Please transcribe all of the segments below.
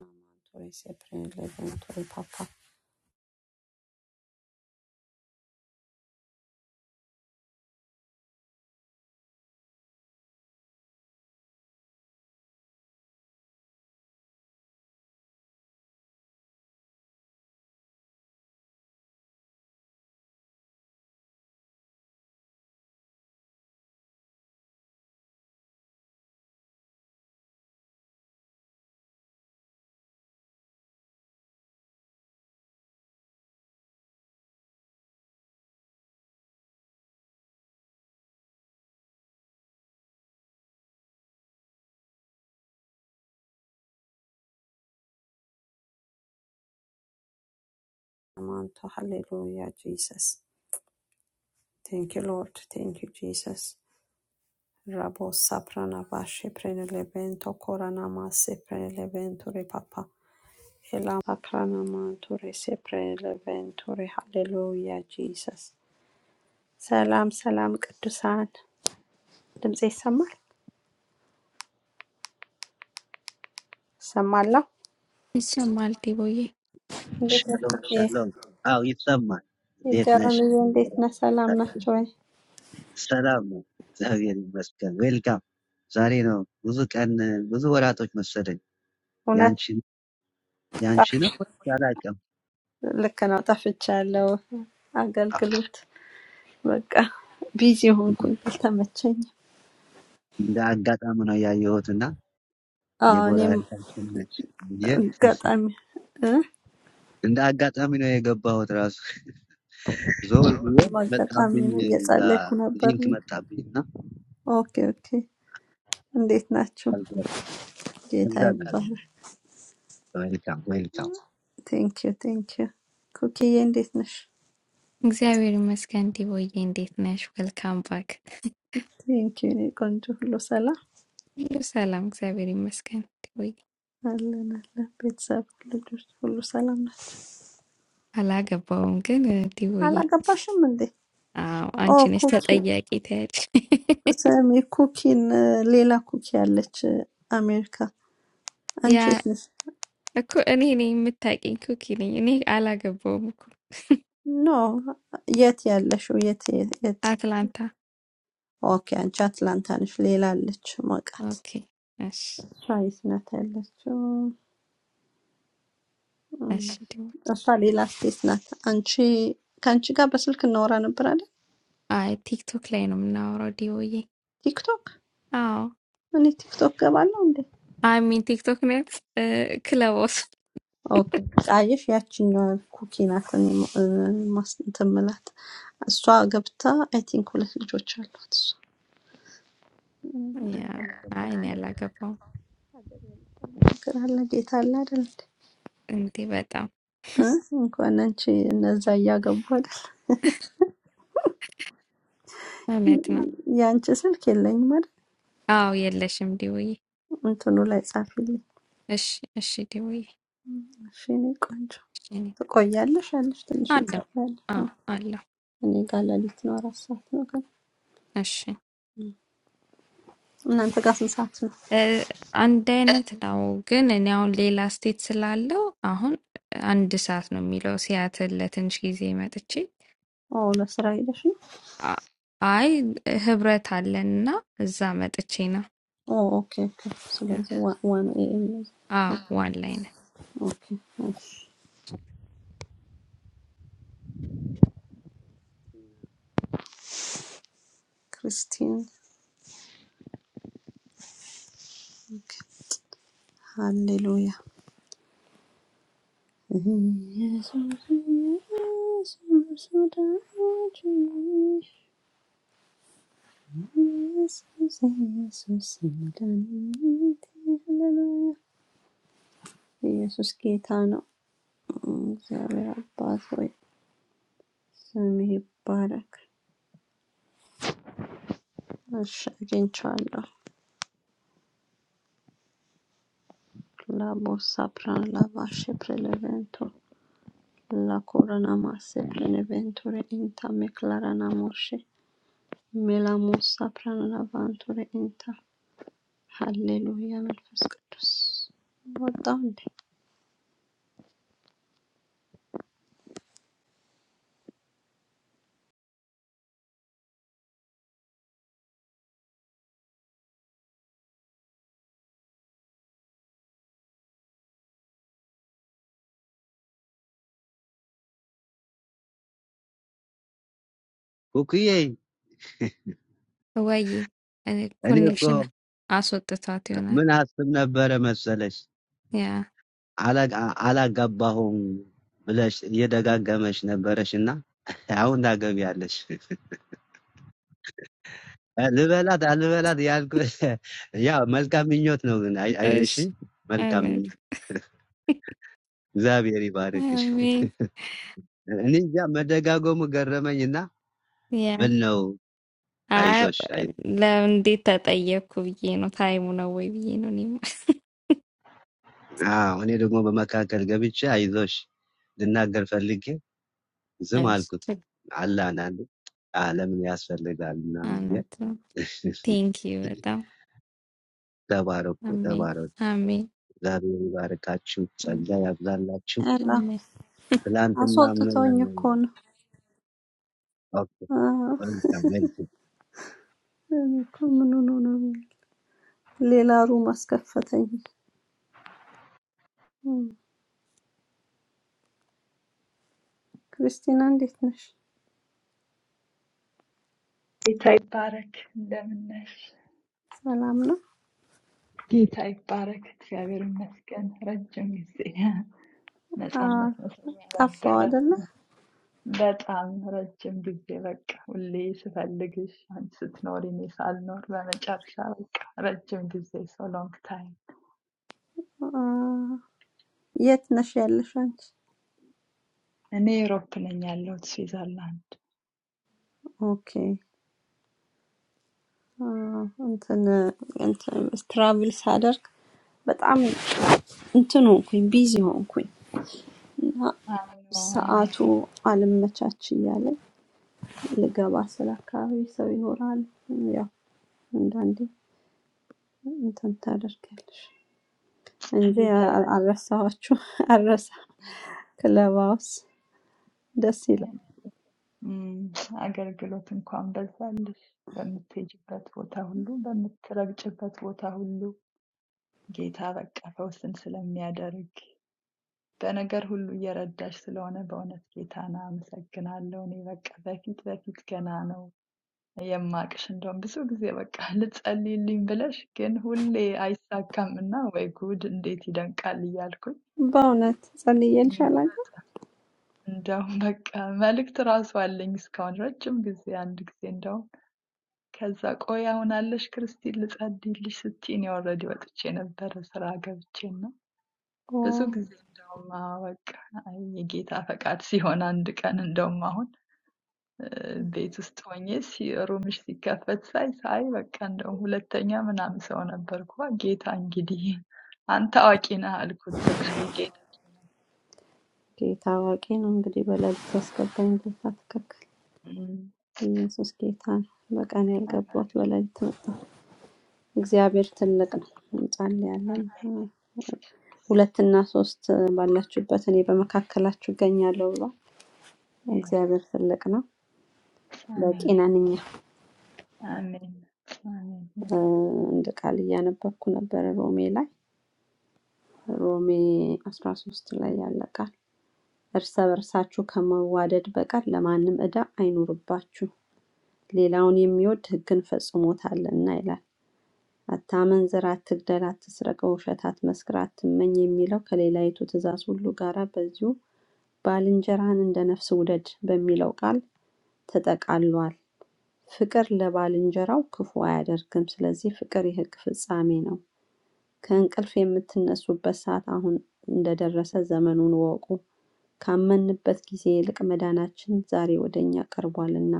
Amanto is a praying levanto e papa. Amanto, hallelujah, Jesus. Thank you, Lord. Thank you, Jesus. Rabo saprana vashe prelevento coranama se prelevento re papa. Ela saprana manture se prelevento re hallelujah, Jesus. ሰላም ሰላም ቅዱሳን ድምጽ ይሰማል? ይሰማለሁ። ይሰማል ዲቦዬ? እንዴት Shalom, ናችሁ? shalom. አዎ ይሰማል። እንዴት ነሽ? የጀራንዬ እንዴት ነህ? ሰላም ናቸው ወይ? ሰላም ነው፣ እግዚአብሔር ይመስገን። ዌልካም። ዛሬ ነው ብዙ ቀን ብዙ ወራቶች መሰለኝ እውነት ያንቺ ያንቺ ወጣ ነው ወይስ አላውቅም። ልክ ነው። ጠፍቻለሁ። አገልግሎት በቃ ቢዚ ሆንኩኝ፣ አልተመቸኝም። እንደ አጋጣሚ ነው ያየሁት እና አዎ ዴቦራ እኔም ያልካችን ነች ብዬ አጋጣሚ እ? እንደ አጋጣሚ ነው የገባሁት። ራሱ ዞር ብዬ አጋጣሚ መጣብኝ፣ ነው እዛ እየጸለይኩ ነበር። ሊንክ መጣብኝ እና ኦኬ ኦኬ። እንዴት ናችሁ? አልገባም። ጌታ እግዚአብሔር ይመስገን። ይባረክ። ዌልካም ዌልካም። ቴንክ ዩ ቴንክ ዩ። ኩኪዬ እንዴት ነሽ? እግዚአብሔር ይመስገን ዲቦዬ፣ እንዴት ነሽ? ወልካም ባክ። ቴንክ ዩ። እኔ ቆንጆ፣ ሁሉ ሰላም ሁሉ ሰላም፣ እግዚአብሔር ይመስገን ዲቦዬ። አለን አለን። ቤተሰብ ልጆች ሁሉ ሰላም ናት። አላገባውም ግን እ፣ ዲቦዬ፣ አላገባሽም እንዴ? አዎ ኦ አንቺ ነሽ ኩኪ፣ ተጠያቂ ትያለሽ። ስሚ ኩኪን ሌላ ኩኪ አለች አሜሪካ ያ አንቺስ? እኮ እኔ ነኝ የምታውቂኝ፣ ኩኪ ነኝ እኔ። አላገባውም እኮ ኖ የት ያለሽው? የት የት? የት? አትላንታ። ኦኬ አንቺ አትላንታ ነሽ። ሌላ አለች ማውቃት። ኦኬ፣ እሺ፣ እሷ የት ናት ያለችው? እም፣ እሺ ዲቦዬ። እሷ ሌላ ስቴት ናት። አንቺ ከአንቺ ጋር በስልክ እናወራ ነበር አለ አይ ቲክቶክ ላይ ነው የምናወራው ዲቦዬ። ቲክቶክ። አዎ እኔ ቲክቶክ ገባለሁ እንዴ? አይ ሚን ቲክቶክ ነት ክለቦስ ኦኬ ጣየሽ ያችኛዋ ኩኪ ናት። እኔ ማ- እ፣ ማስ እንትን ምላት እሷ ገብታ አይ ቲንክ ሁለት ልጆች አሏት። እሷ እም፣ ያ አይ እኔ አላገባውም ችግር አለ ጌታ አለ አይደል? እንዴ በጣም እ? እንኳን አንቺ እነዛ እያገቡ አይደል? እውነት ነው። የአንቺ ስልክ የለኝም አይደል? አዎ የለሽም ዲውዬ። እንትኑ ላይ ጻፊልኝ። እሺ እሺ ዲውዬ እሺ የእኔ ቆንጆ እሺ፣ እኔ ትቆያለሽ አለሽ ትንሽ አለሁ። እንጸጥላለን። እ። አዎ አለሁ። እኔ ጋር ሌሊት ነው አራት ሰዓት ነው ግን እሺ እናንተ ጋር ስንት ሰዓት ነው? እ፣ አንድ አይነት ነው ግን እኔ አሁን ሌላ ስቴት ስላለው አሁን አንድ ሰዓት ነው የሚለው ሲያትል ለትንሽ ጊዜ መጥቼ ኦ ለስራ ሄደሽ ነው? አ- አይ ህብረት አለንና እዛ መጥቼ ነው። ኦ ኦኬ ኦኬ። ስለዚህ ዋ- ዋን ኤኤም ነው። አዎ ዋን ላይ ነን ኦኬ እሺ። ክርስቲን ኦኬ። ሃሌሉያ ኢየሱስ ኢየሱስ ወዳጄ ኢየሱስ ኢየሱስ መድኃኒቴ ሃሌሉያ ኢየሱስ ጌታ ነው። እግዚአብሔር አባት ሆይ ስምህ ይባረክ። እሺ አግኝቼዋለሁ። ላቦሳ ፕራን ላባሽ ፕሬለቬንቶ ላኮረና ማሴ ፕሬለቬንቱሬ ኢንታ ሜክላራና ሞርሼ ሜላሞሳ ፕራን ላቫንቱሬ ኢንታ ሃሌሉያ መንፈስ ቅዱስ ወጣው እንዴ? ኩኩዬ ወይ እኔ እኮ ኮኔክሽን አስወጥቷት ይሆናል። ምን አስብ ነበረ መሰለሽ ያ አላ- አላጋባሁም ብለሽ እየደጋገመሽ ነበረሽ እና አሁን ታገቢያለሽ። ልበላት አልበላት ያልኩ ያ መልካም ምኞት ነው። ግን አይ- አይ- እሺ እሺ መልካም እውነት ምኞት እግዚአብሔር ይባርክሽ። አሜን እኔ እንጃ መደጋገሙ ገረመኝ እና ምን ነው አይ አይዞሽ። አይ- ለእንዴት ተጠየቅኩ ብዬ ነው። ታይሙ ነው ወይ ብዬ ነው። እኔማ አዎ፣ እኔ ደግሞ በመካከል ገብቼ አይዞሽ ልናገር ፈልጌ ዝም እሱ አልኩት። አለ አንዳንዴ "አ፣ ለምን ያስፈልጋል ምናምን ብዬ እውነት ነው። ቴንክ ዩ በጣም ተባረኩ አሜን ተባረኩ። አሜን እግዚአብሔር ይባርካችሁ፣ ጸጋ ያብዛላችሁ። አላ አሜን። ትላንትና አስወጥቶኝ ምን እኮ ኦኬ፣ ነው። ወልካም ወልካም። እኔ እኮ ምን ሆኖ ነው የሚል ሌላ ሩም አስከፈተኝ። እም፣ ክርስቲና እንዴት ነሽ? ጌታ ይባረክ። እንደምነሽ? ሰላም ነው? ጌታ ይባረክ። እግዚአብሔር ይመስገን። ረጅም ጊዜ አ፣ ነፃነት መሰለኝ ጠፋው ነበረ። አይደለ? በጣም ረጅም ጊዜ በቃ ሁሌ ስፈልግሽ አንቺ ስትኖሪ እኔ ሳልኖር በመጨረሻ በቃ ረጅም ጊዜ ሶ ሎንግ ታይም። አ፣ የት ነሽ ያለሽ አንቺ? እኔ ዩሮፕ ነኝ ያለሁት ስዊዘርላንድ። ኦኬ አ፣ እንትን እንትን ትራቭል ሳደርግ በጣም እንትን ሆንኩኝ፣ ቢዚ ሆንኩኝ እና አይ ኖ አይ ኖ ሰዓቱ አልመቻች እያለኝ ልገባ ስለ አካባቢ ሰው ይኖራል። ያው አንዳንዴ እንትን ታደርጊያለሽ እንጂ ጌታ አ- ይባረክ። አልረሳኋችሁም። አልረሳ ክለብ ሃውስ ደስ ይላል እም፣ አገልግሎት እንኳን በዛልሽ በምትሄጂበት ቦታ ሁሉ በምትረግጭበት ቦታ ሁሉ ጌታ በቃ ፈውስን ስለሚያደርግ በነገር ሁሉ እየረዳሽ ስለሆነ በእውነት ጌታን አመሰግናለሁ። እኔ በቃ በፊት በፊት ገና ነው የማቅሽ። እንደውም ብዙ ጊዜ በቃ ልጸልይልኝ ብለሽ ግን ሁሌ አይሳካም እና ወይ ጉድ እንዴት ይደንቃል እያልኩኝ በእውነት ጸልዬልሽ እም፣ አላውቅም። እንደውም በቃ መልእክት ራሱ አለኝ እስካሁን ረጅም ጊዜ አንድ ጊዜ እንደውም ከዛ ቆይ አሁን አለሽ ክርስቲን ልጸልይልሽ ስትይ እኔ ኦልሬዲ ወጥቼ ነበረ ስራ ገብቼ ኦ፣ ብዙ ጊዜ እንደውም አዎ በቃ አይ የጌታ ፈቃድ ሲሆን አንድ ቀን እንደውም አሁን እ ቤት ውስጥ ሆኜ ሲ ሩምሽ ሲከፈት ሳይ ሳይ በቃ እንደውም ሁለተኛ ምናምን ሰው ነበርኩ። አ ጌታ እንግዲህ አንተ አዋቂ ነህ አልኩት። ጌታ ጌታ አዋቂ ነው። ጌታ አዋቂ ነው። እንግዲህ በሌሊት ያስገባኝ ጌታ ትክክል። እም ኢየሱስ ጌታ ነው። በቀን አሜን፣ ያልገባሁት በሌሊት መጣ። እግዚአብሔር ትልቅ ነው። እንጸልያለን። አሜን። ሁለትና ሶስት ባላችሁበት እኔ በመካከላችሁ እገኛለሁ ብሏል። Yes፣ እግዚአብሔር ትልቅ ነው። በቂ አሜን፣ ነን እኛ። አሜን፣ አሜን። እ፣ Yes፣ እንደ ቃል እያነበብኩ ነበረ ሮሜ ላይ ሮሜ 13 ላይ ያለ ቃል እርስ በርሳችሁ ከመዋደድ በቀር ለማንም ዕዳ አይኑርባችሁ፣ ሌላውን የሚወድ ሕግን ፈጽሞታልና ይላል። አታመንዝር፣ አትግደል፣ አትስረቅ፣ በውሸት አትመስክር፣ አትመኝ የሚለው ከሌላይቱ ትእዛዝ ሁሉ ጋራ በዚሁ ባልንጀራን እንደ ነፍስ ውደድ በሚለው ቃል ተጠቃሏል። ፍቅር ለባልንጀራው ክፉ አያደርግም። ስለዚህ ፍቅር የሕግ ፍጻሜ ነው። ከእንቅልፍ የምትነሱበት ሰዓት አሁን እንደደረሰ ዘመኑን ወቁ። ካመንበት ጊዜ ይልቅ መዳናችን ዛሬ ወደ እኛ ቀርቧልና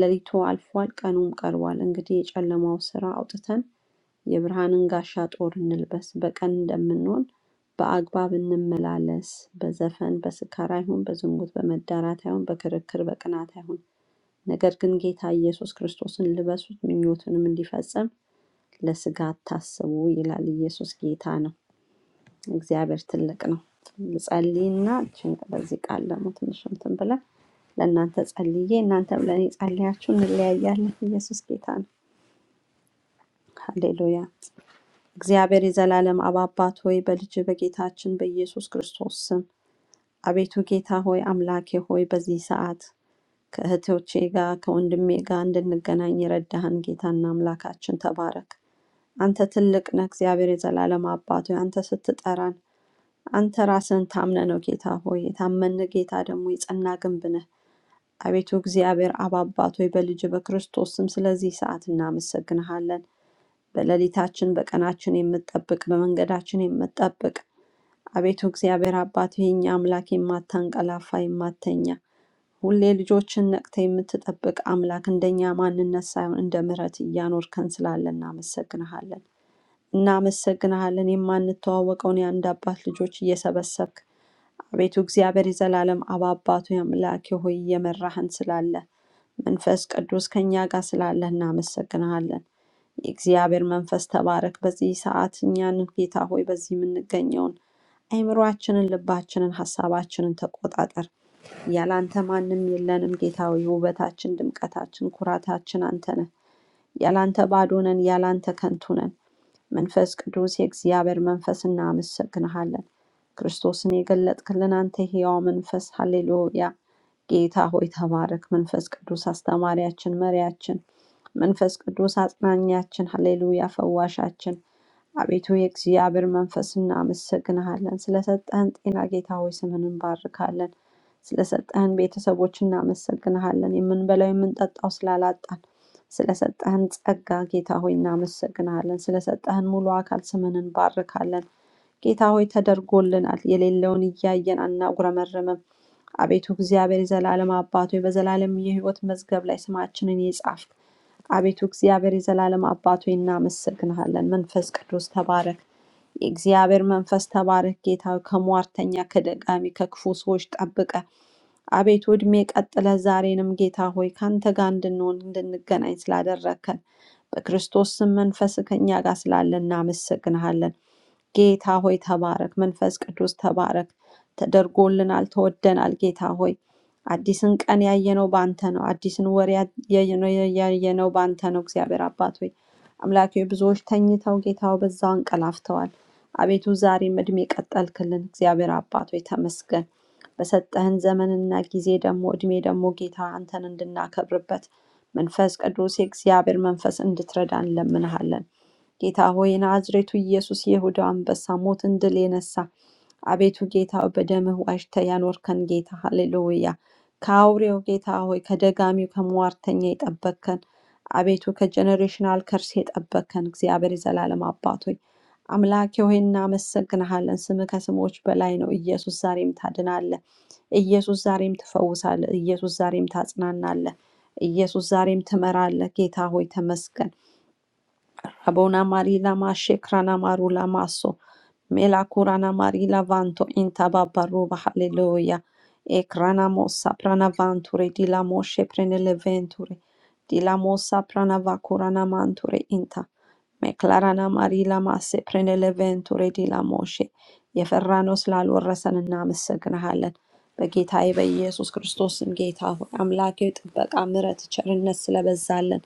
ሌሊቱ አልፏል፣ ቀኑም ቀርቧል። እንግዲህ የጨለማው ስራ አውጥተን የብርሃንን ጋሻ ጦር እንልበስ። በቀን እንደምንሆን በአግባብ እንመላለስ። በዘፈን በስካር አይሁን፣ በዝሙት በመዳራት አይሁን፣ በክርክር በቅናት አይሁን። ነገር ግን ጌታ ኢየሱስ ክርስቶስን ልበሱት፣ ምኞቱንም እንዲፈጸም ለስጋ አታስቡ ይላል። ኢየሱስ ጌታ ነው። እግዚአብሔር ትልቅ ነው። ልጸልይና እችን በዚህ ቃል ደግሞ ትንሽ እንትን ብለን ለእናንተ ጸልዬ እናንተም ለእኔ ጸልያችሁ እንለያያለን። ኢየሱስ ጌታ ነው። ሃሌሉያ። እግዚአብሔር የዘላለም አብ አባት ሆይ በልጅ በጌታችን በኢየሱስ ክርስቶስ ስም አቤቱ ጌታ ሆይ አምላኬ ሆይ በዚህ ሰዓት ከእህቶቼ ጋር ከወንድሜ ጋር እንድንገናኝ የረዳህን ጌታና አምላካችን ተባረክ። አንተ ትልቅ ነህ። እግዚአብሔር የዘላለም አባት ሆይ አንተ ስትጠራን አንተ ራስህን ታምነ ነው ጌታ ሆይ። የታመን ጌታ ደግሞ የጸና ግንብ ነህ። አቤቱ እግዚአብሔር አብ አባት ሆይ በልጅ በክርስቶስ ስም ስለዚህ ሰዓት እናመሰግንሃለን። በሌሊታችን በቀናችን የምትጠብቅ በመንገዳችን የምትጠብቅ አቤቱ እግዚአብሔር አባት የኛ አምላክ የማታንቀላፋ የማተኛ ሁሌ ልጆችን ነቅተ የምትጠብቅ አምላክ እንደኛ ማንነት ሳይሆን እንደ ምሕረት እያኖርከን ስላለ እናመሰግንሃለን። እናመሰግንሃለን። የማንተዋወቀውን የአንድ አባት ልጆች እየሰበሰብክ አቤቱ እግዚአብሔር የዘላለም አብ አባቱ አምላኬ ሆይ እየመራህን ስላለ መንፈስ ቅዱስ ከእኛ ጋር ስላለ እናመሰግንሃለን። የእግዚአብሔር መንፈስ ተባረክ። በዚህ ሰዓት እኛን ጌታ ሆይ በዚህ የምንገኘውን አይምሯችንን፣ ልባችንን፣ ሀሳባችንን ተቆጣጠር። ያላንተ ማንም የለንም ጌታ ሆይ። ውበታችን፣ ድምቀታችን፣ ኩራታችን አንተ ነህ። ያላንተ ባዶ ነን፣ ያላንተ ከንቱ ነን። መንፈስ ቅዱስ የእግዚአብሔር መንፈስ እናመሰግንሃለን። ክርስቶስን የገለጥክልን አንተ ሕያው መንፈስ ሃሌሉያ። ጌታ ሆይ ተባረክ። መንፈስ ቅዱስ አስተማሪያችን፣ መሪያችን፣ መንፈስ ቅዱስ አጽናኛችን፣ ሃሌሉያ ፈዋሻችን፣ አቤቱ የእግዚአብሔር መንፈስ እናመሰግንሃለን። ስለሰጠህን ጤና ጌታ ሆይ ስምን እንባርካለን። ስለሰጠህን ቤተሰቦች እናመሰግንሃለን። የምንበላው የምንጠጣው ስላላጣን ስለሰጠህን ጸጋ ጌታ ሆይ እናመሰግናለን። ስለሰጠህን ሙሉ አካል ስምን እንባርካለን። ጌታ ሆይ ተደርጎልናል። የሌለውን እያየን አናጉረመርምም። አቤቱ እግዚአብሔር የዘላለም አባት ሆይ በዘላለም የህይወት መዝገብ ላይ ስማችንን የጻፍክ አቤቱ እግዚአብሔር የዘላለም አባት ሆይ እናመሰግንሃለን። መንፈስ ቅዱስ ተባረክ። የእግዚአብሔር መንፈስ ተባረክ። ጌታ ሆይ ከሟርተኛ፣ ከደጋሚ፣ ከክፉ ሰዎች ጠብቀ አቤቱ ዕድሜ ቀጥለ ዛሬንም ጌታ ሆይ ካንተ ጋር እንድንሆን እንድንገናኝ ስላደረከን በክርስቶስ ስም መንፈስ ከኛ ጋር ስላለ እናመሰግንሃለን። ጌታ ሆይ ተባረክ፣ መንፈስ ቅዱስ ተባረክ። ተደርጎልናል፣ ተወደናል። ጌታ ሆይ አዲስን ቀን ያየነው በአንተ ነው። አዲስን ወር ያ- ያየነው ያየነው በአንተ ነው። እግዚአብሔር አባት ሆይ አምላክ ሆይ ብዙዎች ተኝተው ጌታ ሆይ በዛው አንቀላፍተዋል። አቤቱ ዛሬም እድሜ ቀጠልክልን። እግዚአብሔር አባት ሆይ ተመስገን። በሰጠህን ዘመንና ጊዜ ደግሞ እድሜ ደግሞ ጌታ አንተን እንድናከብርበት መንፈስ ቅዱስ የእግዚአብሔር መንፈስ እንድትረዳን እንለምንሃለን። ጌታ ሆይ የናዝሬቱ ኢየሱስ የይሁዳ አንበሳ ሞትን ድል የነሳ አቤቱ ጌታ ሆይ፣ በደምህ ዋጅተህ ያኖርከን ጌታ ሃሌሉያ። ከአውሬው ጌታ ሆይ ከደጋሚው ከሟርተኛ የጠበቅከን አቤቱ ከጀኔሬሽናል ከርስ የጠበቅከን እግዚአብሔር የዘላለም አባት ሆይ አምላኬ ሆይ እናመሰግንሃለን። ስምህ ከስሞች በላይ ነው። ኢየሱስ ዛሬም ታድናለህ። ኢየሱስ ዛሬም ትፈውሳለህ። ኢየሱስ ዛሬም ታጽናናለህ። ኢየሱስ ዛሬም ትመራለህ። ጌታ ሆይ ተመስገን። Habona marila ma shekrana marula maso. Mela kurana marila vanto intaba baruba hallelujah. Ekrana mossa prana vanture di la moshe prenele venture. Di la mossa prana vacurana manture inta. Meclarana marila masse prenele venture di la moshe. የፈራነው ስላልወረሰን እናመሰግንሃለን። በጌታዬ በኢየሱስ ክርስቶስ ስም ጌታ ሆይ አምላኬ ጥበቃ፣ ምሕረት፣ ቸርነት ስለበዛለን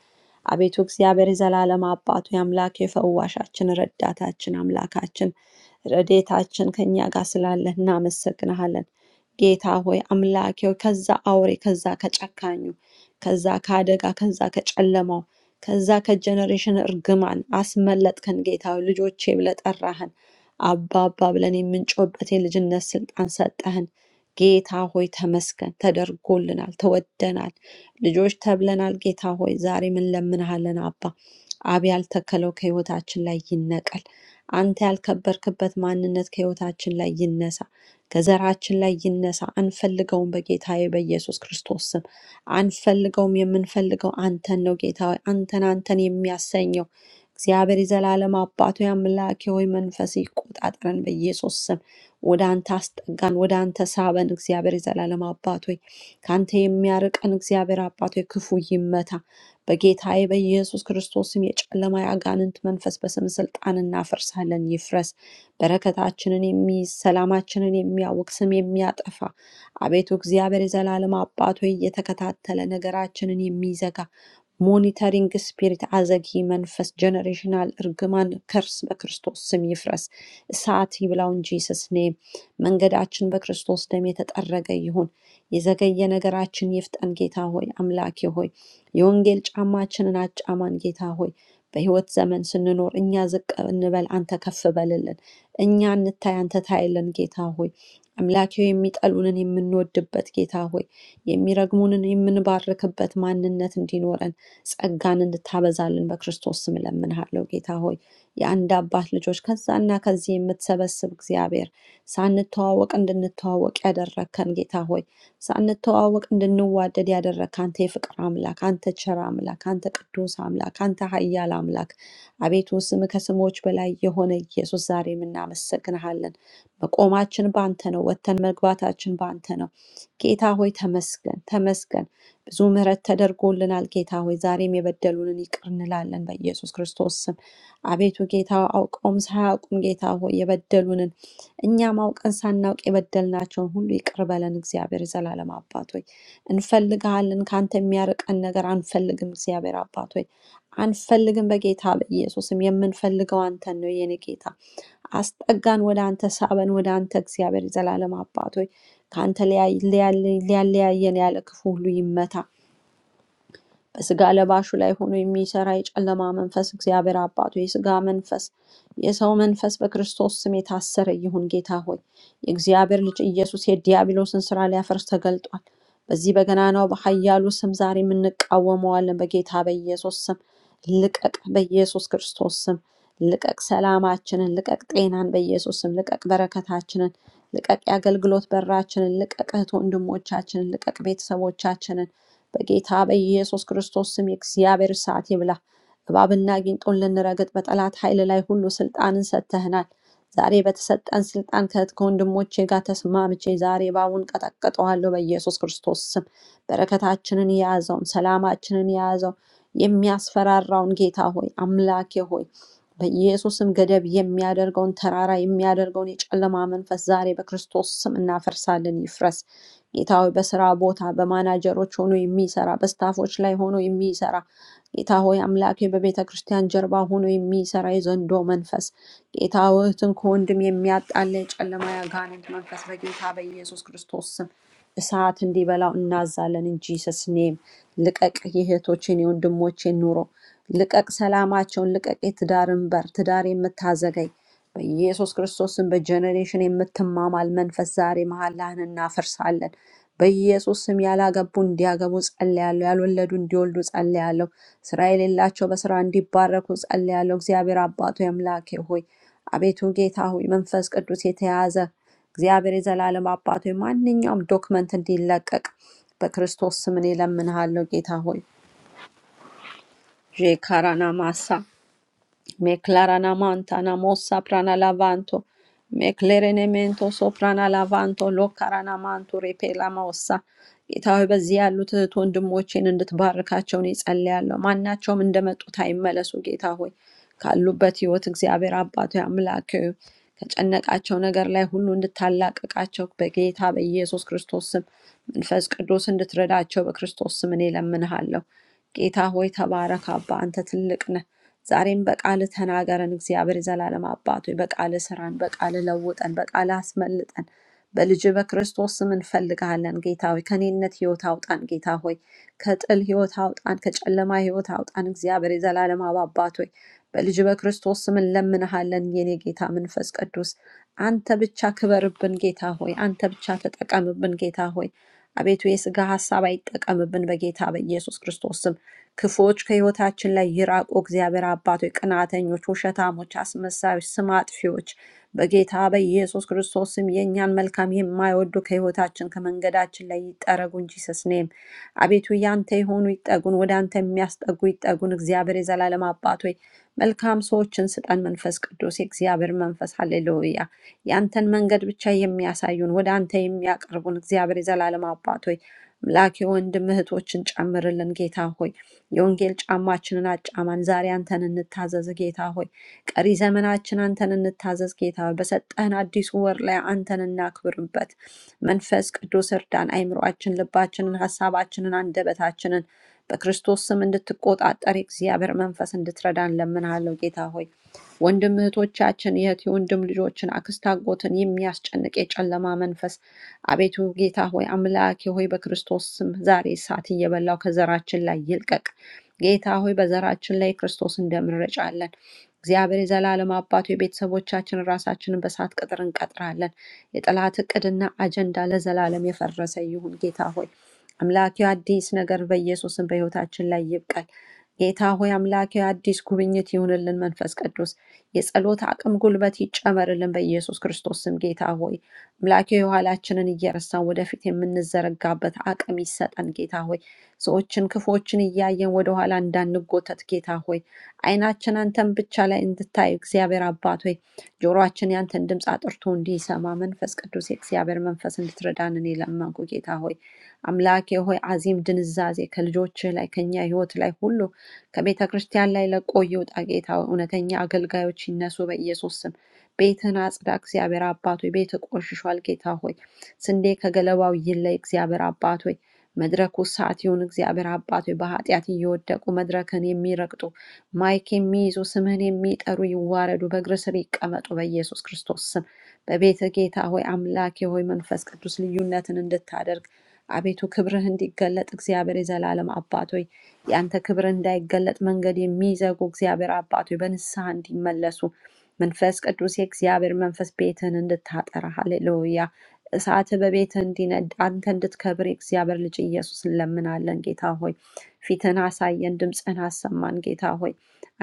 አቤቱ እግዚአብሔር የዘላለም አባቱ የአምላኬ ፈዋሻችን፣ ረዳታችን፣ አምላካችን ረድኤታችን ከእኛ ጋር ስላለ እናመሰግንሃለን። ጌታ ሆይ አምላኬ ሆይ ከዛ አውሬ ከዛ ከጨካኙ ከዛ ከአደጋ ከዛ ከጨለማው ከዛ ከጀኔሬሽን እርግማን አስመለጥከን ጌታ ሆይ ልጆቼ ብለህ ጠራህን። አባ አባ ብለን የምንጮህበት የልጅነት ስልጣን ሰጠህን። ጌታ ሆይ ተመስገን፣ ተደርጎልናል፣ ተወደናል፣ ልጆች ተብለናል። ጌታ ሆይ ዛሬ ምን ለምንሃለን አባ አብ ያልተከለው ከህይወታችን ላይ ይነቀል። አንተ ያልከበርክበት ማንነት ከህይወታችን ላይ ይነሳ፣ ከዘራችን ላይ ይነሳ። አንፈልገውም፣ በጌታዬ በኢየሱስ ክርስቶስ ስም አንፈልገውም። የምንፈልገው አንተን ነው ጌታ ሆይ፣ አንተን አንተን የሚያሰኘው እግዚአብሔር የዘላለም አባቱ አምላኬ ሆይ መንፈስ ይቆጣጠረን በኢየሱስ ስም። ወደ አንተ አስጠጋን፣ ወደ አንተ ሳበን። እግዚአብሔር የዘላለም አባት ሆይ ከአንተ የሚያርቀን እግዚአብሔር አባት ሆይ ክፉ ይመታ። በጌታዬ በኢየሱስ ክርስቶስም የጨለማ የአጋንንት መንፈስ በስም ስልጣን እናፈርሳለን፣ ይፍረስ። በረከታችንን የሚይዝ ሰላማችንን የሚያውቅ ስም የሚያጠፋ አቤቱ እግዚአብሔር የዘላለም አባት ሆይ እየተከታተለ ነገራችንን የሚዘጋ ሞኒተሪንግ ስፒሪት አዘጊ መንፈስ ጀነሬሽናል እርግማን ከርስ በክርስቶስ ስም ይፍረስ። እሳት ይብላው እንጂ ስስኔ መንገዳችን በክርስቶስ ደም የተጠረገ ይሁን። የዘገየ ነገራችን ይፍጠን። ጌታ ሆይ አምላኬ ሆይ የወንጌል ጫማችንን አጫማን ጌታ ሆይ። በሕይወት ዘመን ስንኖር እኛ ዝቅ እንበል፣ አንተ ከፍ በልልን። እኛ እንታይ፣ አንተ ታይልን ጌታ ሆይ። አምላኬ ሆይ፣ የሚጠሉንን የምንወድበት ጌታ ሆይ፣ የሚረግሙንን የምንባርክበት ማንነት እንዲኖረን ጸጋን እንድታበዛልን በክርስቶስ ስም እለምንሃለሁ ጌታ ሆይ። የአንድ አባት ልጆች ከዛና ከዚህ የምትሰበስብ እግዚአብሔር ሳንተዋወቅ እንድንተዋወቅ ያደረግከን ጌታ ሆይ ሳንተዋወቅ እንድንዋደድ ያደረግክ አንተ የፍቅር አምላክ፣ አንተ ቸር አምላክ፣ አንተ ቅዱስ አምላክ፣ አንተ ኃያል አምላክ አቤቱ ስም ከስሞች በላይ የሆነ ኢየሱስ ዛሬም እናመሰግንሃለን። መቆማችን በአንተ ነው፣ ወጥተን መግባታችን በአንተ ነው። ጌታ ሆይ ተመስገን፣ ተመስገን። ብዙ ምሕረት ተደርጎልናል። ጌታ ሆይ ዛሬም የበደሉንን ይቅር እንላለን በኢየሱስ ክርስቶስ ስም። አቤቱ ጌታ አውቀውም ሳያውቁም ጌታ ሆይ የበደሉንን እኛ ማውቀን ሳናውቅ የበደልናቸውን ሁሉ ይቅር በለን እግዚአብሔር። የዘላለም አባት ሆይ እንፈልግሃለን። ከአንተ የሚያርቀን ነገር አንፈልግም። እግዚአብሔር አባት ሆይ አንፈልግም። በጌታ በኢየሱስም የምንፈልገው አንተን ነው የኔ ጌታ። አስጠጋን፣ ወደ አንተ ሳበን፣ ወደ አንተ እግዚአብሔር የዘላለም አባት ሆይ ከአንተ ሊያይ- ሊያለ- ሊያለያየን ያለ ክፉ ሁሉ ይመታ። በሥጋ ለባሹ ላይ ሆኖ የሚሰራ የጨለማ መንፈስ እግዚአብሔር አባቱ የሥጋ መንፈስ የሰው መንፈስ በክርስቶስ ስም የታሰረ ይሁን። ጌታ ሆይ የእግዚአብሔር ልጅ ኢየሱስ የዲያብሎስን ስራ ሊያፈርስ ተገልጧል። በዚህ በገናናው በኃያሉ ስም ዛሬ የምንቃወመዋለን። በጌታ በኢየሱስ ስም ልቀቅ፣ በኢየሱስ ክርስቶስ ስም ልቀቅ፣ ሰላማችንን ልቀቅ፣ ጤናን በኢየሱስ ስም ልቀቅ፣ በረከታችንን ልቀቅ፣ የአገልግሎት በራችንን ልቀቅ፣ እህት ወንድሞቻችንን ልቀቅ፣ ቤተሰቦቻችንን በጌታ በኢየሱስ ክርስቶስ ስም የእግዚአብሔር እሳት ይብላ። እባብና ጊንጡን ልንረግጥ በጠላት ኃይል ላይ ሁሉ ስልጣንን ሰጥተህናል። ዛሬ በተሰጠን ስልጣን ከእህት ከወንድሞቼ ጋር ተስማምቼ ዛሬ እባቡን ቀጠቅጠዋለሁ በኢየሱስ ክርስቶስ ስም። በረከታችንን የያዘውን ሰላማችንን የያዘው የሚያስፈራራውን ጌታ ሆይ አምላኬ ሆይ በኢየሱስም ገደብ የሚያደርገውን ተራራ የሚያደርገውን የጨለማ መንፈስ ዛሬ በክርስቶስ ስም እናፈርሳለን፣ ይፍረስ። ጌታ ሆይ በስራ ቦታ በማናጀሮች ሆኖ የሚሰራ በስታፎች ላይ ሆኖ የሚሰራ ጌታ ሆይ አምላኬ በቤተ ክርስቲያን ጀርባ ሆኖ የሚሰራ የዘንዶ መንፈስ ጌታ ሆይ እህትን ከወንድም የሚያጣላ የጨለማ ያጋንንት መንፈስ በጌታ በኢየሱስ ክርስቶስ ስም እሳት እንዲበላው እናዛለን። እንጂ ሰስኔም ልቀቅ የእህቶችን የወንድሞቼን ኑሮ ልቀቅ፣ ሰላማቸውን ልቀቅ፣ የትዳርን በር ትዳር የምታዘገይ በኢየሱስ ክርስቶስን በጀኔሬሽን የምትማማል መንፈስ ዛሬ መሀላህን እናፈርሳለን። በኢየሱስ ስም ያላገቡ እንዲያገቡ ጸልያለሁ። ያልወለዱ እንዲወልዱ ጸልያለሁ። ስራ የሌላቸው በስራ እንዲባረኩ ጸልያለሁ። እግዚአብሔር አባቱ አምላኬ ሆይ አቤቱ ጌታ ሆይ መንፈስ ቅዱስ የተያዘ እግዚአብሔር የዘላለም አባቱ ሆይ ማንኛውም ዶክመንት እንዲለቀቅ በክርስቶስ ስም እኔ እለምንሃለሁ ጌታ ሆይ ዤካራና ማሳ Me claranamanta namo saprana lavanto. Me clerenemento soprana lavanto ሎካራናማንቶ ሬፔላማወሳ ጌታ ሆይ በዚህ ያሉት እህት ወንድሞቼን እንድትባርካቸው እኔ ጸልያለሁ። ማናቸውም እንደመጡት አይመለሱ። ጌታ ሆይ ካሉበት ህይወት እግዚአብሔር አባቶ አምላክ ሆይ ከጨነቃቸው ነገር ላይ ሁሉ እንድታላቅቃቸው በጌታ በኢየሱስ ክርስቶስ ስም መንፈስ ቅዱስ እንድትረዳቸው በክርስቶስ ስም እኔ እለምንሃለሁ። ጌታ ሆይ ተባረክ። አባ አንተ ትልቅ ነህ። ዛሬም በቃል ተናገረን እግዚአብሔር የዘላለም አባት ሆይ በቃል ስራን፣ በቃል ለውጠን፣ በቃል አስመልጠን። በልጅ በክርስቶስ ስም እንፈልግሃለን ጌታ ሆይ። ከኔነት ህይወት አውጣን ጌታ ሆይ። ከጥል ህይወት አውጣን፣ ከጨለማ ህይወት አውጣን እግዚአብሔር የዘላለም አባት ሆይ። በልጅ በክርስቶስ ስም እንለምንሃለን የኔ ጌታ መንፈስ ቅዱስ አንተ ብቻ ክበርብን ጌታ ሆይ። አንተ ብቻ ተጠቀምብን ጌታ ሆይ። አቤቱ የስጋ ሀሳብ አይጠቀምብን በጌታ በኢየሱስ ክርስቶስ ስም ክፉዎች ከሕይወታችን ላይ ይራቁ። እግዚአብሔር አባቶች፣ ቅናተኞች፣ ውሸታሞች፣ አስመሳዮች፣ ስም አጥፊዎች በጌታ በኢየሱስ ክርስቶስ ስም የእኛን መልካም የማይወዱ ከሕይወታችን ከመንገዳችን ላይ ይጠረጉ እንጂ ስስኔም አቤቱ ያንተ የሆኑ ይጠጉን፣ ወደ አንተ የሚያስጠጉ ይጠጉን። እግዚአብሔር የዘላለም አባቶች መልካም ሰዎችን ስጠን። መንፈስ ቅዱስ የእግዚአብሔር መንፈስ ሀሌሉያ፣ ያንተን መንገድ ብቻ የሚያሳዩን ወደ አንተ የሚያቀርቡን እግዚአብሔር የዘላለም አባቶች አምላክ ወንድም እህቶችን ጨምርልን ጌታ ሆይ የወንጌል ጫማችንን አጫማን። ዛሬ አንተን እንታዘዝ ጌታ ሆይ። ቀሪ ዘመናችን አንተን እንታዘዝ ጌታ ሆይ። በሰጠህን አዲሱ ወር ላይ አንተን እናክብርበት። መንፈስ ቅዱስ እርዳን። አይምሯችን፣ ልባችንን፣ ሀሳባችንን፣ አንደበታችንን በክርስቶስ ስም እንድትቆጣጠር የእግዚአብሔር መንፈስ እንድትረዳን ለምንሃለው ጌታ ሆይ። ወንድም እህቶቻችን የእህት የወንድም ልጆችን አክስት አጎትን የሚያስጨንቅ የጨለማ መንፈስ አቤቱ ጌታ ሆይ አምላኬ ሆይ በክርስቶስ ስም ዛሬ እሳት እየበላው ከዘራችን ላይ ይልቀቅ። ጌታ ሆይ በዘራችን ላይ ክርስቶስን ደም እንረጫለን። እግዚአብሔር የዘላለም አባቱ የቤተሰቦቻችን ራሳችንን በእሳት ቅጥር እንቀጥራለን። የጠላት እቅድና አጀንዳ ለዘላለም የፈረሰ ይሁን። ጌታ ሆይ አምላኪ አዲስ ነገር በኢየሱስን በሕይወታችን ላይ ይብቀል። ጌታ ሆይ አምላኬ አዲስ ጉብኝት ይሁንልን። መንፈስ ቅዱስ የጸሎት አቅም ጉልበት ይጨመርልን በኢየሱስ ክርስቶስ ስም። ጌታ ሆይ አምላኬ የኋላችንን እየረሳን ወደፊት የምንዘረጋበት አቅም ይሰጠን። ጌታ ሆይ ሰዎችን ክፎችን እያየን ወደኋላ እንዳንጎተት ጌታ ሆይ ዓይናችን አንተን ብቻ ላይ እንድታይ እግዚአብሔር አባት ሆይ ጆሮአችን ያንተን ድምፅ አጥርቶ እንዲሰማ መንፈስ ቅዱስ የእግዚአብሔር መንፈስ እንድትረዳን እኔ ለመንኩ ጌታ ሆይ አምላኬ ሆይ አዚም ድንዛዜ ከልጆችህ ላይ ከኛ ህይወት ላይ ሁሉ ከቤተ ክርስቲያን ላይ ለቆ ይውጣ ጌታ ሆይ። እውነተኛ አገልጋዮች ይነሱ በኢየሱስ ስም። ቤትህን አጽዳ እግዚአብሔር አባት ሆይ። ቤት ቆሽሿል ጌታ ሆይ። ስንዴ ከገለባው ይለይ እግዚአብሔር አባት ሆይ። መድረኩ ሰዓት ይሁን እግዚአብሔር አባት ሆይ። በኃጢአት እየወደቁ መድረክን የሚረግጡ ማይክ የሚይዙ ስምህን የሚጠሩ ይዋረዱ፣ በእግር ስር ይቀመጡ በኢየሱስ ክርስቶስ ስም። በቤተ ጌታ ሆይ አምላኬ ሆይ መንፈስ ቅዱስ ልዩነትን እንድታደርግ አቤቱ ክብርህ እንዲገለጥ እግዚአብሔር የዘላለም አባት ሆይ የአንተ ክብር እንዳይገለጥ መንገድ የሚዘጉ እግዚአብሔር አባት ሆይ በንስሐ እንዲመለሱ መንፈስ ቅዱስ የእግዚአብሔር መንፈስ ቤትህን እንድታጠራ ሃሌሉያ እሳት በቤትህ እንዲነድ አንተ እንድትከብር የእግዚአብሔር ልጅ ኢየሱስ እንለምናለን ጌታ ሆይ ፊትህን አሳየን ድምፅህን አሰማን ጌታ ሆይ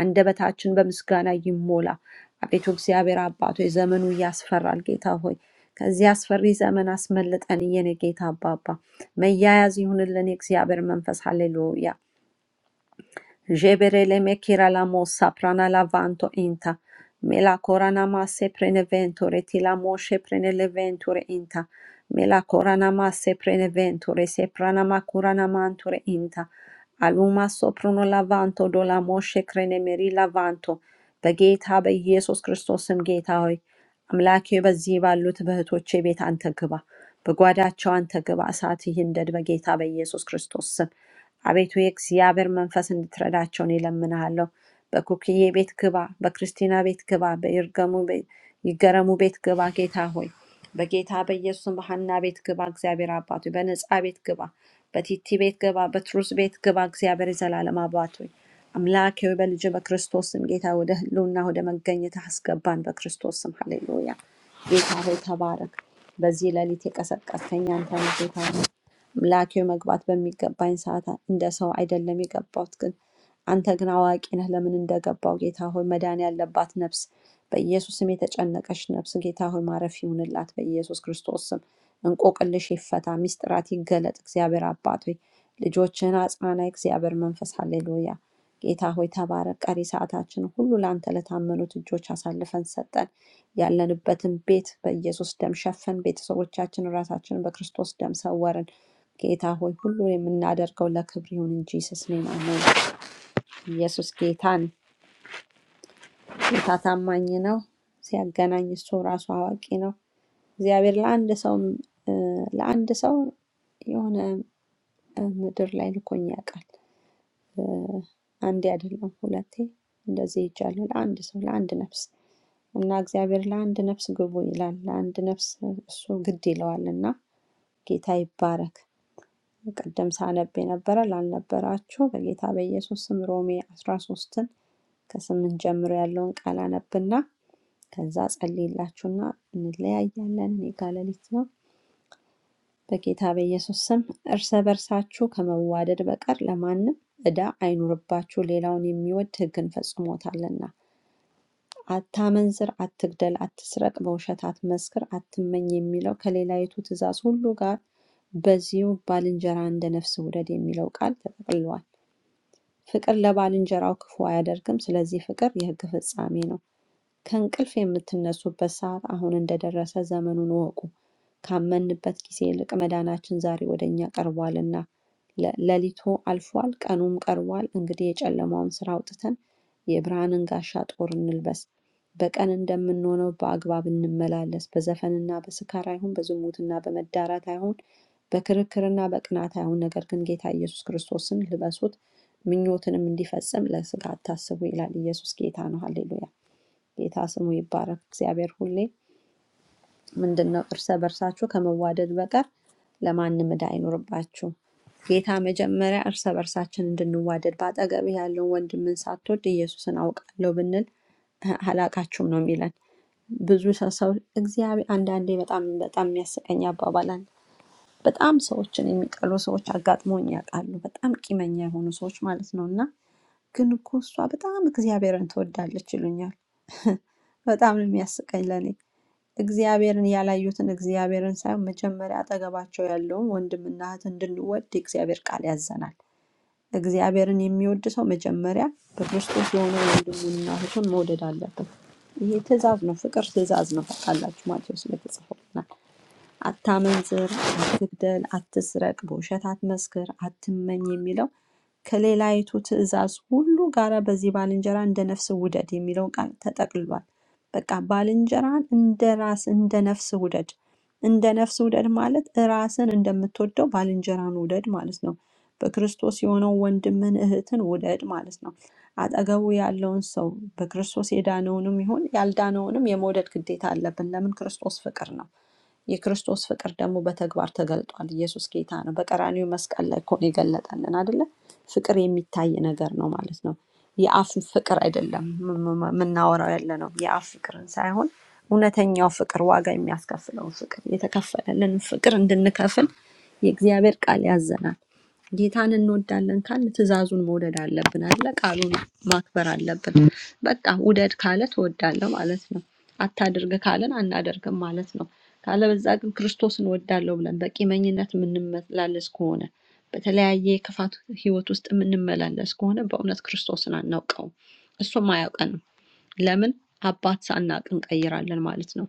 አንደበታችን በምስጋና ይሞላ አቤቱ እግዚአብሔር አባት ሆይ ዘመኑ ያስፈራል ጌታ ሆይ ከዚህ አስፈሪ ዘመን አስመልጠን የኔ ጌታ አባባ መያያዝ ይሁንልን የእግዚአብሔር መንፈስ ሃሌሉያ Jebereleme kiralamo saprana lavanto inta. Mela coranama se preneventore tilamoshe preneleventure inta. Mela coranama se preneventore se pranama curanamanture inta. Aluma soprono lavanto do la moshe krenemeri lavanto. በጌታ በኢየሱስ ክርስቶስም ጌታ ሆይ አምላኬ በዚህ ባሉት በእህቶቼ ቤት አንተ ግባ፣ በጓዳቸው አንተ ግባ፣ እሳት ይንደድ በጌታ በኢየሱስ ክርስቶስ ስም። አቤቱ የእግዚአብሔር መንፈስ እንድትረዳቸው እኔ እለምንሃለሁ። በኩክዬ ቤት ግባ፣ በክርስቲና ቤት ግባ፣ በይርገሙ ቤ- ይገረሙ ቤት ግባ። ጌታ ሆይ በጌታ በኢየሱስ በሐና ቤት ግባ። እግዚአብሔር አባት ሆይ በነጻ ቤት ግባ፣ በቲቲ ቤት ግባ፣ በትሩስ ቤት ግባ። እግዚአብሔር የዘላለም አባት ሆይ አምላኬ ሆይ በልጅ በክርስቶስ ስም ጌታ ወደ ህልውና ወደ መገኘት አስገባን። በክርስቶስ ስም ሃሌሉያ። ጌታ ሆይ ተባረክ። በዚህ ሌሊት የቀሰቀስከኝ አንተ ነህ ጌታ ምላኬ መግባት በሚገባኝ ሰዓት እንደ ሰው አይደለም የገባሁት፣ ግን አንተ ግን አዋቂ ነህ ለምን እንደገባው ጌታ ሆይ መዳን ያለባት ነፍስ በኢየሱስ ስም የተጨነቀች ነፍስ ጌታ ሆይ ማረፍ ይሁንላት በኢየሱስ ክርስቶስ ስም። እንቆቅልሽ ይፈታ፣ ሚስጥራት ይገለጥ። እግዚአብሔር አባት ሆይ ልጆችህን አጽናና። እግዚአብሔር መንፈስ ሃሌሉያ። ጌታ ሆይ ተባረክ። ቀሪ ሰዓታችን ሁሉ ለአንተ ለታመኑት እጆች አሳልፈን ሰጠን። ያለንበትን ቤት በኢየሱስ ደም ሸፈን። ቤተሰቦቻችን ራሳችንን በክርስቶስ ደም ሰወርን። ጌታ ሆይ ሁሉ የምናደርገው ለክብር ይሁን እንጂ ስስ ኔም አሜን። ኢየሱስ ጌታ ነው። ጌታ ታማኝ ነው። ሲያገናኝ እሱ ራሱ አዋቂ ነው። እግዚአብሔር ለአንድ ሰው እ፣ ለአንድ ሰው የሆነ እ፣ ምድር ላይ ልኮኝ ያውቃል። አንዴ አይደለም ሁለቴ እንደዚህ ይቻላል። ለአንድ ሰው ለአንድ ነፍስ እና እግዚአብሔር ለአንድ ነፍስ ግቡ ይላል። ለአንድ ነፍስ እሱ ግድ ይለዋል እና ጌታ ይባረክ። ቅድም ሳነብ የነበረ ላልነበራችሁ በጌታ በኢየሱስ ስም ሮሜ 13 ከስምንት ጀምሮ ያለውን ቃል አነብና ከዛ ጸልይላችሁና እንለያያለን። እኔ ጋ ሌሊት ነው። በጌታ በኢየሱስ ስም እርስ በርሳችሁ ከመዋደድ በቀር ለማንም ዕዳ አይኑርባችሁ፣ ሌላውን የሚወድ ሕግን ፈጽሞታልና። አታመንዝር፣ አትግደል፣ አትስረቅ፣ በውሸት አትመስክር፣ አትመኝ የሚለው ከሌላይቱ ትእዛዝ ሁሉ ጋር በዚሁ ባልንጀራ እንደ ነፍስ ውደድ የሚለው ቃል ተጠቅልሏል። ፍቅር ለባልንጀራው ክፉ አያደርግም። ስለዚህ ፍቅር የሕግ ፍጻሜ ነው። ከእንቅልፍ የምትነሱበት ሰዓት አሁን እንደደረሰ ዘመኑን ወቁ። ካመንበት ጊዜ ይልቅ መዳናችን ዛሬ ወደ እኛ ቀርቧልና ለ- ለሊቱ አልፏል፣ ቀኑም ቀርቧል። እንግዲህ የጨለማውን ስራ አውጥተን የብርሃንን ጋሻ ጦር እንልበስ። በቀን እንደምንሆነው በአግባብ እንመላለስ። በዘፈንና በስካር አይሁን፣ በዝሙትና በመዳራት አይሁን፣ በክርክርና በቅናት አይሁን። ነገር ግን ጌታ ኢየሱስ ክርስቶስን ልበሱት፣ ምኞትንም እንዲፈጽም ለስጋ አታስቡ ይላል። ኢየሱስ ጌታ ነው። ሃሌሉያ። ጌታ ስሙ ይባረክ። እግዚአብሔር ሁሌ ምንድን ነው እርሰ በርሳችሁ ከመዋደድ በቀር ለማንም ዕዳ አይኖርባችሁ። ጌታ መጀመሪያ እርሰ በርሳችን እንድንዋደድ በአጠገብህ ያለውን ወንድምን ሳትወድ ኢየሱስን አውቃለሁ ብንል እ- አላውቃችሁም ነው የሚለን። ብዙ ሰ- ሰው እግዚአብሔር አንዳንዴ በጣም በጣም የሚያስቀኝ አባባል አለ። በጣም ሰዎችን የሚጠሉ ሰዎች አጋጥሞኝ ያውቃሉ። በጣም ቂመኛ የሆኑ ሰዎች ማለት ነው እና ግን እኮ እሷ በጣም እግዚአብሔርን ትወዳለች ይሉኛል። በጣም ነው የሚያስቀኝ ለእኔ። እግዚአብሔርን ያላዩትን እግዚአብሔርን ሳይሆን መጀመሪያ አጠገባቸው ያለውን ወንድምና እህት እንድንወድ የእግዚአብሔር ቃል ያዘናል። እግዚአብሔርን የሚወድ ሰው መጀመሪያ በክርስቶስ የሆነ ወንድሙንና እህቱን መውደድ አለበት። ይሄ ትእዛዝ ነው፣ ፍቅር ትእዛዝ ነው። ታውቃላችሁ ማቴዎስ ላይ የተጻፈው አታመንዝር፣ አትግደል፣ አትስረቅ፣ በውሸት አትመስክር፣ አትመኝ የሚለው ከሌላይቱ ትእዛዝ ሁሉ ጋር በዚህ ባልንጀራ እንደ ነፍስ ውደድ የሚለው ቃል ተጠቅልሏል። በቃ ባልንጀራን እንደ ራስ እንደ ነፍስ ውደድ። እንደ ነፍስ ውደድ ማለት ራስን እንደምትወደው ባልንጀራን ውደድ ማለት ነው። በክርስቶስ የሆነው ወንድምን እህትን ውደድ ማለት ነው። አጠገቡ ያለውን ሰው በክርስቶስ የዳነውንም ይሁን ያልዳነውንም የመውደድ ግዴታ አለብን። ለምን? ክርስቶስ ፍቅር ነው። የክርስቶስ ፍቅር ደግሞ በተግባር ተገልጧል። ኢየሱስ ጌታ ነው። በቀራኒው መስቀል ላይ እኮ ነው የገለጠልን አይደለ? ፍቅር የሚታይ ነገር ነው ማለት ነው። የአፍ ፍቅር አይደለም የምናወራው ያለ ነው። የአፍ ፍቅርን ሳይሆን እውነተኛው ፍቅር፣ ዋጋ የሚያስከፍለውን ፍቅር፣ የተከፈለልን ፍቅር እንድንከፍል የእግዚአብሔር ቃል ያዘናል። ጌታን እንወዳለን ካል ትእዛዙን መውደድ አለብን አለ ቃሉን ማክበር አለብን። በቃ ውደድ ካለ ትወዳለህ ማለት ነው። አታድርግ ካለን አናደርግም ማለት ነው። ካለበዛ ግን ክርስቶስን እወዳለሁ ብለን በቂመኝነት የምንመላለስ ከሆነ በተለያየ የክፋት ህይወት ውስጥ የምንመላለስ ከሆነ በእውነት ክርስቶስን አናውቀውም፣ እሱም አያውቀንም። ለምን አባት ሳናቅ እንቀይራለን ማለት ነው።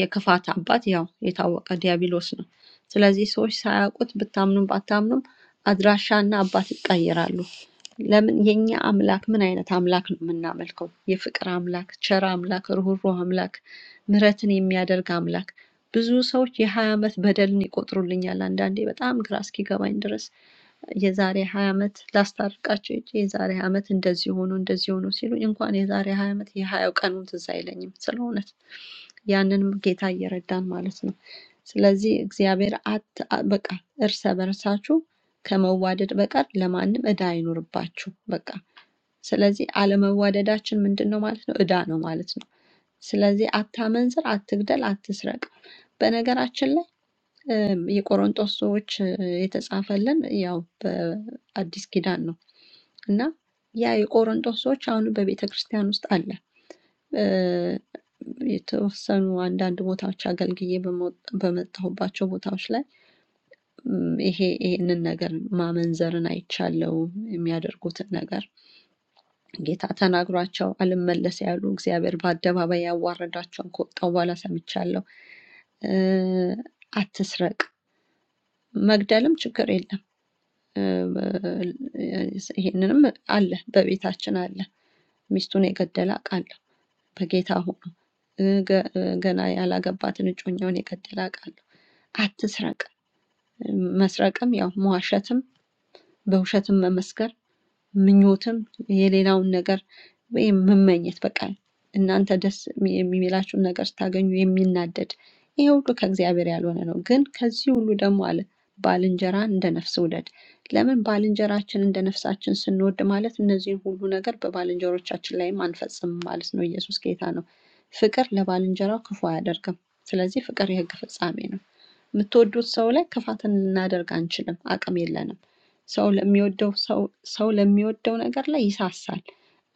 የክፋት አባት ያው የታወቀ ዲያብሎስ ነው። ስለዚህ ሰዎች ሳያውቁት ብታምኑም ባታምኑም አድራሻና አባት ይቀየራሉ። ለምን የኛ አምላክ ምን አይነት አምላክ ነው የምናመልከው? የፍቅር አምላክ፣ ቸር አምላክ፣ ርኅሩህ አምላክ፣ ምሕረትን የሚያደርግ አምላክ። ብዙ ሰዎች የሀያ ዓመት በደልን ይቆጥሩልኛል አንዳንዴ በጣም ግራ እስኪገባኝ ድረስ የዛሬ ሀያ ዓመት ላስታርቃቸው ሄጄ የዛሬ 20 ዓመት እንደዚህ ሆኖ እንደዚህ ሆኖ ሲሉ እንኳን የዛሬ ሀያ ዓመት የሀያው ቀኑን ትዝ አይለኝም ስለ እውነት ያንንም ጌታ እየረዳን ማለት ነው። ስለዚህ እግዚአብሔር አት አ- በቃ እርሰ በርሳችሁ ከመዋደድ በቀር ለማንም ዕዳ አይኖርባችሁ። በቃ ስለዚህ አለመዋደዳችን ምንድን ነው ማለት ነው? ዕዳ ነው ማለት ነው። ስለዚህ አታመንዝር፣ አትግደል፣ አትስረቅ። በነገራችን ላይ እም፣ የቆሮንጦስ ሰዎች እ፣ የተጻፈልን ያው በአዲስ ኪዳን ነው እና ያ የቆሮንጦስ ሰዎች አሁን በቤተ ክርስቲያን ውስጥ አለ የተወሰኑ አንዳንድ ቦታዎች አገልግዬ በመወጥ- በመጣሁባቸው ቦታዎች ላይ እም፣ ይሄ ይሄንን ነገር ማመንዘርን አይቻለው። የሚያደርጉትን ነገር ጌታ ተናግሯቸው አልመለስ ያሉ እግዚአብሔር በአደባባይ ያዋረዳቸውን ከወጣው በኋላ ሰምቻለሁ። እ፣ አትስረቅ፣ መግደልም ችግር የለም። እ፣ በ- ይሄንንም አለ፣ በቤታችን አለ። ሚስቱን የገደለ አውቃለሁ። በጌታ ሆኖ ገና ያላገባትን እጮኛውን የገደለ አውቃለሁ። አትስረቅ። መስረቅም ያው መዋሸትም በውሸትም መመስከር ምኞትም የሌላውን ነገር ወይም መመኘት በቃ እናንተ ደስ የሚላችሁን ነገር ስታገኙ የሚናደድ ይሄ ሁሉ ከእግዚአብሔር ያልሆነ ነው። ግን ከዚህ ሁሉ ደግሞ አለ ባልንጀራን እንደ ነፍስ ውደድ። ለምን ባልንጀራችን እንደ ነፍሳችን ስንወድ ማለት እነዚህን ሁሉ ነገር በባልንጀሮቻችን ላይም አንፈጽምም ማለት ነው። ኢየሱስ ጌታ ነው። ፍቅር ለባልንጀራው ክፉ አያደርግም። ስለዚህ ፍቅር የሕግ ፍጻሜ ነው። የምትወዱት ሰው ላይ ክፋትን ልናደርግ አንችልም፣ አቅም የለንም። ሰው ለሚወደው ሰው ሰው ለሚወደው ነገር ላይ ይሳሳል።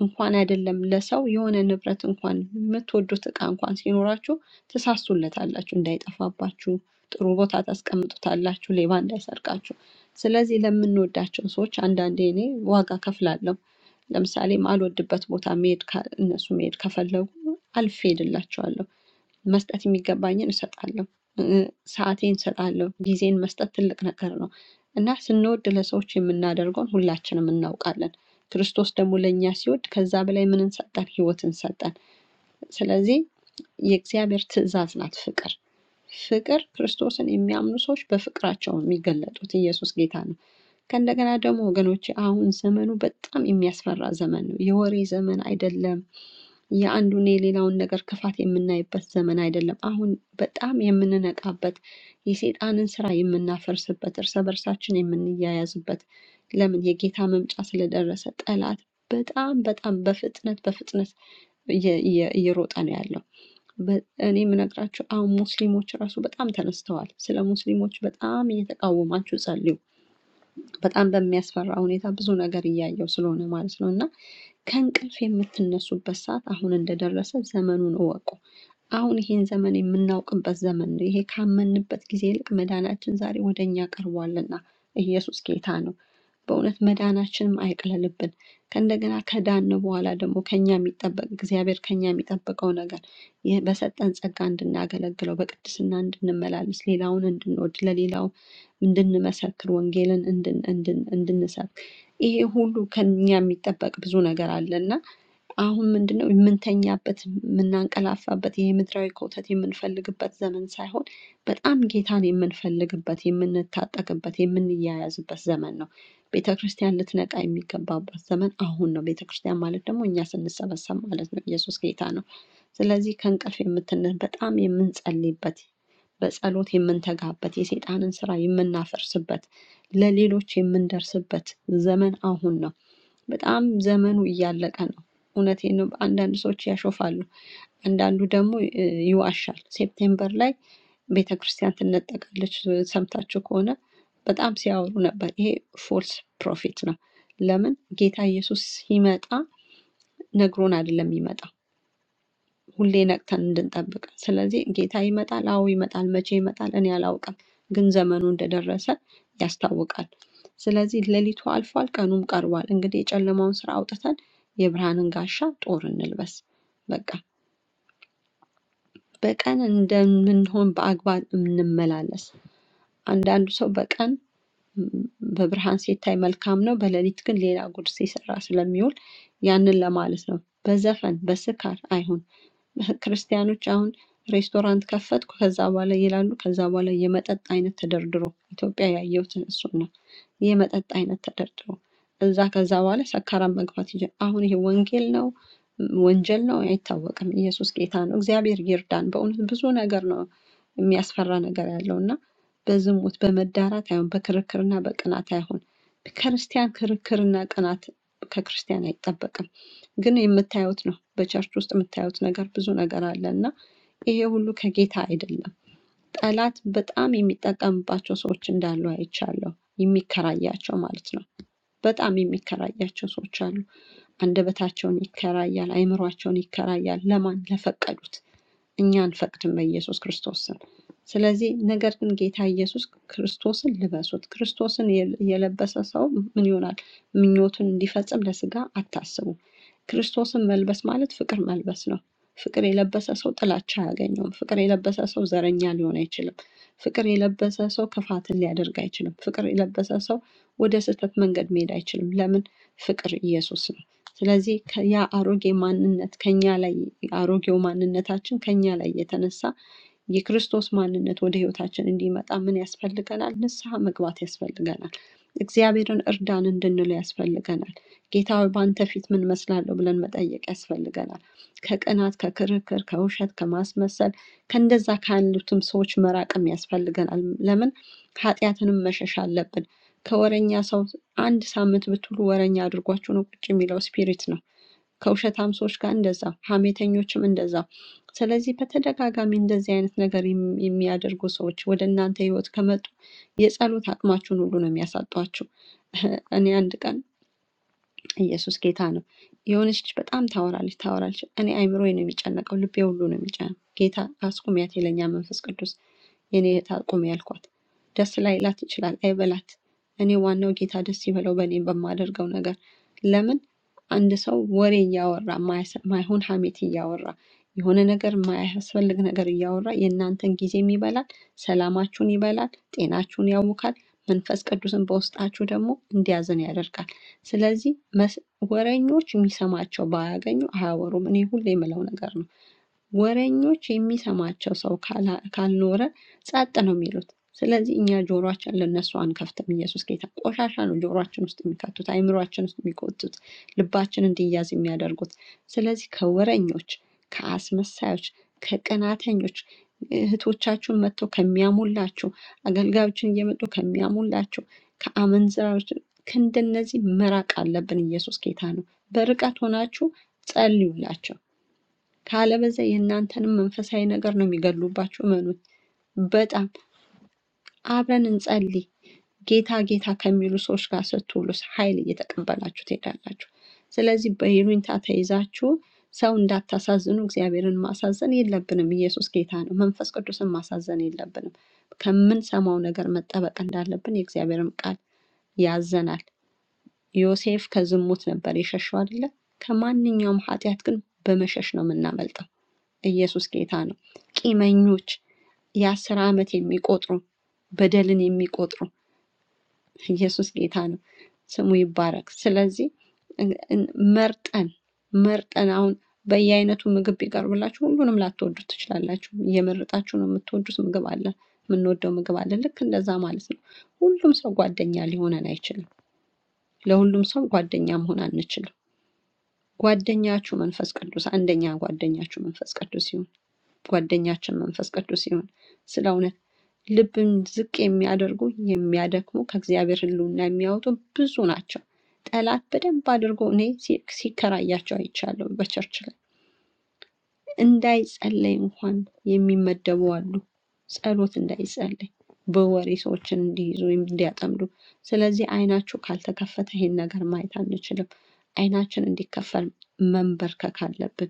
እንኳን አይደለም ለሰው የሆነ ንብረት እንኳን የምትወዱት እቃ እንኳን ሲኖራችሁ ትሳሱለታላችሁ፣ እንዳይጠፋባችሁ ጥሩ ቦታ ታስቀምጡታላችሁ፣ ሌባ እንዳይሰርቃችሁ። ስለዚህ ለምንወዳቸው ሰዎች አንዳንዴ እኔ ዋጋ ከፍላለሁ። ለምሳሌ ማልወድበት ቦታ መሄድ ካ- እነሱ መሄድ ከፈለጉ አልፌ ሄድላቸዋለሁ። መስጠት የሚገባኝን እሰጣለሁ። እ- ሰዓቴን እሰጣለሁ። ጊዜን መስጠት ትልቅ ነገር ነው እና ስንወድ ለሰዎች የምናደርገውን ሁላችንም እናውቃለን። ክርስቶስ ደግሞ ለእኛ ሲወድ ከዛ በላይ ምንን ሰጠን? ህይወትን ሰጠን። ስለዚህ የእግዚአብሔር ትእዛዝ ናት ፍቅር። ፍቅር ክርስቶስን የሚያምኑ ሰዎች በፍቅራቸው ነው የሚገለጡት። ኢየሱስ ጌታ ነው። ከእንደገና ደግሞ ወገኖች አሁን ዘመኑ በጣም የሚያስፈራ ዘመን ነው። የወሬ ዘመን አይደለም። የአንዱን የሌላውን ነገር ክፋት የምናይበት ዘመን አይደለም። አሁን በጣም የምንነቃበት የሴጣንን ስራ የምናፈርስበት እርስ በርሳችን የምንያያዝበት ለምን የጌታ መምጫ ስለደረሰ ጠላት በጣም በጣም በፍጥነት በፍጥነት እየ- እየ- እየሮጠ ነው ያለው። በ- እኔ የምነግራቸው አሁን ሙስሊሞች ራሱ በጣም ተነስተዋል። ስለ ሙስሊሞች በጣም እየተቃወማችሁ ጸልዩ። በጣም በሚያስፈራ ሁኔታ ብዙ ነገር እያየው ስለሆነ ማለት ነው ከእንቅልፍ የምትነሱበት ሰዓት አሁን እንደደረሰ ዘመኑን እወቁ። አሁን ይሄን ዘመን የምናውቅበት ዘመን ነው። ይሄ ካመንበት ጊዜ ይልቅ መዳናችን ዛሬ ወደ እኛ ቀርቧልና ኢየሱስ ጌታ ነው። በእውነት መዳናችንም አይቅለልብን። ከእንደገና ከዳን በኋላ ደግሞ ከኛ የሚጠበቅ እግዚአብሔር ከኛ የሚጠብቀው ነገር ይህ በሰጠን ጸጋ እንድናገለግለው በቅድስና እንድንመላለስ ሌላውን እንድንወድ ለሌላው እንድንመሰክር ወንጌልን እንድን- እንድን- እንድንሰብክ ይሄ ሁሉ ከኛ የሚጠበቅ ብዙ ነገር አለና አሁን ምንድነው የምንተኛበት የምናንቀላፋበት ይሄ ምድራዊ ኮተት የምንፈልግበት ዘመን ሳይሆን በጣም ጌታን የምንፈልግበት የምንታጠቅበት የምንያያዝበት ዘመን ነው። ቤተ ክርስቲያን ልትነቃ የሚገባበት ዘመን አሁን ነው። ቤተ ክርስቲያን ማለት ደግሞ እኛ ስንሰበሰብ ማለት ነው። ኢየሱስ ጌታ ነው። ስለዚህ ከእንቅልፍ የምትን በጣም የምንጸልይበት በጸሎት የምንተጋበት የሴጣንን ስራ የምናፈርስበት ለሌሎች የምንደርስበት ዘመን አሁን ነው። በጣም ዘመኑ እያለቀ ነው። እውነቴን ነው። አንዳንድ ሰዎች ያሾፋሉ፣ አንዳንዱ ደግሞ እ, ይዋሻል። ሴፕቴምበር ላይ ቤተ ክርስቲያን ትነጠቃለች እ፣ ሰምታችሁ ከሆነ በጣም ሲያወሩ ነበር። ይሄ ፎልስ ፕሮፌት ነው። ለምን ጌታ ኢየሱስ ሲመጣ ነግሮን አይደለም የሚመጣው ሁሌ ነቅተን እንድንጠብቅ። ስለዚህ ጌታ ይመጣል፣ አዎ ይመጣል። መቼ ይመጣል እኔ አላውቅም፣ ግን ዘመኑ እንደደረሰ ያስታውቃል። ስለዚህ ሌሊቱ አልፏል፣ ቀኑም ቀርቧል። እንግዲህ የጨለማውን ስራ አውጥተን የብርሃንን ጋሻ ጦር እንልበስ። በቃ በቀን እንደምንሆን በአግባብ እንመላለስ። አንዳንዱ ሰው በቀን ም፣ በብርሃን ሲታይ መልካም ነው፣ በሌሊት ግን ሌላ ጉድ ሲሰራ ስለሚውል ያንን ለማለት ነው። በዘፈን በስካር አይሁን። ክርስቲያኖች አሁን ሬስቶራንት ከፈትኩ ከዛ በኋላ ይላሉ። ከዛ በኋላ የመጠጥ አይነት ተደርድሮ ኢትዮጵያ ያየሁት እሱን ነው። የመጠጥ አይነት ተደርድሮ እዛ ከዛ በኋላ ሰካራም መግባት ይጀ አሁን ይሄ ወንጌል ነው ወንጀል ነው አይታወቅም። ኢየሱስ ጌታ ነው። እግዚአብሔር ይርዳን። በእውነት ብዙ ነገር ነው የሚያስፈራ ነገር ያለው እና በዝሙት በመዳራት አይሁን፣ በክርክርና በቅናት አይሁን። ከክርስቲያን ክርክርና ቅናት ከክርስቲያን አይጠበቅም። ግን የምታዩት ነው፣ በቸርች ውስጥ የምታዩት ነገር ብዙ ነገር አለ እና ይሄ ሁሉ ከጌታ አይደለም። ጠላት በጣም የሚጠቀምባቸው ሰዎች እንዳሉ አይቻለሁ። የሚከራያቸው ማለት ነው። በጣም የሚከራያቸው ሰዎች አሉ። አንደበታቸውን ይከራያል፣ አይምሯቸውን ይከራያል። ለማን? ለፈቀዱት እኛ አንፈቅድም በኢየሱስ ክርስቶስ ስም። ስለዚህ ነገር ግን ጌታ ኢየሱስ ክርስቶስን ልበሱት። ክርስቶስን የል- የለበሰ ሰው ምን ይሆናል? ምኞቱን እንዲፈጽም ለስጋ አታስቡ። ክርስቶስን መልበስ ማለት ፍቅር መልበስ ነው። ፍቅር የለበሰ ሰው ጥላቻ አያገኘውም። ፍቅር የለበሰ ሰው ዘረኛ ሊሆን አይችልም። ፍቅር የለበሰ ሰው ክፋትን ሊያደርግ አይችልም። ፍቅር የለበሰ ሰው ወደ ስህተት መንገድ መሄድ አይችልም። ለምን? ፍቅር ኢየሱስ ነው። ስለዚህ ያ አሮጌ ማንነት ከኛ ላይ አሮጌው ማንነታችን ከኛ ላይ የተነሳ የክርስቶስ ማንነት ወደ ህይወታችን እንዲመጣ ምን ያስፈልገናል? ንስሐ መግባት ያስፈልገናል። እግዚአብሔርን እርዳን እንድንለው ያስፈልገናል። ጌታ ሆይ በአንተ ፊት ምን መስላለሁ ብለን መጠየቅ ያስፈልገናል። ከቅናት፣ ከክርክር፣ ከውሸት፣ ከማስመሰል ከእንደዛ ካሉትም ሰዎች መራቅም ያስፈልገናል። ለምን ኃጢአትንም መሸሽ አለብን። ከወረኛ ሰው አንድ ሳምንት ብትውሉ ወረኛ አድርጓችሁ ነው ቁጭ የሚለው ስፒሪት ነው። ከውሸታም ሰዎች ጋር እንደዛው፣ ሐሜተኞችም እንደዛው። ስለዚህ በተደጋጋሚ እንደዚህ አይነት ነገር የሚ- የሚያደርጉ ሰዎች ወደ እናንተ ህይወት ከመጡ የጸሎት አቅማችሁን ሁሉ ነው የሚያሳጧችሁ። እኔ አንድ ቀን ኢየሱስ ጌታ ነው። የሆነች ልጅ በጣም ታወራለች ታወራለች። እኔ አይምሮዬ ነው የሚጨነቀው፣ ልቤ ሁሉ ነው የሚጨነቀው። ጌታ አስቁሚያት ይለኛ መንፈስ ቅዱስ፣ የኔ እህት አቁሚ ያልኳት። ደስ ላይላት ይችላል፣ አይበላት። እኔ ዋናው ጌታ ደስ ይበለው በእኔ በማደርገው ነገር። ለምን አንድ ሰው ወሬ እያወራ ማያሰ- ማይሆን ሀሜት እያወራ የሆነ ነገር ማያስፈልግ ነገር እያወራ የእናንተን ጊዜም ይበላል፣ ሰላማችሁን ይበላል፣ ጤናችሁን ያውካል። መንፈስ ቅዱስን በውስጣችሁ ደግሞ እንዲያዝን ያደርጋል። ስለዚህ ወሬኞች የሚሰማቸው ባያገኙ አያወሩም። እኔ ሁሌ የምለው ነገር ነው። ወሬኞች የሚሰማቸው ሰው ካላ- ካልኖረ ጸጥ ነው የሚሉት። ስለዚህ እኛ ጆሮአችን ለነሱ አንከፍትም። ኢየሱስ ጌታ ቆሻሻ ነው ጆሮአችን ውስጥ የሚከቱት፣ አይምሮአችን ውስጥ የሚጎቱት፣ ልባችን እንዲያዝ የሚያደርጉት። ስለዚህ ከወሬኞች፣ ከአስመሳዮች፣ ከቀናተኞች እህቶቻችሁን መጥተው ከሚያሙላችሁ፣ አገልጋዮችን እየመጡ ከሚያሙላችሁ፣ ከአመንዝራዎች ከእንደነዚህ መራቅ አለብን። ኢየሱስ ጌታ ነው። በርቀት ሆናችሁ ጸልዩላቸው። ካለበለዚያ የእናንተንም መንፈሳዊ ነገር ነው የሚገድሉባችሁ። እመኑት። በጣም አብረን እንጸልይ። ጌታ ጌታ ከሚሉ ሰዎች ጋር ስትውሉ ኃይል እየተቀበላችሁ ትሄዳላችሁ። ስለዚህ በይሉኝታ ተይዛችሁ ሰው እንዳታሳዝኑ፣ እግዚአብሔርን ማሳዘን የለብንም። ኢየሱስ ጌታ ነው። መንፈስ ቅዱስን ማሳዘን የለብንም። ከምንሰማው ነገር መጠበቅ እንዳለብን የእግዚአብሔርም ቃል ያዘናል። ዮሴፍ ከዝሙት ነበር የሸሸው አይደለ? ከማንኛውም ኃጢአት ግን በመሸሽ ነው የምናመልጠው። ኢየሱስ ጌታ ነው። ቂመኞች፣ የአስር ዓመት የሚቆጥሩ በደልን የሚቆጥሩ ኢየሱስ ጌታ ነው። ስሙ ይባረክ። ስለዚህ እን- እን- መርጠን መርጠን አሁን በየአይነቱ ምግብ ቢቀርብላችሁ ሁሉንም ላትወዱት ትችላላችሁ። እየመረጣችሁ ነው የምትወዱት ምግብ አለ፣ የምንወደው ምግብ አለ። ልክ እንደዛ ማለት ነው። ሁሉም ሰው ጓደኛ ሊሆነን አይችልም። ለሁሉም ሰው ጓደኛ መሆን አንችልም። ጓደኛችሁ መንፈስ ቅዱስ፣ አንደኛ ጓደኛችሁ መንፈስ ቅዱስ ይሁን። ጓደኛችን መንፈስ ቅዱስ ይሁን። ስለ እውነት ልብን ዝቅ የሚያደርጉ የሚያደክሙ ከእግዚአብሔር ሕልውና የሚያወጡ ብዙ ናቸው። ጠላት በደንብ አድርጎ እኔ ሲ- ሲከራያቸው አይቻለሁ። በቸርች ላይ እንዳይጸለይ እንኳን የሚመደቡ አሉ። ጸሎት እንዳይጸለይ በወሬ ሰዎችን እንዲይዙ እንዲያጠምዱ። ስለዚህ አይናችሁ ካልተከፈተ ይሄን ነገር ማየት አንችልም። አይናችን እንዲከፈል መንበርከክ አለብን።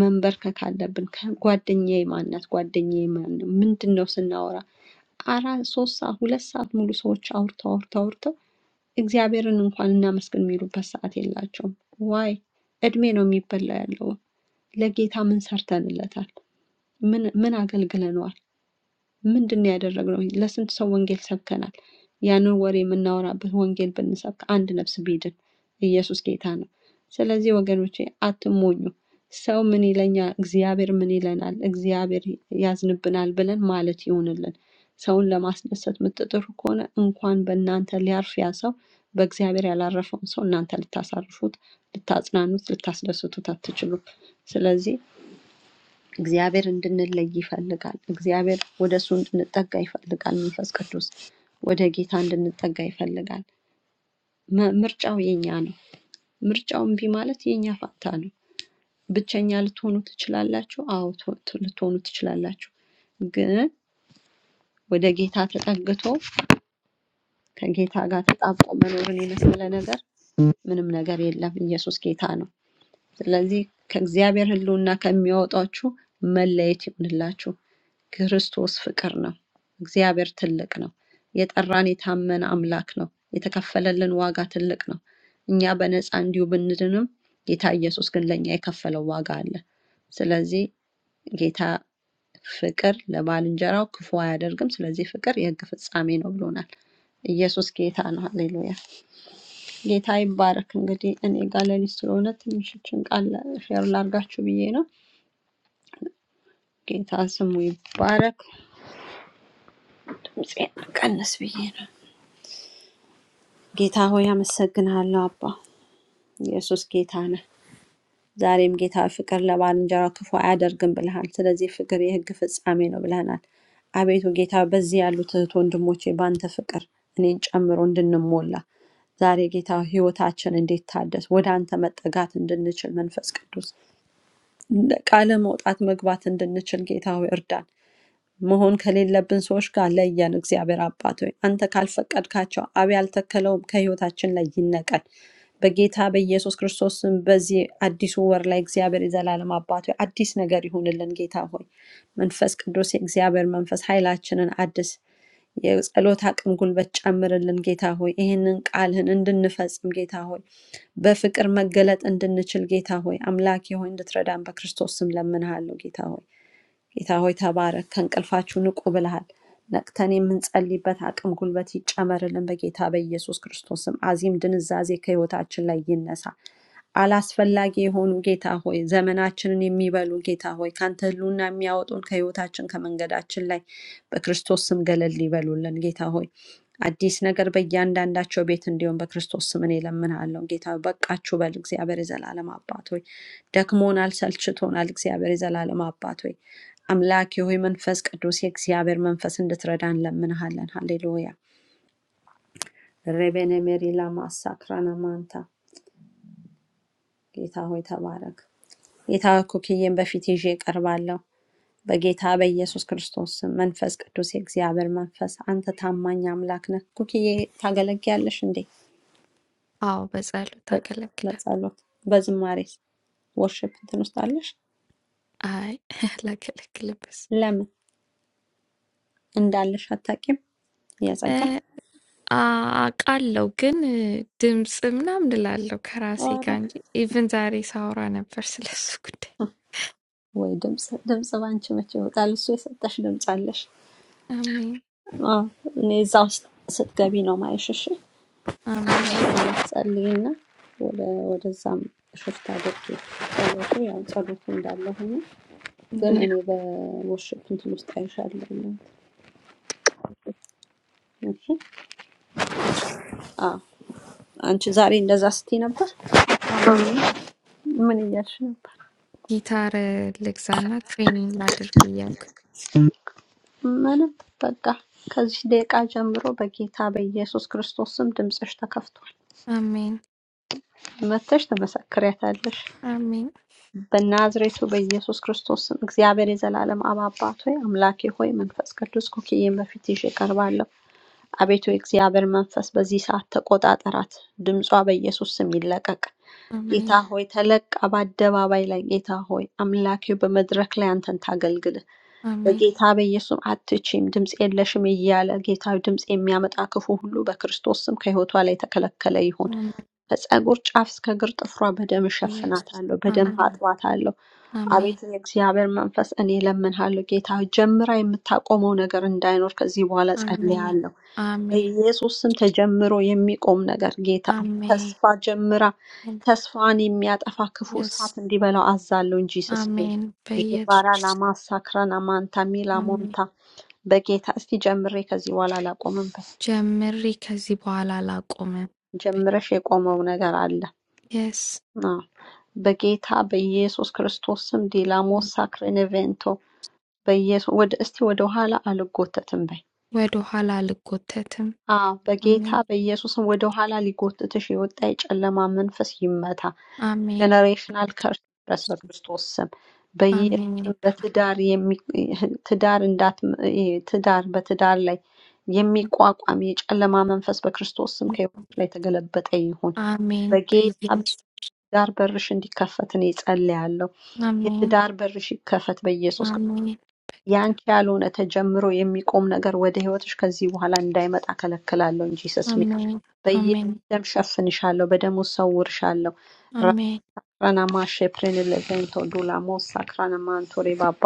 መንበርከክ አለብን። ጓደኛዬ ማናት? ጓደኛዬ ማን ነው? ምንድን ነው ስናወራ አራት ሶስት ሰዓት ሁለት ሰዓት ሙሉ ሰዎች አውርተው አውርተው አውርተው እግዚአብሔርን እንኳን እናመስግን የሚሉበት ሰዓት የላቸውም። ዋይ እድሜ ነው የሚበላ ያለው። ለጌታ ምን ሰርተንለታል? ምን ምን አገልግለነዋል? ምንድነው ያደረግነው? ለስንት ሰው ወንጌል ሰብከናል? ያንን ወሬ የምናወራበት ወንጌል ብንሰብክ አንድ ነፍስ ቢድን ኢየሱስ ጌታ ነው። ስለዚህ ወገኖቼ አትሞኙ። ሰው ምን ይለኛል፣ እግዚአብሔር ምን ይለናል፣ እግዚአብሔር ያዝንብናል ብለን ማለት ይሁንልን። ሰውን ለማስደሰት የምትጥሩ ከሆነ እንኳን በእናንተ ሊያርፍ ያ ሰው በእግዚአብሔር ያላረፈውን ሰው እናንተ ልታሳርፉት፣ ልታጽናኑት፣ ልታስደስቱት አትችሉም። ስለዚህ እግዚአብሔር እንድንለይ ይፈልጋል። እግዚአብሔር ወደ እሱ እንድንጠጋ ይፈልጋል። መንፈስ ቅዱስ ወደ ጌታ እንድንጠጋ ይፈልጋል። መ- ምርጫው የኛ ነው። ምርጫው እምቢ ማለት የኛ ፋንታ ነው። ብቸኛ ልትሆኑ ትችላላችሁ። አዎ ት- ት- ልትሆኑ ትችላላችሁ። ግን ወደ ጌታ ተጠግቶ ከጌታ ጋር ተጣብቆ መኖርን የመሰለ ነገር ምንም ነገር የለም። ኢየሱስ ጌታ ነው። ስለዚህ ከእግዚአብሔር ሕልውና ከሚያወጣችሁ መለየት ይሁንላችሁ። ክርስቶስ ፍቅር ነው። እግዚአብሔር ትልቅ ነው። የጠራን የታመነ አምላክ ነው። የተከፈለልን ዋጋ ትልቅ ነው። እኛ በነፃ እንዲሁ ብንድንም ጌታ ኢየሱስ ግን ለእኛ የከፈለው ዋጋ አለ። ስለዚህ ጌታ ፍቅር ለባልንጀራው ክፉ አያደርግም። ስለዚህ ፍቅር የሕግ ፍጻሜ ነው ብሎናል። ኢየሱስ ጌታ ነው። ሃሌሉያ። ጌታ ይባረክ። እንግዲህ እኔ ጋር ሌሊት ስለሆነ ትንሽችን ቃል ሼር ላርጋችሁ ብዬ ነው። ጌታ ስሙ ይባረክ። ድምፄን ቀንስ ብዬ ነው። ጌታ ሆይ አመሰግንሃለሁ አባ ኢየሱስ ጌታ ነህ። ዛሬም ጌታ ፍቅር ለባልንጀራው ክፉ አያደርግም ብለሃል። ስለዚህ ፍቅር የህግ ፍጻሜ ነው ብለናል። አቤቱ ጌታ በዚህ ያሉት እህት ወንድሞቼ በአንተ ፍቅር እኔን ጨምሮ እንድንሞላ ዛሬ ጌታ ህይወታችን እንዲታደስ ወደ አንተ መጠጋት እንድንችል መንፈስ ቅዱስ እንደ ቃለ መውጣት መግባት እንድንችል ጌታ ሆይ እርዳን። መሆን ከሌለብን ሰዎች ጋር ለየን። እግዚአብሔር አባት ሆይ አንተ ካልፈቀድካቸው አብ ያልተከለውም ከህይወታችን ላይ ይነቀል። በጌታ በኢየሱስ ክርስቶስ ስም በዚህ አዲሱ ወር ላይ እግዚአብሔር የዘላለም አባት ሆይ አዲስ ነገር ይሁንልን። ጌታ ሆይ መንፈስ ቅዱስ የእግዚአብሔር መንፈስ ኃይላችንን አድስ፣ የጸሎት አቅም ጉልበት ጨምርልን። ጌታ ሆይ ይህንን ቃልህን እንድንፈጽም ጌታ ሆይ በፍቅር መገለጥ እንድንችል ጌታ ሆይ አምላኬ ሆይ እንድትረዳን በክርስቶስ ስም ለምንሃለሁ ጌታ ሆይ ጌታ ሆይ ተባረክ፣ ከእንቅልፋችሁ ንቁ ብለሃል። ነቅተን የምንጸልይበት አቅም ጉልበት ይጨመርልን። በጌታ በኢየሱስ ክርስቶስ ስም አዚም ድንዛዜ ከህይወታችን ላይ ይነሳ። አላስፈላጊ የሆኑ ጌታ ሆይ ዘመናችንን የሚበሉ ጌታ ሆይ ካንተ ህሉና የሚያወጡን ከህይወታችን ከመንገዳችን ላይ በክርስቶስ ስም ገለል ይበሉልን። ጌታ ሆይ አዲስ ነገር በእያንዳንዳቸው ቤት እንዲሆን በክርስቶስ ስም እኔ እለምንሃለሁ። ጌታ ሆይ በቃችሁ በል። እግዚአብሔር የዘላለም አባት ሆይ ደክሞናል፣ ሰልችቶናል። እግዚአብሔር የዘላለም አባት ሆይ አምላክ ሆይ መንፈስ ቅዱስ የእግዚአብሔር መንፈስ እንድትረዳን እንለምንሃለን። ሃሌሉያ ሬቤኔ ሜሪላ ማሳክራና ማንታ ጌታ ሆይ ተባረክ። ጌታ ሆይ ኩክዬን በፊት ይዤ እቀርባለሁ። በጌታ በኢየሱስ ክርስቶስ ስም መንፈስ ቅዱስ የእግዚአብሔር መንፈስ አንተ ታማኝ አምላክ ነህ። ኩክዬ ታገለግያለሽ እንዴ? አዎ በጸሎት በ- አገለግላለሁ። በጸሎት በዝማሬስ ወርሽፕ እንትን ውስጥ አለሽ? አይ ላገለግልበስ ለምን እንዳለሽ አታውቂም? እ፣ የጸጋ አ- አውቃለሁ ግን እ፣ ድምፅ ምናምን እላለሁ ከራሴ ኧረ ጋር እንጂ ኢቭን ዛሬ ሳወራ ነበር ስለሱ ጉዳይ። ወይ ድምፅ ድምፅ ባንቺ መቼ ይወጣል? እሱ የሰጠሽ ድምፅ አለሽ። አሜን አዎ እኔ እዛ ውስጥ ስትገቢ ነው ማየሽ። እሺ አሜን። ጸልይና ወደ ወደዛም ሽፍት አድርጊ። ጸሎቱ ያው ጸሎቱ እንዳለ ሆኖ ያ፣ ግን እኔ በወርሽፕ እንትን ውስጥ አይሻለሁ። እሺ እሺ፣ አዎ። አንቺ ዛሬ እንደዛ ስትይ ነበር። አዎ፣ ምን እያልሽ ነበር? ጊታር እ፣ ልግዛና ትሬኒንግ ላድርግ እያልኩኝ ምንም በቃ ከዚህ ደቂቃ ጀምሮ በጌታ በኢየሱስ ክርስቶስ ስም ድምፅሽ ተከፍቷል። አሜን መተሽ ትመሰክሪያታለሽ። አሜን በናዝሬቱ በኢየሱስ ክርስቶስ ስም እግዚአብሔር የዘላለም አብ አባት ሆይ አምላኬ ሆይ መንፈስ ቅዱስ ኮክዬን በፊት ይዤ ቀርባለሁ። አቤቱ የእግዚአብሔር መንፈስ በዚህ ሰዓት ተቆጣጠራት። ድምጿ በኢየሱስ ስም ይለቀቅ። ጌታ አሜን ሆይ ተለቃ በአደባባይ ላይ ጌታ ሆይ አምላኬ በመድረክ ላይ አንተን ታገልግል። አሜን በጌታ በኢየሱስ አትችም ድምፅ የለሽም እያለ ጌታ ሆይ ድምፅ የሚያመጣ ክፉ ሁሉ በክርስቶስ ስም ከህይወቷ ላይ የተከለከለ ይሁን። አሜን ከጸጉር ጫፍ እስከ እግር ጥፍሯ በደም ኢየሱስ እሸፍናታለሁ፣ በደም አሜን አጥባታለሁ። አሜን አቤት የእግዚአብሔር መንፈስ እኔ እለምንሃለሁ ጌታ ሆይ፣ ጀምራ የምታቆመው ነገር እንዳይኖር ከዚህ በኋላ አሜን ጸልያለሁ። አሜን በኢየሱስ ስም ተጀምሮ የሚቆም ነገር ጌታ ሆይ፣ ተስፋ አሜን ጀምራ ተስፋን የሚያጠፋ ክፉ ኢየሱስ እሳት እንዲበላው አዛለሁ እንጂ ስስኔም አሜን ባራ በኢየሱስ ላማ ሳክራና ማንታ ሚላ አሜን ሞንታ በጌታ እስቲ ጀምሬ ከዚህ በኋላ አላቆምበት። ጀምሪ ከዚህ በኋላ አላቆምም። ጀምረሽ የቆመው ነገር አለ የስ አዎ፣ በጌታ በኢየሱስ ክርስቶስ ስም ዲላሞ ሳክሬኔቬንቶ በኢየሱስ ወደ እስቲ ወደ ኋላ አልጎተትም በይ። ወደ ኋላ አልጎተትም። አዎ በጌታ አሜን በኢየሱስም ወደ ኋላ ሊጎትትሽ የወጣ የጨለማ መንፈስ ይመታ። አሜን ጀነሬሽናል ከርስ ድረስ በክርስቶስ ስም አሜን በኢየሱስም ይልሃል። በትዳር የሚ- ትዳር እንዳት ይሄ ትዳር በትዳር ላይ የሚቋቋም የጨለማ መንፈስ በክርስቶስ ስም ከሕይወትሽ ላይ የተገለበጠ ይሁን። አሜን በጌታ በኢየሱስ በትዳር በርሽ እንዲከፈት እኔ ጸልያለሁ። አሜን የትዳር በርሽ ይከፈት በኢየሱስ አሜን በጌታ ያንቺ ያልሆነ ተጀምሮ የሚቆም ነገር ወደ ህይወትሽ ከዚህ በኋላ እንዳይመጣ ከለክላለሁ in Jesus name አሜን በኢየሱስ አሜን ደም ሸፍንሻለሁ፣ በደሙ ሰውርሻለሁ። አሜን ራክራናማ ሼፕሬን ለዘንቶ ዱላሞስ ሳክራናማን ቶሬ ባባ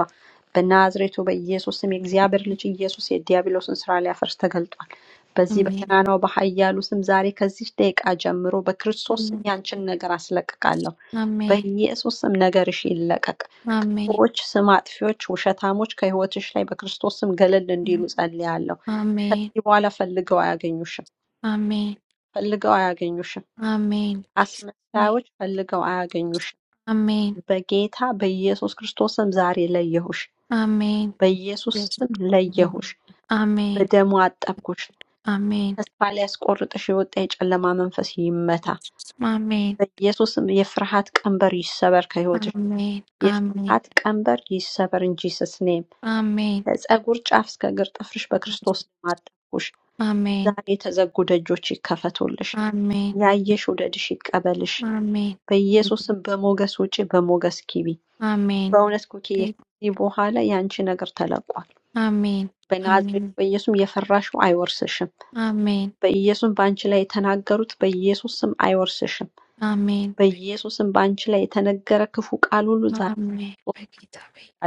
በናዝሬቱ በኢየሱስ ስም የእግዚአብሔር ልጅ ኢየሱስ የዲያብሎስን ስራ ሊያፈርስ ተገልጧል። በዚህ አሜን በገናናው በኃያሉ ስም ዛሬ ከዚህ ደቂቃ ጀምሮ በክርስቶስ ስም ያንቺን ነገር አስለቅቃለሁ። አሜን በኢየሱስ ስም ነገርሽ ይለቀቅ። Amen. ክፉዎች፣ ስም አጥፊዎች፣ ውሸታሞች ከሕይወትሽ ላይ በክርስቶስ ስም ገለል እንዲሉ ጸልያለሁ። Amen. ከዚህ በኋላ ፈልገው አያገኙሽም፣ Amen. ፈልገው አያገኙሽም። Amen. Jesus' name. አስመሳዮች ፈልገው አያገኙሽም። Amen. በጌታ በኢየሱስ ክርስቶስ ስም ዛሬ ለየሁሽ፣ Amen. በኢየሱስ Yes. ስም ለየሁሽ፣ Amen. በደሙ አጠብኩሽ። Amen. ተስፋ ሊያስቆርጥሽ የወጣ የጨለማ መንፈስ ይመታ Yes. Amen. በኢየሱስ ስም። የፍርሃት ቀንበር ይሰበር ከሕይወትሽ፣ Amen. Amen. የፍርሃት ቀንበር ይሰበር እንጂ ስስኔም Amen. ከጸጉር ጫፍ እስከ እግር ጥፍርሽ Yes. በክርስቶስ ስም አጠብኩሽ። Amen. ዛሬ የተዘጉ ደጆች ይከፈቱልሽ፣ Amen. ያየሽ ውደድሽ ይቀበልሽ፣ Amen. በኢየሱስም በሞገስ ውጪ በሞገስ ግቢ። Amen. በእውነት ኩኪዬ Take- ከዚህ በኋላ የአንቺ ነገር ተለቋል። Amen. በናዝሬቱ Amen. በኢየሱስም የፈራሽው አይወርስሽም። Amen. በኢየሱስም በአንቺ ላይ የተናገሩት በኢየሱስም አይወርስሽም። Amen. በኢየሱስም በአንቺ ላይ የተነገረ ክፉ ቃል ሁሉ ዛሬ Amen. Break it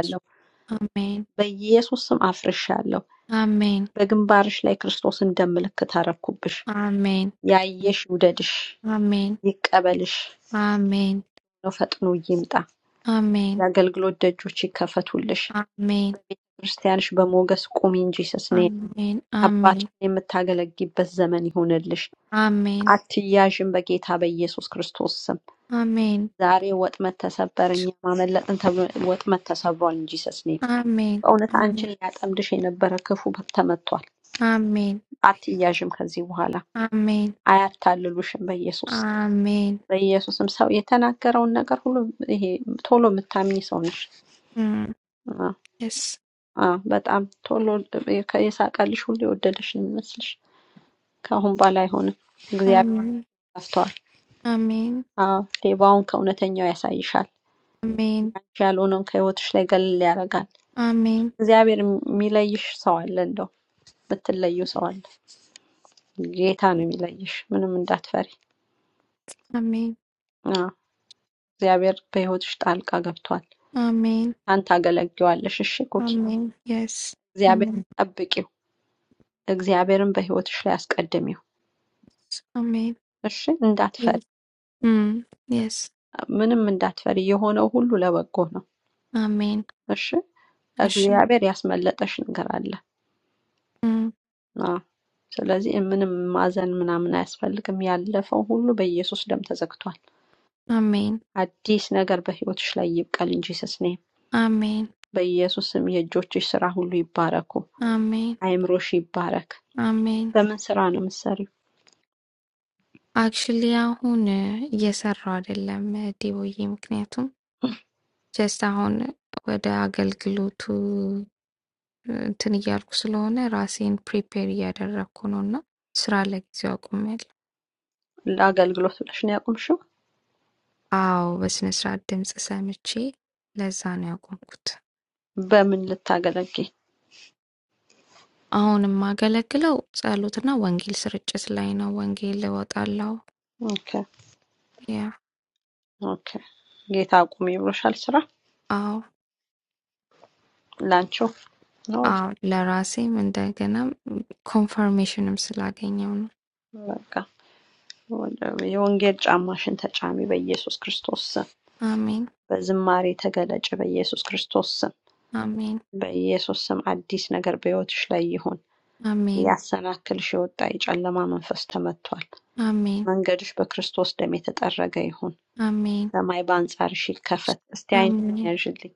አለሁ። Amen. በኢየሱስም አፍርሻለሁ። Amen. በግንባርሽ ላይ ክርስቶስ እንደምልክ ታረኩብሽ። Amen. ያየሽ ይውደድሽ፣ Amen. ይቀበልሽ Amen. ነው። ፈጥኖ ይምጣ። Amen. የአገልግሎት ደጆች ይክፈቱልሽ። Amen. በቤተ ክርስቲያንሽ በሞገስ ቁሚ እንጂ ስስኔ Amen. Amen. አባትሽን የምታገለግይበት ዘመን ይሁንልሽ። Amen. አትያዥም በጌታ በኢየሱስ ክርስቶስ ስም። Amen. ዛሬ ወጥመድ ተሰበር፣ እኛ ማመለጥን ተብሎ ወጥመድ ተሰብሯል እንጂ ስስኔ Amen. በእውነት Amen. አንቺን ሊያጠምድሽ የነበረ ክፉ ተመቷል። Amen. አትያዥም ከዚህ በኋላ Amen. አያታልሉሽም በኢየሱስ Amen. በኢየሱስም ሰው የተናገረውን ነገር ሁሉ ይሄ ቶሎ የምታምኝ ሰው ነሽ። Mm. Yes. አዎ፣ በጣም ቶሎ የሳቀልሽ ሁሉ የወደደሽ ነው የሚመስልሽ። ከአሁን በኋላ አይሆንም። እግዚአብሔር Amen. ጠፍተዋል። Amen. አዎ፣ ሌባውን ከእውነተኛው ያሳይሻል። Amen. አንቺ ያልሆነውን ከህይወትሽ ላይ ገለል ያደርጋል። Amen. እግዚአብሔር የሚለይሽ ሰው አለ፣ እንደው የምትለዩ ሰው አለ። ጌታ ነው የሚለይሽ። ምንም እንዳትፈሪ። Amen. አዎ፣ እግዚአብሔር በህይወትሽ ጣልቃ ገብቷል። Amen. አንተ አገለግዋለሽ። እሺ ኩኪ፣ Amen. Yes. እግዚአብሔር Amen. ጠብቂው። እግዚአብሔርን በህይወትሽ ላይ አስቀድሚው። Amen. እሺ፣ እንዳትፈሪ፣ Yes. Mm. Yes. ምንም እንዳትፈሪ። የሆነው ሁሉ ለበጎ ነው። Amen. እሺ Ashen. እግዚአብሔር ያስመለጠሽ ነገር አለ። Mm. አዎ። ስለዚህ ምንም ማዘን ምናምን አያስፈልግም። ያለፈው ሁሉ በኢየሱስ ደም ተዘግቷል። Amen. አዲስ ነገር በህይወትሽ ላይ ይብቀል እንጂ ስስኔ Amen. በኢየሱስ ስም የእጆችሽ ስራ ሁሉ ይባረኩ። Amen. አይምሮሽ ይባረክ። Amen. በምን ስራ ነው የምትሰሪው? አክቹዋሊ አሁን እየሰራሁ አይደለም ዲቦዬ፣ ምክንያቱም ጀስት አሁን ወደ አገልግሎቱ እንትን እያልኩ ስለሆነ ራሴን ፕሪፔር እያደረግኩ ነው እና ስራ ለጊዜው አቁሜያለሁ። ለአገልግሎት ብለሽ ነው ያቆምሽው? አዎ፣ በስነ ስርዓት ድምፅ ሰምቼ ለዛ ነው ያቆምኩት። በምን ልታገለግይ? አሁን የማገለግለው ጸሎትና ወንጌል ስርጭት ላይ ነው። ወንጌል እወጣለሁ። ኦኬ ያ ኦኬ። ጌታ አቁሚ ብሎሻል ስራ አዎ፣ ላንቺው ነው? አዎ፣ ለራሴም እንደገና ኮንፈርሜሽንም ስላገኘው ነው። በቃ ወደ- የወንጌል ጫማሽን ተጫሚ በኢየሱስ ክርስቶስ ስም። አሜን፣ በዝማሬ ተገለጭ በኢየሱስ ክርስቶስ ስም። አሜን። በኢየሱስ ስም አዲስ ነገር በሕይወትሽ ላይ ይሁን። Amém, ሊያሰናክልሽ የወጣ የጨለማ መንፈስ ተመቷል። amém, መንገድሽ በክርስቶስ ደም የተጠረገ ይሁን። amém, ሰማይ በአንጻርሽ ይከፈት። እስቲ አይን amém, ያዥልኝ።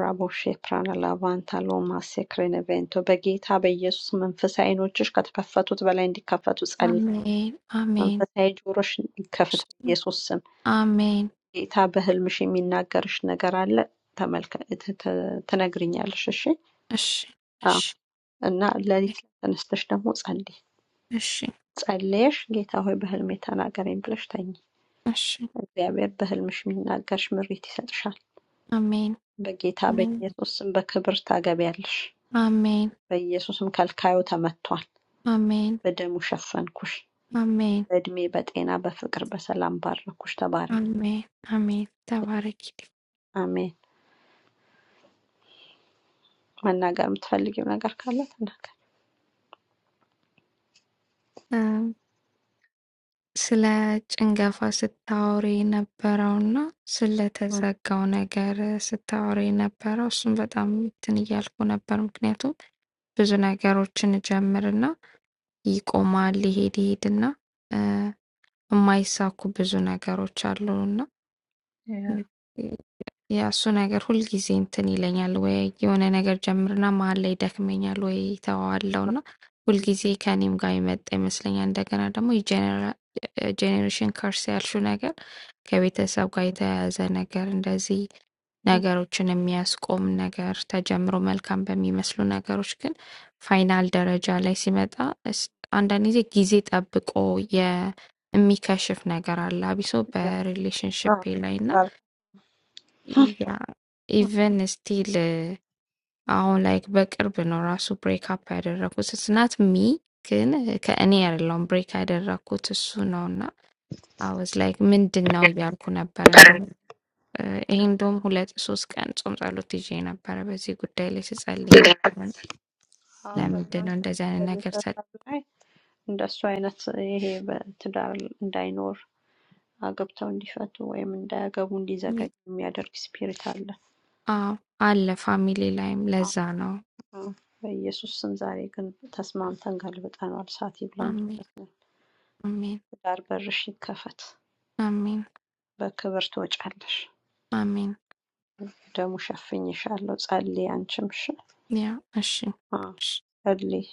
ራቦሼ ፕራና ላቫንታ ሎማ ሴክሬን ቬንቶ በጌታ በኢየሱስ መንፈሳዊ አይኖችሽ ከተከፈቱት በላይ እንዲከፈቱ ጸልይ። amém, amém, መንፈሳዊ ጆሮሽ ይከፈት በኢየሱስ ስም። amém, ጌታ በህልምሽ የሚናገርሽ ነገር አለ። ተመልከ ት- ት- ትነግሪኛለሽ። እሺ Oxi, አዎ oxi, እና ሌሊት ተነስተሽ ደግሞ ጸልይ። oxi, ጸልየሽ ጌታ ሆይ በህልሜ ተናገረኝ ብለሽ ተኚ። oxi. እግዚአብሔር በህልምሽ የሚናገርሽ ምሪት ይሰጥሻል። amém, በጌታ amém, በኢየሱስ ስም በክብር ታገቢያለሽ። amém, በኢየሱስም ከልካዩ ተመቷል። amém, በደሙ ሸፈንኩሽ። amém, በእድሜ በጤና በፍቅር በሰላም ባረኩሽ። ተባረኪ። amém, amém, tabaraki. አሜን። መናገር የምትፈልጊው ነገር ካለ ተናገር። ስለ ጭንገፋ ስታወሪ የነበረውና ስለተዘጋው ነገር ስታወሪ የነበረው እሱን በጣም እንትን እያልኩ ነበር። ምክንያቱም ብዙ ነገሮችን እጀምርና ይቆማል፣ ይሄድ ይሄድና እ፣ የማይሳኩ ብዙ ነገሮች አሉና የእሱ ነገር ሁልጊዜ እንትን ይለኛል። ወይ የሆነ ነገር ጀምርና መሃል ላይ ይደክመኛል፣ ወይ ተወዋለሁ እና ሁልጊዜ ከእኔም ጋር የመጣ ይመስለኛል። እንደገና ደግሞ የጄኔራ- ጄኔሬሽን ከርስ ያልሽው ነገር ከቤተሰብ ጋር የተያያዘ ነገር እንደዚህ ነገሮችን የሚያስቆም ነገር ተጀምሮ መልካም በሚመስሉ ነገሮች ግን ፋይናል ደረጃ ላይ ሲመጣ እስ- አንዳንድ ጊዜ ጊዜ ጠብቆ የ- የሚከሽፍ ነገር አለ አቢሶ በሪሌሽንሽፕ አዎ፣ ላይ ያ ኢቭን ስቲል አሁን ላይክ በቅርብ ነው ራሱ ብሬክ አፕ ያደረኩት ስናት ሚ ግን ከእኔ አይደለሁም ብሬክ ያደረኩት እሱ ነው እና አወዝ ላይክ ምንድን ነው እያልኩ ነበር። እንደውም እ፣ ይሄ እንደውም ሁለት ሶስት ቀን ጾም ጸሎት ይዤ ነበረ በዚህ ጉዳይ ላይ ስጸልይ ነበር። አዎ፣ ለምንድን ነው በእናንተ እንደዚህ አይነት ነገር ሰ በቤተሰብ ላይ እንደሱ አይነት ይሄ በትዳር እንዳይኖር አግብተው እንዲፈቱ ወይም እንዳያገቡ እንዲዘገይ የሚያደርግ ስፒሪት አለ። አዎ፣ አለ ፋሚሊ ላይም አዎ። ለዛ ነው። በኢየሱስ ስም ዛሬ ግን ተስማምተን ገልብጠነዋል። እሳት ይብላው አሜን እንጨት ነው። አሜን ትዳር በርሽ ይከፈት፣ አሜን በክብር ትወጫለሽ። አሜን ደሙ ሸፍኝሻለሁ። ጸልይ አንቺም እሺ ያ እሺ አዎ፣ እሺ ጸልይ።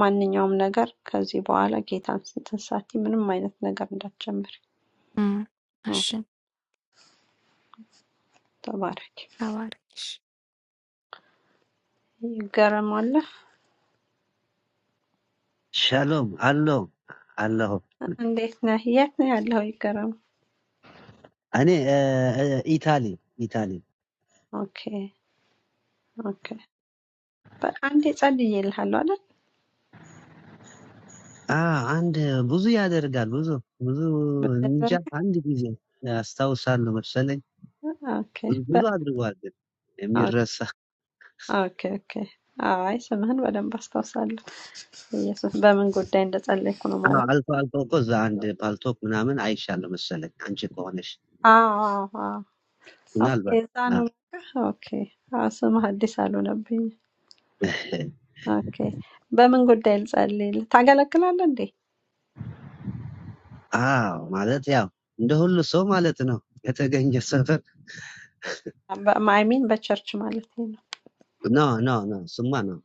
ማንኛውም ነገር ከዚህ በኋላ ጌታን እንትን ሳትይ ምንም አይነት ነገር እንዳትጀምሪ። እም፣ አዎ፣ እሺ ተባረኪ። talares ይገረማለህ። ሻሎም አለው አለሁ እንዴት ነህ? የት ነው ያለው? ይገረም። እኔ እ፣ እ፣ ኢታሊ ኢታሊ ኦኬ ኦኬ But Andy, it's ጸልዬልሃለሁ አይደል? አ አንድ ብዙ ያደርጋል ብዙ ብዙ እንጃ በደረገ አንድ ጊዜ አስታውሳለሁ መሰለኝ ኦኬ ብዙ ብዙ በ- አድርጓል ግን ኦኬ የሚረሳ ኦኬ ኦኬ። አይ ስምህን በደንብ አስታውሳለሁ። ኢየሱስ በምን ጉዳይ እንደጸለይኩ ነው አ፣ ማለት አልፎ አልፎ እኮ እዛ አንድ ፓልቶክ ምናምን አይሻለሁ መሰለኝ አንቺ ከሆነሽ አዎ አዎ አዎ። ኦኬ ምናልባት እዛ አ፣ ነው በቃ ኦኬ። አዎ ስምህ አዲስ አልሆነብኝ። ኦኬ በምን ጉዳይ ልጸልይ? ታገለግላለህ እንዴ? አዎ ማለት ያው እንደ ሁሉ ሰው ማለት ነው። ከተገኘ ሰፈር አይሚን በቸርች ማለት ነው። ኖ ኖ ኖ ስማ ነው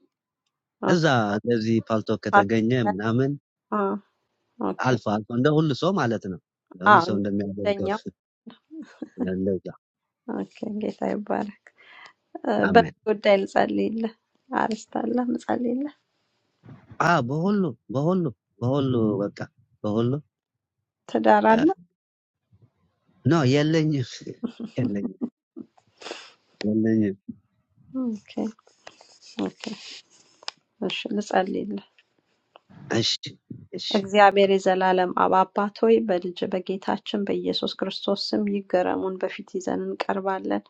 ኦኬ እዛ እንደዚህ ፓልቶ ፓስተር ከተገኘ ላይ? ምናምን አዎ ኦኬ አልፎ አልፎ እንደ ሁሉ ሰው ማለት ነው። እንደ ሁሉ አዎ ሰው እንደሚያደርገው እንደኛው እንደዛ ኦኬ። ጌታ ይባረክ። እ፣ በምን አሜን። ጉዳይ ልጸልይልህ? አርስታለህ ምጸልይልህ አ በሁሉ በሁሉ በሁሉ በቃ በሁሉ ትዳር እ፣ አለ? ኖ የለኝም የለኝም የለኝም። ኦኬ ኦኬ። እሺ ልጸልይልህ። እሺ እሺ እግዚአብሔር የዘላለም አብ አባት ሆይ በልጅ በጌታችን በኢየሱስ ክርስቶስ ስም ይገረሙን በፊት ይዘን እንቀርባለን።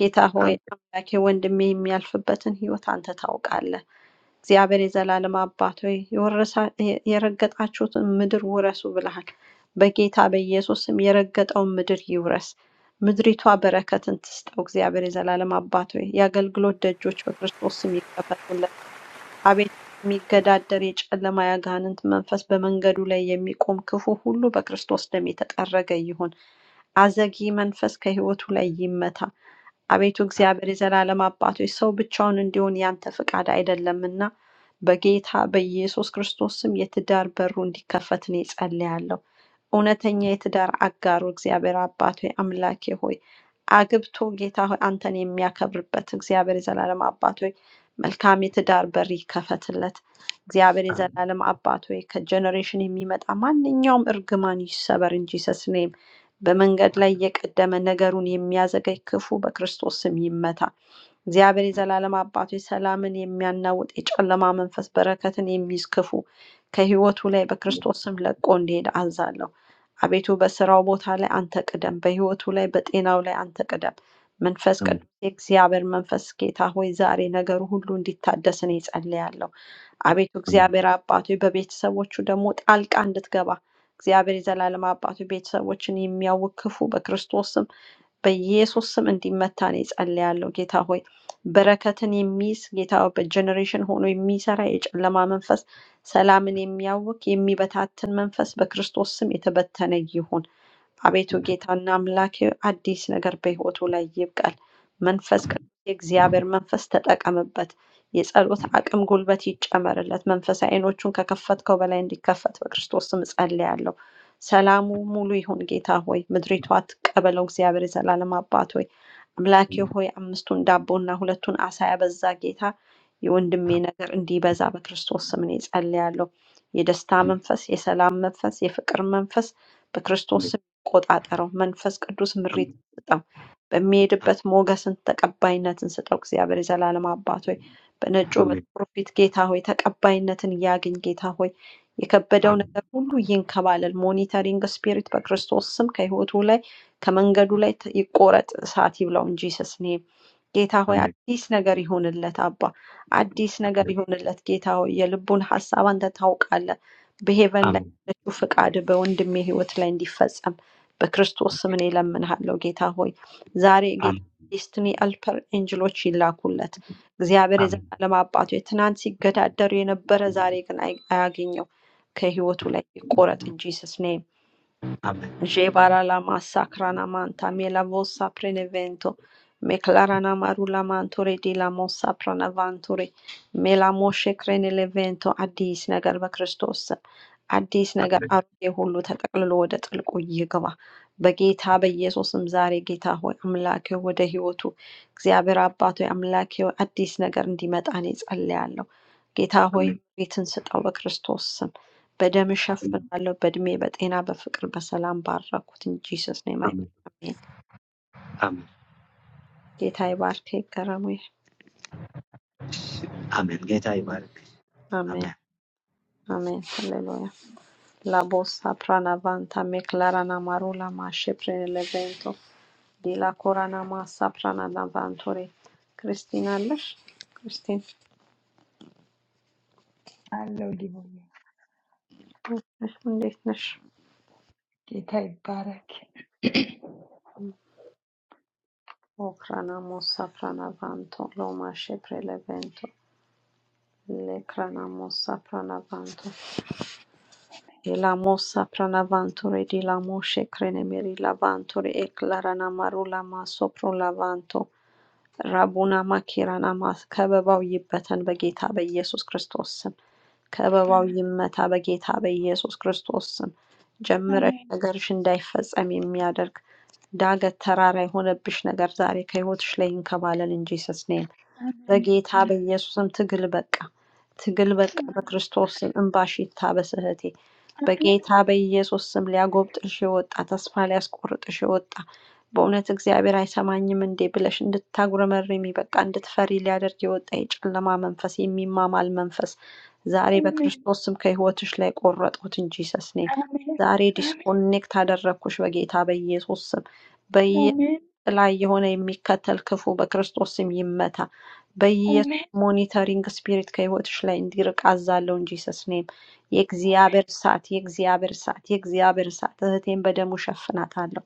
ጌታ ሆይ አሜን አምላኬ ወንድሜ የሚያልፍበትን ህይወት አንተ ታውቃለህ። እግዚአብሔር የዘላለም አባት ሆይ የወረሳ- የረገጣችሁትን ምድር ውረሱ ብለሃል። በጌታ በኢየሱስ ስም የረገጠውን ምድር ይውረስ። ምድሪቷ በረከትን ትስጠው። እግዚአብሔር የዘላለም አባት ሆይ የአገልግሎት ደጆች በክርስቶስ ስም ይከፈቱለት። አቤቱ፣ የሚገዳደር የጨለማ የአጋንንት መንፈስ በመንገዱ ላይ የሚቆም ክፉ ሁሉ በክርስቶስ ደም የተጠረገ ይሁን። አዘጊ መንፈስ ከሕይወቱ ላይ ይመታ። አቤቱ እግዚአብሔር የዘላለም አባቶች ሰው ብቻውን እንዲሆን ያንተ ፈቃድ አይደለምና በጌታ በኢየሱስ ክርስቶስ ስም የትዳር በሩ እንዲከፈት እኔ ጸልያለሁ። እውነተኛ የትዳር አጋሩ እግዚአብሔር አባት ሆይ አምላኬ ሆይ አግብቶ ጌታ ሆይ አንተን የሚያከብርበት እግዚአብሔር የዘላለም አባት ሆይ መልካም የትዳር በር ይከፈትለት። እግዚአብሔር የዘላለም አባት ሆይ ከጀኔሬሽን የሚመጣ ማንኛውም እርግማን ይሰበር እንጂ ሰስኔም በመንገድ ላይ እየቀደመ ነገሩን የሚያዘገይ ክፉ በክርስቶስ ስም ይመታ። እግዚአብሔር የዘላለም አባቱ ሰላምን የሚያናውጥ የጨለማ መንፈስ በረከትን የሚይዝ ክፉ ከህይወቱ ላይ በክርስቶስ ስም ለቆ እንዲሄድ አዛለሁ። አቤቱ በስራው ቦታ ላይ አንተ ቅደም፣ በህይወቱ ላይ በጤናው ላይ አንተ ቅደም። መንፈስ አሜን ቅዱስ የእግዚአብሔር መንፈስ ጌታ ሆይ ዛሬ ነገሩ ሁሉ እንዲታደስ እኔ ጸልያለሁ። አቤቱ አሜን እግዚአብሔር አባቱ በቤተሰቦቹ ደግሞ ጣልቃ እንድትገባ እግዚአብሔር የዘላለም አባቱ ቤተሰቦችን የሚያውክ ክፉ በክርስቶስ በኢየሱስ ስም እንዲመታ እኔ ጸልያለሁ። ጌታ ሆይ በረከትን የሚይዝ ጌታ ሆይ በጀኔሬሽን ሆኖ የሚሰራ የጨለማ መንፈስ፣ ሰላምን የሚያውክ የሚበታትን መንፈስ በክርስቶስ ስም የተበተነ ይሁን። አቤቱ ጌታና አምላኬ አዲስ ነገር በህይወቱ ላይ ይብቀል። መንፈስ ቅዱስ የእግዚአብሔር መንፈስ ተጠቀምበት። የጸሎት አቅም ጉልበት ይጨመርለት። መንፈሳዊ ዓይኖቹን ከከፈትከው በላይ እንዲከፈት በክርስቶስ ስም ጸልያለሁ። ሰላሙ ሙሉ ይሁን ጌታ ሆይ፣ ምድሪቱ አትቀበለው። እግዚአብሔር የዘላለም አባት ሆይ አምላኬ ሆይ አምስቱን ዳቦና ሁለቱን አሳ ያበዛ ጌታ የወንድሜ ነገር እንዲበዛ በክርስቶስ ስም እኔ ጸልያለሁ። የደስታ መንፈስ፣ የሰላም መንፈስ፣ የፍቅር መንፈስ በክርስቶስ ስም ቆጣጠረው። መንፈስ ቅዱስ ምሪት ስጠው። በሚሄድበት ሞገስን ተቀባይነትን ስጠው። እግዚአብሔር የዘላለም አባት ሆይ በነጩ አሜን በጥቁሩ ፊት ጌታ ሆይ ተቀባይነትን ያግኝ። ጌታ ሆይ የከበደው አሜን ነገር ሁሉ ይንከባለል። ሞኒተሪንግ ስፒሪት በክርስቶስ ስም ከህይወቱ ላይ ከመንገዱ ላይ ተ- ይቆረጥ፣ እሳት ይብላው እንጂ ሰስ ኔም ጌታ ሆይ አሜን አዲስ ነገር ይሆንለት። አባ አዲስ ነገር ይሆንለት። ጌታ ሆይ የልቡን ሀሳብ አንተ ታውቃለህ። በሄቨን ላይ አሜን ያለችው ፍቃድ በወንድሜ ህይወት ላይ እንዲፈጸም በክርስቶስ ስም እኔ እለምንሃለሁ ጌታ ሆይ ዛሬ ጌታ አሜን ዴስቲኒ አልፐር ኤንጅሎች ይላኩለት። እግዚአብሔር አሜን የዘላለም አባቱ የትናንት ሲገዳደሩ የነበረ ዛሬ ግን አይ- አያገኘው ከህይወቱ ላይ ይቆረጥ እንጂ ጂሰስ ኔም አሜን አሜን Jebara la masacra namanta me la vossa prenevento. Me clarana marula mantore di la mossa pranavantore. Me la moshe crene levento አዲስ ነገር በክርስቶስ አዲስ ነገር አሮጌ ሁሉ ተጠቅልሎ ወደ ጥልቁ ይግባ። በጌታ በኢየሱስም ዛሬ ጌታ ሆይ አምላኬ ሆይ ወደ ህይወቱ እግዚአብሔር አባቶ አምላኬ ሆይ አዲስ ነገር እንዲመጣ እኔ ጸልያለሁ። ጌታ ሆይ ቤትን ስጠው በክርስቶስ ስም በደም እሸፍናለሁ፣ በእድሜ፣ በጤና፣ በፍቅር፣ በሰላም ባረኩት። ኢን ጂሰስ ኔም አይ አሜን ፕሬይ አሜን። አሜን ጌታ ይባርክ ይገረሙ። አሜን ጌታ ይባረክ። Amen. አሜን አሜን። ሃሌሉያ ላቦሳ ፕራና ቫንታ ሜክላራና ማሩላ ማሸፕሬን ለቬንቶ ዲላ ኮራና ማሳ ፕራና ቫንቶሬ ክርስቲን አለሽ? ክርስቲን አለው ሊሆን እንዴት ነሽ? ጌታ ይባረክ። ኦክራና ሞሳ ፕራና ቫንቶ ሎማሼ ፕሬለቬንቶ ሌክራና ሞሳ ፕራና ቫንቶ Elamosa pranavantore di lamoshe krenemeri lavantore eklaranamarulama ሶፕሮ ላቫንቶ ራቡናማ ኪራናማ ከበባው ይበተን በጌታ በኢየሱስ ክርስቶስ ስም። ከበባው አሜን፣ ይመታ በጌታ በኢየሱስ ክርስቶስ ስም። ጀምረሽ አሜን፣ ነገርሽ እንዳይፈጸም የሚያደርግ ዳገት ተራራ የሆነብሽ ነገር ዛሬ ከህይወትሽ ላይ ይንከባለል እንጂ ሰስኔ አሜን፣ በጌታ አሜን፣ በኢየሱስም ትግል በቃ ትግል በቃ አሜን፣ በክርስቶስ ስም እንባሽ ይታበስ እህቴ። አሜን፣ በጌታ በኢየሱስ ስም ሊያጎብጥልሽ የወጣ ተስፋ ሊያስቆርጥሽ የወጣ በእውነት እግዚአብሔር አይሰማኝም እንዴ ብለሽ እንድታጉረመርሚ በቃ እንድትፈሪ ሊያደርግ የወጣ የጨለማ መንፈስ የሚማማል መንፈስ ዛሬ አሜን። በክርስቶስ ስም ከህይወትሽ ላይ ቆረጥኩት እንጂ ሰስኔም Amén, ዛሬ amén, ዲስኮኔክት አደረግኩሽ በጌታ በኢየሱስ ስም በኢየሱስ amén, ጥላ የሆነ የሚከተል ክፉ በክርስቶስ ስም ይመታ። በኢየሱስ amén, ሞኒተሪንግ ስፒሪት ከህይወትሽ ላይ እንዲርቅ አዛለሁ እንጂ ስስኔም የእግዚአብሔር እሳት የእግዚአብሔር እሳት የእግዚአብሔር እሳት እህቴን በደሙ ሸፍናታለሁ፣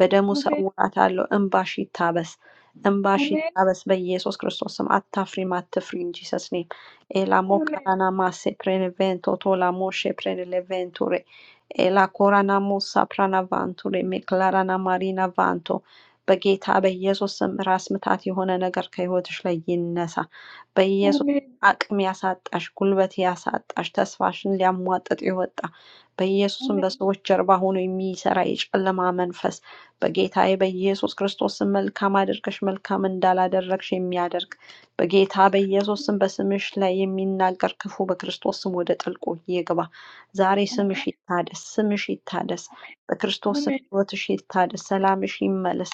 በደሙ amén, amén, ሰውራታለሁ። እንባሽ ይታበስ፣ እንባሽ amén, ይታበስ በኢየሱስ ክርስቶስ ስም። አታፍሪም፣ አትፍሪ እንጂ ሰስኔም ኤላሞ amén, ካራና ማሴ ፕሬንቬንቶ ቶላሞ ፕሬንሌቬንቱሬ ኤላ ኮራናሞ ሳፕራና ቫንቱሬ ሜክላራና ማሪና ቫንቶ በጌታ በኢየሱስ ስም ራስ ምታት የሆነ ነገር ከህይወትሽ ላይ ይነሳ። በኢየሱስ amén, አቅም ያሳጣሽ፣ ጉልበት ያሳጣሽ፣ ተስፋሽን ሊያሟጥጥ የወጣ በኢየሱስም amén, በሰዎች ጀርባ ሆኖ የሚሰራ የጨለማ መንፈስ በጌታዬ በኢየሱስ ክርስቶስ ስም መልካም አድርገሽ መልካም እንዳላደረግሽ የሚያደርግ በጌታ በኢየሱስ ስም በስምሽ ላይ የሚናገር ክፉ በክርስቶስ ስም ወደ ጥልቁ ይግባ። ዛሬ amén, ስምሽ ይታደስ፣ ስምሽ ይታደስ። በክርስቶስ ስም amén, ህይወትሽ ይታደስ፣ ሰላምሽ ይመለስ።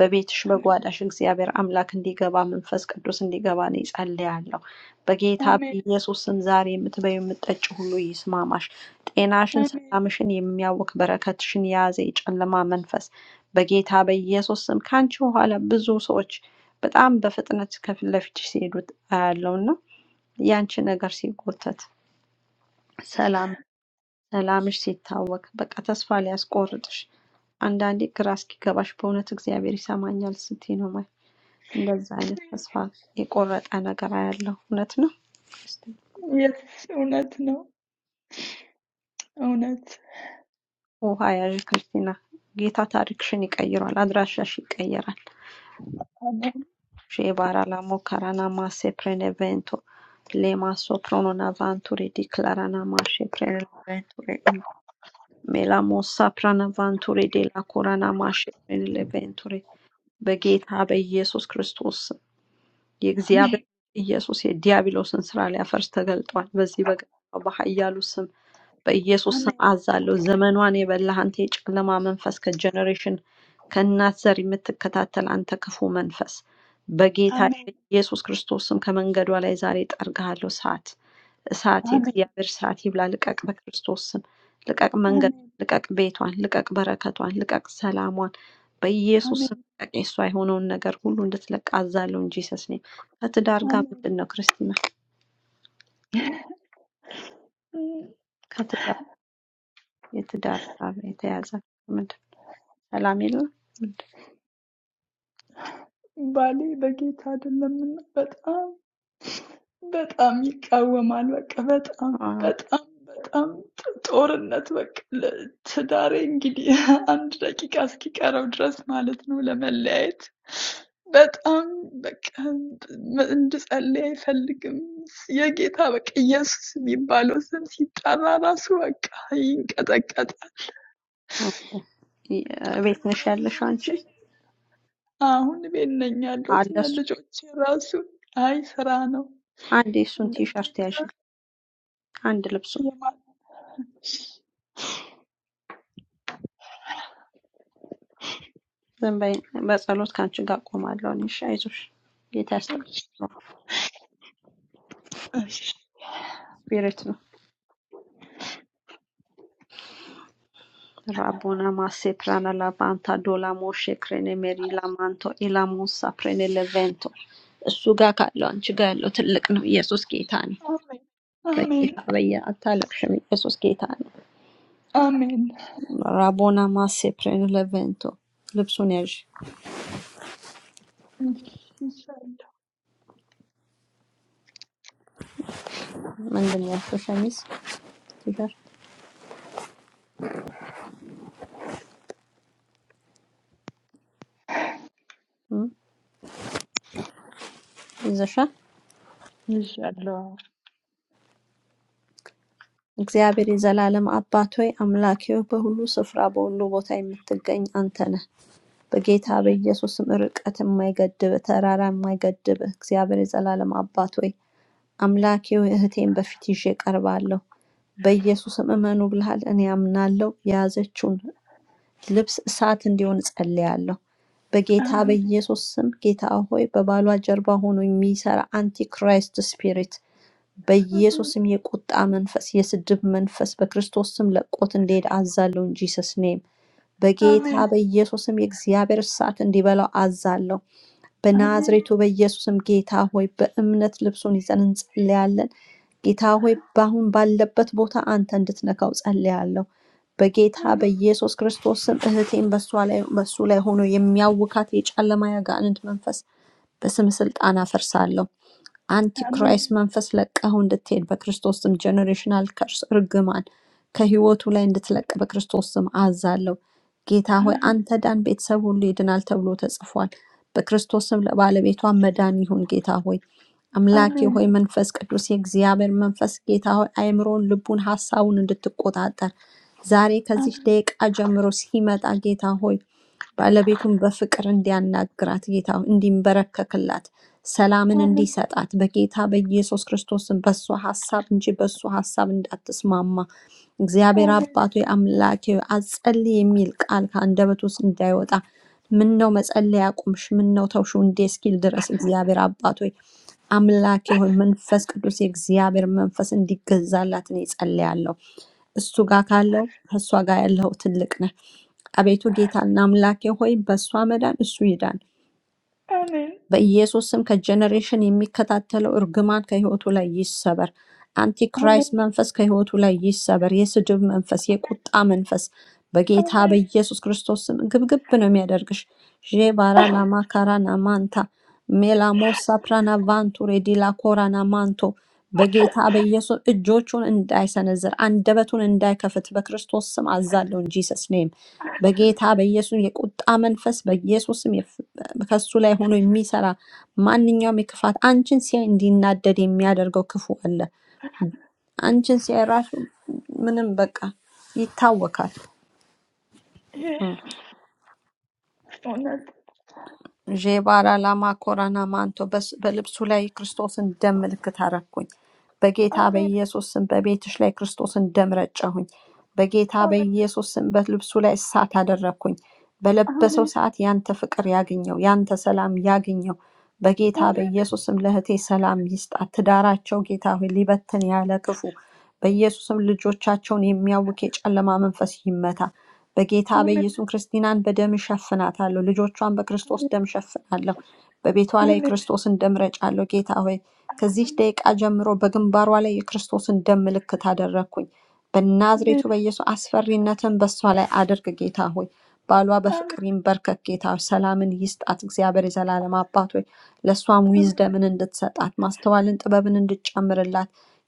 በቤትሽ amén, በጓዳሽ እግዚአብሔር አምላክ እንዲገባ መንፈስ ቅዱስ እንዲገባ እኔ ጸልያለሁ። በጌታ amén, በኢየሱስ ስም ዛሬ የምትበይው የምጠጭ ሁሉ ይስማማሽ። ጤናሽን፣ amén። ሰላምሽን የሚያውክ በረከትሽን የያዘ የጨለማ መንፈስ በጌታ በኢየሱስ ስም ከአንቺ በኋላ ብዙ ሰዎች በጣም በፍጥነት ከፊት ለፊትሽ ሲሄዱ አያለውና ያንቺ ነገር ሲጎተት ሰላም ሰላምሽ ሲታወክ በቃ ተስፋ ሊያስቆርጥሽ አንዳንዴ ግራ እስኪገባሽ በእውነት እግዚአብሔር ይሰማኛል ስትይ ነው እንደዛ አይነት ተስፋ የቆረጠ ነገር አያለሁ። እውነት ነው ክርስቲና። Yes, እውነት ነው። እውነት ውሃ ያዥ ክርስቲና። ጌታ ታሪክሽን ይቀይሯል፣ አድራሻሽ ይቀየራል። አሜን፣ ሼባራ ላሞ ከራናማ ሴፕሬኔቬንቶ ሌማሶ ፕሮኖና ቫንቱሪ ዲክላራና ማሼ ፕሬኔቬንቱሪ ሜላሞሳ ፕራናቫንቱሪ ዴላ ኮራና ማሼ ፕሬኔቬንቱሪ በጌታ በኢየሱስ ክርስቶስ አሜን፣ የእግዚአብሔር ኢየሱስ የዲያብሎስን ስራ ሊያፈርስ ተገልጧል። በዚህ በገ በኃያሉ ስም በኢየሱስ ስም አሜን፣ አዛለሁ። ዘመኗን የበላህ አንተ የጨለማ መንፈስ ከጀኔሬሽን ከእናት ዘር የምትከታተል አንተ ክፉ መንፈስ በጌታ አሜን፣ በኢየሱስ ክርስቶስ ስም ከመንገዷ ላይ ዛሬ ጠርግሃለሁ። ሰዓት እሳት፣ አሜን፣ የእግዚአብሔር ሰዓት ይብላ። ልቀቅ፣ በክርስቶስ ስም ልቀቅ፣ መንገዷን ልቀቅ፣ ቤቷን ልቀቅ፣ በረከቷን ልቀቅ፣ ሰላሟን በኢየሱስ አሜን፣ ስም ልቀቅ። የእሷ የሆነውን ነገር ሁሉ እንድትለቅ አዛለሁ እንጂ ሰስ ነኝ። ከትዳር ጋር አሜን፣ አሜን። ምንድን ነው ክርስቲና ከትዳር የትዳር ጋር የተያዘ ምንድን ነው? ሰላም የለም። ምንድነው? ባሌ በጌታ አይደለምና በጣም በጣም ይቃወማል። በቃ በጣም አዎ፣ በጣም በጣም ጦርነት በቃ ለ- ትዳሬ እንግዲህ አንድ ደቂቃ እስኪቀረው ድረስ ማለት ነው ለመለያየት በጣም በቃ እንድጸልይ አይፈልግም። የጌታ በቃ ኢየሱስ የሚባለው ስም ሲጠራ ራሱ በቃ ይንቀጠቀጣል። እቤት እና ነሽ ያለሽው ልጆቼ አንቺ? አሁን ቤት ነኝ ያለሁት አለ እና እሱ። ልጆቼ ራሱ አይ ስራ ነው አንዴ እሱን እንደ ቲሸርት ጌታ ያዥልኝ፣ አንድ ልብሱን። የማ ዝም በይ፣ በጸሎት ከአንቺ ጋር እቆማለሁ እኔ። እሺ፣ አይዞሽ፣ ጌታ ያስተካክለዋል። እሺ ስፒሪት ነው። ራቦና ማሴ ፕራና ላባንታ ዶላ ሞሼ ክሬኔ ሜሪ ላማንቶ ኢላሞሳ ፕሬኔ ሌቬንቶ እሱ ጋር ካለው አንቺ ጋር ያለው ትልቅ ነው። ኢየሱስ ጌታ ነው። Amen. በጌታ በየ አታለቅሽም። ኢየሱስ ጌታ ነው። Amen. ራቦና ማሴ ፕሬኔ ሌቬንቶ ልብሱን ያዥ Amen. Inshallah. ምንድን ነው ያልከው? ሸሚዝ ቲሸርት እም፣ ይዘሻል። Yes. Lord. እግዚአብሔር የዘላለም አባት ሆይ አምላኬ ሆይ በሁሉ ስፍራ በሁሉ ቦታ የምትገኝ አንተ ነህ። በጌታ Yes. በኢየሱስም ርቀት የማይገድብ ተራራ የማይገድብ እግዚአብሔር የዘላለም አባት ሆይ አምላኬ ሆይ እህቴን በፊት ይዤ ቀርባለሁ። በኢየሱስም እመኑ ብልሃል፣ እኔ አምናለሁ። የያዘችውን ልብስ እሳት እንዲሆን ጸልያለሁ። በጌታ Amen. በኢየሱስ ስም ጌታ ሆይ በባሏ ጀርባ ሆኖ የሚሰራ አንቲክራይስት ስፒሪት በኢየሱስ Amen. ስም የቁጣ መንፈስ፣ የስድብ መንፈስ በክርስቶስ ስም ለቆት እንዲሄድ አዛለሁ። ጂሰስ ኔም በጌታ Amen. በኢየሱስ ስም የእግዚአብሔር እሳት እንዲበላው አዛለሁ። Amen. በናዝሬቱ በኢየሱስ ስም ጌታ ሆይ በእምነት ልብሱን ይዘን እንጸልያለን። ጌታ ሆይ በአሁን ባለበት ቦታ አንተ እንድትነካው ጸልያለሁ። በጌታ Amen. በኢየሱስ ክርስቶስ ስም እህቴን በሷ ላይ በሱ ላይ ሆኖ የሚያውካት የጨለማ ያጋንንት መንፈስ በስም ስልጣን አፈርሳለሁ። Amen. አንቲክራይስት መንፈስ ለቀው እንድትሄድ በክርስቶስ ስም ጀኔሬሽናል ከርስ እርግማን ከህይወቱ ላይ እንድትለቅ በክርስቶስ ስም አዛለሁ። ጌታ ሆይ አንተ ዳን፣ ቤተሰብ ሁሉ ይድናል ተብሎ ተጽፏል። በክርስቶስ ስም ለባለቤቷ መዳን ይሁን። ጌታ ሆይ አምላኬ Amen. ሆይ መንፈስ ቅዱስ የእግዚአብሔር መንፈስ ጌታ ሆይ አእምሮን፣ ልቡን፣ ሀሳቡን እንድትቆጣጠር ዛሬ ከዚህ Amen. ደቂቃ ጀምሮ ሲመጣ ጌታ ሆይ ባለቤቱን በፍቅር እንዲያናግራት ጌታ ሆይ፣ እንዲንበረከክላት ሰላምን Amen. እንዲሰጣት በጌታ በኢየሱስ ክርስቶስን በእሱ ሀሳብ እንጂ በእሱ ሀሳብ እንዳትስማማ እግዚአብሔር Amen. አባቶ አምላኬ ሆይ፣ አትጸልይ የሚል ቃል ከአንደበት ውስጥ እንዳይወጣ ምን ነው መጸለይ አቁምሽ፣ ምን ነው ተውሽ እንዴ እስኪል ድረስ እግዚአብሔር አባቶ ሆይ፣ አምላኬ ሆይ መንፈስ ቅዱስ የእግዚአብሔር መንፈስ እንዲገዛላት እኔ ጸልያለሁ። እሱ ጋር ካለው ከእሷ ጋር ያለው ትልቅ ነህ። አቤቱ ጌታና አምላኬ ሆይ በእሷ መዳን እሱ ይዳን። Amen. Amen. Amen. በኢየሱስ ስም ከጀኔሬሽን የሚከታተለው እርግማን ከህይወቱ ላይ ይሰበር። አንቲክራይስት Amen. መንፈስ ከህይወቱ ላይ ይሰበር። የስድብ መንፈስ፣ የቁጣ መንፈስ በጌታ Amen. በኢየሱስ ክርስቶስ ስም ግብግብ ነው የሚያደርግሽ። ዤባራ ላማካራ ናማንታ ሜላሞ ሳፕራና ቫንቱሬ ዲላ ኮራ ናማንቶ በጌታ በኢየሱስ እጆቹን እንዳይሰነዝር አንደበቱን እንዳይከፍት በክርስቶስ ስም አዛለውን ጂሰስ ኔም በጌታ በኢየሱስ የቁጣ መንፈስ በኢየሱስ ስም ከሱ ላይ ሆኖ የሚሰራ ማንኛውም የክፋት አንቺን ሲያይ እንዲናደድ የሚያደርገው ክፉ አለ። አንቺን ሲያይ ራሱ ምንም በቃ ይታወካል። Yes. Honor. ዤባራ ላማ ኮራና ማንቶ በስ- በልብሱ ላይ ክርስቶስን ደም ምልክት አረኩኝ። በጌታ Amen. በኢየሱስ ስም በቤትሽ ላይ ክርስቶስን ደም ረጨሁኝ። በጌታ Amen. በኢየሱስ ስም በልብሱ ላይ እሳት አደረኩኝ። በለበሰው Amen. ሰዓት ያንተ ፍቅር ያግኘው፣ ያንተ ሰላም ያግኘው። በጌታ Amen. በኢየሱስ ስም ለእህቴ ሰላም ይስጣት። ትዳራቸው ጌታ ሆይ ሊበትን ያለ ክፉ በኢየሱስም ልጆቻቸውን የሚያውክ የጨለማ መንፈስ ይመታ። በጌታ Amen. በኢየሱስ ክርስቲናን በደም እሸፍናታለሁ። ልጆቿን በክርስቶስ Amen. ደም እሸፍናለሁ። በቤቷ ላይ Amen. የክርስቶስን ደም ረጫለሁ። ጌታ ሆይ ከዚህ Amen. ደቂቃ ጀምሮ በግንባሯ ላይ የክርስቶስን ደም ምልክት አደረግኩኝ። በናዝሬቱ Amen. በኢየሱስ አስፈሪነትን በሷ ላይ አድርግ ጌታ ሆይ። ባሏ Amen. በፍቅር ይንበርከክ ጌታ ሆይ። ሰላምን ይስጣት እግዚአብሔር የዘላለም አባት ሆይ ለእሷም Amen. ዊዝደምን እንድትሰጣት ማስተዋልን ጥበብን እንድትጨምርላት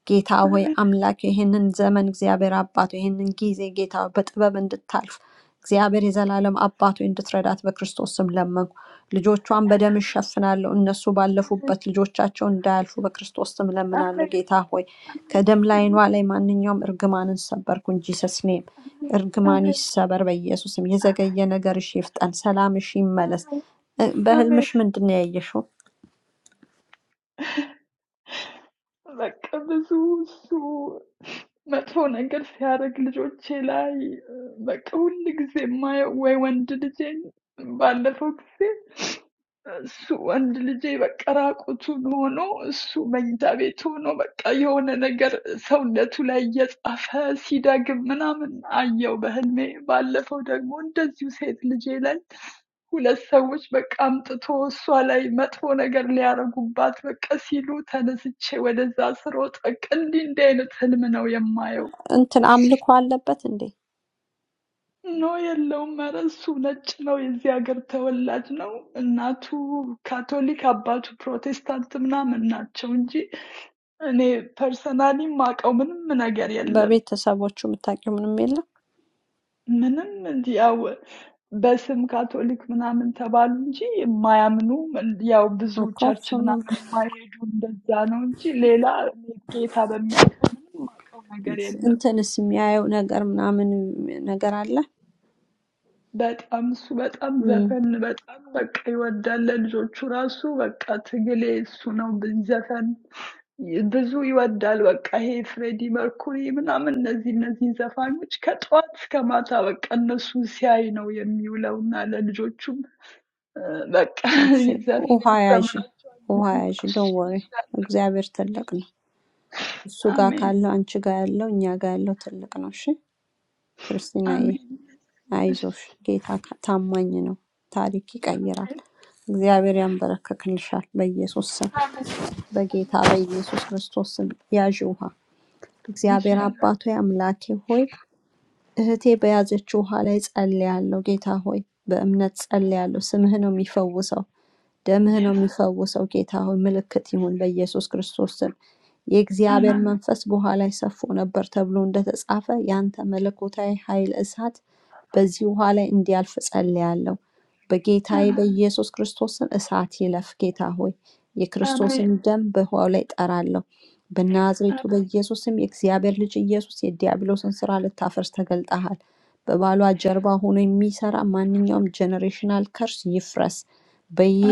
ጌታ ሆይ Amen. Amen. አምላክ ይህንን ዘመን እግዚአብሔር አባት ሆይ ይህንን ጊዜ ጌታ ሆይ በጥበብ እንድታልፍ እግዚአብሔር የዘላለም አባት ሆይ እንድትረዳት በክርስቶስ ስም ለመንኩ። ልጆቿን በደም እሸፍናለሁ። እነሱ ባለፉበት ልጆቻቸው እንዳያልፉ በክርስቶስ ስም ለምናለሁ። Amen. ጌታ ሆይ Amen. ከደም ላይኗ Amen. ላይ ማንኛውም እርግማንን ሰበርኩ እንጂ ሰስኔም እርግማን አሜን፣ ይሰበር በኢየሱስም። የዘገየ ነገርሽ ይፍጠን፣ ሰላምሽ ይመለስ። አሜን፣ እ- በህልምሽ አሜን። ምንድን ነው ያየሽው? በቃ ብዙ እሱ መጥፎ ነገር ሲያደርግ ልጆቼ ላይ በቃ ሁል ጊዜ የማየው ወይ ወንድ ልጄን ባለፈው ጊዜ እሱ ወንድ ልጄ በቃ ራቁቱን ሆኖ እሱ መኝታ ቤት ሆኖ በቃ የሆነ ነገር ሰውነቱ ላይ እየጻፈ ሲደግም ምናምን አየው በህልሜ። ባለፈው ደግሞ እንደዚሁ ሴት ልጄ ላይ 2 ሰዎች በቃ አምጥቶ እሷ ላይ መጥፎ ነገር ሊያደርጉባት በቃ ሲሉ ተነስቼ ወደዛ ስሮጥ በቃ እንዲህ እንዲህ አይነት ህልም ነው የማየው። እንትን አምልኮ አለበት እንዴ? ኖ የለውም፣ ኧረ እሱ ነጭ ነው፣ የዚህ ሀገር ተወላጅ ነው። እናቱ ካቶሊክ፣ አባቱ ፕሮቴስታንት ምናምን ናቸው እንጂ እኔ ፐርሰናሊ ማውቀው ምንም ነገር የለም። በቤተሰቦቹ የምታውቂው ምንም የለም? ምንም እንዲ ያው በስም ካቶሊክ ምናምን ተባሉ እንጂ የማያምኑ እንዲ ያው ብዙ ኦፍኮርስ ቸርች ሁሉም ምናምን የማይሄዱ እንደዛ ነው እንጂ ሌላ እኔ ጌታ በሚያውቀው ምንም የማውቀው ነገር የለም። እንትንስ የሚያየው ነገር ምናምን ነገር አለ። በጣም እሱ በጣም እም፣ ዘፈን በጣም በቃ ይወዳል። ለልጆቹ ራሱ በቃ ትግሌ እሱ ነው። ብ- ዘፈን ብዙ ይወዳል። በቃ ይሄ ፍሬዲ መርኩሪ ምናምን እነዚህ እነዚህ ዘፋኞች ከጠዋት እስከ ማታ በቃ እነሱ ሲያይ ነው የሚውለውና ለልጆቹም በቃ እሺ ዘፈን ውሃ ያዥ፣ ያስተምራቸዋል ውሃ ምንም ያዥ። እሺ ዶንት ወሪ ይላል። እግዚአብሔር ትልቅ ነው። እሱ ጋር አሜን ካለው አንቺ ጋር ያለው እኛ ጋር ያለው ትልቅ ነው። እሺ ክርስቲናዬ፣ አሜን እሺ አይዞሽ። ጌታ ካ- ታማኝ ነው። ታሪክ ይቀይራል። አሜን እግዚአብሔር ያንበረክክልሻል በኢየሱስ ስም፣ አሜን በጌታ አሜን በኢየሱስ ክርስቶስ ስም ያዥ ውሃ። እግዚአብሔር ይሻል አባቶ አምላኬ ሆይ እህቴ በያዘችው ውኃ ላይ ጸልያለሁ። ጌታ ሆይ በእምነት ጸልያለሁ። ስምህ ነው የሚፈውሰው፣ ደምህ ነው yes የሚፈውሰው። ጌታ ሆይ ምልክት ይሁን በኢየሱስ ክርስቶስ ስም። የእግዚአብሔር አሜን መንፈስ በውኃ ላይ ሰፎ ነበር ተብሎ እንደተጻፈ ያንተ መለኮታዊ ኃይል እሳት በዚህ ውሃ ላይ እንዲያልፍ ጸልያለሁ። በጌታዬ አሜን በኢየሱስ ክርስቶስ ስም እሳት ይለፍ። ጌታ ሆይ አሜን የክርስቶስን ደም በውሃው ላይ ጠራለሁ። በናዝሬቱ አሜን በኢየሱስ ስም የእግዚአብሔር ልጅ ኢየሱስ የዲያብሎስን ስራ ልታፈርስ ተገልጠሃል። በባሏ ጀርባ ሆኖ የሚሰራ ማንኛውም ጀኔሬሽናል ከርስ ይፍረስ።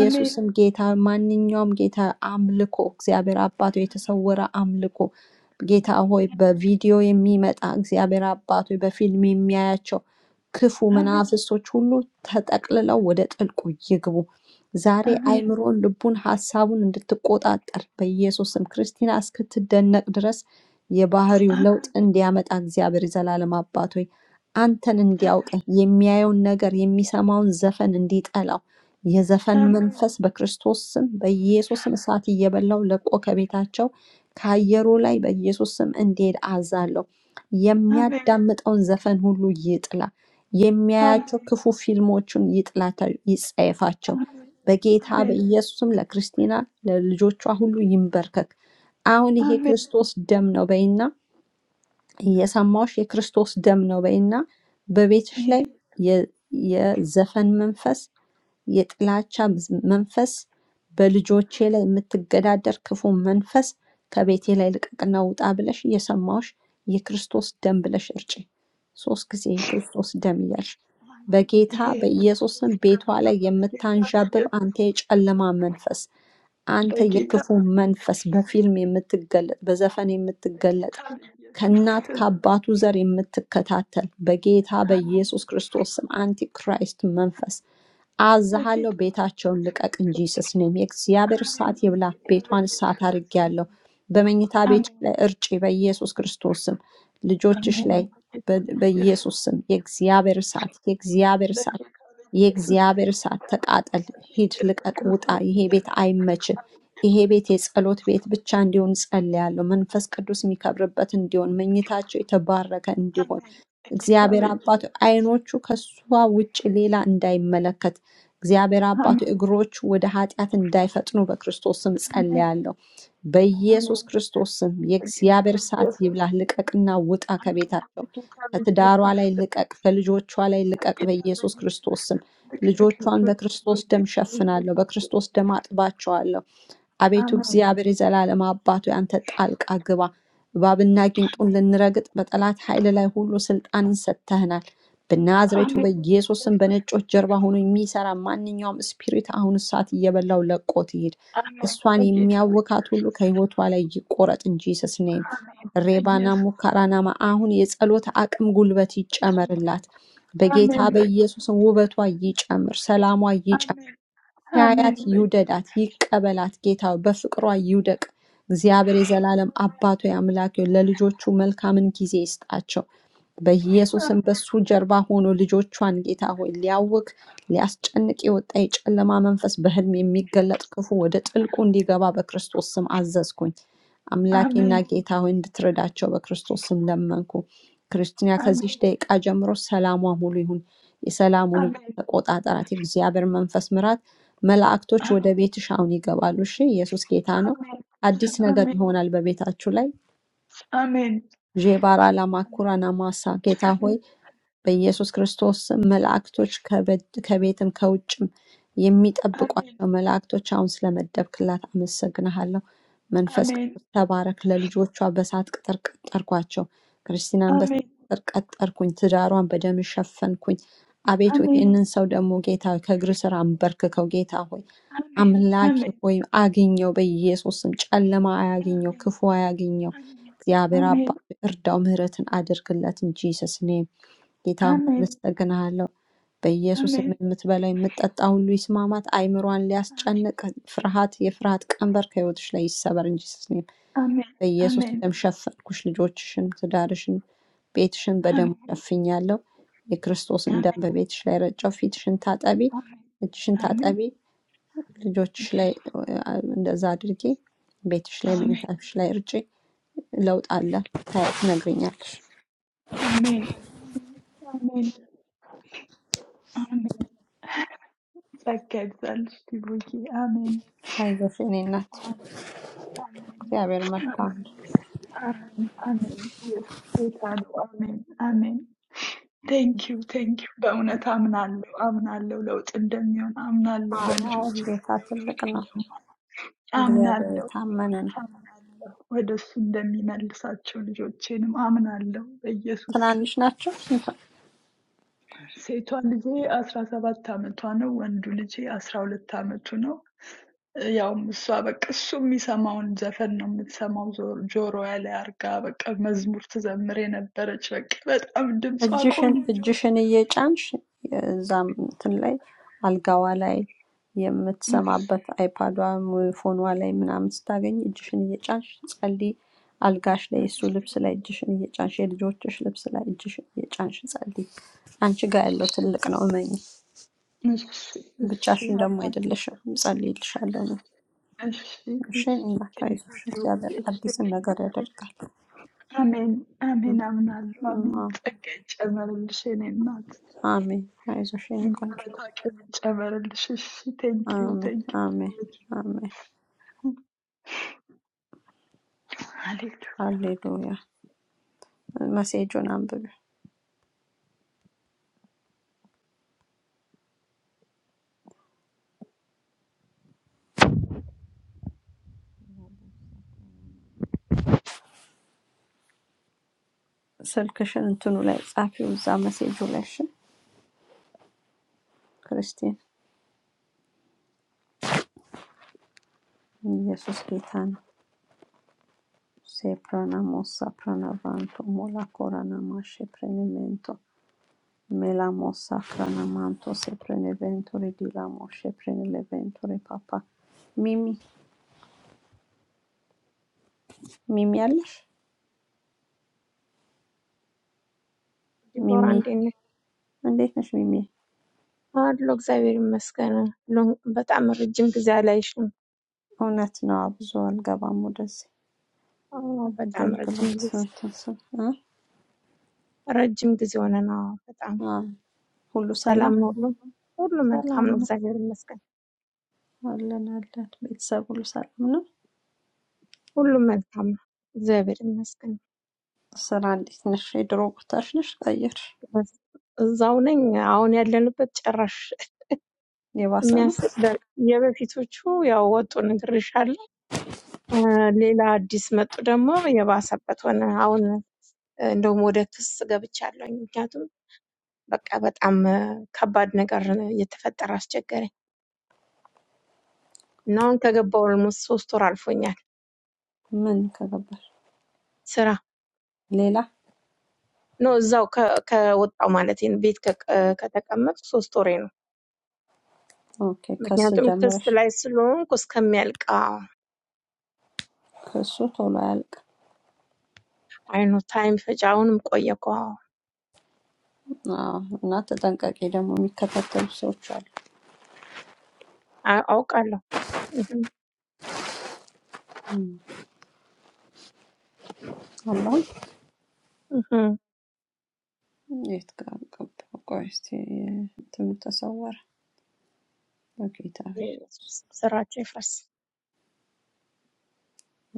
አሜን ጌታ ማንኛውም ጌታ አምልኮ እግዚአብሔር አባቶ የተሰወረ አምልኮ ጌታ ሆይ በቪዲዮ የሚመጣ እግዚአብሔር አባቶ በፊልም የሚያያቸው ክፉ አሜን አሜን መናፍስቶች ሁሉ ተጠቅልለው ወደ ጥልቁ ይግቡ። ዛሬ አሜን አይምሮን፣ ልቡን፣ ሀሳቡን እንድትቆጣጠር በኢየሱስም ክርስቲና እስክትደነቅ ድረስ የባህሪው ለውጥ አሜን እንዲያመጣ እግዚአብሔር የዘላለም አባት ሆይ አንተን እንዲያውቅህ የሚያየውን ነገር የሚሰማውን ዘፈን እንዲጠላው የዘፈን አሜን መንፈስ በክርስቶስ ስም በኢየሱስም እሳት እየበላው ለቆ ከቤታቸው ከአየሩ ላይ በኢየሱስ ስም እንዲሄድ አዛለሁ። አሜን የሚያዳምጠውን ዘፈን ሁሉ ይጥላ። አሜን የሚያያቸው ክፉ ፊልሞቹን ይጥላቸው፣ ይጸየፋቸው። አሜን በጌታ አሜን አሜን በኢየሱስም ለክርስቲና ለልጆቿ ሁሉ ይንበርከክ። አሁን ይሄ አሜን ክርስቶስ ደም ነው በይና፣ እየሰማሁሽ የክርስቶስ ደም ነው በይና፣ በቤትሽ ይሄ ላይ የ- የዘፈን መንፈስ የጥላቻ መንፈስ በልጆቼ ላይ የምትገዳደር ክፉ መንፈስ ከቤቴ ላይ ልቀቅና ውጣ ብለሽ እየሰማሁሽ የክርስቶስ ደም ብለሽ እርጪ። ሶስት ጊዜ የክርስቶስ ደም እያልሽ አሜን በጌታ ይሄ ክርስቶስ በኢየሱስም ቤቷ ደግሞ ላይ ጌታ የምታንዣብብ በኢየሱስ አንተ ክርስቶስ የጨለማ መንፈስ፣ አንተ Dakika የክፉ da መንፈስ kesilsin. በፊልም የምትገለጥ በዘፈን የምትገለጥ Dakika da ከእናት kesilsin. ከአባቱ ዘር የምትከታተል በጌታ Amin. በኢየሱስ ክርስቶስ ስም አንቲክራይስት መንፈስ አዝሃለሁ Dakika da ቤታቸውን kesilsin. ልቀቅ እንጂ ኢየሱስ ኔም የእግዚአብሔር እሳት Amin. ይብላት። Dakika da ቤቷን እሳት kesilsin. አድርጌያለሁ። በመኝታ ቤት Amin. ላይ እርጪ በኢየሱስ ክርስቶስ ስም ልጆችሽ Amin. ላይ Dakika በ- da kesilsin. በኢየሱስ ስም የእግዚአብሔር እሳት፣ የእግዚአብሔር እሳት Dakika da የእግዚአብሔር kesilsin. እሳት ተቃጠል፣ ሂድ፣ Jesus ልቀቅ፣ ውጣ፣ Christus, ይሄ ቤት demin o አይመችህ፣ dakika da kesilsin. ይሄ ቤት የጸሎት ቤት ብቻ እንዲሆን ጸልያለሁ። መንፈስ ቅዱስ የሚከብርበት እንዲሆን፣ መኝታቸው የተባረከ እንዲሆን Amin. Dakika da እግዚአብሔር አባቱ kesilsin. አይኖቹ ከሷ ውጭ ሌላ እንዳይመለከት እግዚአብሔር አባቱ Amen. እግሮቹ ወደ ኃጢአት እንዳይፈጥኑ በክርስቶስ ስም Amin. ጸልያለሁ። በኢየሱስ Amin. ክርስቶስ ስም Dakika da የእግዚአብሔር እሳት ይብላህ፣ kesilsin. ልቀቅና ውጣ Amin. ከቤታቸው Dakika da ከትዳሯ ላይ ልቀቅ፣ ከልጆቿ ላይ ልቀቅ Nakitaba በኢየሱስ Jesus. ክርስቶስ ስም Nakitaba ልጆቿን Jesus. በክርስቶስ ደም Nakitaba ሸፍናለሁ፣ Jesus. በክርስቶስ ደም አጥባቸዋለሁ። አቤቱ Amen. እግዚአብሔር የዘላለም Jesus. አባቱ ያንተ ጣልቃ ግባ። እባብና ጊንጡን Amen. ልንረግጥ በጠላት ኃይል ላይ ሁሉ ስልጣንን ሰጥተህናል። በናዝሬቱ Amen. በኢየሱስም Jesus. በነጮች ጀርባ ሆኖ የሚሰራ ማንኛውም ስፒሪት አሁን እሳት እየበላው ለቆት ይሄድ። Amen. እሷን Nakitaba የሚያወካት ሁሉ Jesus. ከህይወቷ ላይ ይቆረጥ እንጂ ስስኔም Amen. ሬባና Jesus. ሙካራናማ አሁን የጸሎት አቅም ጉልበት Amen. ይጨመርላት። በጌታ Amen. Jesus. በኢየሱስም ውበቷ ይጨምር፣ ሰላሟ ይጨምር። Amen. ያያት Amen. Jesus. ይውደዳት ይቀበላት ጌታው በፍቅሯ ይውደቅ። እግዚአብሔር የዘላለም አባቶ አምላክ ሆይ ለልጆቹ መልካምን ጊዜ ይስጣቸው። Amen. በኢየሱስም በሱ ጀርባ ሆኖ ልጆቿን ጌታ ሆይ ሊያውክ ሊያስጨንቅ የወጣ የጨለማ መንፈስ በህልም የሚገለጥ ክፉ ወደ ጥልቁ እንዲገባ በክርስቶስ ስም አዘዝኩኝ። አምላኬና Amen. ጌታ ሆይ እንድትረዳቸው በክርስቶስ ስም ለመንኩ። ክርስቲና Amen. Amen. ከዚች ደቂቃ ጀምሮ ሰላሟ ሙሉ ይሁን። የሰላሙ ንጉሥ Amen. ተቆጣጠራት። የእግዚአብሔር መንፈስ ምራት መላእክቶች ወደ ቤትሽ አሁን ይገባሉ። እሺ፣ ኢየሱስ ጌታ ነው። Amen. አዲስ ነገር Amen. ይሆናል በቤታችሁ ላይ Amen. Amen. ዤባራ ላማኩራና ማሳ ጌታ ሆይ በኢየሱስ ክርስቶስም መላእክቶች ከበድ- ከቤትም ከውጭም Amen. Amen. የሚጠብቋቸው መላእክቶች አሁን ስለመደብክላት አመሰግንሃለሁ። መንፈስ Amen. ቅዱስ ተባረክ። ለልጆቿ በሳት ቅጥር ቀጠርኳቸው። ክርስቲናን በሳት Amen. ቅጥር ቀጠርኩኝ። ትዳሯን በደም ሸፈንኩኝ። አቤቱ Amen. ይህንን ሰው ደግሞ ጌታ ሆይ ከእግር ስር አንበርክከው። ጌታ ሆይ Amen. አምላኬ Amen. ሆይ አግኘው፣ በኢየሱስም ጨለማ አያግኘው፣ Amen. ክፉ አያግኘው። እግዚአብሔር Amen. አባት እርዳው፣ ምህረትን አድርግለት እንጂ ሰስኔ ጌታ ሆይ Amen. አመሰግንሃለሁ። በኢየሱስ ስም Amen. Amen. የምትበላ የምትጠጣ ሁሉ ይስማማት። አይምሯን ሊያስጨንቅ ፍርሃት፣ የፍርሃት ቀንበር ከህይወትሽ ላይ ይሰበር እንጂ ስስኔም Amen. በኢየሱስ Amen. ደም ሸፈንኩሽ። ልጆችሽን፣ ትዳርሽን፣ ቤትሽን በደሙ ሸፍኛለሁ። የክርስቶስን ደም Amen. Amen. በቤትሽ ላይ ረጨው። ፊትሽን ታጠቢ፣ እጅሽን Amen. ታጠቢ። ልጆችሽ ላይ አ- እንደዛ አድርጊ። ቤትሽ ላይ መኝታሽ ላይ እርጪ። ለውጥ አለ። ታይ- ትነግሪኛለሽ። Amen. Amen. Amen. Vergessen, Stibuki. Amen. አይዞሽ የእኔ እናት፣ Amen. Amen. እግዚአብሔር መልካም ነው። Amen. Yes. Amen. Amen. Yes, es geht an. Amen. Amen. ቴንክ ዩ ቴንክ ዩ። በእውነት አምናለሁ አምናለሁ ለውጥ እንደሚሆን አምናለሁ። አዎ፣ በልጆች ላይ ጌታ ለውጥ ትልቅ ነው። እንደማይ እግዚአብሔር አምናለሁ። የታመነ በእውነት ነው። አምናለሁ። ወደ እሱ እንደሚመልሳቸው ልጆቼንም አምናለሁ በኢየሱስ ስም። ትናንሽ ናቸው። ሴቷ ልጄ አስራ ሰባት አመቷ ነው። ወንዱ ልጄ አስራ ሁለት አመቱ ነው። ያው እሷ በቃ እሱ የሚሰማውን ዘፈን ነው የምትሰማው። ዞ- ጆሮዋ ላይ አርጋ በቃ መዝሙር ትዘምር የነበረች በቃ በጣም ድምጿ እጅሽን ቆንጆ እጅሽን እየጫንሽ እዛም እንትን ላይ አልጋዋ ላይ የምትሰማበት አይፓዷ ወይ ፎኗ ላይ ምናምን ስታገኝ እጅሽን እየጫንሽ ጸልይ። አልጋሽ ላይ እሱ ልብስ ላይ እጅሽን እየጫንሽ የልጆችሽ ልብስ ላይ እጅሽን እየጫንሽ ጸልይ። አንቺ ጋር ያለው ትልቅ ነው፣ እመኝ። Merci, merci, ብቻሽን ደግሞ Amanda. አይደለሽም። ጸልይልሻለሁ Merci, እኔ። merci, እሺ፣ merci. Thank እንዳታይዞሽ። you, እግዚአብሔር Dios. አዲስን Senin ነገር adı. ያደርጋል። Amin, amin, Amanda. አዎ፣ Amin. Çeke çemeril senin adı. አሜን። አይዞሽ የኔ ቆንጆ። Gurbet hakkını çemeril şişi. Thank you, አሜን፣ thank you, አሜን፣ Dios. አሜን። Hallelujah. ሃሌሉያ። መሴጁን አንብቢ። ስልክሽን እንትኑ ላይ ጻፊው፣ እዛ መሴጁ ላይ እሺ። ክርስቲን ኢየሱስ ጌታ ነው። ሴፕሮና ሞሳ ፕሮና ቫንቶ ሞላ ኮራና ማሼ ፕሬኒሜንቶ ሜላ ሞሳ ክራና ማንቶ ሴፕሬኔ ቬንቶሪ ዲላ ሞሼ ፕሬኔ ቬንቶሪ ፓፓ ሚሚ ሚሚ አለሽ? ዲቦራ ሚሚ እንዴት ነሽ? እንዴት ነሽ? ሚሚ አለሁ እግዚአብሔር ይመስገን። ሎን- በጣም ረጅም ጊዜ አላይሽም። እውነት ነው። ብዙ አልገባም ወደዚህ አዎ፣ በጣም ረጅም አገልግሎት ጊዜ ስንት- እ? ረጅም ጊዜ ሆነን። አዎ፣ በጣም አዎ፣ ሁሉ ሰላም ሰላም ነው። ሁሉም ሁሉ መልካም ሰላም ነው። ነው እግዚአብሔር ይመስገን። አለን አለን። ቤተሰብ ሁሉ ሰላም ነው። ሁሉም መልካም ነው። እግዚአብሔር ይመስገን። ስራ እንዴት ነሽ? የድሮ ቦታሽ ነሽ? ቀየርሽ? በስ- እዛው ነኝ። አሁን ያለንበት ጭራሽ የባሰ ነው? የሚያስቅ ደ- የበፊቶቹ ያው ወጡ ነግሬሻለሁ። እ፣ ሌላ አዲስ መጡ ደግሞ የባሰበት ሆነ። አሁን እንደውም ወደ ክስ ገብቻለሁ። ምክንያቱም በቃ በጣም ከባድ ነገር እየተፈጠረ አስቸገረኝ እና አሁን ከገባሁ ኦልሞስት ሶስት ወር አልፎኛል። ምን ከገባሽ ስራ ሌላ? ኖ እዛው ከ- ከወጣሁ ማለት ነው። ቤት ከቀ- ከተቀመጥኩ ሶስት ወሬ ነው። ኦኬ፣ ከስ ምክንያቱም ክስ ጀምረሽ ላይ ስለሆንኩ እስከሚያልቅ አዎ፣ ከሱ ቶሎ አያልቅም። አይኑ ታይም ፈጅ አሁንም ቆየ እኮ አዎ፣ አዎ፣ እና ተጠንቀቂ። ደግሞ የሚከታተሉ ሰዎች አሉ። አ- አውቃለሁ። እህም፣ እም፣ አለሁኝ። እህም። የት ጋር ገባሁ? ቆይ እስኪ እንትኑ ተሰወረ። በጌታ ቤት ኢየሱስ፣ ስራቸው ይፍረስ።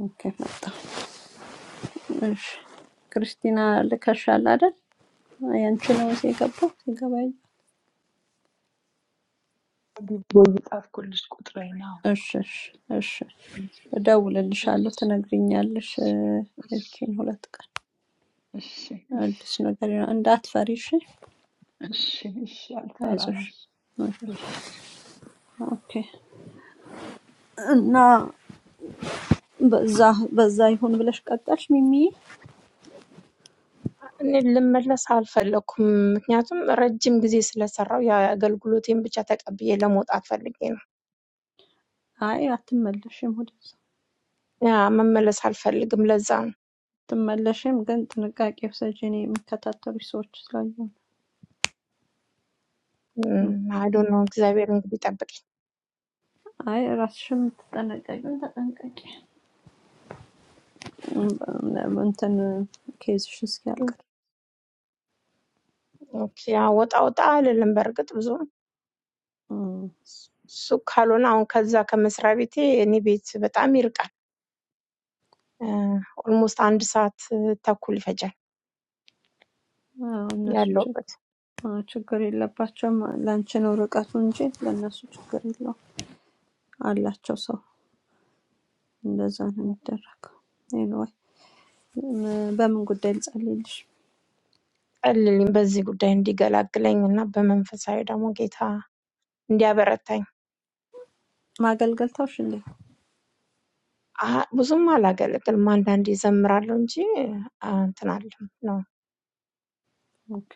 ኦኬ፣ መጣሁ። እሺ፣ ክርስቲና ልከሻል አይደል? ያንቺ ነው እዚህ የገባው ሲገባ ያየሁ። Boyu af kullis kutrayın av. እሺ እሺ እሺ Thank you. እደውልልሻለሁ፣ ትነግሪኛለሽ። እ፣ ይቺን ሁለት ቀን Ish, ish, አዲስ ish, ነገር ይኖ- እንዳትፈሪ እሺ፣ ish, ish, ish, አይዞሽ። alfaramız. Ish. ኦኬ። እና በዛ በዛ ይሁን ብለሽ ቀጠልሽ ሚሚዬ? እኔ ልመለስ አልፈለኩም። ምክንያቱም ረጅም ጊዜ ስለሰራው የአገልግሎቴን ብቻ ተቀብዬ ለመውጣት ፈልጌ ነው። አይ አትመለሽም፣ ወደዛ ያ መመለስ አልፈልግም። ለዛ ነው። አትመለሽም፣ ግን ጥንቃቄ ውሰጂ። እኔ የሚከታተሉሽ ሰዎች ስላሉ ነው። እም፣ አይዶ ነው። እግዚአብሔር እንግዲህ ይጠብቀኝ። አይ ራስሽም የምትጠነቀቂው ተጠንቀቂ። እም፣ እንትን ኬዝሽ እስኪያልቅ ኦኬ፣ ያው ወጣ ወጣ አልልም። በእርግጥ ብዙ እሱ ካልሆነ አሁን ከዛ ከመስሪያ ቤቴ እኔ ቤት በጣም ይርቃል። ኦልሞስት አንድ ሰዓት ተኩል ይፈጃል አዎ፣ እነሱ ችግ- ያለውበት። አዎ፣ ችግር የለባቸውም። ለአንቺ ነው ርቀቱ እንጂ ለእነሱ ችግር የለውም። አላቸው ሰው እንደዛ ነው የሚደረገው። ኤኒዌይ ም- በምን ጉዳይ ልጸልይልሽ? ጸልልኝ በዚህ ጉዳይ እንዲገላግለኝ እና በመንፈሳዊ ደግሞ ጌታ እንዲያበረታኝ። ማገልገል ተውሽ እንዴ? አ- ብዙም አላገለግልም። አንዳንዴ እዘምራለሁ እንጂ አ፣ እንትን አለም ነው ኦኬ፣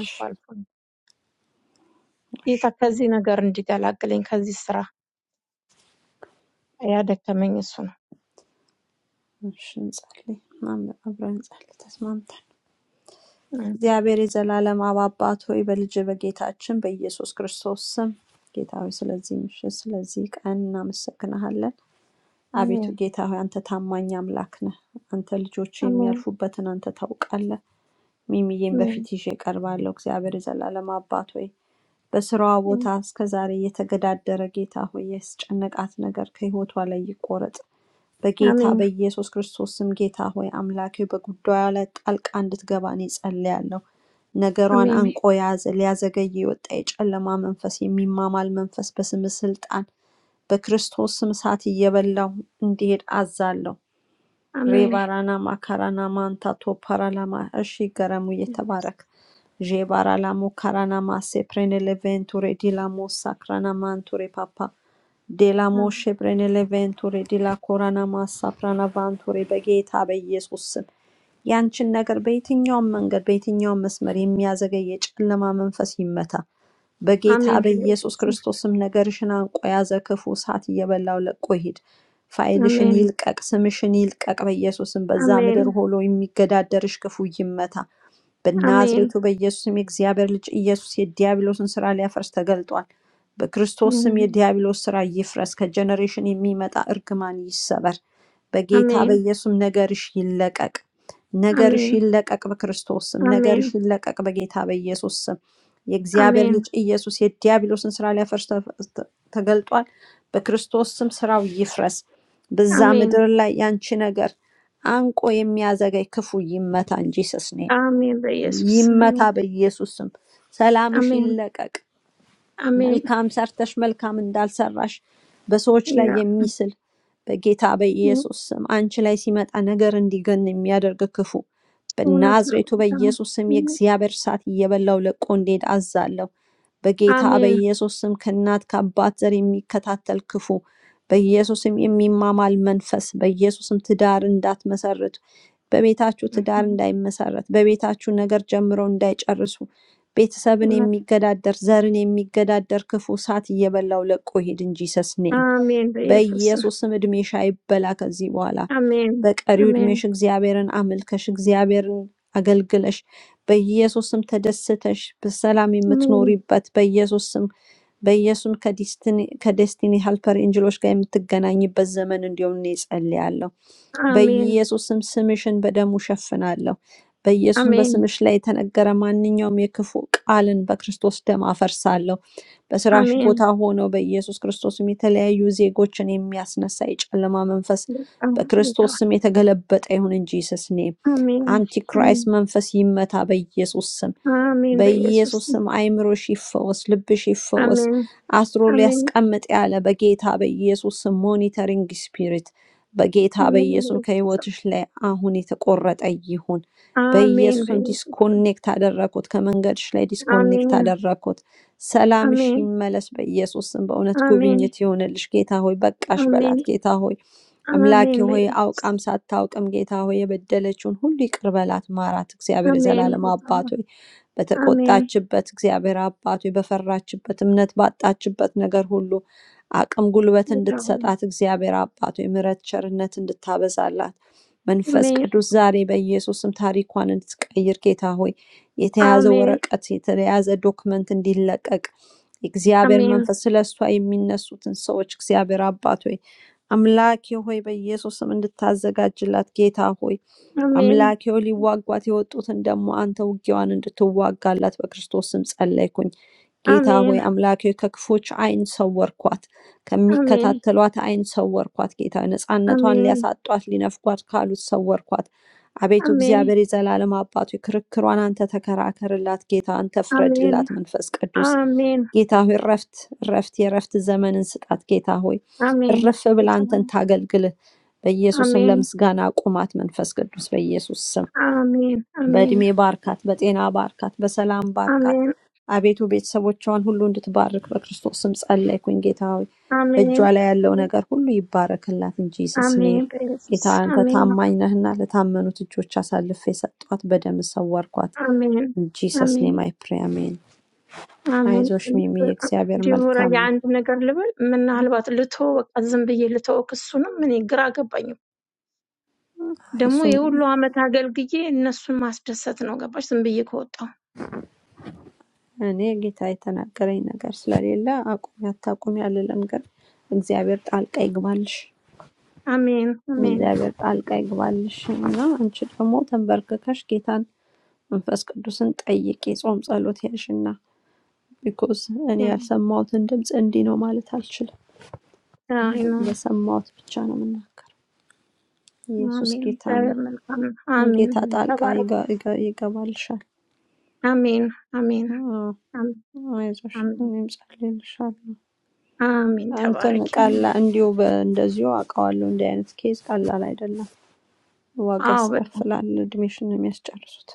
እሺ፣ አልፎ ነው። እሺ፣ ጌታ ከዚህ ነገር እንዲገላግለኝ፣ ከዚህ ስራ ያደከመኝ እሱ ነው። እሺ፣ እንጸልይ። አም- አብረን እንጸልይ ተስማምተን። አሜን። እግዚአብሔር የዘላለም አብ አባት ሆይ በልጅ በጌታችን በኢየሱስ ክርስቶስ ስም ጌታ ሆይ ስለዚህ ምሽት ስለዚህ ቀን እናመሰግናሃለን። አቤቱ አሜን። ጌታ ሆይ አንተ ታማኝ አምላክ ነህ። አንተ ልጆች Amém. የሚያልፉበትን አንተ ታውቃለህ። ሚሚዬን Amém. በፊት ይዤ ቀርባለሁ። እግዚአብሔር የዘላለም አባት ሆይ በስራዋ ቦታ እስከ ዛሬ የተገዳደረ ጌታ ሆይ ያስጨነቃት ነገር ከህይወቷ ላይ ይቆረጥ። በጌታ Amém. በኢየሱስ ክርስቶስ ስም ጌታ ሆይ አምላኬ በጉዳዩ ላይ ጣልቃ እንድትገባ እኔ ጸልያለሁ። ነገሯን Amém. አንቆ የያዘ ሊያዘገይ የወጣ የጨለማ መንፈስ የሚማማል መንፈስ በስም ስልጣን በክርስቶስም እሳት እየበላሁ እንዲሄድ አዛለሁ። Amém. Amém. ሬባራናማ ካራናማ አንታቶ ፓራላማ እሺ ገረሙ እየተባረክ ዤባራላሞ ካራናማ ሴፕሬኔሌቬንቱሬ ዲላሞ ሳክራናማንቱሬ ፓፓ ዴላሞ Amém, ሼፕሬኔሌቬንቱሬ ዲላ ኮራናማ ሳፕራናቫንቱሬ በጌታ በኢየሱስ ስም ያንችን ነገር በየትኛውም መንገድ በየትኛውም መስመር የሚያዘገይ የጨለማ መንፈስ ይመታ። በጌታ Amém, beleza. በኢየሱስ Sim. ክርስቶስም ነገርሽን አንቆ ያዘ። ክፉ እሳት እየበላው ለቆ ይሂድ። ፋይልሽን Amém. ይልቀቅ፣ ስምሽን ይልቀቅ በኢየሱስም በዛ ምድር Amém. ሁሉ የሚገዳደርሽ ክፉ ይመታ። በናዝሬቱ Amém. በኢየሱስ ስም የእግዚአብሔር ልጅ ኢየሱስ የዲያብሎስን ስራ ሊያፈርስ ተገልጧል። በክርስቶስ ስም የዲያብሎስ ስራ ይፍረስ፣ ከጀነሬሽን የሚመጣ እርግማን ይሰበር። በጌታ Amém. በኢየሱስም ነገርሽ ይለቀቅ፣ ነገርሽ Amém. ይለቀቅ፣ በክርስቶስ ስም ነገርሽ Amém. ይለቀቅ፣ በጌታ በኢየሱስ ስም የእግዚአብሔር ልጅ ኢየሱስ የዲያብሎስን ስራ ሊያፈርስ ተ- ተ- ተገልጧል። በክርስቶስ ስም ስራው ይፍረስ። በዛ Amém. Amém. Amém, ምድር ላይ ያንቺ ነገር አንቆ የሚያዘገይ ክፉ ይመታ እንጂ ሰስኔ Amém, Herr Jesus. ይመታ Amém. በኢየሱስ ስም። ሰላምሽ Amém. ይለቀቅ። Amém. መልካም ሰርተሽ መልካም እንዳልሰራሽ በሰዎች ላይ Ja. የሚስል በጌታ Ja. በኢየሱስ ስም አንቺ ላይ ሲመጣ ነገር እንዲገን የሚያደርግ ክፉ Unnat nåd. በናዝሬቱ በኢየሱስ ስም የእግዚአብሔር እሳት እየበላው ለቆ እንዲሄድ አዛለሁ። በጌታ Amém. በኢየሱስ ስም ከእናት ከአባት ዘር የሚከታተል ክፉ በኢየሱስ ስም የሚማማል መንፈስ በኢየሱስ ስም ትዳር እንዳትመሰርቱ በቤታችሁ ትዳር Mhm. እንዳይመሰረት በቤታችሁ ነገር ጀምረው እንዳይጨርሱ ቤተሰብን Unnat. የሚገዳደር ዘርን የሚገዳደር ክፉ እሳት እየበላው ለቆ ሂድ እንጂ ሰስኔም Amém, Herr Jesus. በኢየሱስም እድሜሽ አይበላ ከዚህ በኋላ Amém. በቀሪው እድሜሽ Amém. እግዚአብሔርን አመልከሽ እግዚአብሔርን አገልግለሽ በኢየሱስም ተደስተሽ በሰላም Amém. የምትኖሪበት በኢየሱስም በኢየሱስም ከዲስቲኒ ከዲስቲኒ ሄልፐር ኤንጅሎች ጋር የምትገናኝበት ዘመን እንዲሆን እኔ ጸልያለሁ። Amém. በኢየሱስ ስም ስምሽን በደሙ እሸፍናለሁ። በኢየሱስም Amém. በስምሽ ላይ የተነገረ ማንኛውም የክፉ ቃልን በክርስቶስ ደም አፈርሳለሁ። በስራሽ ቦታ ሆነው በኢየሱስ ክርስቶስም የተለያዩ ዜጎችን የሚያስነሳ የጨለማ መንፈስ Amém. በክርስቶስ ስም የተገለበጠ ይሁን እንጂ ስስኔ Amén, አንቲክራይስት amén, መንፈስ ይመታ በኢየሱስ ስም። amén, bellezas. በኢየሱስ ስም አይምሮሽ ይፈወስ፣ ልብሽ ይፈወስ። Amén, አስሮ amén, ሊያስቀምጥ ያለ በጌታ በኢየሱስ ስም ሞኒተሪንግ ስፒሪት በጌታ amén, በኢየሱስ bellezas. ከህይወትሽ ላይ አሁን የተቆረጠ ይሁን። Amén, በኢየሱስም bellezas. ዲስኮኔክት አደረግኩት፣ ከመንገድሽ ላይ ዲስኮኔክት Amén, አደረግኩት። ሰላምሽ amén, ይመለስ በኢየሱስ ስም። በእውነት amén, ጉብኝት ይሆንልሽ። ጌታ ሆይ በቃሽ በላት። amén, ጌታ ሆይ አምላኬ amén, ሆይ bellezas. አውቃም ሳታውቅም ጌታ ሆይ የበደለችውን ሁሉ ይቅር በላት ማራት። እግዚአብሔር Amén, የዘላለም አባት Gustavo. ሆይ Amén, በተቆጣችበት እግዚአብሔር አባት ሆይ በፈራችበት እምነት ባጣችበት ነገር ሁሉ አቅም ጉልበት Gustavo. እንድትሰጣት እግዚአብሔር አባት ሆይ ምሕረት ቸርነት እንድታበዛላት መንፈስ Amén, ቅዱስ ዛሬ በኢየሱስም ታሪኳን እንድትቀይር ጌታ ሆይ የተያዘ amén, ወረቀት የተያዘ ዶክመንት እንዲለቀቅ እግዚአብሔር amén, መንፈስ ስለ እሷ የሚነሱትን ሰዎች እግዚአብሔር አባት ሆይ አምላኬ ሆይ በኢየሱስም እንድታዘጋጅላት ጌታ ሆይ amén, አምላኬ ሆይ ሊዋጓት የወጡትን ደግሞ አንተ ውጊያዋን እንድትዋጋላት በክርስቶስ ስም ጸለይኩኝ። ጌታ ሆይ amén, አምላኬ ሆይ ከክፎች ዓይን ሰወርኳት፣ amén, ከሚከታተሏት ዓይን ሰወርኳት። ጌታ ሆይ ነፃነቷን amén, ሊያሳጧት ሊነፍጓት ካሉት ሰወርኳት። አቤቱ amén, እግዚአብሔር የዘላለም አባቱ ክርክሯን አንተ ተከራከርላት። ጌታ አንተ amén, ፍረድላት። መንፈስ ቅዱስ amén, ጌታ ሆይ እረፍት እረፍት የእረፍት ዘመንን ስጣት። ጌታ ሆይ amén, እረፍ ብላ አንተን Gustavo. ታገልግልህ። በኢየሱስም Amén, ለምስጋና አቁማት። መንፈስ ቅዱስ በኢየሱስ ስም amén, በዕድሜ amén, ባርካት፣ በጤና ባርካት፣ በሰላም ባርካት። አቤቱ ቤተሰቦቿን ሁሉ እንድትባርክ በክርስቶስ ስም ጸለይኩኝ። ጌታ ሆይ በእጇ amén, ላይ ያለው amén. ነገር ሁሉ ይባረክላት እንጂ ስስኔ Amém, Jesus. ጌታ ሆይ፣ አንተ አሜን ታማኝ ነህና ለታመኑት እጆች አሳልፌ የሰጧት በደም ሰወርኳት። አሜን ጂሰስ አሜን ኔም አይ ፕሬ አሜን። አሜን። አይዞሽ ሚሚ የእግዚአብሔር ዲቦራ መልካም ነው። የአንድ ነገር ልበል፣ ምናልባት ልቶ በቃ ዝም ብዬ ልቶ ክሱንም እኔ ግራ ገባኝ። ደግሞ እሱም የሁሉ ዓመት አገልግዬ እነሱን ማስደሰት ነው ገባሽ? ዝም ብዬ ከወጣሁ እኔ ጌታ የተናገረኝ ነገር ስለሌለ አቁሚ አታቁሚ አልልም፣ ግን እግዚአብሔር ጣልቃ ይግባልሽ አሜን አሜን እግዚአብሔር ጣልቃ ይግባልሽ እና አንቺ ደግሞ ተንበርክከሽ ጌታን መንፈስ ቅዱስን ጠይቂ። ጾም ጸሎት ያልሽና ቢኮዝ እኔ ያልሰማሁትን ድምፅ እንዲህ ነው ማለት አልችልም። አይ ነው ለሰማሁት ብቻ ነው የምናገረው። ኢየሱስ አሜን። ጌታ እግዚአብሔር ነው። መልካም ነው። አሜን ጌታ ጣልቃ ተባረክ። ይገ- ይገ- ይገባልሻል። አሜን አሜን አዎ፣ አሜን አይዞሽ አሜን እኔም ጸልይልሻለሁ። አሜን። እንትን ተባረክ። ቀላ እንዲሁ በ- እንደዚሁ አውቀዋለሁ። እንዲህ አይነት ኬዝ ቀላል አይደለም፣ ዋጋ አዎ በጣም ያስከፍላል። እድሜሽን ነው የሚያስጨርሱት።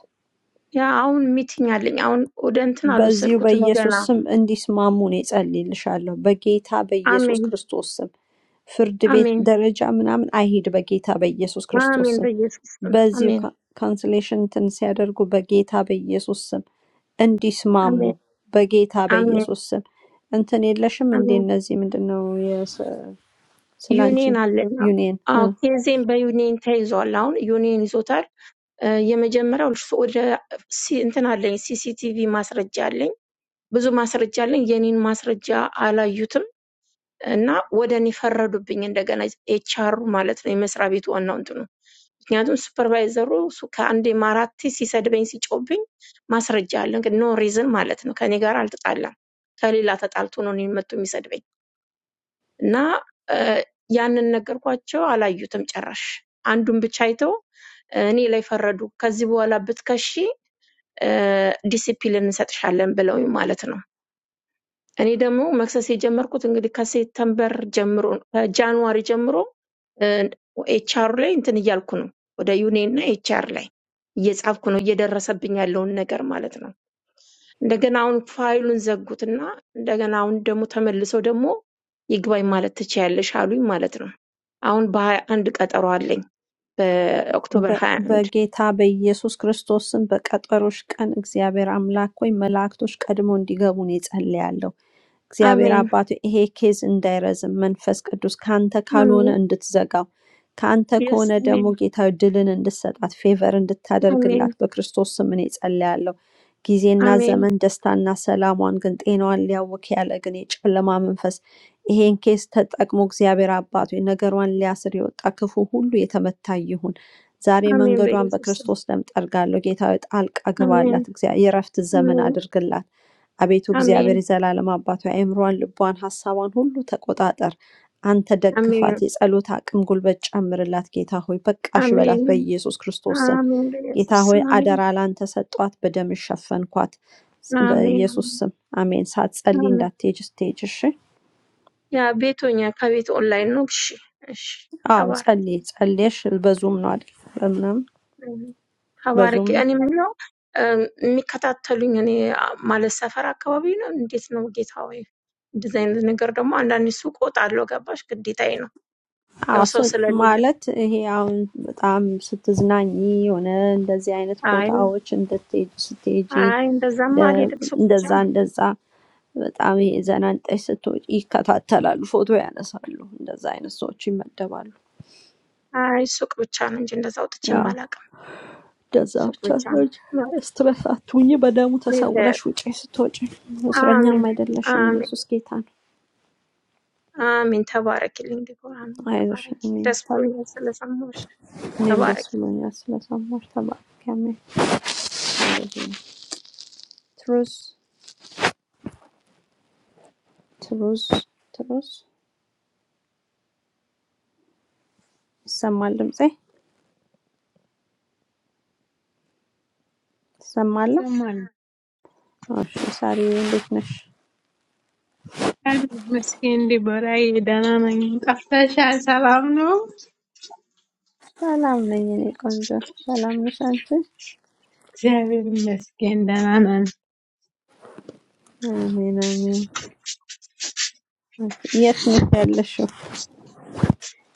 ያ አሁን ሚቲንግ አለኝ። አሁን ወደ እንትን በዚሁ አልወሰድኩትም ገና በኢየሱስ ስም እንዲስማሙ እኔ እጸልይልሻለሁ። በጌታ በኢየሱስ አሜን፣ ክርስቶስ ስም ፍርድ ቤት አሜን፣ ደረጃ ምናምን አይሂድ። በጌታ በኢየሱስ ክርስቶስ አሜን። ስም በኢየሱስ ስም በዚሁ አሜን፣ ካ- ካንስሌሽን እንትን ሲያደርጉ በጌታ በኢየሱስ ስም እንዲስማሙ አሜን፣ በጌታ አሜን፣ በኢየሱስ ስም እንትን የለሽም እንዴ? አሜን። እነዚህ ምንድን ነው የስ- ስለ አንቺ ዩኒየን አለኝ። አዎ፣ ዩኒየን ኬዜን በዩኒየን ተይዟል። አሁን ዩኒየን ይዞታል። እ፣ የመጀመሪያው እሱ ወደ ሲ- እንትን አለኝ፣ ሲሲቲቪ ማስረጃ አለኝ፣ ብዙ ማስረጃ አለኝ። የኔን ማስረጃ አላዩትም። እና ወደ እኔ ፈረዱብኝ። እንደገና ኤችአሩ ማለት ነው የመስሪያ ቤቱ ዋናው እንትኑ ምክንያቱም ሱፐርቫይዘሩ እሱ ከአንዴም አራቴ ሲሰድበኝ ሲጮብኝ ማስረጃ አለ። እንግዲህ ኖ ሪዝን ማለት ነው። ከኔ ጋር አልተጣላም። ከሌላ ተጣልቶ ነው እኔን መጥቶ የሚሰድበኝ እና እ፣ ያንን ነገርኳቸው። አላዩትም ጭራሽ። አንዱን ብቻ አይተው እ፣ እኔ ላይ ፈረዱ። ከዚህ በኋላ ብትከሺ ዲሲፕሊን እንሰጥሻለን ብለውኝ ማለት ነው። እኔ ደግሞ መክሰስ የጀመርኩት እንግዲህ ከሴፕተምበር ጀምሮ ከጃንዋሪ ጀምሮ ኤችአሩ ላይ እንትን እያልኩ ነው። ወደ ዩኔ እና ኤችአር ላይ እየጻፍኩ ነው እየደረሰብኝ ያለውን ነገር ማለት ነው። እንደገና አሁን ፋይሉን ዘጉትና እንደገና አሁን ደግሞ ተመልሰው ደግሞ ይግባኝ ማለት ትችያለሽ አሉኝ ማለት ነው። አሁን በሀያ አንድ ቀጠሮ አለኝ በኦክቶበር በ- ሀያ አንድ በጌታ በኢየሱስ ክርስቶስ ስም በቀጠሮሽ ቀን እግዚአብሔር አምላክ ሆይ መላእክቶች ቀድሞ እንዲገቡ እኔ ጸልያለሁ። እግዚአብሔር አሜን አባቱ ይሄ ኬዝ እንዳይረዝም መንፈስ ቅዱስ ከአንተ ካልሆነ አሜን እንድትዘጋው ከአንተ የስ ከሆነ ደግሞ አሜን ጌታ ሆይ ድልን እንድትሰጣት ፌቨር አሜን እንድታደርግላት በክርስቶስ ስም እኔ ጸልያለሁ። ጊዜና አሜን ዘመን ደስታና ሰላሟን ግን ጤናዋን ሊያውክ ያለ ግን የጨለማ መንፈስ ይሄን ኬስ ተጠቅሞ እግዚአብሔር አባቱ ነገሯን ሊያስር የወጣ ክፉ ሁሉ የተመታ ይሁን። ዛሬ አሜን መንገዷን በኢየሱስ ስም በክርስቶስ ደም ጠርጋለሁ። ጌታ ሆይ ጣልቃ ግባላት። አሜን እግዚአብሔር የእረፍት ዘመን አድርግላት። አቤቱ አሜን እግዚአብሔር የዘላለም አባቷ አእምሯን፣ ልቧን፣ ሀሳቧን ሁሉ ተቆጣጠር። አንተ አሜን ደግፋት፣ የጸሎት አቅም ጉልበት ጨምርላት። ጌታ ሆይ በቃሽ በላት አሜን በኢየሱስ ክርስቶስ ስም። አሜን። ጌታ በኢየሱስ ሆይ ስም አሜን አደራ ላንተ ሰጧት፣ በደም ሸፈንኳት አሜን በኢየሱስ አሜን ስም አሜን። ሳትጸልይ አሜን። እንዳትሄጂ ስትሄጂ እሺ። ያ ቤቶኛ ከቤት ኦንላይን ነው። እሺ እሺ፣ አዎ ተባረኪ ጸልይ ጸልየሽ በዙም ነው አይደል? በምናምን አሜን። ተባረኪ። በዙም እኔ ምነው እ፣ የሚከታተሉኝ እኔ አ- ማለት ሰፈር አካባቢ ነው። እንዴት ነው ጌታ ሆይ? እንደዚህ አይነት ነገር ደግሞ አንዳንድ ሱቅ እወጣለሁ፣ ገባሽ? ግዴታዬ ነው አዎ ያው ሰው ስ- ስለሌለ። ማለት ይሄ አሁን በጣም ስትዝናኚ የሆነ እንደዚህ አይነት አይ ቦታዎች እንድትሄጂ ስትሄጂ አይ፣ እንደዛማ ለ- አልሄድም። ሱቅ ብቻ እንደዛ ነው። እንደዛ በጣም ይሄ ዘና እንጠሽ ስትወጪ ይከታተላሉ፣ ፎቶ ያነሳሉ። እንደዛ አይነት ሰዎች ይመደባሉ። አይ ሱቅ ብቻ ነው እንጂ እንደዛ አውጥቼም ያው አላውቅም። እንደዛ ሱቅ ብቻ ብቻ ሰዎች ነው። ስትረስ አትሁኚ፣ በደሙ ተሰውረሽ ውጪ ስትወጪ። እስረኛም አሜን፣ አይደለሽም፣ አሜን፣ ኢየሱስ ጌታ ነው። አሜን። ተባረክልኝ ዲቦራ፣ አሜን። አይዞሽ ተባረኪ። እኔ ደስ ተባ- ብሎኛል ስለሰማሁሽ። እኔም ደስ ተባረኪ ብሎኛል ስለሰማሽ። ተባረክ። አሜን። ትሩዝ ትሩዝ ትሩዝ ይሰማል ድምፄ ትሰማለህ? ይሰማል። እሺ ሳሪ እንዴት ነሽ? ቃል መስገን ዲቦራዬ፣ ደህና ነኝ። ጠፍተሻል። ሰላም ነው? ሰላም ነኝ እኔ ቆንጆ። ሰላም ነሽ አንቺ? እግዚአብሔር ይመስገን ደህና ነን። አሜን አሜን። የት ነሽ ያለሽው?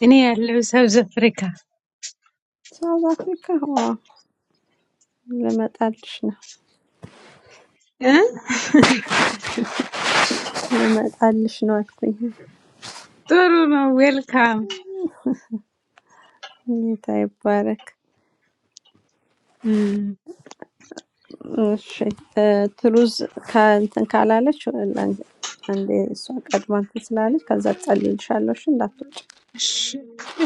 እኔ ያለው ሳውዝ አፍሪካ ሳውዝ አፍሪካ? ዋ ልመጣልሽ ነው እ? ልመጣልሽ ነው አልኩኝ። ጥሩ ነው። ዌልካም ጌታ ይባረክ። እም፣ እሺ እ፣ ትሩዝ ከእንትን ካላለች ላን- አንዴ እሷ ቀድማ እንትን ስላለች ከዛ ጸልይልሻለሁ። እሺ እንዳትወጪ። እሺ፣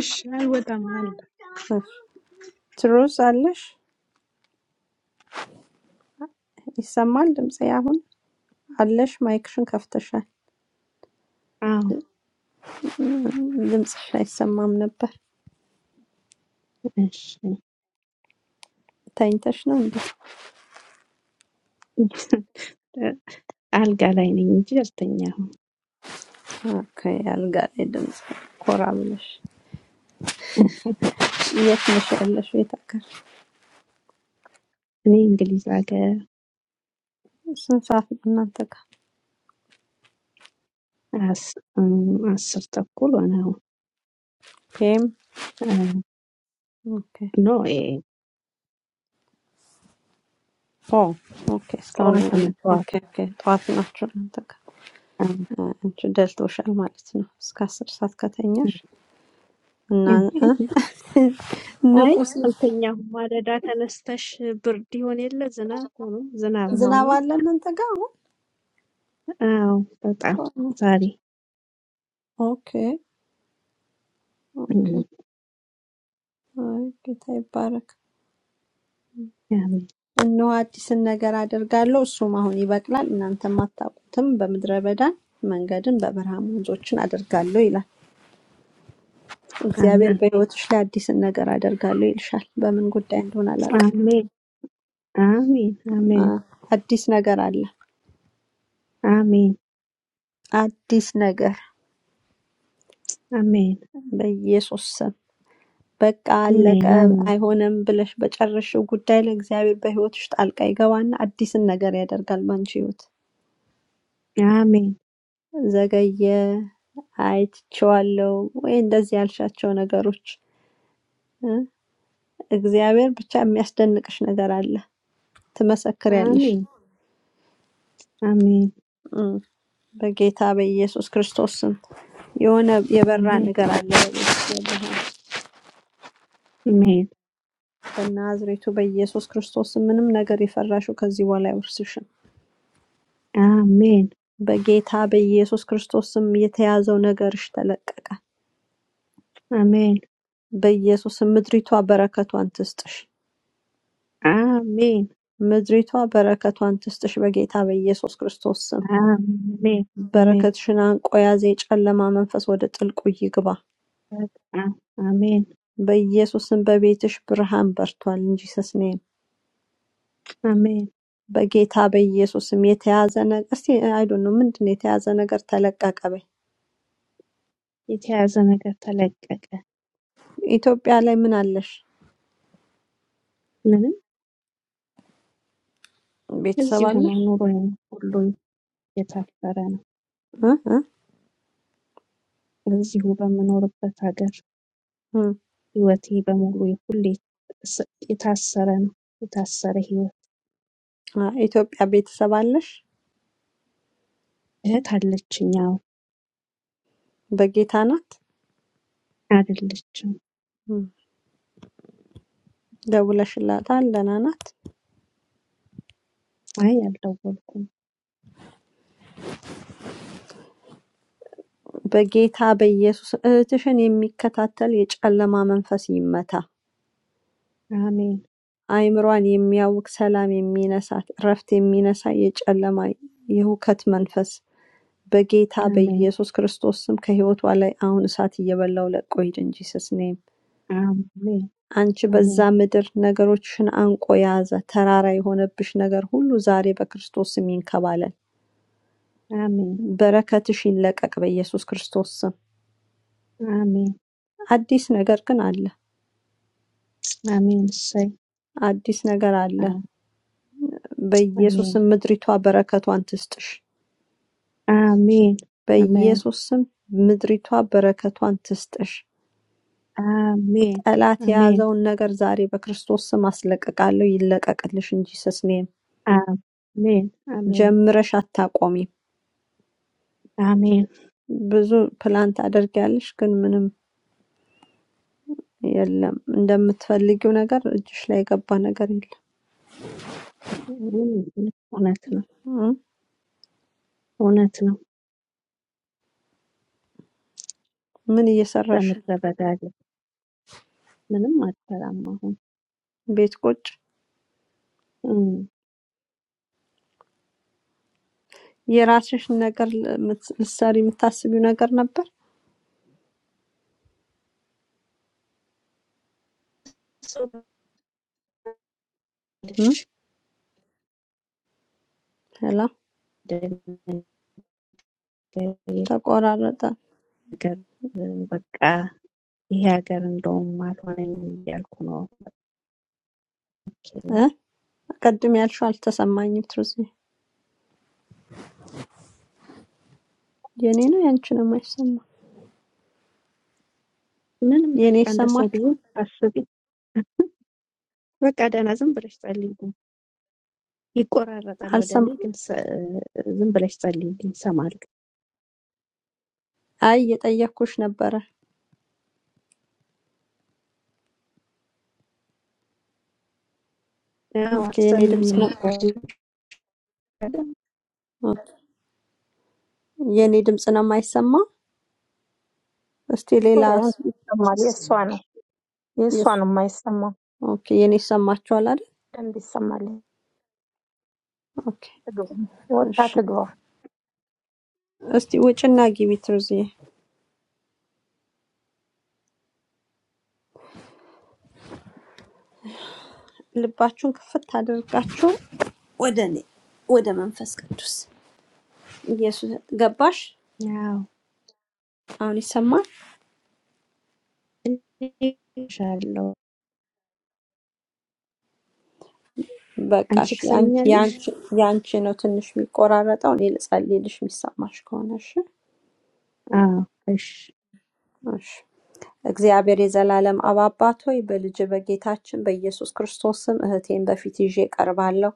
እሺ፣ አልወጣም አለ እሺ። ትሩዝ አለሽ? ይሰማል ድምፄ አሁን? አለሽ ማይክሽን ከፍተሻል። አዎ ድምፅሽ አይሰማም ነበር። እሺ ተኝተሽ ነው እንዴ? አልጋ ላይ ነኝ እንጂ አልተኛሁም። ኦኬ፣ አልጋ ላይ ድምፅ ኮራ ብለሽ። የት ነሽ ያለሽ? የት ሀገር? እኔ እንግሊዝ ሀገር ስንት ሰዓት ነው እናንተ ጋር? አስ- እም፣ አስር ተኩል ሆነ ፒኤም። አሁን። ኦኬ ኖ ኤ ኦ ኦኬ። እስካሁን ነው ጠዋት ነው ያለ- ጠዋት ኦኬ ኦኬ። ጠዋት ናቸው እናንተ ጋር። አዎ። እ፣ አንቺ ደልቶሻል ማለት ነው። እስከ አስር ሰዓት ከተኛሽ እና እም፣ እ፣ አይ ንቁ። ሲ- አልተኛሁም። ማለዳ ተነስተሽ ብርድ ይሆን የለ ዝናብ ሆኖ ዝናብ ዝናብ ነውና አለ እናንተ ጋር? አዎ በጣም ዛሬ ኦኬ እም፣ ኦኬ። አይ ጌታ ይባረክ። አሜን እነሆ አዲስን ነገር አደርጋለሁ እርሱም አሁን ይበቅላል እናንተም አታውቁትም በምድረ በዳም መንገድን በበረሃም ወንዞችን አደርጋለሁ ይላል። እግዚአብሔር አሜን በሕይወትሽ ላይ አዲስን ነገር አደርጋለሁ ይልሻል። በምን ጉዳይ እንደሆነ አላውቅም። አሜን አሜን አሜን አ- አዲስ ነገር አለ። አሜን አዲስ ነገር አሜን በኢየሱስ ስም በቃ አለቀ አሜን አሜን አይሆንም ብለሽ በጨረሽው ጉዳይ ላይ እግዚአብሔር በሕይወትሽ ጣልቃ ይገባና አዲስን ነገር ያደርጋል በአንቺ ሕይወት። አሜን ዘገየ አይትቼዋለሁ ወይ እንደዚህ ያልሻቸው ነገሮች እግዚአብሔር ብቻ የሚያስደንቅሽ ነገር አለ። ትመሰክሪያለሽ አሜን Amen. እም፣ በጌታ በኢየሱስ ክርስቶስ ስም የሆነ የበራ Amen. ነገር አለ በቤትሽ በብርሃን Amen. በናዝሬቱ በኢየሱስ ክርስቶስ ስም ምንም ነገር የፈራሽው ከዚህ በኋላ አይወርስሽም። Amen. በጌታ በኢየሱስ ክርስቶስ ስም የተያዘው ነገርሽ ተለቀቀ። Amen. በኢየሱስ ስም ምድሪቷ በረከቷን ትስጥሽ። Amen. ምድሪቷ በረከቷን ትስጥሽ። በጌታ በኢየሱስ ክርስቶስ ስም Amen. Amen. በረከትሽን አንቆ ያዘ የጨለማ መንፈስ ወደ ጥልቁ ይግባ። በቃ አሜን በኢየሱስም በቤትሽ ብርሃን በርቷል ኢን ጂሰስ ኔም አሜን። በጌታ በኢየሱስም የተያዘ ነገር እስቲ አይ ዶንት ኖ ምንድን ነው የተያዘ ነገር ተለቀቀ በይ። የተያዘ ነገር ተለቀቀ። ኢትዮጵያ ላይ ምን አለሽ? ምንም ቤተሰብ እዚሁ አለሽ? ነው ኑሮዬ ሁሉ የታፈረ ነው። እ? እ? እዚሁ በምኖርበት ሀገር እ። ህይወቴ በሙሉ ሁሌ ስ- የታሰረ ነው። የታሰረ ህይወት። አ፣ ኢትዮጵያ ቤተሰብ አለሽ? እህት አለችኝ። አዎ በጌታ ናት? አይደለችም። እም፣ ደውለሽላታል? ደህና ናት? አይ አልደወልኩም። በጌታ በኢየሱስ እህትሽን የሚከታተል የጨለማ መንፈስ ይመታ። አሜን አይምሯን የሚያውክ ሰላም የሚነሳት እረፍት የሚነሳ የጨለማ የሁከት መንፈስ በጌታ አሜን በኢየሱስ ክርስቶስ ስም ከህይወቷ ላይ አሁን እሳት እየበላው ለቆ ሂድ እንጂ ስስኔም አሜን አንቺ በዛ አሜን ምድር ነገሮችሽን አንቆ የያዘ ተራራ የሆነብሽ ነገር ሁሉ ዛሬ በክርስቶስ ስም ይንከባለል። አሜን በረከትሽ ይለቀቅ በኢየሱስ ክርስቶስ ስም። አሜን አዲስ ነገር ግን አለ፣ Amen. Say አዲስ ነገር አለ። now. በኢየሱስ Amen. ስም ምድሪቷ በረከቷን ትስጥሽ። Amen. Amen. በኢየሱስ ስም ምድሪቷ በረከቷን ትስጥሽ። Amen. ጠላት Amen. Amen. የያዘውን ነገር ዛሬ በክርስቶስ ስም አስለቅቃለሁ። ይለቀቅልሽ እንጂ ስስኔ Amen. ጀምረሽ አታቆሚም። Amen. Amen. ብዙ ፕላን ታደርጊያለሽ፣ ግን ምንም የለም። እንደምትፈልጊው ነገር እጅሽ ላይ የገባ ነገር የለም። እውነት ነው እ? እውነት ነው። ምን እየሰራሽ ነው? በመረጋጋት ምንም አልፈራም። አሁን ቤት ቁጭ እም፣ የራስሽን ነገር ለምት- ልትሰሪ የምታስቢው ነገር ነበር? ሰው እ? ሄላ ልጅ ተቆራረጠ። ነገር በቃ ይሄ ሀገር እንደውም አልሆነኝም እያልኩ ነው። እ? ቅድም ያልሽው አልተሰማኝም። ትሩዚ የኔ ነው ያንቺ ነው የማይሰማ። ምንም የኔ በቃ እንደሰው ብዙ ይሰማችሁ አስቢ በቃ ደህና ዝም ብለሽ ጸልይ ይቆራረጣል ወደኔ አልሰማ። ግን ዝም ብለሽ ጻልኝ ግን ሰማል አይ እየጠየኩሽ ነበረ። ያው ኦኬ የኔ ድምጽ አሰሚኝ ነው ቆንጆ ኦኬ። የኔ ድምጽ ነው የማይሰማ። እስቲ ሌላ ዲቦራ። ያንቺ ይሰማል፣ ደስ የእሷ ይላል። ነው፣ የእሷ የሱ ነው የማይሰማው። ኦኬ፣ የኔ ይሰማችኋል አይደል? ደንብ ይሰማል። ኦኬ፣ ትግባ፣ ወጣ እሺ። ትግባ። የማይመች እስቲ ውጭና ግቢ ትሩዚዬ። ልባችሁን ክፍት አድርጋችሁ ወደ እኔ ወደ መንፈስ ቅዱስ ኢየሱስ። ገባሽ? ያው አሁን ይሰማል። ኢንሻአላህ አንቺ በቃሽ። ያን- ትሰሚኛለሽ የአንቺ የአንቺ ነው ትንሽ የሚቆራረጠው። እኔ ልጸልይልሽ የሚሰማሽ ከሆነ እሺ። አዎ እሺ እሺ። እግዚአብሔር የዘላለም አብ አባት ሆይ በልጅ በጌታችን በኢየሱስ ክርስቶስ ስም እህቴን በፊት ይዤ ቀርባለሁ።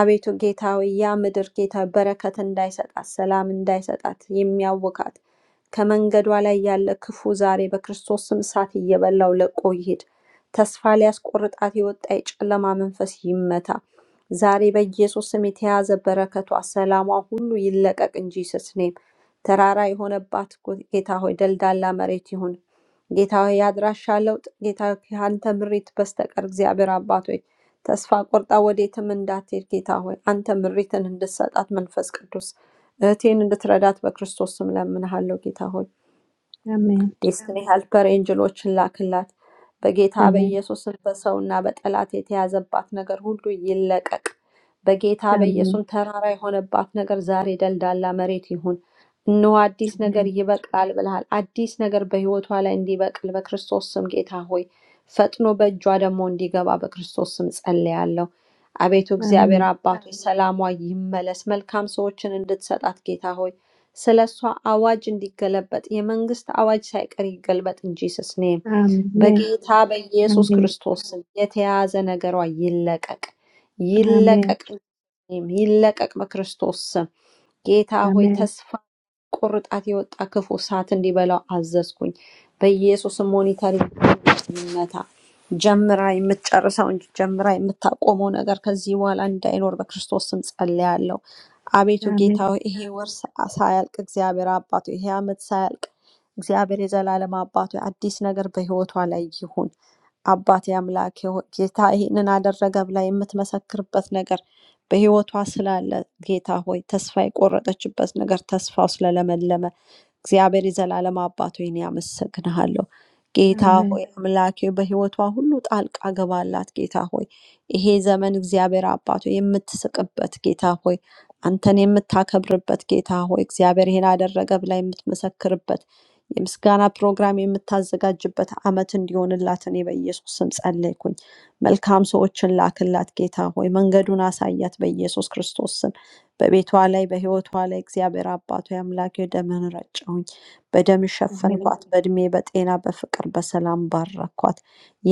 አቤቱ ጌታ ሆይ ያ ምድር ጌታ ሆይ በረከት እንዳይሰጣት ሰላም እንዳይሰጣት የሚያውካት ከመንገዷ ላይ ያለ ክፉ ዛሬ በክርስቶስ ስም እሳት እየበላው ለቆ ይሄድ። ተስፋ ሊያስቆርጣት የወጣ የጨለማ መንፈስ ይመታ። ዛሬ በኢየሱስ ስም የተያዘ በረከቷ፣ ሰላሟ ሁሉ ይለቀቅ እንጂ ስስኔም ተራራ የሆነባት ጎ- ጌታ ሆይ ደልዳላ መሬት ይሁን። ጌታ ሆይ የአድራሻ ለውጥ ጌታ ሆይ ከአንተ ምሪት በስተቀር እግዚአብሔር አባቶ ተስፋ ቆርጣ ወዴትም እንዳትሄድ ጌታ ሆይ አንተ ምሪትን እንድትሰጣት መንፈስ ቅዱስ እህቴን እንድትረዳት በክርስቶስ ስም ለምንሃለሁ ጌታ ሆይ አሜን ዴስትኒ ሄልፐር ኤንጅሎችን ላክላት። በጌታ አሜን በኢየሱስም በሰውና በጠላት የተያዘባት ነገር ሁሉ ይለቀቅ። በጌታ አሜን በኢየሱስም ተራራ የሆነባት ነገር ዛሬ ደልዳላ መሬት ይሁን። እነሆ አዲስ ነገር አሜን ይበቅላል ብለሃል። አዲስ ነገር በህይወቷ ላይ እንዲበቅል በክርስቶስ ስም ጌታ ሆይ ፈጥኖ በእጇ ደግሞ እንዲገባ በክርስቶስ ስም ጸልያለሁ። አቤቱ አሜን እግዚአብሔር አባቶች ሰላሟ ይመለስ። መልካም ሰዎችን እንድትሰጣት ጌታ ሆይ ስለ እሷ አዋጅ እንዲገለበጥ የመንግስት አዋጅ ሳይቀር ይገልበጥ እንጂ ስስኔ አሜን በጌታ በኢየሱስ አሜን ክርስቶስ ስም የተያዘ ነገሯ ይለቀቅ አሜን ይለቀቅ፣ ይለቀቅ በክርስቶስ ስም። ጌታ ሆይ ተስፋ ቁርጣት የወጣ ክፉ እሳት እንዲበላው አዘዝኩኝ። በኢየሱስም ሞኒተር ይመታ። ጀምራ የምትጨርሰው እንጂ ጀምራ የምታቆመው ነገር ከዚህ በኋላ እንዳይኖር በክርስቶስ ስም ጸልያለሁ። አቤቱ ጌታ አሜን ሆይ ይሄ ወር ሳ- ሳያልቅ እግዚአብሔር አባቱ ይሄ ዓመት ሳያልቅ እግዚአብሔር የዘላለም አባቱ አዲስ ነገር በህይወቷ ላይ ይሁን። አባቴ አምላኬ ሆይ ጌታ ይህንን አደረገ ብላ የምትመሰክርበት ነገር በሕይወቷ ስላለ ጌታ ሆይ ተስፋ የቆረጠችበት ነገር ተስፋው ስለለመለመ እግዚአብሔር የዘላለም አባት ሆይ እኔ አመሰግንሃለሁ። ጌታ አሜን ሆይ አምላኬ በሕይወቷ ሁሉ ጣልቃ ገባላት። ጌታ ሆይ ይሄ ዘመን እግዚአብሔር አባት ሆይ የምትስቅበት ጌታ ሆይ አንተን የምታከብርበት ጌታ ሆይ እግዚአብሔር ይሄን አደረገ ብላ የምትመሰክርበት የምስጋና ፕሮግራም የምታዘጋጅበት ዓመት እንዲሆንላት እኔ በኢየሱስ ስም ጸለይኩኝ። መልካም ሰዎችን ላክላት ጌታ ሆይ መንገዱን አሳያት በኢየሱስ ክርስቶስ ስም በቤቷ ላይ በህይወቷ ላይ እግዚአብሔር አባቱ አምላክ ደምህን ረጨሁኝ በደም አሜን ሸፈንኳት በእድሜ በጤና በፍቅር በሰላም ባረኳት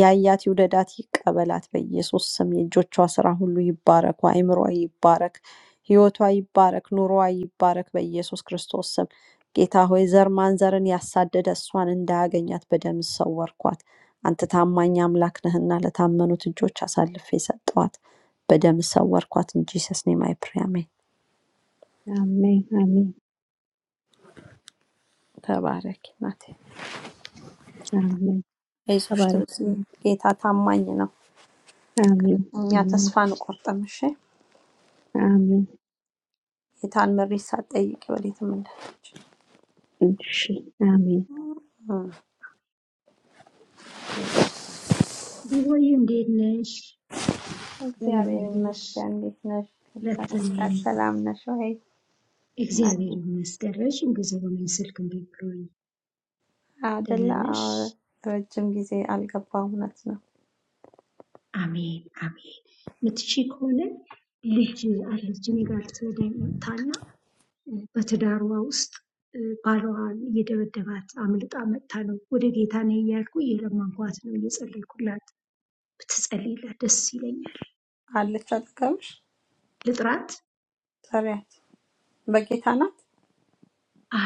ያያት ይውደዳት ይቀበላት በኢየሱስ ስም የእጆቿ ስራ ሁሉ ይባረኩ አይምሯ ይባረክ ህይወቷ ይባረክ ኑሯ ይባረክ በኢየሱስ ክርስቶስ ስም ጌታ ሆይ ዘር ማንዘርን ያሳደደ እሷን እንዳያገኛት በደም ሰወርኳት አንተ ታማኝ አምላክ ነህና ለታመኑት እጆች አሳልፌ ሰጠኋት፣ በደም ሰወርኳት። እንጂ ሰስ ኔም አይ ፕሬይ አሜን። አሜን አሜን ተባረኪ ናት። አሜን አይዞሽ ተባረክ ትርሲ፣ ጌታ ታማኝ ነው። አሜን እኛ አሜን ተስፋ እንቆርጥም። እሺ አሜን ጌታን ምሪት ሳትጠይቂ ወዴትም እንዳለች እሺ አሜን ዲቦዬ እንዴት ነሽ? እግዚአብሔር እንደምናለሽ? ይመስገን። እንዴት ነሽ? ለተ ይመስገን። ነኝ። ሰላም ነሽ ወይ እናቴ? እግዚአብሔር ይመስገን። ረዥም ጊዜ ሆነኝ ስልክ እምቢ ብሎኝ። ደህና አደለ ነሽ? አዎ፣ ረጅም ጊዜ አልገባ። እውነት ነው። አሜን አሜን። ምትሺ ከሆነ ልጅ አለች እኔ ጋር ልትወልድ መጥታና እ፣ በትዳሯ ውስጥ እ፣ ባሏን እየደበደባት አምልጣ መጥታ ነው። ወደ ጌታ ነኝ እያልኩ እየለመንኳት ነው፣ እየጸለይኩላት። ብትጸልይላት ደስ ይለኛል። አለች አጠገብሽ? ልጥራት ጥሪያት። በጌታ ናት።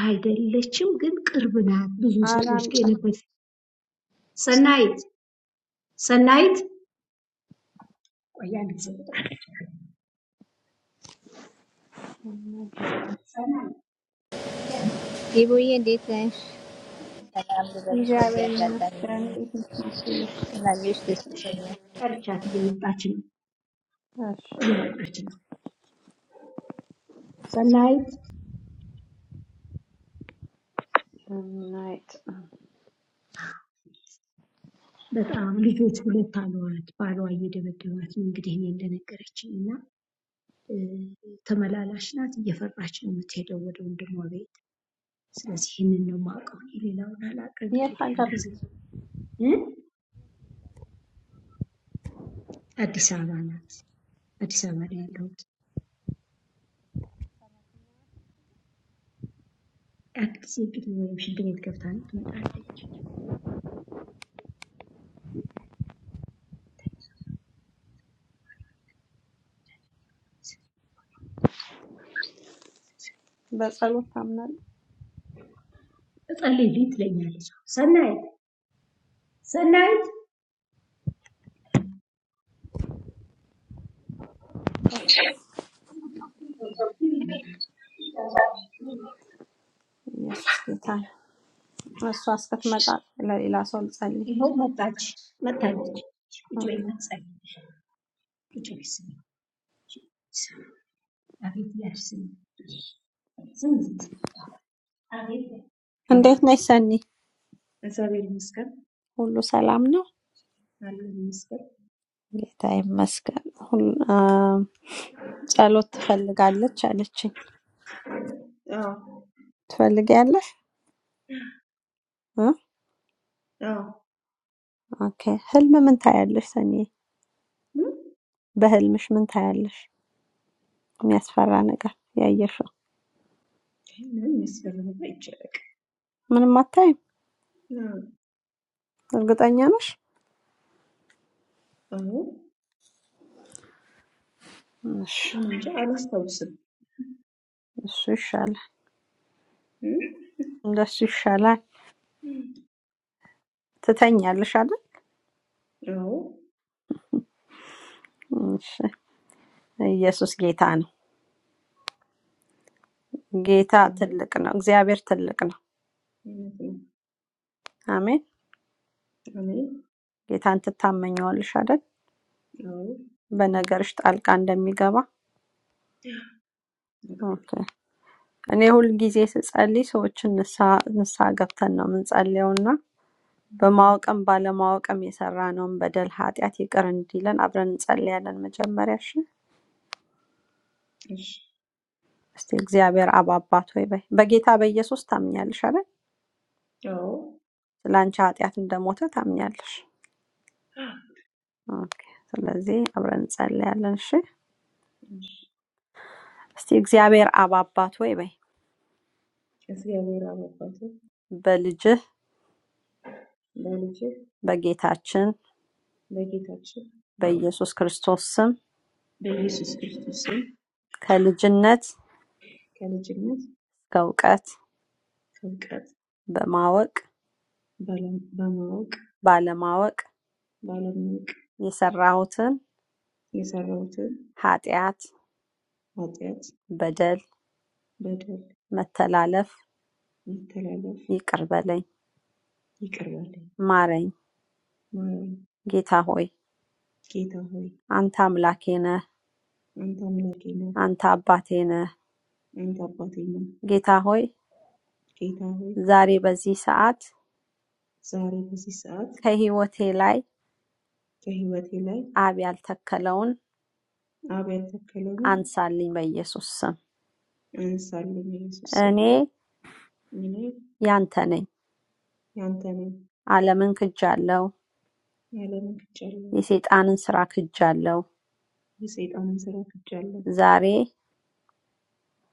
አይደለችም፣ ግን ቅርብ ናት። ብዙ ሰዎች አራን ሰናይት ሰናይት ቆይ አንድ ጊዜ ጠርቻት ዲቦዬ እንዴት ነሽ? ሰላም ልበልሽ። በዚህ እግዚአብሔር አጋጣሚ ይመስገን። እንዴት ነሽ ስላየሽ ደስ ብሎኛል። እየመጣች ነው ማርትዬ? እየመጣች ነው ሰናይት እሺ እናይጥ በጣም ልጆች ሁለት አሏት ባሏ እየደበደባት ነው እንግዲህ እኔ እንደነገረችኝ እና እ፣ ተመላላሽ ናት እየፈራች ነው የምትሄደው ወደ ወንድሟ ቤት ስለዚህ ይህንን ነው የማውቀው እኔ ሌላውን አላውቅም የት እንግዲህ አንድ ሀገር ጊዜ ነው? እ? አዲስ አበባ ናት አዲስ አበባ ላይ ያለሁት አንድ ጊዜ እንግዲህ ወይም ሽንት ቤት ገብታ ትመጣለች በጸሎት ታምናለህ? እጸልይልኝ ትለኛለች። ሰናይት ሰናይት ኢየሱስ ጌታ ነው። እሷ እስክትመጣ ለሌላ ሰው ልጸልይ። ይኸው መጣች መጣለች። ቁጭ ኦኬ። በይ እና ጸልይ። ቁጭ በይ ስሚ። አቤት እያልሽ ስሚ። ዝም ዝም አቤት እንዴት አቤት ነሽ ሰኒ? እግዚአብሔር ይመስገን ሁሉ ሰላም ነው? አለ ይመስገን። ጌታ ይመስገን። ሁሉ- አም፣ ጸሎት ትፈልጋለች አለችኝ። አዎ ትፈልጊያለሽ? እ? አዎ ኦኬ። ህልም ምን ታያለሽ ሰኒ? ም? በህልምሽ ምን ታያለሽ? የሚያስፈራ ነገር ያየሽው? ምንም የሚያስፈራ ነገር አይቻልም። ምንም አታይም? እርግጠኛ ነሽ? አዎ እኔ እንጃ አላስታውስም። እሺ እሱ ም? እንደሱ ይሻላል። ትተኛለሽ አይደል? አዎ እሺ። ኢየሱስ ጌታ ነው። ጌታ አዎ ትልቅ ነው። እግዚአብሔር ትልቅ ነው። እውነት ነው። አሜን። አሜን። ጌታን ትታመኘዋለሽ አይደል? አዎ እም፣ በነገርሽ ጣልቃ እንደሚገባ አውቃለሁ። ኦኬ። እኔ ሁልጊዜ ስጸልይ ሰዎችን ንስሐ ንስሐ ገብተን ነው የምንጸልየውና እም፣ በማወቅም ባለማወቅም የሰራነውን በደል ኃጢአት ይቅር እንዲለን አብረን እንጸልያለን። መጀመሪያ እሺ፣ እሺ። እስቲ እግዚአብሔር አብ አባት ሆይ በይ በጌታ በኢየሱስ ታምኛለሽ አይደል? አዎ ስለ አንቺ ኃጢአት እንደሞተ ታምኛለሽ። ኦኬ። ስለዚህ አብረን እንጸልያለን። እሺ፣ እሺ። እስቲ እግዚአብሔር አብ አባት ሆይ በይ እግዚአብሔር አባባቱ በልጅህ በልጅ በጌታችን በጌታችን በኢየሱስ ክርስቶስ ስም በኢየሱስ ክርስቶስ ስም ከልጅነት እስከ ከልጅነት እውቀት ከእውቀት በማወቅ ባለ- በማወቅ ባለማወቅ ባለማወቅ የሰራሁትን የሰራሁትን ኃጢአት፣ ኃጢአት፣ በደል፣ በደል፣ መተላለፍ መተላለፍ ይቅር በለኝ፣ ይቅር በለኝ ማረኝ። ማረኝ። ጌታ ሆይ ጌታ ሆይ አንተ አምላኬ ነህ፣ አንተ አምላኬ ነህ፣ አንተ አባቴ ነህ። አንተ አባቴ ነህ። ጌታ ሆይ ጌታ ሆይ ዛሬ በዚህ ሰዓት ዛሬ በዚህ ሰዓት ከህይወቴ ላይ ከህይወቴ ላይ አብ ያልተከለውን አብያተ ክህሎትን አንሳልኝ በኢየሱስ ስም። አንሳልኝ ኢየሱስ ስም እኔ እኔ ያንተ ነኝ፣ ያንተ ነኝ ዓለምን ክጃለሁ፣ የዓለምን ክጃለሁ፣ የሰይጣንን ሥራ ክጃለሁ። የሰይጣንን ስራ ክጃለሁ። ዛሬ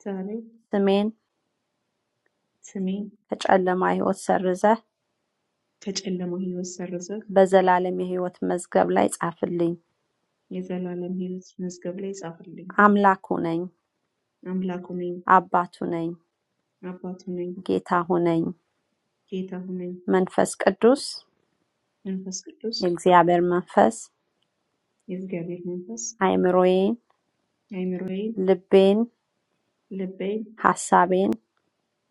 ዛሬ ስሜን ስሜን ከጨለማ ሕይወት ሰርዘህ ከጨለማ ህይወት ሰርዘህ በዘላለም የሕይወት መዝገብ ላይ ጻፍልኝ። የዘላለም ህይወት መዝገብ ላይ ጻፍልኝ። አምላኩ ነኝ፣ አምላኩ ነኝ፣ አባቱ ነኝ፣ አባቱ ነኝ፣ ጌታ ሁነኝ። ጌታ ነኝ። መንፈስ ቅዱስ መንፈስ ቅዱስ የእግዚአብሔር መንፈስ የእግዚአብሔር መንፈስ አእምሮዬን፣ አይምሮዬን፣ ልቤን፣ ልቤን፣ ሐሳቤን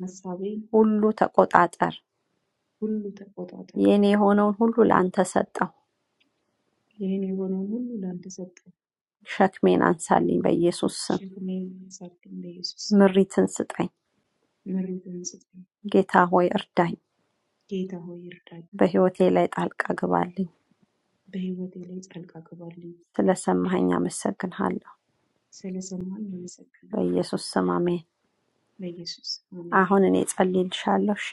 ሀሳቤን ሁሉ ተቆጣጠር። ሁሉ ተቆጣጠር። የእኔ የሆነውን ሁሉ ለአንተ ሰጠሁ። ይህን የሆነውን ሁሉ ላንተ ሰጠው። ሸክሜን አንሳልኝ በኢየሱስ ስም። ሸክሜን አንሳልኝ በኢየሱስ ምሪትን ስጠኝ። ስም። ምሬትን ስጠኝ ጌታ ሆይ እርዳኝ። ጌታ ሆይ እርዳኝ፣ በሕይወቴ ላይ ጣልቃ ግባልኝ። በሕይወቴ ላይ ጣልቃ ግባልኝ። ስለሰማኸኝ አመሰግንሃለሁ። ስለሰማኸኝ አመሰግናለሁ። በኢየሱስ ስም አሜን። በኢየሱስ ስም አሜን። አሁን እኔ ጸልይልሻለሁ። እሺ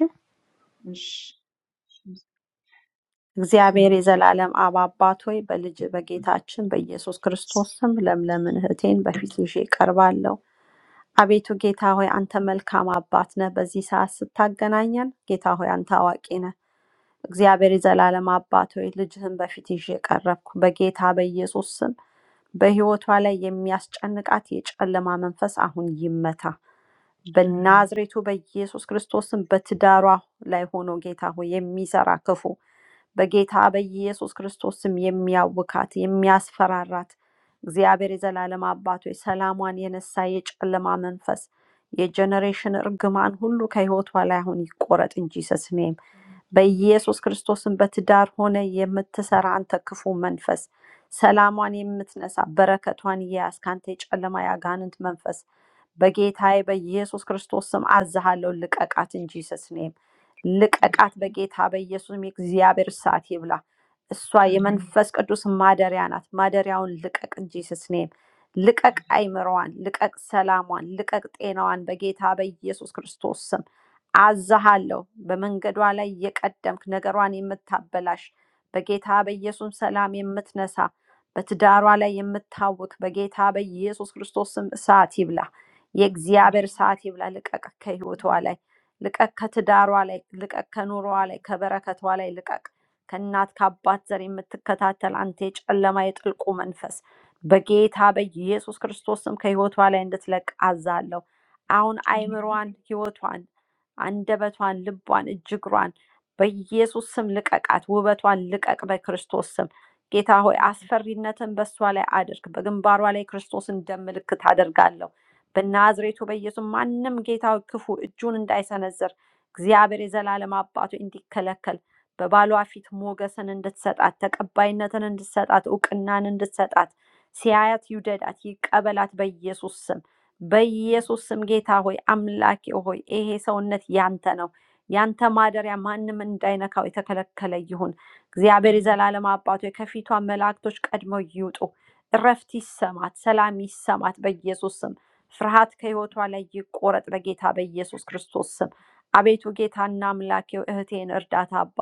እሺ እግዚአብሔር የዘላለም አብ አባት ሆይ በልጅ በጌታችን በኢየሱስ ክርስቶስ ስም ለምለምን እህቴን በፊት ይዤ ቀርባለሁ። አቤቱ ጌታ ሆይ አንተ መልካም አባት ነህ። በዚህ ሰዓት ስታገናኘን ጌታ ሆይ አንተ አዋቂ ነህ። እግዚአብሔር የዘላለም አባት ሆይ ልጅህን በፊት ይዤ ቀረብኩ። በጌታ በኢየሱስ ስም በህይወቷ ላይ የሚያስጨንቃት የጨለማ መንፈስ አሁን ይመታ። በናዝሬቱ በኢየሱስ ክርስቶስም በትዳሯ ላይ ሆኖ ጌታ ሆይ የሚሰራ ክፉ በጌታ በኢየሱስ ክርስቶስም የሚያውካት የሚያስፈራራት እግዚአብሔር የዘላለም አባቶ ሰላሟን የነሳ የጨለማ መንፈስ የጀኔሬሽን እርግማን ሁሉ ከህይወቷ ላይ አሁን ይቆረጥ እንጂ ሰስኔ በኢየሱስ ክርስቶስም በትዳር ሆነ የምትሰራ አንተ ክፉ መንፈስ ሰላሟን የምትነሳ በረከቷን እየያዝ ከአንተ የጨለማ የአጋንንት መንፈስ በጌታዬ በኢየሱስ ክርስቶስ ስም አዝሃለሁ፣ ልቀቃት እንጂ ስስኔም ልቀቃት። በጌታ በኢየሱስም የእግዚአብሔር ሰዓት ይብላ። እሷ የመንፈስ ቅዱስ ማደሪያ ናት። ማደሪያውን ልቀቅ እንጂ ስስኔም ልቀቅ። አይምሮዋን ልቀቅ፣ ሰላሟን ልቀቅ፣ ጤናዋን በጌታ በኢየሱስ ክርስቶስ ስም አዛሃለሁ። በመንገዷ ላይ የቀደምክ ነገሯን የምታበላሽ በጌታ በኢየሱስ ሰላም የምትነሳ በትዳሯ ላይ የምታውክ በጌታ በኢየሱስ ክርስቶስ ስም እሳት ይብላ። የእግዚአብሔር እሳት ይብላ። ልቀቅ ከህይወቷ ላይ ልቀቅ፣ ከትዳሯ ላይ ልቀቅ፣ ከኑሯዋ ላይ ከበረከቷ ላይ ልቀቅ። ከእናት ከአባት ዘር የምትከታተል አንተ የጨለማ የጥልቁ መንፈስ በጌታ በኢየሱስ ክርስቶስ ስም ከህይወቷ ላይ እንድትለቅ አዛለሁ። አሁን አይምሯን፣ ህይወቷን አንደበቷን፣ ልቧን፣ እጅግሯን በኢየሱስ ስም ልቀቃት። ውበቷን ልቀቅ በክርስቶስ ስም። ጌታ ሆይ አስፈሪነትን በእሷ ላይ አድርግ። በግንባሯ ላይ ክርስቶስን ደም ምልክት አደርጋለሁ። በናዝሬቱ በኢየሱስ ማንም ጌታ ሆይ ክፉ እጁን እንዳይሰነዝር እግዚአብሔር የዘላለም አባቱ እንዲከለከል በባሏ ፊት ሞገስን እንድትሰጣት፣ ተቀባይነትን እንድትሰጣት፣ እውቅናን እንድትሰጣት ሲያያት ይውደዳት፣ ይቀበላት በኢየሱስ ስም። በኢየሱስ ስም ጌታ ሆይ አምላኬ ሆይ ይሄ ሰውነት ያንተ ነው። ያንተ ማደሪያ ማንም እንዳይነካው የተከለከለ ይሁን። እግዚአብሔር የዘላለም አባቶ ከፊቷ መላእክቶች ቀድመው ይውጡ። እረፍት ይሰማት፣ ሰላም ይሰማት በኢየሱስ ስም። ፍርሃት ከህይወቷ ላይ ይቆረጥ በጌታ በኢየሱስ ክርስቶስ ስም። አቤቱ ጌታና አምላኬው እህቴን እርዳታ አባ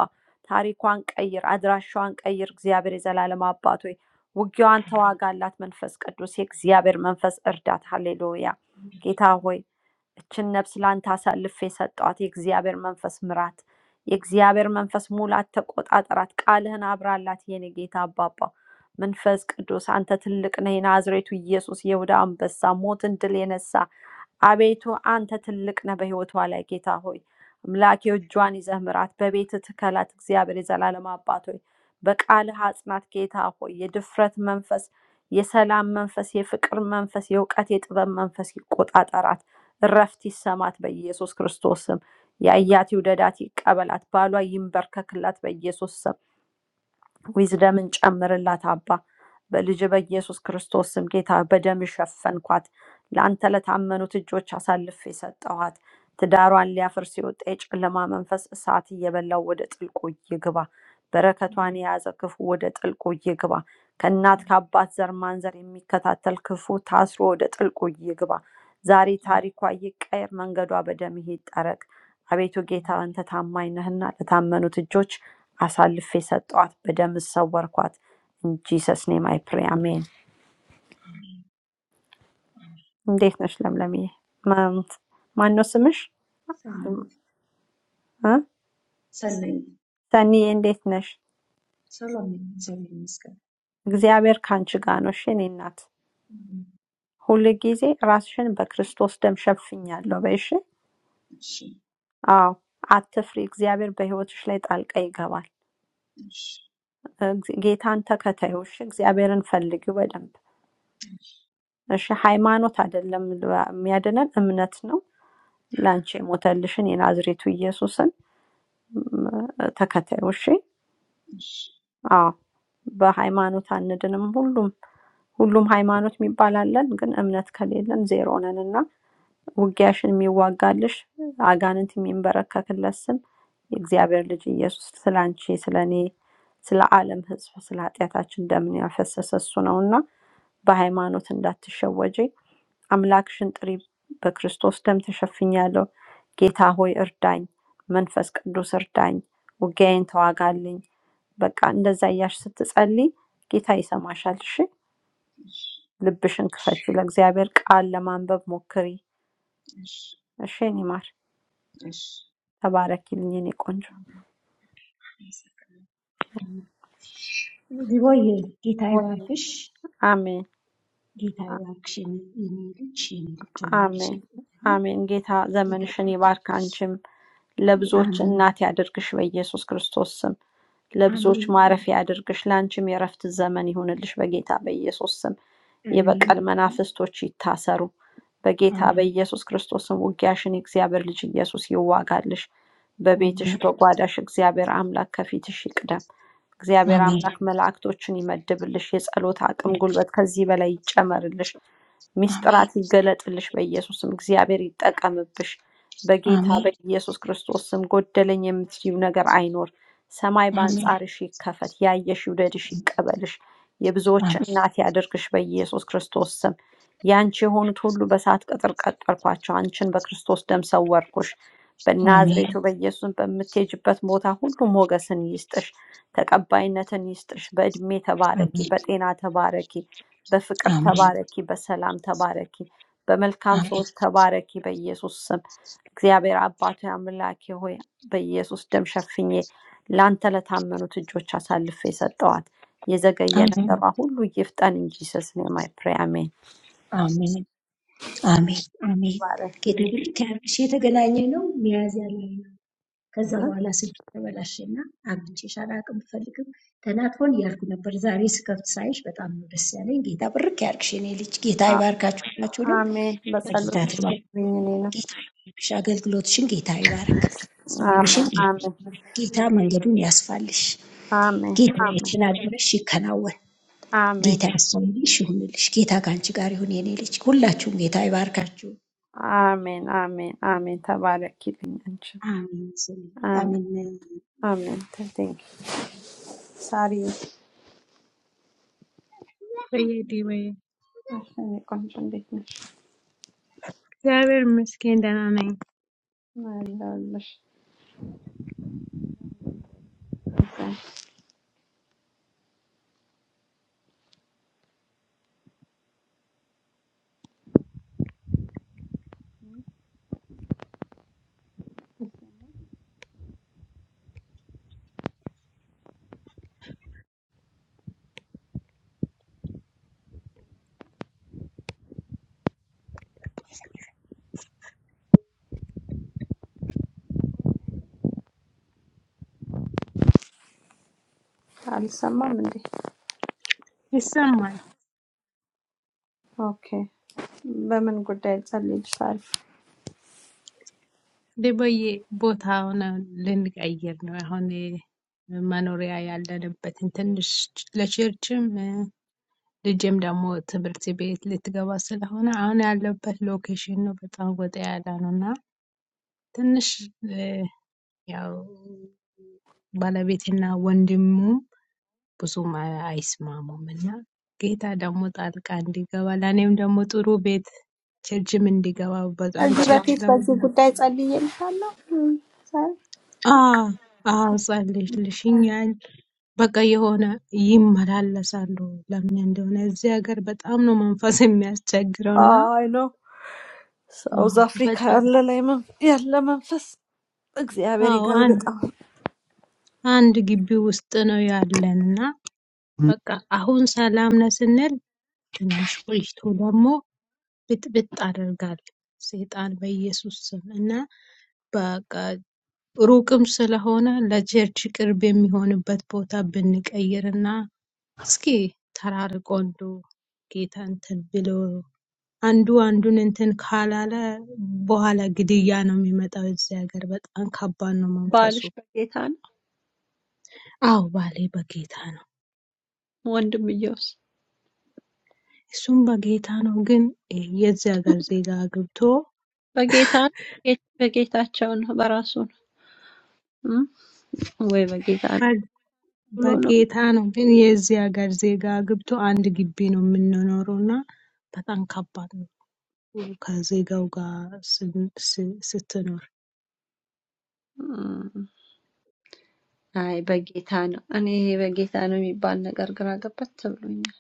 ታሪኳን ቀይር፣ አድራሻዋን ቀይር። እግዚአብሔር የዘላለም አባቶ ውጊያዋን ተዋጋ አላት መንፈስ ቅዱስ የእግዚአብሔር መንፈስ እርዳት። ሃሌሉያ ጌታ ሆይ እችን ነፍስ ላንተ አሳልፌ የሰጠዋት የእግዚአብሔር መንፈስ ምራት፣ የእግዚአብሔር መንፈስ ሙላት ተቆጣጠራት፣ ቃልህን አብራላት። የኔ ጌታ አባባ መንፈስ ቅዱስ አንተ ትልቅ ነህ። የናዝሬቱ ኢየሱስ የይሁዳ አንበሳ ሞትን ድል የነሳ አቤቱ አንተ ትልቅ ነህ በሕይወቷ ላይ ጌታ ሆይ አምላኬ ሆይ እጇን ይዘህ ምራት፣ በቤት ትከላት። እግዚአብሔር የዘላለም አባት ሆይ በቃልህ አጽናት። ጌታ ሆይ የድፍረት መንፈስ፣ የሰላም መንፈስ፣ የፍቅር መንፈስ፣ የእውቀት የጥበብ መንፈስ ይቆጣጠራት። እረፍት ይሰማት በኢየሱስ ክርስቶስ ስም። ያያት ይውደዳት፣ ይቀበላት። ባሏ ይንበርከክላት በኢየሱስ ስም። ዊዝደምን ጨምርላት አባ። በልጅ በኢየሱስ ክርስቶስ ስም ጌታ በደም ሸፈንኳት። ለአንተ ለታመኑት እጆች አሳልፌ ሰጠኋት። ትዳሯን ሊያፈርስ የወጣ የጨለማ መንፈስ እሳት እየበላው ወደ ጥልቁ ይግባ። በረከቷን የያዘ ክፉ ወደ ጥልቁ ይግባ። ከእናት ከአባት ዘር ማንዘር የሚከታተል ክፉ ታስሮ ወደ ጥልቁ ይግባ። ዛሬ ታሪኳ ይቀየር፣ መንገዷ በደም ይጠረግ። አቤቱ ጌታ አንተ ታማኝ ነህና ለታመኑት እጆች አሳልፌ ሰጠኋት፣ በደም ሰወርኳት። ኢንጂሰስ ኔም አይ ፕሬ አሜን። እንዴት ነሽ ለምለምዬ? ማ- ማነው ስምሽ? እ? ሰናይ ሰኒዬ እንዴት ነሽ? ሰላም ነኝ፣ እግዚአብሔር ይመስገን። እግዚአብሔር ከአንቺ ጋር ነው። እሺ የእኔ እናት ሁል ጊዜ ራስሽን በክርስቶስ ደም ሸፍኛለሁ በይሽ። እሺ አዎ አትፍሪ፣ እግዚአብሔር በህይወትሽ ላይ ጣልቃ ይገባል። እሺ እግዚ- ጌታን ተከታዮሽ፣ እግዚአብሔርን ፈልጊው በደንብ እሺ። ሃይማኖት አይደለም የሚያድነን እምነት ነው። ለአንቺ የሞተልሽን የናዝሬቱ ኢየሱስን ም፣ ተከተዩ። እሺ። እሺ አዎ፣ በሃይማኖት አንድንም። ሁሉም ሁሉም ሃይማኖት የሚባል አለን፣ ግን እምነት ከሌለን ዜሮ ነን እና ውጊያሽን የሚዋጋልሽ አጋንንት የሚንበረከክለት ስም የእግዚአብሔር ልጅ ኢየሱስ ስለ አንቺ፣ ስለ እኔ፣ ስለ ዓለም ሕዝብ፣ ስለ ኃጢአታችን ደምን ያፈሰሰ እሱ ነው እና በሃይማኖት እንዳትሸወጂ አምላክሽን ጥሪ፣ በክርስቶስ ደም ተሸፍኛለሁ። ጌታ ሆይ እርዳኝ፣ መንፈስ ቅዱስ እርዳኝ፣ ውጊያዬን ተዋጋልኝ። በቃ እንደዛ እያልሽ ስትጸልይ ጌታ ይሰማሻል። እሺ፣ እሺ ልብሽን ክፈች፣ ለእግዚአብሔር ቃል ለማንበብ ሞክሪ። እሺ እሺ፣ እኔ ማር እሺ እሺ ተባረኪልኝ፣ እኔ ቆንጆ። አመሰግናለሁ። ዝቦይ ጌታ ይባርክሽ። አሜን። ጌታዬ እባክሽ የኔ ልጅ የኔ ልጅ ትሆኛለሽ አሜን እያለኝ አሜን። ጌታ ጌታ ዘመንሽን ብሩኬ ይባርክ፣ አንቺም ለብዙዎች አሜን እናት ያድርግሽ በኢየሱስ ክርስቶስ ስም። ለብዙዎች አሜን ማረፊያ ያድርግሽ፣ ለአንቺም የእረፍት ዘመን ይሁንልሽ በጌታ በኢየሱስ ስም። አሜን የበቀል መናፍስቶች ይታሰሩ በጌታ አሜን በኢየሱስ ክርስቶስ ስም። ውጊያሽን የእግዚአብሔር ልጅ ኢየሱስ ይዋጋልሽ። በቤትሽ አሜን በጓዳሽ እግዚአብሔር አምላክ ከፊትሽ ይቅደም። አሜን እግዚአብሔር አሜን አምላክ መላእክቶችን ይመድብልሽ። የጸሎት አቅም፣ ጉልበት ከዚህ በላይ ይጨመርልሽ። አሜን ሚስጥራት አሜን ይገለጥልሽ። በኢየሱስም እግዚአብሔር ይጠቀምብሽ። በጌታ በኢየሱስ ክርስቶስ ስም ጎደለኝ የምትዩ ነገር አይኖር። ሰማይ አሜን አሜን አሜን በአንጻርሽ ይከፈት። ያየሽ ይውደድሽ፣ ይቀበልሽ። የብዙዎች እናት ያድርግሽ። በኢየሱስ ክርስቶስ ስም ያንቺ የሆኑት ሁሉ በእሳት ቅጥር ቀጠርኳቸው። አንቺን በክርስቶስ ደም ሰወርኩሽ። አሜን አሜን በናዝሬቱ በኢየሱስም በምትሄጅበት ቦታ ሁሉ ሞገስን ይስጥሽ። ተቀባይነትን ይስጥሽ። በእድሜ ተባረኪ፣ በጤና ተባረኪ፣ በፍቅር ተባረኪ፣ በሰላም ተባረኪ፣ በመልካም ሰዎች ተባረኪ። በኢየሱስ ስም እግዚአብሔር አባቱ አምላኬ ሆይ በኢየሱስ ደም ሸፍኜ ለአንተ ለታመኑት እጆች አሳልፌ ሰጠዋት። የዘገየ አሜን ነገሯ ሁሉ ይፍጠን እንጂ ስስኔ ማይ ፕሬ አሜን። አሜን አሜን አሜን ጌታ ባረኪልኝ። ብሩክ ያርግሽ የተገናኘ ነው ሚያዝያ ላይ ከዛ በኋላ ስልክ ተበላሸና አግኝቼሽ አላቅም ብፈልግም ተናጥፎን እያልኩ ነበር። ዛሬ ስከፍት ሳይሽ በጣም ነው ደስ ያለኝ። ጌታ ብርክ ያርግሽ የኔ ልጅ። ጌታ አ- ይባርካችሁ ሁላችሁንም። አሜን። በጌታ በጸሎትሽ ትባር አስቢኝ እኔንም። ጌታ ይባርክሽ። አገልግሎትሽን ጌታ ይባርክ። ዘመንሽን አሜን ጌታ አሜን ይባርክ። ጌታ መንገዱን ያስፋልሽ። አሜን ጌታ አሜን የተናገረሽ ይከናወን። አሜን ጌታ ያስፋልሽ ይሁንልሽ። ጌታ ከአንቺ ጋር ይሁን የኔ ልጅ። ሁላችሁም ጌታ ይባርካችሁ። Amen. Amen. Amen. ተባረኪልኛችን። አሜን። አሜን። አሜን። አሜን። ቴንክ ሳሪ በየ ዲቦዬ። እሺ፣ እኔ ቆንጆ እንዴት ነሽ? እግዚአብሔር ይመስገን ደህና ነኝ። አለሁልሽ። አልሰማም እንዴ? ይሰማል። ኦኬ። በምን ጉዳይ ጸልይልሽ ሳሪ? ዲቦዬ፣ ቦታውን ልንቀይር ነው አሁን የ- መኖሪያ ያለንበትን ትንሽ ለቸርችም ልጄም ደግሞ ትምህርት ቤት ልትገባ ስለሆነ አሁን ያለሁበት ሎኬሽኑ በጣም ወጣ ያለ ነው እና ትንሽ ያው ባለቤቴና ወንድሙ ብዙም አይስማሙም እና ጌታ ደግሞ ጣልቃ እንዲገባ ለእኔም ደግሞ ጥሩ ቤት ቸርችም እንዲገባ በጣም ከዚህ ቸርች በፊት በዚህ ለመብሉ ጉዳይ ጸልዬልሻለሁ እም፣ ሳሪ። አዎ አዎ ጸልይልሽኛል። በቃ የሆነ ይመላለሳሉ ለምን እንደሆነ እዚህ ሀገር በጣም ነው መንፈስ የሚያስቸግረው እና አይ ነው ሳውዝ አዎ አፍሪካ በጣም ያለ ላይ መን- ያለ መንፈስ እግዚአብሔር አዎ አንድ ይገልብጣል። አንድ ግቢ ውስጥ ነው ያለን እና በቃ አሁን ሰላም ነን ስንል ትንሽ ቆይቶ ደግሞ ብጥብጥ አደርጋለሁ ሰይጣን በኢየሱስ ስም እና በቃ ሩቅም ስለሆነ ለቸርች ቅርብ የሚሆንበት ቦታ ብንቀይርና እስኪ ተራርቆ እንደው ጌታ እንትን ብሎ አንዱ አንዱን እንትን ካላለ በኋላ ግድያ ነው የሚመጣው። እዚህ ሀገር በጣም ከባድ ነው መንፈሱ። ባልሽ በጌታ ነው አዎ ባሌ በጌታ ነው። ወንድምየውስ? እሱም በጌታ ነው ግን የዚህ ሀገር ዜጋ አግብቶ በጌታ ነው? ጌ- በጌታቸው ነው በራሱ ነው እም? ወይ በጌታ ነው ብሎ ነው? በጌታ ነው ግን የዚህ ሀገር ዜጋ አግብቶ አንድ ግቢ ነው የምንኖረው እና በጣም ከባድ ነው ከዜጋው ጋር ስን- ስ- ስትኖር። እም፣ አይ በጌታ ነው። እኔ ይሄ በጌታ ነው የሚባል ነገር ግራ ገባት ተብሎኛል።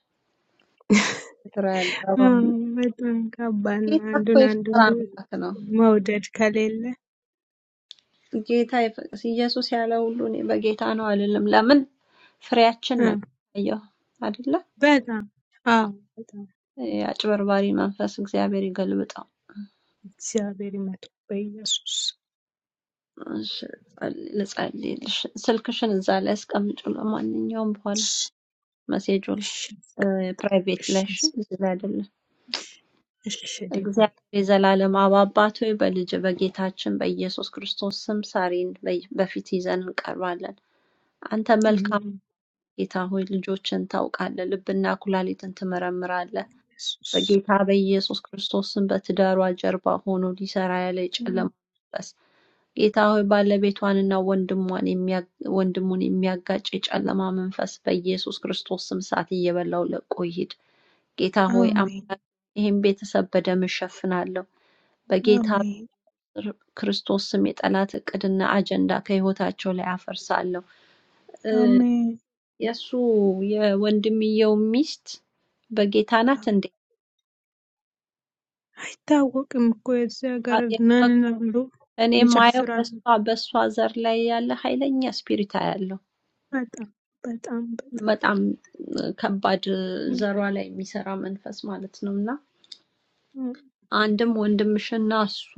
ግራ ያጋባው አዎ፣ ነው። በጣም ከባድ ነው ጌታ እኮ አንዱን አንዱን የፍቅር አምላክ ነው። መውደድ ከሌለ። ጌታ የፍቅ- ኢየሱስ ያለ ሁሉ እኔ በጌታ ነው አልልም። ለምን ፍሬያችን አዎ፣ ነው የሚታየው አይደለ? በጣም አዎ፣ በጣም የአጭበርባሪ መንፈስ እግዚአብሔር ይገልብጠው። እግዚአብሔር ይመስገን በኢየሱስ እሺ፣ ጸል- ልጸልይልሽ። ስልክሽን እዛ ላይ አስቀምጪው። ለማንኛውም በኋላ እሺ፣ መሴጁ እሺ፣ ፕራይቬት እሺ፣ ላይ እሺ፣ እሺ፣ እዚህ ላይ አይደለም። እሺ፣ እሺ፣ ዴቦዬ። እግዚአብሔር የዘላለም አብ አባት ሆይ በልጅ በጌታችን በኢየሱስ ክርስቶስ ስም ሳሪን በይ- በፊት ይዘን እንቀርባለን። አንተ መልካም አሜን። ጌታ ሆይ ልጆችን ታውቃለህ፣ ልብና ኩላሊትን ትመረምራለህ። Jesús. በጌታ በኢየሱስ ክርስቶስ ስም በትዳሯ ጀርባ ሆኖ ሊሰራ ያለ Mm. የጨለማ መንፈስ ጌታ ሆይ ባለቤቷንና ወንድሟን የሚያ- ወንድሙን የሚያጋጭ የጨለማ መንፈስ በኢየሱስ ክርስቶስ ስም እሳት እየበላው ለቆ ይሂድ። ጌታ ሆይ Amén, አምላክ ይህም ቤተሰብ በደም እሸፍናለሁ። በጌታ amén, ክርስቶስ ስም የጠላት እቅድና አጀንዳ ከህይወታቸው ላይ አፈርሳለሁ። እ፣ amén. የእሱ የወንድምየው ሚስት በጌታ ናት እንዴ? አይታወቅም እኮ የዚህ ሀገር አ- የ- ነን ብሎ እኔ የማየው ይጨፍራሉ። በሷ በሷ ዘር ላይ ያለ ኃይለኛ ስፒሪት አያለሁ። በጣም በጣም በጣም በጣም እ፣ ከባድ እ፣ እም፣ ዘሯ ላይ የሚሰራ መንፈስ ማለት ነው እና እም። አንድም ወንድምሽና እሱ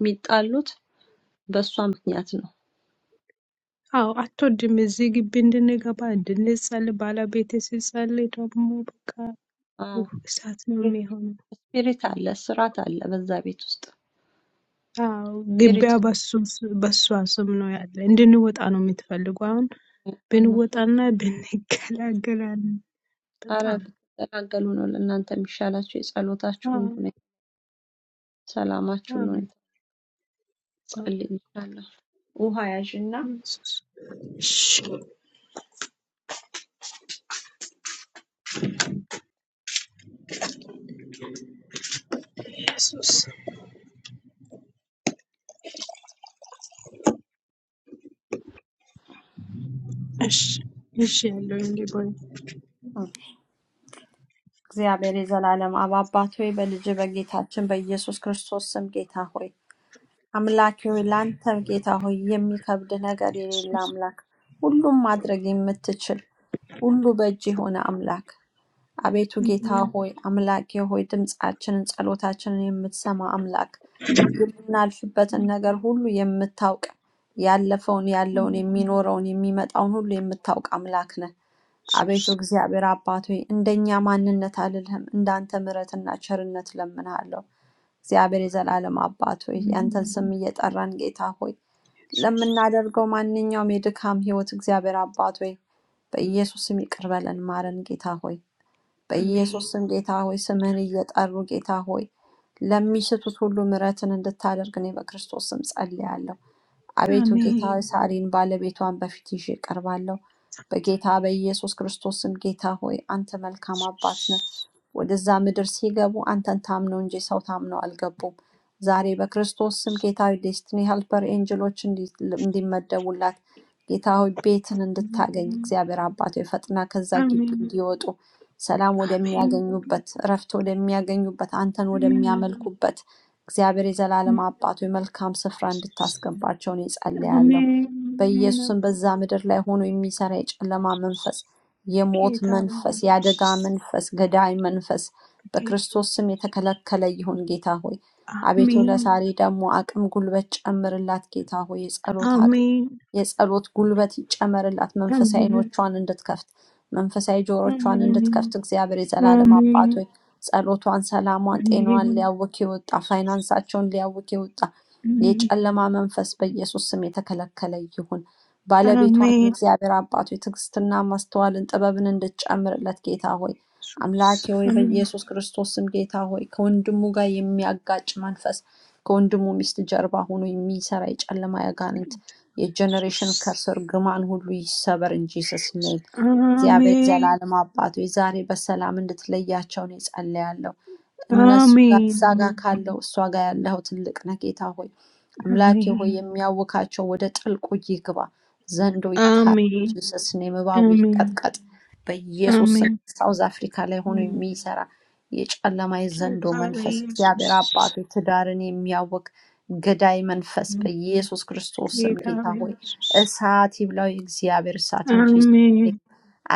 የሚጣሉት በእሷ ምክንያት ነው። አዎ አትወድም። እዚህ ግቢ እንድንገባ እንድንጸልይ ባለቤቴ ሲጸልይ ደግሞ በቃ ውህ እሳት ነው የሚሆነው። ስፒሪት አለ፣ ስርዓት አለ። በዛ ቤት ውስጥ አዎ ስፒሪት ግቢያ በሱ በሷ ስም ነው ያለ። እንድንወጣ ነው የምትፈልጉ። አሁን ነው። ብንወጣና ብንገላገላለን። አረ በጣም ብትገላገሉ ነው ለእናንተ የሚሻላችሁ። የጸሎታችሁን አዎ ሁኔታ፣ ሰላማችሁን አዎ ሁኔታ አዎ። ጸልይ ይሻላል። ውሃ ያዥና Jesus. Jesus. Ash- Ashelo ngibona አዎ። እግዚአብሔር የዘላለም አብ አባት ሆይ በልጅ በጌታችን በኢየሱስ ክርስቶስ ስም ጌታ ሆይ አምላኬ ሆይ ለአንተ ጌታ ሆይ የሚከብድ ነገር የሌለ Jesus. አምላክ ሁሉም ማድረግ የምትችል ሁሉ በእጅ የሆነ አምላክ አቤቱ ጌታ Mhm. ሆይ፣ አምላኬ ሆይ፣ ድምፃችንን ጸሎታችንን የምትሰማ አምላክ፣ የምናልፍበትን ነገር ሁሉ የምታውቅ ያለፈውን፣ ያለውን፣ Mhm. የሚኖረውን፣ የሚመጣውን ሁሉ የምታውቅ አምላክ ነህ። አቤቱ Jesus. እግዚአብሔር አባት ሆይ፣ እንደኛ ማንነት አልልህም፣ እንዳንተ ምሕረትና ቸርነት ለምንሃለሁ። እግዚአብሔር የዘላለም አባት ሆይ፣ Mhm. ያንተን ስም እየጠራን ጌታ ሆይ Jesus. ለምናደርገው ማንኛውም የድካም ህይወት እግዚአብሔር አባት ሆይ በኢየሱስ ስም ይቅር በለን፣ ማረን ጌታ ሆይ። Amen. በኢየሱስም ጌታ ሆይ ስምህን እየጠሩ ጌታ ሆይ ለሚስቱት ሁሉ ምሕረትን እንድታደርግ እኔ በክርስቶስ ስም ጸልያለሁ። አቤቱ ጌታ ሆይ Amen. ሳሪን ባለቤቷን በፊት ይዤ እቀርባለሁ። በጌታ በኢየሱስ ክርስቶስም ጌታ ሆይ አንተ መልካም አባት ነህ። Jesus. ወደዛ ምድር ሲገቡ አንተን ታምነው እንጂ ሰው ታምነው አልገቡም። ዛሬ በክርስቶስ ስም ጌታ ሆይ ዴስቲኒ ሄልፐር ኤንጅሎች እንዲ- እንዲመደቡላት ጌታ ሆይ ቤትን Mhm. እንድታገኝ እግዚአብሔር አባት ሆይ ፈጥና ከዛ ግቢ Amen. እንዲወጡ ሰላም Amen. ወደሚያገኙበት እረፍት ወደሚያገኙበት አንተን Amen. ወደሚያመልኩበት እግዚአብሔር የዘላለም አባት ሆይ መልካም ስፍራ እንድታስገባቸውን እኔ ጸልያለሁ። Amen. Amen. በኢየሱስም በዛ ምድር ላይ ሆኖ የሚሰራ የጨለማ መንፈስ የሞት Abakhetha መንፈስ፣ abanye የአደጋ Jesus. መንፈስ፣ ገዳይ መንፈስ Abakhetha. በክርስቶስ ስም የተከለከለ ይሁን ጌታ ሆይ። አቤቱ Amen. ለዛሬ ደግሞ አቅም ጉልበት ጨምርላት ጌታ ሆይ። የጸሎት Amen. የጸሎት ጉልበት ይጨመርላት። መንፈሳዊ Amen. ዓይኖቿን እንድትከፍት መንፈሳዊ ጆሮቿን እንድትከፍት Amen. እግዚአብሔር የዘላለም አባት Amen. ሆይ ጸሎቷን፣ ሰላሟን፣ ጤናዋን Amen. ሊያውክ የወጣ ፋይናንሳቸውን ሊያውክ የወጣ Amen. የጨለማ መንፈስ በኢየሱስ ስም የተከለከለ ይሁን። ባለቤቷንም Amén, እግዚአብሔር አባት ሆይ ትዕግስትና ማስተዋልን ጥበብን እንድትጨምርለት ጌታ ሆይ አምላኬ Jesús. ሆይ Amén, በኢየሱስ ክርስቶስ ስም ጌታ ሆይ ከወንድሙ ጋር የሚያጋጭ መንፈስ ከወንድሙ ሚስት ጀርባ ሆኖ የሚሰራ የጨለማ ያጋንንት የጀኔሬሽን Jesús. ከርሰር ግማን ሁሉ ይሰበር እንጂ ጂሰስ ኔም። እግዚአብሔር Amén. የዘላለም አባቶ ዛሬ በሰላም እንድትለያቸው እኔ ጸልያለሁ። እነሱ ጋር Amén. እዛ ጋር Amén. ካለው እሷ ጋር ያለው ትልቅ ነህ ጌታ ሆይ። አምላኬ ሆይ የሚያውካቸው ወደ ጥልቁ ይግባ። ዘንዶ ይታረድ፣ Amén. ጂሰስ ኔም እባቡ Amén. Amén. ይቀጥቀጥ። በኢየሱስ ስም Amén. ሳውዝ አፍሪካ ላይ ሆኖ የሚሰራ የጨለማ Que የዘንዶ መንፈስ Padre እግዚአብሔር Jesús. አባቱ ትዳርን የሚያውክ ገዳይ መንፈስ በኢየሱስ ክርስቶስ ስም Que ጌታ Padre ሆይ Jesús. እሳት ይብላው፣ የእግዚአብሔር እሳት እንጂ Amén.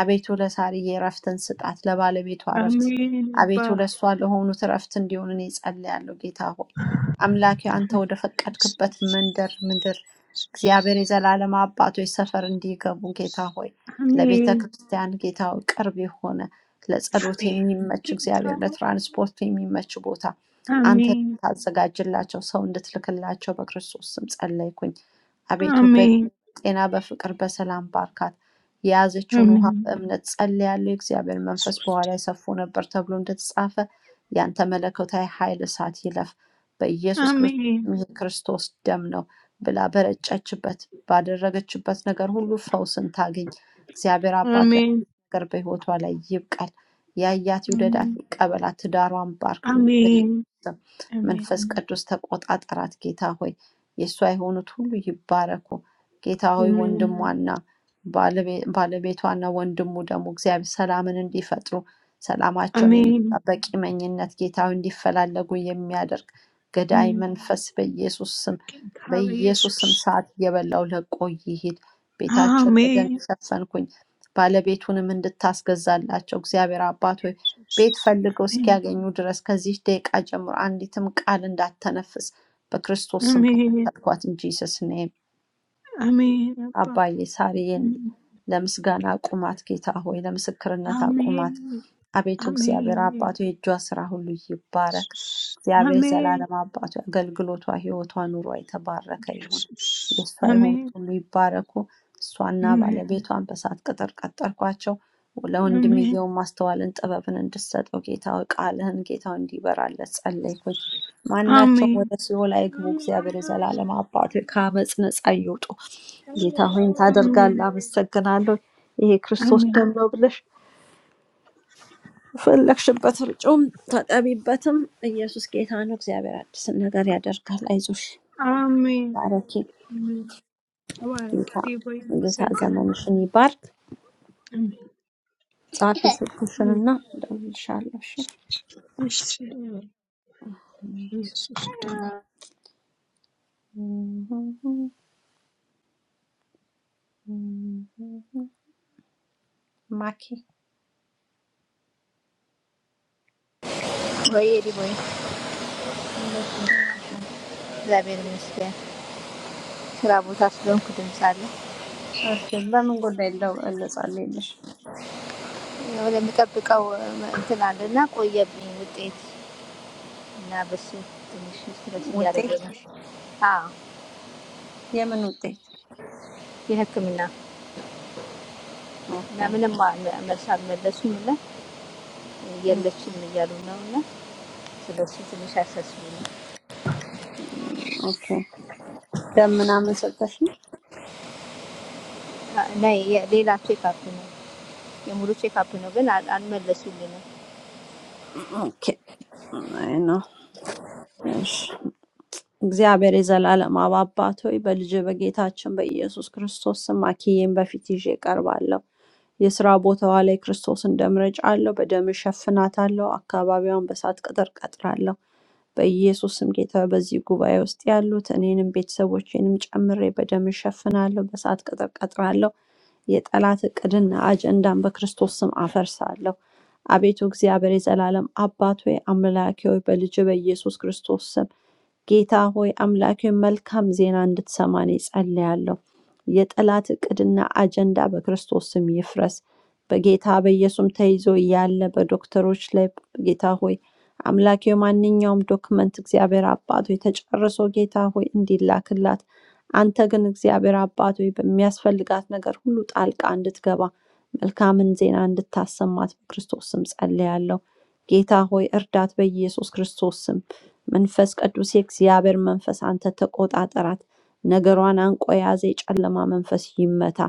አቤቱ ለሳርዬ እረፍትን ስጣት፣ ለባለቤቷ እረፍት፣ Amén. አቤቱ Padre ለእሷ ለሆኑት እረፍት እንዲሆን እኔ ጸልያለሁ። ጌታ ሆይ አምላኬ አንተ ወደ ፈቀድክበት Jesús. መንደር ምድር እግዚአብሔር Jesús. የዘላለም አባቶች ሰፈር እንዲገቡ ጌታ ሆይ ለቤተ Amén. ክርስቲያን ጌታ ሆይ ቅርብ የሆነ ለጸሎት Amén. የሚመች Que እግዚአብሔር Padre. ለትራንስፖርት የሚመች ቦታ አንተ Amén. ታዘጋጅላቸው ሰው እንድትልክላቸው በክርስቶስ ስም ጸለይኩኝ። አቤቱ Amén. ጤና በፍቅር በሰላም ባርካት። የያዘችውን ውሃ Amén. በእምነት ጸልያለሁ፣ የእግዚአብሔር መንፈስ Jesús. በኋላ ሰፎ ነበር ተብሎ እንደተጻፈ ያንተ መለኮታዊ ኃይል እሳት ይለፍ በኢየሱስ ክርስቶስ Amén. ስም፣ ይህ ክርስቶስ ደም ነው ብላ በረጨችበት ባደረገችበት ነገር ሁሉ ፈውስን ታገኝ። እግዚአብሔር አባቱ Amén. ያዲስ ነገር በሕይወቷ ላይ ይብቀል። ያያት ይውደዳት፣ Mm, ይቀበላት፣ ትዳሯን ባርክ። በኢየሱስ Amén, ስም amén, መንፈስ ቅዱስ ተቆጣጠራት። ጌታ ሆይ የእሷ የሆኑት ሁሉ ይባረኩ። ጌታ ሆይ amén, ወንድሟና ባለቤ- ባለቤቷና ወንድሙ ደግሞ እግዚአብሔር ሰላምን እንዲፈጥሩ ሰላማቸውን የነሳ amén. በቂመኝነት ጌታ ሆይ እንዲፈላለጉ የሚያደርግ ገዳይ Mm, መንፈስ በኢየሱስ ስም Quien cabe በኢየሱስ ስም Jesús. ሰዓት እየበላው ለቆ ይሂድ። ቤታቸውን በደም Amén, ሸፈንኩኝ። ባለቤቱንም እንድታስገዛላቸው እግዚአብሔር አባት ሆይ ቤት Jesús. ፈልገው Amén, እስኪያገኙ ድረስ ከዚህ ደቂቃ ጀምሮ አንዲትም ቃል እንዳተነፍስ በክርስቶስ ስም amén, ከፈተልኳት እንጂ ሰስነም amén, Abba. አባዬ ሣርዬን Mm, ለምስጋና que ta- አቁማት ጌታ ሆይ፣ ለምስክርነት አቁማት። Amén, አቤቱ እግዚአብሔር አባቱ amén, የእጇ ስራ ሁሉ ይባረክ። Jesús. እግዚአብሔር Amén, የዘላለም አባቱ አገልግሎቷ፣ ሕይወቷ፣ ኑሯ የተባረከ ይሁን። Jesús. የእሷ የሆኑት Amén, ሁሉ ይባረኩ። እሷና amén, ባለቤቷን በእሳት ቅጥር ቀጠርኳቸው። amén, ለወንድምየው ማስተዋልን ጥበብን እንድትሰጠው ጌታ ሆይ፣ ቃልህን ጌታ ሆይ እንዲበራለት ጸለይኩኝ። ማናቸውም amén. ወደ ሲኦል አይግቡ። እግዚአብሔር የዘላለም አባቱ ከአመፅ ነፃ ይውጡ። ጌታ ሆይን Amen. ታደርጋለህ፣ አመሰግናለሁ። ይሄ ክርስቶስ Amen. ደም ነው። ፈለግሽበት ርጩም ተጠቢበትም። ኢየሱስ ጌታ ነው። እግዚአብሔር አዲስን ነገር ያደርጋል። አይዞሽ፣ Amen. ባረኪ። Amen. ተባረክ ጌታ ጌታ ሆይ ጌታ አመሰግናለሁ። ዘመንሽን ይባርክ። አሜን ጻፊ ስልክሽንና እደውልልሻለሁ። እሺ? Yes, Lord. Yes, Lord. ማኪ ወይ ዲቦዬ፣ እንዴት ነህ? እግዚአብሔር ይመስገን። ስራ ቦታ ስለሆንኩ ድምፅ አለ እሺ፣ በምን ጉዳይ ልጸልይልሽ? ወደምጠብቀው እንትን አለ እና ቆየብኝ ውጤት እና በሱ ትንሽ ስትረስ እያደረገ ውጤት ነው። አዎ የምን ውጤት? የሕክምና ኦኬ እና ምንም አል- መልስ አልመለሱም እና የለችም እያሉ ነው እና ስለሱ ትንሽ አሳስቡኝ ኦኬ። ደም ምናምን ሰጠሽ? እና ሌላ ቼክ አፕ ነው የሙሉ ቼክ አፕ ነው ግን አል- አልመለሱልንም። ኦኬ Nein, ne? Ich እግዚአብሔር የዘላለም አብ አባት ሆይ በልጅህ በጌታችን በኢየሱስ ክርስቶስ ስም አኪዬን በፊት ይዤ ቀርባለሁ። የስራ ቦታዋ ላይ ክርስቶስን ደም ረጫለሁ፣ በደም እሸፍናታለሁ፣ አካባቢዋን በእሳት ቅጥር ቀጥራለሁ። በኢየሱስ ስም ጌታ ሆይ፣ በዚህ ጉባኤ ውስጥ ያሉት እኔንም ቤተሰቦቼንም ጨምሬ በደም እሸፍናለሁ፣ በእሳት ቅጥር ቀጥራለሁ። የጠላት እቅድና አጀንዳን በክርስቶስ ስም አፈርሳለሁ። አቤቱ እግዚአብሔር የዘላለም አባት ሆይ አምላኬ ሆይ በልጅ በኢየሱስ ክርስቶስ ስም ጌታ ሆይ አምላኬ መልካም ዜና እንድትሰማን ጸልያለሁ። የጠላት እቅድና አጀንዳ በክርስቶስ ስም ይፍረስ። በጌታ በኢየሱስም ተይዞ ያለ በዶክተሮች ላይ ጌታ ሆይ አምላኬ ማንኛውም ዶክመንት እግዚአብሔር አባት ሆይ ተጨርሶ ጌታ ሆይ እንዲላክላት አንተ ግን እግዚአብሔር አባት ሆይ በሚያስፈልጋት ነገር ሁሉ ጣልቃ እንድትገባ መልካምን ዜና እንድታሰማት በክርስቶስ ስም ጸልያለሁ። ጌታ ሆይ እርዳት በኢየሱስ ክርስቶስ ስም። መንፈስ ቅዱስ የእግዚአብሔር መንፈስ አንተ ተቆጣጠራት። ነገሯን አንቆ የያዘ የጨለማ መንፈስ ይመታ።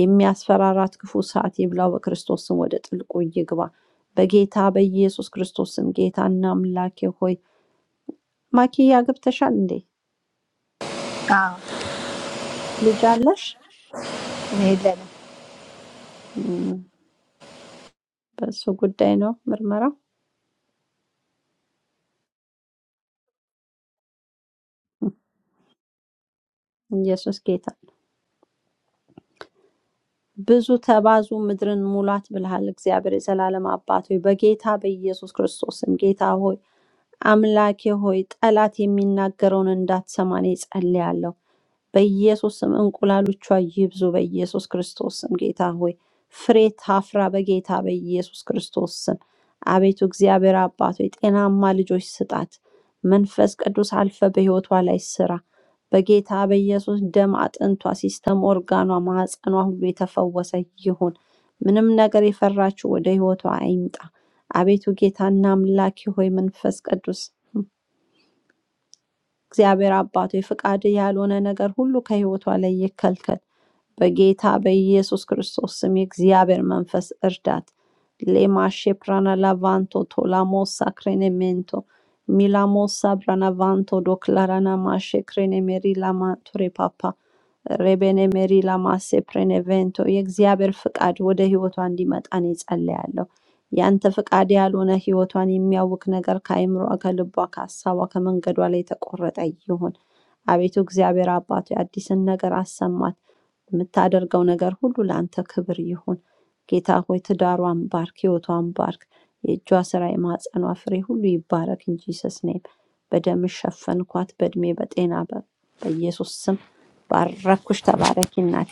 የሚያስፈራራት ክፉ ሰዓት ይብላው። በክርስቶስ ስም ወደ ጥልቁ ይግባ። በጌታ በኢየሱስ ክርስቶስ ስም ጌታና አምላኬ ሆይ ማኪያ ገብተሻል እንዴ? ልጅ አለሽ? In Amen. እም፣ በእሱ ጉዳይ ነው ምርመራው። ኢየሱስ ጌታ ብዙ ተባዙ ምድርን ሙላት ብልሃል። እግዚአብሔር የዘላለም አባት ሆይ በጌታ በኢየሱስ ክርስቶስ ስም ጌታ ሆይ አምላኬ ሆይ ጠላት የሚናገረውን እንዳትሰማን ጸልያለሁ። በኢየሱስም እንቁላሎቿ ይብዙ። በኢየሱስ ክርስቶስ ስም ጌታ ሆይ ፍሬ ታፍራ በጌታ በኢየሱስ ክርስቶስ ስም አቤቱ እግዚአብሔር አባት ሆይ ጤናማ ልጆች ስጣት። መንፈስ ቅዱስ አልፈ በሕይወቷ ላይ ስራ። በጌታ በኢየሱስ ደም አጥንቷ፣ ሲስተም ኦርጋኗ፣ ማህፀኗ ሁሉ የተፈወሰ ይሁን። ምንም ነገር የፈራችው ወደ ሕይወቷ አይምጣ። አቤቱ ጌታና አምላኬ ሆይ መንፈስ ቅዱስ እግዚአብሔር አባት ሆይ ፈቃድህ ያልሆነ ነገር ሁሉ ከሕይወቷ ላይ ይከልከል። በጌታ በኢየሱስ ክርስቶስ ስም የእግዚአብሔር መንፈስ እርዳት። ሌማሼ ፕራና ላቫንቶ ቶላሞ ሳክሬኔሜንቶ ሚላሞ ሳብራና ቫንቶ ዶክላራና ማሼ ክሬኔ ሜሪ ላማንቱሬ ፓፓ ሬቤኔ ሜሪ ላማሴ ፕሬኔቬንቶ የእግዚአብሔር ፍቃድ ወደ ህይወቷ እንዲመጣ እኔ ጸልያለሁ። ያንተ ፍቃድ ያልሆነ ህይወቷን የሚያውክ ነገር ከአይምሯ፣ ከልቧ፣ ከሀሳቧ፣ ከመንገዷ ላይ የተቆረጠ ይሁን። አቤቱ እግዚአብሔር አባቱ አዲስን ነገር አሰማት። የምታደርገው ነገር ሁሉ ለአንተ ክብር ይሁን። ጌታ ሆይ ትዳሯን ባርክ፣ ህይወቷን ባርክ። የእጇ ስራ የማህፀኗ ፍሬ ሁሉ ይባረክ እንጂ ሰስኔም በደም ሸፈንኳት፣ በእድሜ በጤና በ- በኢየሱስ ስም ባረኩሽ። ተባረኪ እናቴ፣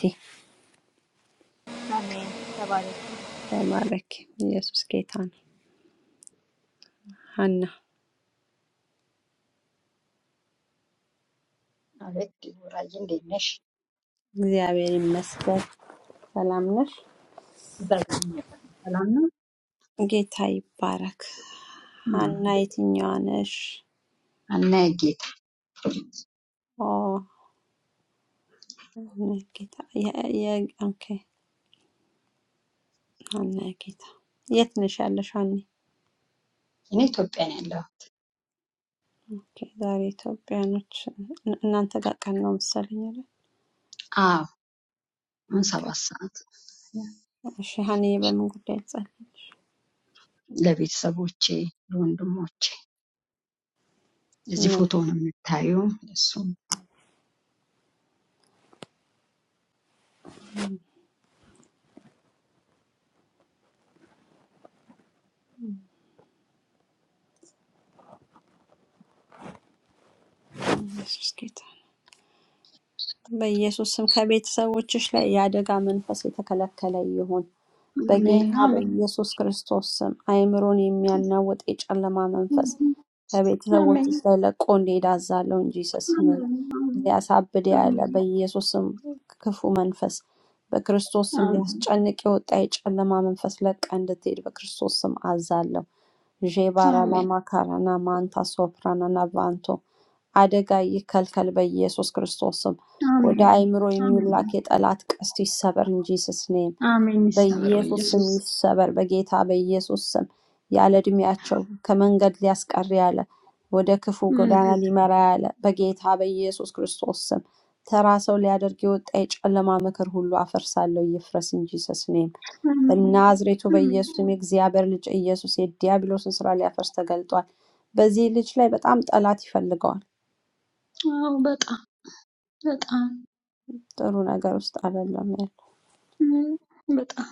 Amen. Tabarak. ተባረኪ። ኢየሱስ ጌታ ነው። ሀና ማለት ዲቦራዬ እንዴት ነሽ? እግዚአብሔር ይመስገን። ሰላም ነሽ? በእግዚአብሔር ሰላም ነው። ጌታ ይባረክ። እም፣ ሀና የትኛዋ ነሽ? እና ጌታ ኦ እኔ ጌታ የ- የ- ኦኬ አነ ጌታ የት ነሽ ያለሽ? አኔ እኔ ኢትዮጵያ ነው ያለሁ። ኦኬ፣ ዛሬ ኢትዮጵያኖች እን- እናንተ ጋር ቀን ነው መሰለኝ አይደል? አዎ አሁን ኦኬ፣ ሰባት ሰዓት እሺ። ሀኒ በምን ጉዳይ ትጸልያለሽ? ለቤተሰቦቼ ለወንድሞቼ እዚህ ምን? ፎቶ ነው የምታዩ። እሱም ኢየሱስ ጌታ፣ በኢየሱስ ስም ከቤተሰቦችሽ ላይ የአደጋ መንፈስ የተከለከለ ይሁን። አሜን በጌታ አሜን በኢየሱስ ክርስቶስ ስም አእምሮን የሚያናውጥ የጨለማ መንፈስ አሜን አሜን ከቤተሰቦችሽ ላይ ለቆ እንዲሄድ አዛለሁ እንጂ ስስም ሊያሳብድ ያለ በኢየሱስ ስም ክፉ መንፈስ በክርስቶስ ስም አሜን ሊያስጨንቅ የወጣ የጨለማ መንፈስ ለቃ እንድትሄድ በክርስቶስ ስም አዛለሁ። ዤባራ አሜን ላማካራና ማንታ ሶፕራና ቫንቶ አደጋ ይከልከል በኢየሱስ ክርስቶስ ስም። ወደ አሜን አእምሮ አሜን የሚላክ የጠላት ቀስት ይሰበር እንጂ ስስኔ አሜን ይሰብረው በኢየሱስ ስም ኢየሱስ ይሰበር። በጌታ በኢየሱስ ስም ያለ እድሜያቸው ከመንገድ ሊያስቀር ያለ ወደ ክፉ እም፣ ጎዳና ሊመራ ያለ በጌታ በኢየሱስ ክርስቶስ ስም ተራ ሰው ሊያደርግ የወጣ የጨለማ ምክር ሁሉ አፈርሳለሁ፣ ይፍረስ እንጂ ሰስኔም አሜን በናዝሬቱ አሜን በኢየሱስ ስም የእግዚአብሔር ልጅ ኢየሱስ የዲያብሎስን ስራ ሊያፈርስ ተገልጧል። በዚህ ልጅ ላይ በጣም ጠላት ይፈልገዋል። አዎ በጣም በጣም ጥሩ ነገር ውስጥ አይደለም ያለው። እም፣ በጣም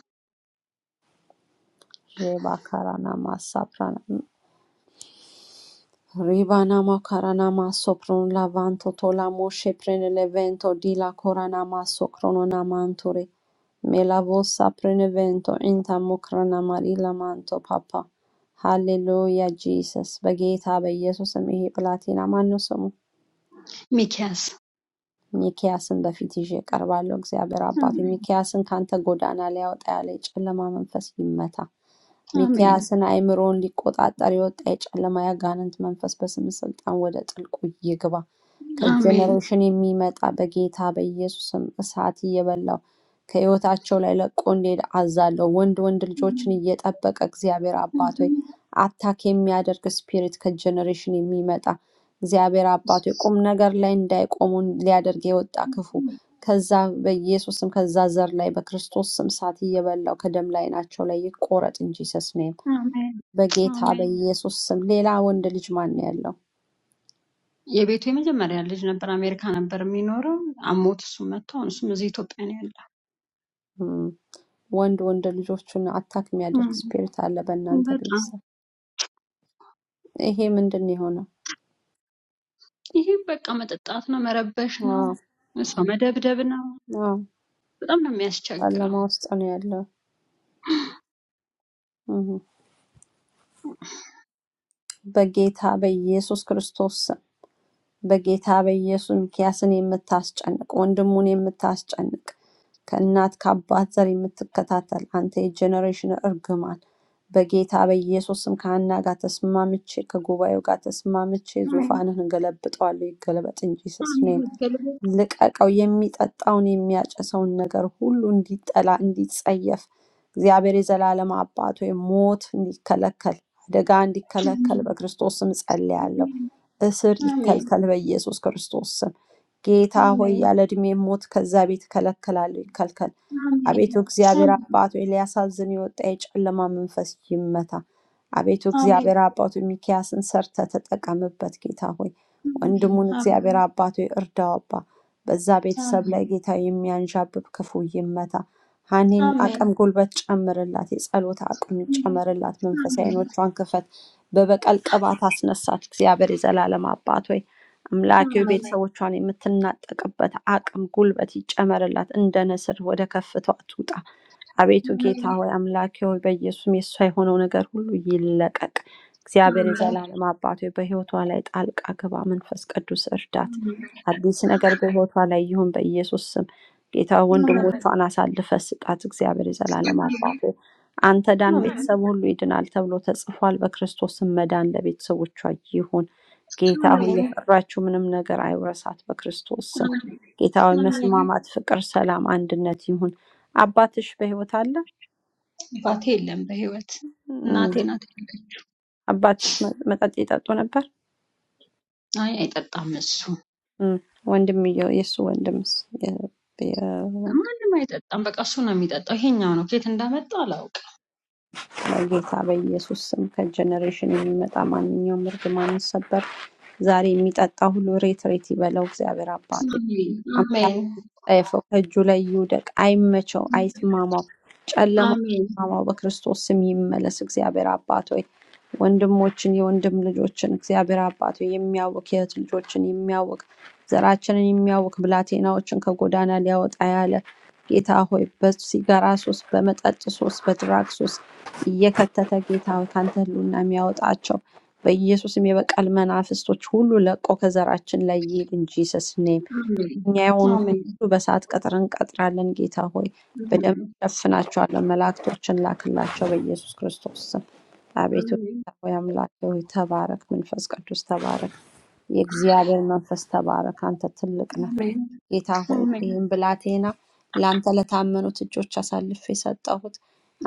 ባካራና Ribanama karanamaso pronlavanto tolamoshe prenevento di la coranamaso crononamanture. Melavosa prenevento intamo cranamarilamanto papa. Hallelujah Jesus. በጌታ በኢየሱስ ስም ይሄ ብላቴና ማነው ስሙ? ሚኪያስ ሚኪያስን በፊት ይዤ ቀርባለሁ። እግዚአብሔር አባቴ ሚኪያስን ካንተ ጎዳና ሊያወጣ ያለ የጨለማ መንፈስ ይመታ። አሜን ሚክያስን አእምሮውን ሊቆጣጠር የወጣ የጨለማ ያጋንንት መንፈስ በስም ስልጣን ወደ ጥልቁ ይግባ። አሜን ከጀኔሬሽን የሚመጣ በጌታ በኢየሱስም እሳት እየበላው ከህይወታቸው ላይ ለቆ እንዲሄድ አዛለሁ። ወንድ ወንድ ልጆችን እየጠበቀ እግዚአብሔር አባት ሆይ አታክ የሚያደርግ ስፒሪት ከጀኔሬሽን የሚመጣ እግዚአብሔር አባት ሆይ ቁም ነገር ላይ እንዳይቆሙ ሊያደርግ የወጣ ክፉ ከዛ በኢየሱስ ስም ከዛ ዘር ላይ በክርስቶስ ስም እሳት እየበላው ከደም ላይ ናቸው ላይ ይቆረጥ እንጂ ሰስኔም አሜን በጌታ አሜን። በኢየሱስ ስም። ሌላ ወንድ ልጅ ማን ነው ያለው? የቤቱ የመጀመሪያ ልጅ ነበር። አሜሪካ ነበር የሚኖረው። አሞት እሱ መጥቶ አሁን እሱም እዚህ ኢትዮጵያ ነው ያለ። እም፣ ወንድ ወንድ ልጆቹን አታክ የሚያደርግ እም፣ ስፒሪት አለ በእናንተ በጣም ቤተሰብ። ይሄ ምንድን ነው የሆነው? ይሄ በቃ መጠጣት ነው፣ መረበሽ ነው፣ አዎ፣ ሰው መደብደብ ነው። አዎ፣ በጣም ነው ጨለማ የሚያስቸግረው። ውስጥ ነው ያለው። እም፣ በጌታ በኢየሱስ ክርስቶስ በጌታ በኢየሱስ ሚኪያስን የምታስጨንቅ ወንድሙን የምታስጨንቅ ከእናት ከአባት ዘር የምትከታተል አንተ የጀኔሬሽን እርግማን በጌታ በኢየሱስም ከሀና ጋር ተስማምቼ ከጉባኤው ጋር ተስማምቼ አሜን ዙፋንህን ገለብጠዋለሁ። ይገለበጥ እንጂ ሰስኔ አሜን ገልበጥ። ልቀቀው፣ የሚጠጣውን የሚያጨሰውን ነገር ሁሉ እንዲጠላ እንዲጸየፍ፣ እግዚአብሔር የዘላለም አባት ሆይ ሞት እንዲከለከል አደጋ እንዲከለከል በክርስቶስ ስም ጸልያለሁ። አሜን እስር አሜን ይከልከል በኢየሱስ ክርስቶስ ስም። ጌታ ሆይ አሜን ያለ ዕድሜ ሞት ከዛ ቤት እከለከላለሁ፣ ይከልከል። አሜን አቤቱ እግዚአብሔር አባት ሆይ ሊያሳዝን የወጣ የጨለማ መንፈስ ይመታ። አቤቱ አሜን እግዚአብሔር አባቱ ሚኪያስን ሰርተ ተጠቀምበት ጌታ ሆይ ወንድሙን እግዚአብሔር አሜን አባቱ ይርዳው አባ በዛ አሜን ቤተሰብ አሜን ላይ ጌታ የሚያንዣብብ ክፉ ይመታ። ሀኒን አሜን አቅም ጉልበት ጨምርላት፣ የጸሎት አቅም ጨምርላት፣ መንፈሳዊ አሜን ዓይኖቿን ክፈት፣ በበቀል ቅባት አስነሳት። እግዚአብሔር የዘላለም አባት ሆይ አምላኬ ሆይ፣ አሜን ቤተሰቦቿን የምትናጠቅበት አቅም ጉልበት ይጨመርላት፣ እንደ ንስር ወደ ከፍታዋ ትውጣ። አቤቱ ጌታ አሜን ሆይ አምላኬ ሆይ በኢየሱስም የእሷ የሆነው ነገር ሁሉ ይለቀቅ። እግዚአብሔር Amen. የዘላለም አባት ሆይ በሕይወቷ ላይ ጣልቃ ግባ፣ መንፈስ ቅዱስ እርዳት። አሜን። አዲስ ነገር በሕይወቷ ላይ ይሁን በኢየሱስ ስም። ጌታ ሆይ አሜን። ወንድሞቿን አሳልፈ ስጣት። እግዚአብሔር የዘላለም አሜን። አባት ሆይ አንተ ዳን፣ ቤተሰብ ሁሉ ይድናል ተብሎ ተጽፏል። በክርስቶስም መዳን ለቤተሰቦቿ ይሁን። ጌታ ሆይ አሜን። የፈራችው ምንም ነገር አይውረሳት በክርስቶስ ስም። አሜን። ጌታ ሆይ አሜን። መስማማት፣ ፍቅር፣ ሰላም፣ አንድነት ይሁን። አባትሽ በህይወት አለ? አባቴ የለም በህይወት እም፣ እናቴ ናት። ያለችኝ። አባትሽ መ- መጠጥ ይጠጡ ነበር? አይ አይጠጣም እሱ እም፣ ወንድምየው የእሱ ወንድምስ? የ- የ- ማንም አይጠጣም። በቃ እሱ ነው የሚጠጣው። ይሄኛው ነው ኬት እንዳመጣ አላውቅም። በጌታ በኢየሱስ ስም ከጀኔሬሽን የሚመጣ ማንኛውም እርግማን ይሰበር። ዛሬ የሚጠጣ ሁሉ ሬት ሬት ይበለው እግዚአብሔር አባት አሜን። ሆይ። አሜን። ጠየፈው ከእጁ ላይ ይውደቅ፣ አይመቸው፣ አይስማማው፣ ጨለማው አሜን። ይስማማው፣ በክርስቶስ ስም ይመለስ። እግዚአብሔር አባት ሆይ ወንድሞችን የወንድም ልጆችን እግዚአብሔር አባት ሆይ የሚያውቅ የእህት ልጆችን የሚያውቅ ዘራችንን የሚያውቅ ብላቴናዎችን ከጎዳና ሊያወጣ ያለ ጌታ ሆይ በሲጋራ ሱስ፣ በመጠጥ ሱስ፣ በድራግ ሱስ እየከተተ ጌታ ሆይ ካንተ ህሉና የሚያወጣቸው በኢየሱስም የበቀል መናፍስቶች ሁሉ ለቆ ከዘራችን ላይ ይሂድ እንጂ ሰስኔ እኛ የሆኑትን አሜን። አሜን። ሁሉ በሰዓት ቀጥር እንቀጥራለን። ጌታ ሆይ በደም አሜን። ሸፍናቸዋለን። መላእክቶችን ላክላቸው በኢየሱስ ክርስቶስ ስም። አቤቱ ጌታ ሆይ አምላክ ሆይ ተባረክ። መንፈስ ቅዱስ ተባረክ። የእግዚአብሔር መንፈስ ተባረክ። አንተ ትልቅ ነህ። ጌታ ሆይ አሜን። ይህም ብላቴና ለአንተ ለታመኑት እጆች አሳልፌ የሰጠሁት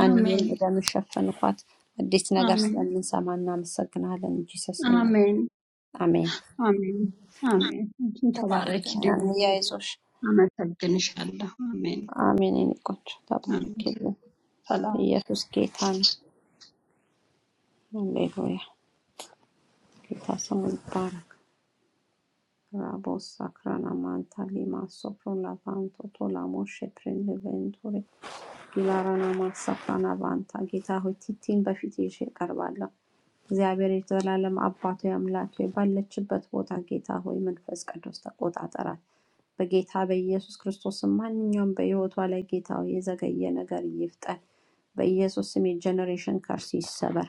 አንይም አሜን። አሜን። በደም ሸፈንኳት። አዲስ ነገር አሜን። አሜን። ስለምንሰማ እናመሰግናለን። ጂሰስ ኔም አሜን። አሜን። አሜን። አንቺን ተባረኪ እኔ ድጉዬ፣ ያይዞሽ አመሰግንሻለሁ። አሜን። አሜን። የእኔ ቆንጆ አሜን። ተባረክ። سلام ኢየሱስ ጌታ ነው። ሃሌሉያ። ጌታ ስሙ ይባረክ። ራቦስ ሳክራና ማንታ ሊማ ሶፕሮ ላቫንቶ ቶላሞ ሼፕሬን ቬንቱሪ ጊላራና ማሳፍራና ቫንታ ጌታ ሆይ ቲቲን በፊት ይዤ እቀርባለሁ። እግዚአብሔር የዘላለም አባቶ አምላክ ሆይ ባለችበት ቦታ ጌታ ሆይ መንፈስ ቅዱስ ተቆጣጠራት። በጌታ በኢየሱስ ክርስቶስ ስም ማንኛውም በሕይወቷ ላይ ጌታ ሆይ የዘገየ ነገር ይፍጠን። በኢየሱስ ስም የጀኔሬሽን ከርስ ይሰበር።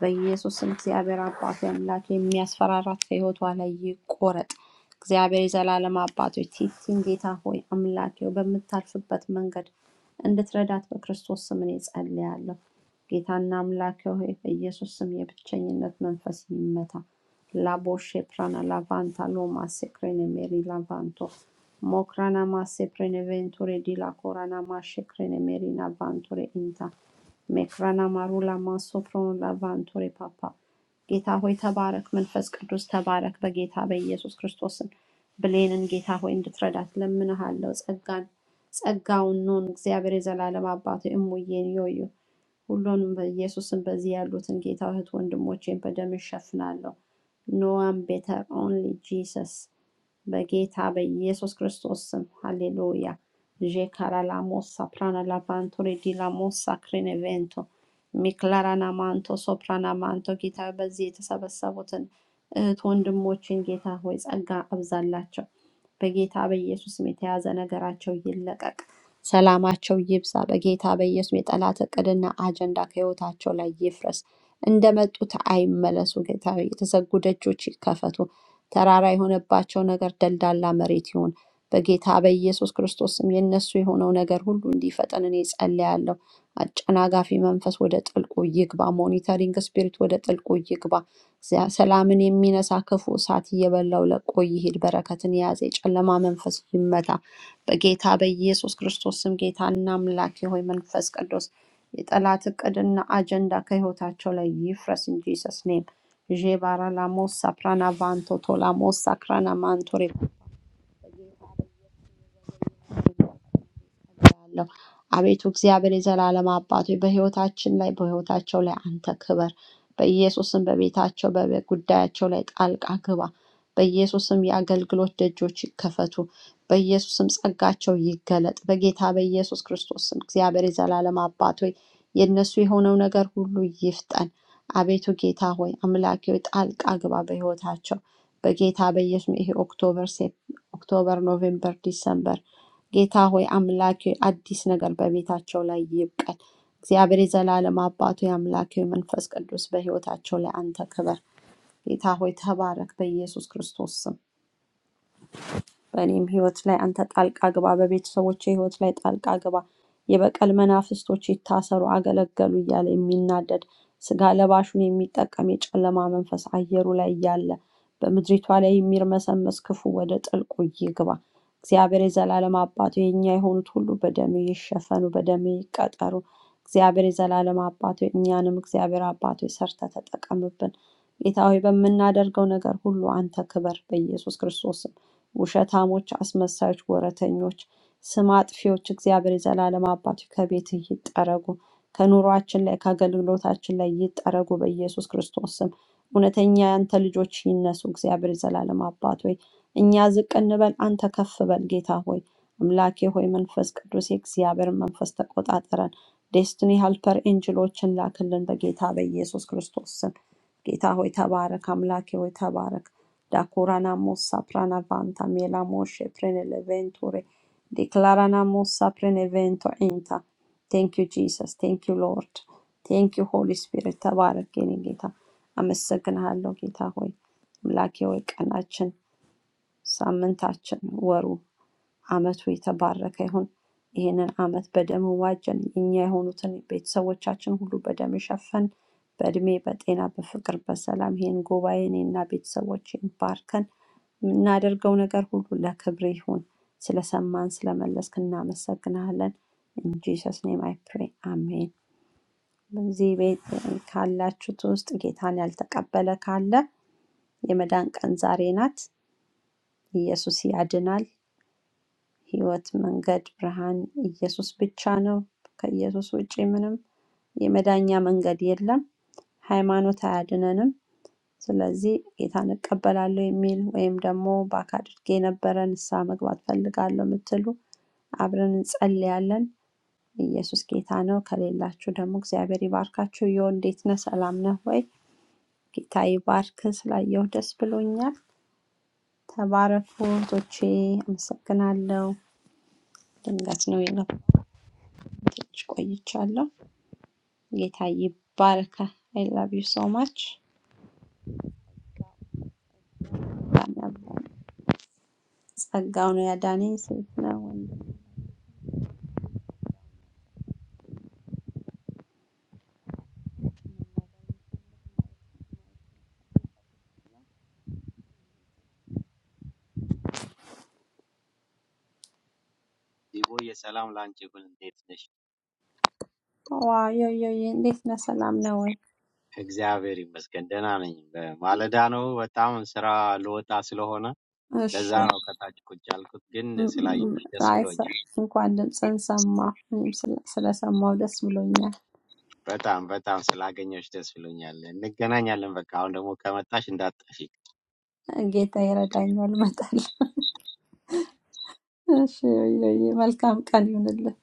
በኢየሱስ ስም እግዚአብሔር አባቱ አምላክ የሚያስፈራራት ከህይወቷ ላይ ይቆረጥ። እግዚአብሔር የዘላለም አባቶች ቲቲን ጌታ ሆይ አምላኬ ሆይ በምታልፍበት መንገድ እንድትረዳት በክርስቶስ ስም እኔ ጸልያለሁ። ጌታና አምላኬ ሆይ በኢየሱስ ስም የብቸኝነት መንፈስ ይመታ። Laboshe prana lavanta loma secrene meri lavanto. Mokrana masse prene venture di la corana mashe crene meri lavanture inta. መክራና ማሩላ ማሶፍሮን ላቫንቶሬ ፓፓ ጌታ ሆይ ተባረክ፣ መንፈስ ቅዱስ ተባረክ። በጌታ በኢየሱስ ክርስቶስን ብሌንን ጌታ ሆይ እንድትረዳት ለምንሃለው። ጸጋን ጸጋውን ኑን እግዚአብሔር የዘላለም አባቱ እሙዬን ዮዮ ሁሉንም በኢየሱስን በዚህ ያሉትን ጌታ እህት ወንድሞቼን በደም እሸፍናለሁ። ኖ ዋን ቤተር ኦንሊ ጂሰስ በጌታ በኢየሱስ ክርስቶስ ስም ሃሌሉያ ዤካራላሞሳ ፕራናላባንቶ ሬዲላሞሳ ክሪኔቬንቶ ሚክላራናማንቶ ሶፕራናማንቶ ጌታ ሆይ፣ በዚህ የተሰበሰቡትን እህት ወንድሞችን ጌታ ሆይ ጸጋ አብዛላቸው። በጌታ በኢየሱስ ስም የተያዘ ነገራቸው ይለቀቅ፣ ሰላማቸው ይብዛ። በጌታ በኢየሱስ ስም የጠላት እቅድና አጀንዳ ከህይወታቸው ላይ ይፍረስ። እንደመጡት አይመለሱ። ጌታ ሆይ የተዘጉ ደጆች ይከፈቱ። ተራራ የሆነባቸው ነገር ደልዳላ መሬት ይሁን። በጌታ በኢየሱስ ክርስቶስ ስም የእነሱ የሆነው ነገር ሁሉ እንዲፈጠን እኔ ጸልያለሁ። አጨናጋፊ መንፈስ ወደ ጥልቁ ይግባ። ሞኒተሪንግ ስፒሪት ወደ ጥልቁ ይግባ። ዚያ- ሰላምን የሚነሳ ክፉ እሳት እየበላው ለቆ ይሄድ። በረከትን የያዘ የጨለማ መንፈስ ይመታ በጌታ በኢየሱስ ክርስቶስ ስም። ጌታና አምላኬ ሆይ መንፈስ ቅዱስ የጠላት እቅድና አጀንዳ ከህይወታቸው ላይ ይፍረስ እንጂ ሰስኔም ዤባራ ላሞስ ሳፕራና ቫንቶ ቶላሞስ ሳክራና እጸልያለሁ። አቤቱ እግዚአብሔር የዘላለም አባት ሆይ በሕይወታችን ላይ በሕይወታቸው ላይ አንተ ክበር። በኢየሱስም በቤታቸው በጉዳያቸው ላይ ጣልቃ ግባ። በኢየሱስም የአገልግሎት ደጆች ይከፈቱ። በኢየሱስም ጸጋቸው ይገለጥ። በጌታ በኢየሱስ ክርስቶስም እግዚአብሔር የዘላለም አባት ሆይ የእነሱ የሆነው ነገር ሁሉ ይፍጠን። አቤቱ ጌታ ሆይ አምላኬ ሆይ ጣልቃ ግባ በሕይወታቸው በጌታ በኢየሱስ ይሄ ኦክቶበር ሴፕ ኦክቶበር፣ ኖቬምበር፣ ዲሰምበር ጌታ ሆይ አምላክ ሆይ አዲስ ነገር በቤታቸው ላይ ይብቀል። እግዚአብሔር የዘላለም አባቱ አምላክ ሆይ መንፈስ ቅዱስ በህይወታቸው ላይ አንተ ክበር። ጌታ ሆይ ተባረክ በኢየሱስ ክርስቶስ ስም። በእኔም ህይወት ላይ አንተ ጣልቃ ግባ፣ በቤተሰቦቼ ህይወት ላይ ጣልቃ ግባ፣ የበቀል መናፍስቶች ይታሰሩ፣ አገለገሉ እያለ የሚናደድ ስጋ ለባሹን የሚጠቀም የጨለማ መንፈስ አየሩ ላይ እያለ በምድሪቷ ላይ የሚርመሰመስ ክፉ ወደ ጥልቁ ይግባ። እግዚአብሔር የዘላለም አባቱ የእኛ የሆኑት ሁሉ በደም ይሸፈኑ፣ በደም ይቀጠሩ። እግዚአብሔር የዘላለም አባቱ እኛንም እግዚአብሔር አባቱ ሰርተ ተጠቀምብን። ጌታ ሆይ በምናደርገው ነገር ሁሉ አንተ ክበር። በኢየሱስ ክርስቶስ ውሸታሞች፣ አስመሳዮች፣ ወረተኞች፣ ስም አጥፊዎች እግዚአብሔር የዘላለም አባቱ ከቤትህ ይጠረጉ፣ ከኑሯችን ላይ ከአገልግሎታችን ላይ ይጠረጉ በኢየሱስ ክርስቶስ ስም። እውነተኛ ያንተ ልጆች ይነሱ። እግዚአብሔር የዘላለም አባት ሆይ እኛ ዝቅ እንበል፣ አንተ ከፍ በል ጌታ ሆይ አምላኬ ሆይ መንፈስ ቅዱስ የእግዚአብሔር መንፈስ ተቆጣጠረን። ዴስቲኒ ሀልፐር ኤንጅሎችን ላክልን በጌታ በኢየሱስ ክርስቶስ ስም። ጌታ ሆይ ተባረክ፣ አምላኬ ሆይ ተባረክ። Dakuranamos saprana vanta mielamoshe preneleventure. Declaranamos saprenevento enta. Thank you, Jesus. Thank you, Lord. Thank you, Holy Spirit. ተባረክ የኔ ጌታ። አመሰግንሃለሁ ጌታ ሆይ አምላኬ ሆይ ቀናችን፣ ሳምንታችን፣ ወሩ፣ አመቱ የተባረከ ይሁን። ይህንን አመት በደም ዋጀን። የእኛ የሆኑትን ቤተሰቦቻችን ሁሉ በደም ሸፈን። በእድሜ በጤና በፍቅር በሰላም ይህን ጉባኤ እኔና ቤተሰቦቼን ባርከን የምናደርገው ነገር ሁሉ ለክብር ይሁን። ስለሰማን ስለመለስክ እናመሰግናለን። ኢንጂሰስ ኔም አይ ፕሬ አሜን። በዚህ ቤት ካላችሁት ውስጥ ጌታን ያልተቀበለ ካለ የመዳን ቀን ዛሬ ናት። ኢየሱስ ያድናል። ህይወት፣ መንገድ፣ ብርሃን ኢየሱስ ብቻ ነው። ከኢየሱስ ውጪ ምንም የመዳኛ መንገድ የለም። ሃይማኖት አያድነንም። ስለዚህ ጌታን እቀበላለሁ የሚል ወይም ደግሞ በአካል አድርጌ የነበረ ንስሐ መግባት ፈልጋለሁ የምትሉ አብረን እንጸልያለን። ኢየሱስ ጌታ ነው። ከሌላችሁ ደግሞ እግዚአብሔር ይባርካችሁ። ዮ እንዴት ነህ? ሰላም ነህ ወይ? ጌታ ይባርክ። ስላየሁ ደስ ብሎኛል። ተባረኩ እህቶቼ፣ አመሰግናለሁ። ድንገት ነው የገባሁት፣ ትንሽ ቆይቻለሁ። ጌታ ይባርከ። አይ ላቭ ዩ ሶ ማች። ጸጋው ነው ያዳነኝ። ሴት ነው ወንድ ነው? Di bo ye salam lunchy full date nesh. ዋ ዮ ዮ ዮ፣ እንዴት ነህ? ሰላም ነህ ወይ? Exactly, mas kanda na nyingbe. Maladano, butam sera low tasilo hona. እሺ Lazaro kataj kuchal kuch ginni ም- salayi ም- yoshdes አይሰ filoni. እንኳን ድምፅህን ሰማሁ። እኔም ስለ- ስለሰማሁ ደስ ብሎኛል። Butam butam salage yoshdes filoni. Le ne gana nyalim vakaunda mukamatash indat afik. ጌታ ይረዳኛል፣ እመጣለሁ። እሺ፣ እዮዬ፣ መልካም ቀን ይሁንልህ።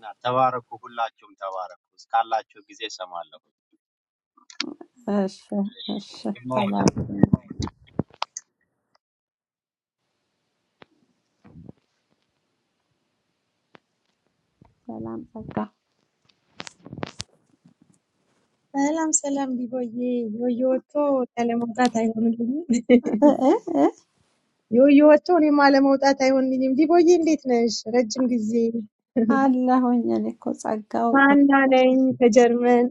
Na tavarokuhulla chum tavarokus kalla chugize samalok. እሺ፣ እሺ፣ ተባረክ። ሰላም ጸጋ ሰላም ሰላም ቢሆዬ ዮዮ ወጥቶ ያለመውጣት አይሆንልኝም። እ እ እ፣ ዮዮ ወጥቶ እኔም አለመውጣት አይሆንልኝም። ቢቦዬ እንዴት ነሽ? ረጅም ጊዜ አለሁኝ። እኔ እኮ ጸጋው ሀና ነኝ ከጀርመን።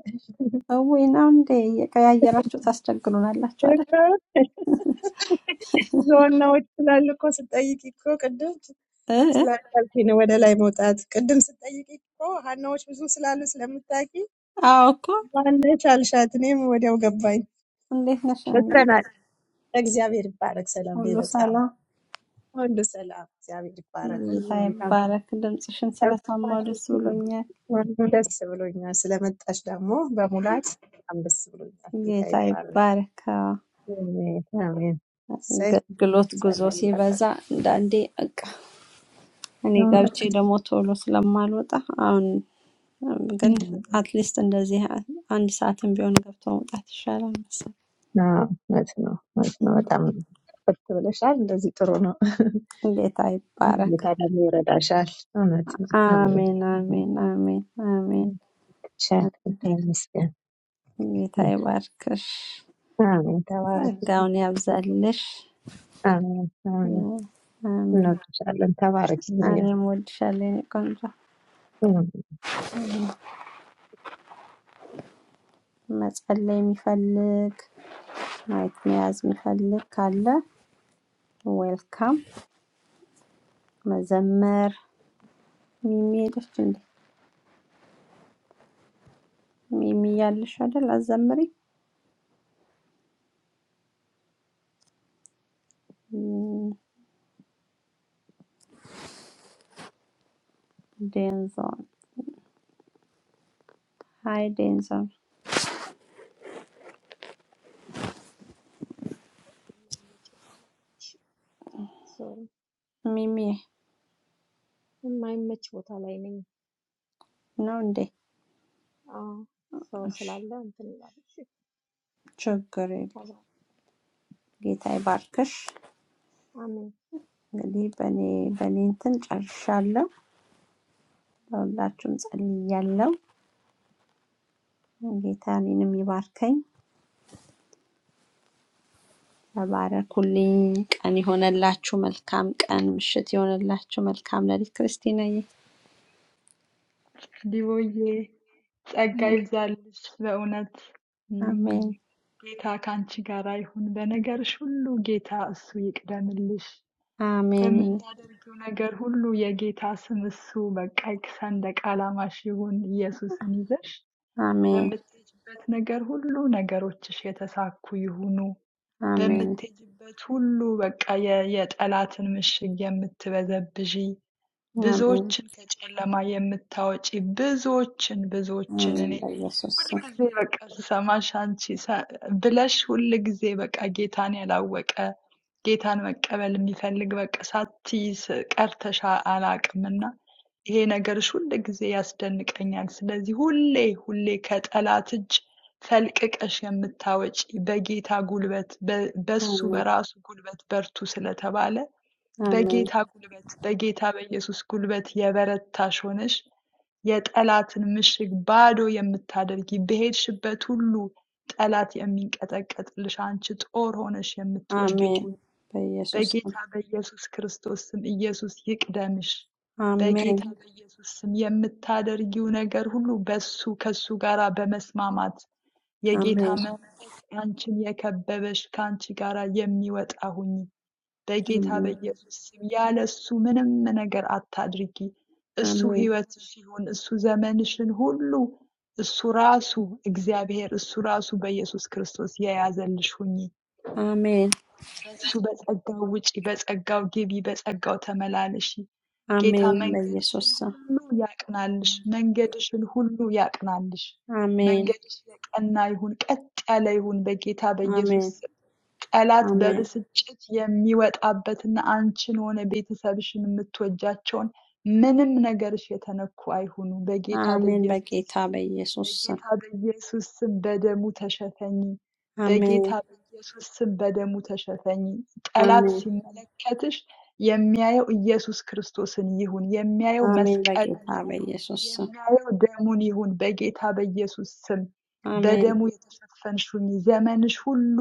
እውይ ነው እንዴ? እየቀያየራችሁ ታስቸግሩናላችሁ አይደል? ዋናዎች ስላሉ እኮ ስጠይቅ እኮ ቅድም እ እ፣ ስላልቻልኩኝ ነው ወደ ላይ መውጣት። ቅድም ስጠይቅ እኮ ሀናዎች ብዙ ስላሉ ስለምታውቂ አዎ እኮ። ዋናች አልሻት፣ እኔም ወዲያው ገባኝ። እንዴት ነሽ? እንዴ፣ በተናል እግዚአብሔር ይባረክ። ሰላም ነኝ ሁሉ በጣም ሰላም? ሁሉ ሰላም እግዚአብሔር ይባረክ። ሁሉ ጌታ መልካም ይባረክ። ድምፅሽን ስለሰማሁ ደስ ብሎኛል። ወንዱ ደስ ብሎኛል። ስለመጣሽ ደግሞ በሙላት በጣም ደስ ብሎኛል። ጌታ ጌታ ይባረክ። ይባረክ። አሜን አሜን። እሰይ አገልግሎት ጉዞ ሳልመጣ- ሲበዛ አንዳንዴ በቃ እኔ እውነት ገብቼ ነው ደግሞ ቶሎ ስለማልወጣ አሁን ግን አትሊስት እንደዚህ አንድ ሰዓትም ቢሆን ገብቶ መውጣት ይሻላል መሰለኝ። አዎ፣ እውነት ነው እውነት ነው። በጣም ብርት ብለሻል። እንደዚህ ጥሩ ነው። ጌታ ይባረክ። ጌታ ደግሞ ይረዳሻል። እውነት ነው። አሜን አሜን፣ አሜን፣ አሜን፣ አሜን። ይሻል። ጌታ ይመስገን። ጌታ ይባርክሽ፣ አሜን። ተባረክልኝ። ጸጋውን ያብዛልሽ። አሜን አሜን። አሜን። እንወድሻለን። ተባረኪ። እኔም እወድሻለሁ የእኔ ቆንጆ። መጸለይ የሚፈልግ ማየት መያዝ የሚፈልግ ካለ ዌልካም መዘመር ሚሚ ሄደች እንዴ? ሚሚ ያለሽ አይደል? አዘምሪ ዴንዞን ሃይ ዴንዞን ቦታ ላይ ነኝ። እሺ፣ ሶሪ ሚሚ የማይመች ቦታ ላይ ነኝ። ነው እንዴ? አዎ፣ ሰው እሺ ስላለ እንትን ይላል። እሺ፣ ችግር የለም። ተባረክ። ጌታ ይባርክሽ። አሜን። እንግዲህ በእኔ በእኔ እንትን ጨርሻለሁ። ለሁላችሁም ጸልያለሁ። ጌታ እኔንም ይባርከኝ። ተባረኩልኝ። ቀን የሆነላችሁ መልካም ቀን፣ ምሽት የሆነላችሁ መልካም ለሊት። ክርስቲናዬ Divoye. ጸጋ ይብዛልሽ በእውነት እም፣ አሜን ጌታ ከአንቺ ጋር ይሁን። በነገርሽ ሁሉ ጌታ እሱ ይቅደምልሽ። አሜን በምታደርጊው ነገር ሁሉ የጌታ ስም እሱ በቃ ሰንደቅ ዓላማሽ ይሁን። ኢየሱስን ይዘሽ አሜን በምትሄጅበት ነገር ሁሉ ነገሮችሽ የተሳኩ ይሁኑ። አሜን በምትሄጅበት ሁሉ በቃ የ- የጠላትን ምሽግ የምትበዘብዢ አሜን ብዙዎችን ከጨለማ የምታወጪ ብዙዎችን ብዙዎችን አሜን። እኔ በኢየሱስ ስም ሁልጊዜ በቃ ስሰማሽ አንቺ ሰ- ብለሽ ሁልጊዜ በቃ ጌታን ያላወቀ ጌታን መቀበል የሚፈልግ በቃ ሳትይዝ ቀርተሽ አላቅም እና ይሄ ነገርሽ ሁልጊዜ ያስደንቀኛል። ስለዚህ ሁሌ ሁሌ ከጠላት እጅ ፈልቅቀሽ የምታወጪ በጌታ ጉልበት በ- በሱ አሜን፣ በራሱ ጉልበት በርቱ ስለተባለ አሜን፣ በጌታ ጉልበት በጌታ በኢየሱስ ጉልበት የበረታሽ ሆነሽ የጠላትን ምሽግ ባዶ የምታደርጊ በሄድሽበት ሁሉ ጠላት የሚንቀጠቀጥልሽ አንቺ ጦር ሆነሽ የምትወጊው አሜን። ሁን። በኢየሱስ በጌታ ስም በኢየሱስ ክርስቶስ ስም ኢየሱስ ይቅደምሽ። አሜን፣ በጌታ በኢየሱስ ስም የምታደርጊው ነገር ሁሉ በሱ ከሱ ጋር በመስማማት የጌታ አሜን፣ መንፈስ አንቺን የከበበሽ ከአንቺ ጋር የሚወጣ ሁኝ። በጌታ በኢየሱስ ስም ያለ እሱ ምንም ነገር አታድርጊ። እሱ አሜን፣ ህይወትሽ ይሁን፣ እሱ ዘመንሽን ሁሉ እሱ ራሱ እግዚአብሔር እሱ ራሱ በኢየሱስ ክርስቶስ የያዘልሽ ሁኚ። አሜን፣ በሱ በጸጋው ውጪ፣ በጸጋው ግቢ፣ በጸጋው ተመላለሺ። ጌታ አሜን። በኢየሱስ መንገድሽን ስም ሁሉ ያቅናልሽ፣ መንገድሽን ሁሉ ያቅናልሽ። አሜን፣ መንገድሽ የቀና ይሁን፣ ቀጥ ያለ ይሁን በጌታ አሜን፣ በኢየሱስ ጠላት አሜን፣ በብስጭት የሚወጣበትና አንቺን ሆነ ቤተሰብሽን የምትወጃቸውን ምንም ነገርሽ የተነኩ አይሁኑ በጌታ አሜን። በኢየሱስ በጌታ በኢየሱስ ስም በጌታ በኢየሱስ ስም በደሙ ተሸፈኚ። አሜን፣ በጌታ በኢየሱስ ስም በደሙ ተሸፈኚ። ጠላት አሜን፣ ሲመለከትሽ የሚያየው ኢየሱስ ክርስቶስን ይሁን፣ የሚያየው አሜን። መስቀሉን በጌታ ይሁን፣ በኢየሱስ ስም የሚያየው ደሙን ይሁን። በጌታ በኢየሱስ ስም አሜን፣ በደሙ የተሸፈንሽ ሁኚ። ዘመንሽ ሁሉ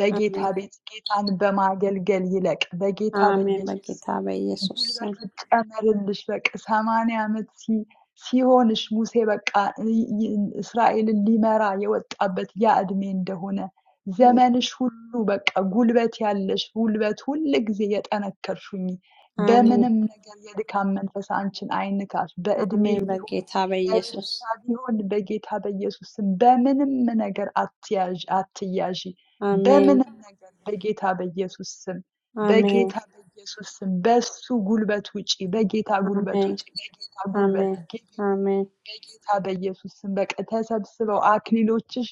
በጌታ አሜን፣ ቤት ጌታን በማገልገል ይለቅ። በጌታ አሜን። በኢየሱስ ስም በጌታ በኢየሱስ ጉልበት ስም ይጨመርልሽ በቃ ሰማንያ ዓመት ሲ- ሲሆንሽ ሙሴ በቃ ይ- ይ- እስራኤልን ሊመራ የወጣበት ያ እድሜ እንደሆነ ዘመንሽ ሁሉ በቃ ጉልበት ያለሽ ጉልበት ሁል ጊዜ የጠነከርሽኝ አሜን፣ በምንም ነገር የድካም መንፈስ አንቺን አይንካሽ። በእድሜ አሜን። ቢሆን በጌታ በኢየሱስ በበሽታ ቢሆን በጌታ በኢየሱስ ስም በምንም ነገር አትያዥ አትያዢ። አሜን፣ በምንም ነገር በጌታ በኢየሱስ ስም አሜን፣ በጌታ በኢየሱስ ስም በሱ ጉልበት ውጪ፣ በጌታ ጉልበት አሜን ውጪ፣ በጌታ ጉልበት Amen. ግቢ፣ Amen. በጌታ በኢየሱስ ስም በቃ ተሰብስበው አክሊሎችሽ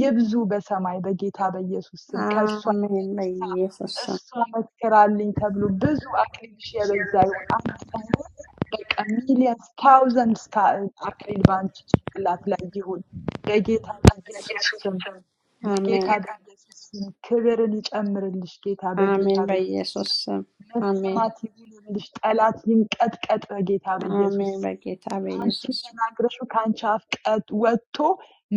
ይብዙ በሰማይ በጌታ በኢየሱስ ስም። ከእሷ Amen. By የተነሳ Jesus. እሷ መስክራልኝ ተብሎ ብዙ አክሊልሽ የበዛ ይሁን። አንድ ሳይሆን በቃ ሚሊየንስ ታውዘንድ አክሊል በአንቺ ጭንቅላት ላይ ይሁን በጌታ በኢየሱስ ስም በጌታ Amen. በኢየሱስ ስም ክብርን ይጨምርልሽ። ጌታ በጌታ Amen. By በኢየሱስ ስም Jesus. Amen. መሰማት ይሁንልሽ። ጠላት ይንቀጥቀጥ በጌታ በኢየሱስ Amen. ስም። By Gita. By አንቺ Jesus. ተናግረሹ ከአንቺ አፍ ቀጥ ወጥቶ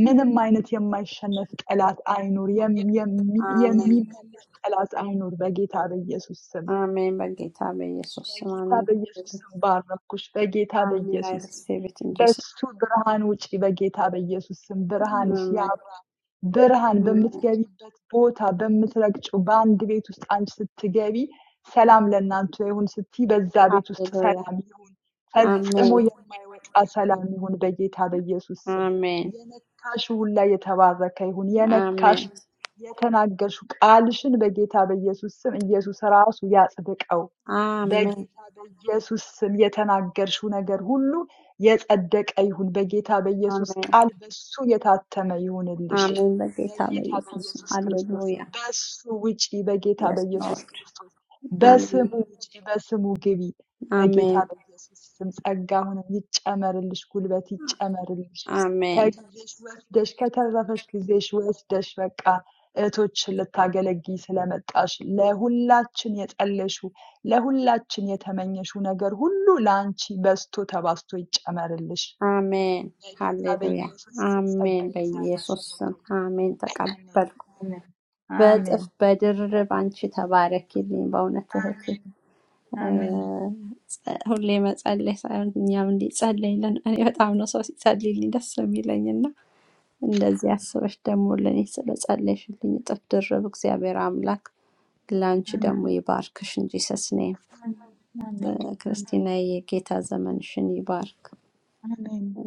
ምንም አይነት የማይሸነፍ ጠላት አይኑር፣ የም- የሚ- Amen. የሚመለስ ጠላት አይኑር። በጌታ በኢየሱስ ስም Amen. By Gita. By Jesus. በጌታ Amen. በኢየሱስ ስም ባረኩሽ። በጌታ Amen. I በኢየሱስ ስም receive it in Jesus. በሱ ብርሃን ውጪ። በጌታ በኢየሱስ ስም ብርሃንሽ ያ Amen. ብርሃን Amen. በምትገቢበት ቦታ በምትረግጭው በአንድ ቤት ውስጥ አንቺ ስትገቢ ሰላም ለእናንተ ይሁን ስቲ በዛ ቤት ውስጥ Hallelujah. ሰላም ይሁን፣ ፈጽሞ Amen. የማይወጣ ሰላም ይሁን በጌታ በኢየሱስ ስም። Amen. የነካሽ ሁላ የተባረከ ይሁን። የነካሽ Amen. የተናገርሽ ቃልሽን በጌታ በኢየሱስ ስም ኢየሱስ ራሱ ያጽድቀው። Amen. በጌታ በኢየሱስ ስም የተናገርሽው ነገር ሁሉ የጸደቀ ይሁን። በጌታ በኢየሱስ Amen. ቃል በሱ የታተመ ይሁንልሽ። Amen. By Gita. By በጌታ Jesus. በኢየሱስ ክርስቶስ Hallelujah. በሱ ውጪ በጌታ Yes, በኢየሱስ Lord. ክርስቶስ Amen. በስሙ ውጪ በስሙ ግቢ በጌታ Amen. በኢየሱስ ስም ጸጋ አሁንም ይጨመርልሽ፣ ጉልበት ይጨመርልሽ። Amen. ከጊዜሽ ወስደሽ ከተረፈሽ ጊዜሽ ወስደሽ በቃ እህቶችን ልታገለግይ ስለመጣሽ ለሁላችን የጸለይሽው ለሁላችን የተመኘሽው ነገር ሁሉ ለአንቺ በስቶ ተባስቶ ይጨመርልሽ። አሜን በጌታ ሃሌሉያ በኢየሱስ ስም ጸጋ አሜን። ይዛልሽ በኢየሱስ እህቴ። ስም አሜን። Amen. ተቀበልኩ። Amen. በእጥፍ Amen. Thank you, God. በድርብ አንቺ ተባረኪልኝ። በእውነት እህቴ Amen. እ፣ Amen. ጸ- ሁሌ መጸለይ ሳይሆን እኛም እንዲጸለይልን እኔ በጣም ነው ሰው ሲጸልይልኝ ደስ የሚለኝና እንደዚህ አስበሽ ደግሞ ለእኔ ስለጸለይሽልኝ እጥፍ ድርብ እግዚአብሔር አምላክ ለአንቺ ደግሞ Amen. ይባርክሽ እንጂ ሰስኔ Amen. Amen. Amen. Amen. ክርስቲና የጌታ ዘመንሽን ይባርክ። Amen. Amen.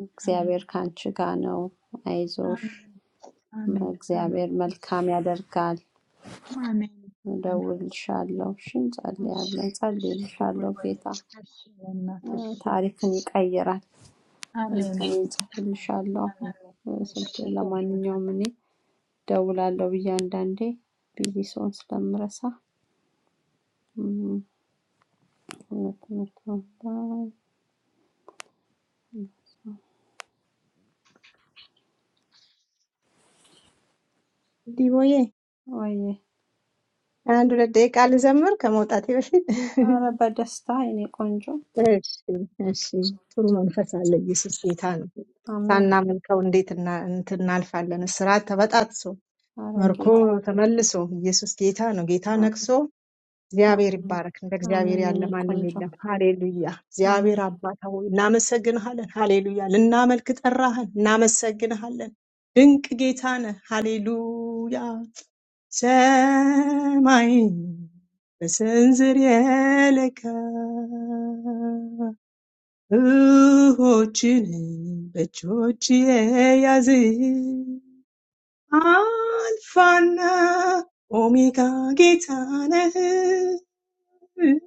እግዚአብሔር ከአንቺ ጋር ነው። አይዞሽ Amen. Amen. Amen. እግዚአብሔር መልካም ያደርጋል። Amen. እደውልልሻለሁ። እሺ፣ እንጸልያለን። Ashi, ashi, ጸልይልሻለሁ። diwali. ጌታ Ashi, lemma, እ፣ ashi, ታሪክን ashi. ይቀይራል። Amen. Amen. እጽፍልሻለሁ። Amen. እ፣ እሺ፣ ስልኬን እኔማ ለማንኛውም እኔ እደውላለሁ ብዬ አንዳንዴ ቢዚ ሰውን ስለምረሳ እም፣ ሁለት መቶ አርባ ዲቦዬ ወይ አንድ ሁለት ደቂቃ ልዘምር ከመውጣቴ በፊት። አረ በደስታ የኔ ቆንጆ እሺ እሺ። ጥሩ መንፈስ አለ። ኢየሱስ ጌታ ነው። አሜን። ሳናመልከው እንዴት እና እንትን እናልፋለን? እስራት ተበጣጥሶ አረ መርኮ ጌታ ተመልሶ ኢየሱስ ጌታ ነው። ጌታ ነግሶ እግዚአብሔር አሜን ይባረክ። እንደ እግዚአብሔር አሜን ያለ የኔ ማንም ቆንጆ የለም። ሃሌሉያ። አሜን እግዚአብሔር አባታ ሆይ እናመሰግንሃለን። ሃሌሉያ። ልናመልክ ጠራህን። እናመሰግንሃለን። ድንቅ ጌታ ነህ። ሃሌሉያ Semai be sense realika, uchine be chuchie yazin. Alpha, omega, kita ne. Miss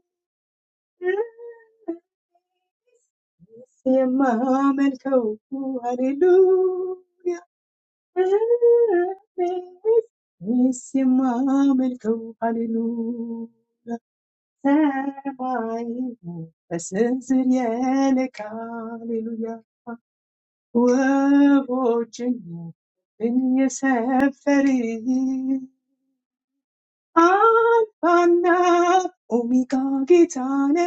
ya mama, kau hallelujah. Miss ya mama, kau hallelujah. Sebae, esen ziyel, kalleluya, wobujni, benye seferi, alpana, omika gitane,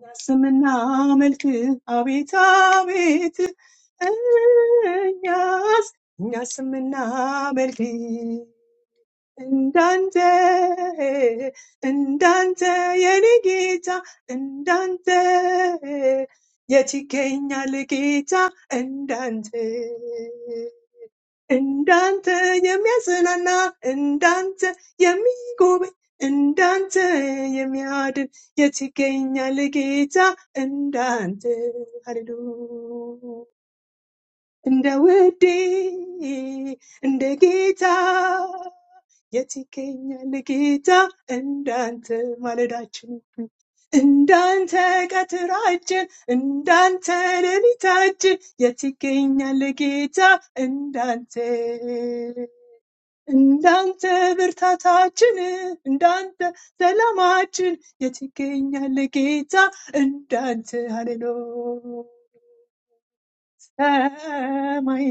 yas mina melti, abitabit, yas, yas mina melti. Ndante, ndante, yeligita, ndante, yetikenya ligita, ndante. Ndante, yemiazinana, ndante, yemigobe, ndante, yemiadin, yetikenya ligita, ndante. Hallelujah. እንደ ውዴ እንደ ጌታ የት ይገኛል ጌታ እንዳንተ ማለዳችን ሁሉ እንዳንተ ቀትራችን እንዳንተ ሌሊታችን የት ይገኛል ጌታ እንዳንተ እንዳንተ ብርታታችን እንዳንተ ሰላማችን የት ይገኛል ጌታ እንዳንተ ሃሌሉያ ሰማይ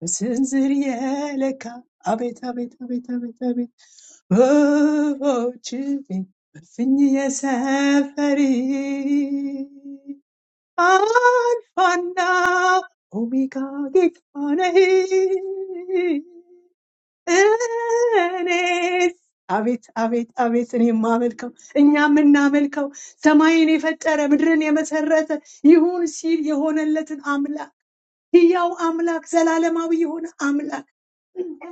በስንዝር የለካ አቤት አቤት አቤት አቤት አቤት ወፎች በፍኝ የሰፈሪ አልፋና ኦሜጋ ጌታ ነህ እኔስ አቤት አቤት አቤት እኔ የማመልከው እኛ የምናመልከው ሰማይን የፈጠረ ምድርን የመሰረተ ይሁን ሲል የሆነለትን ሕያው አምላክ ዘላለማዊ የሆነ አምላክ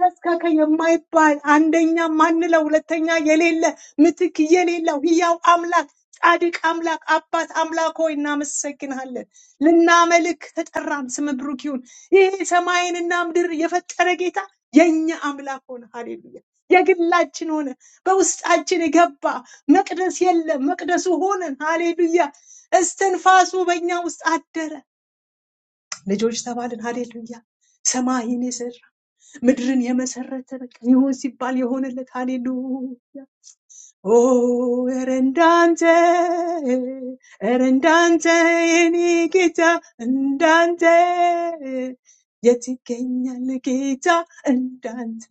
ተስካከ የማይባል አንደኛ ማንለው ሁለተኛ የሌለ ምትክ የሌለው ሕያው አምላክ ጻድቅ አምላክ አባት አምላክ ሆይ እናመሰግንሃለን። ልናመልክ ተጠራን። ስም ብሩክ ይሁን። ይህ ሰማይንና ምድር የፈጠረ ጌታ የእኛ አምላክ ሆነ። ሃሌሉያ። የግላችን ሆነ፣ በውስጣችን ገባ። መቅደስ የለም፣ መቅደሱ ሆነን። ሃሌሉያ። እስትንፋሱ በእኛ ውስጥ አደረ። ልጆች ተባልን። ሀሌሉያ ሰማይን የሰራ ምድርን የመሰረተ በቃ ይሁን ሲባል የሆነለት ሀሌሉያ Oh, erendante, erendante, eni gita, endante. የትገኛል ጌታ እንዳንተ።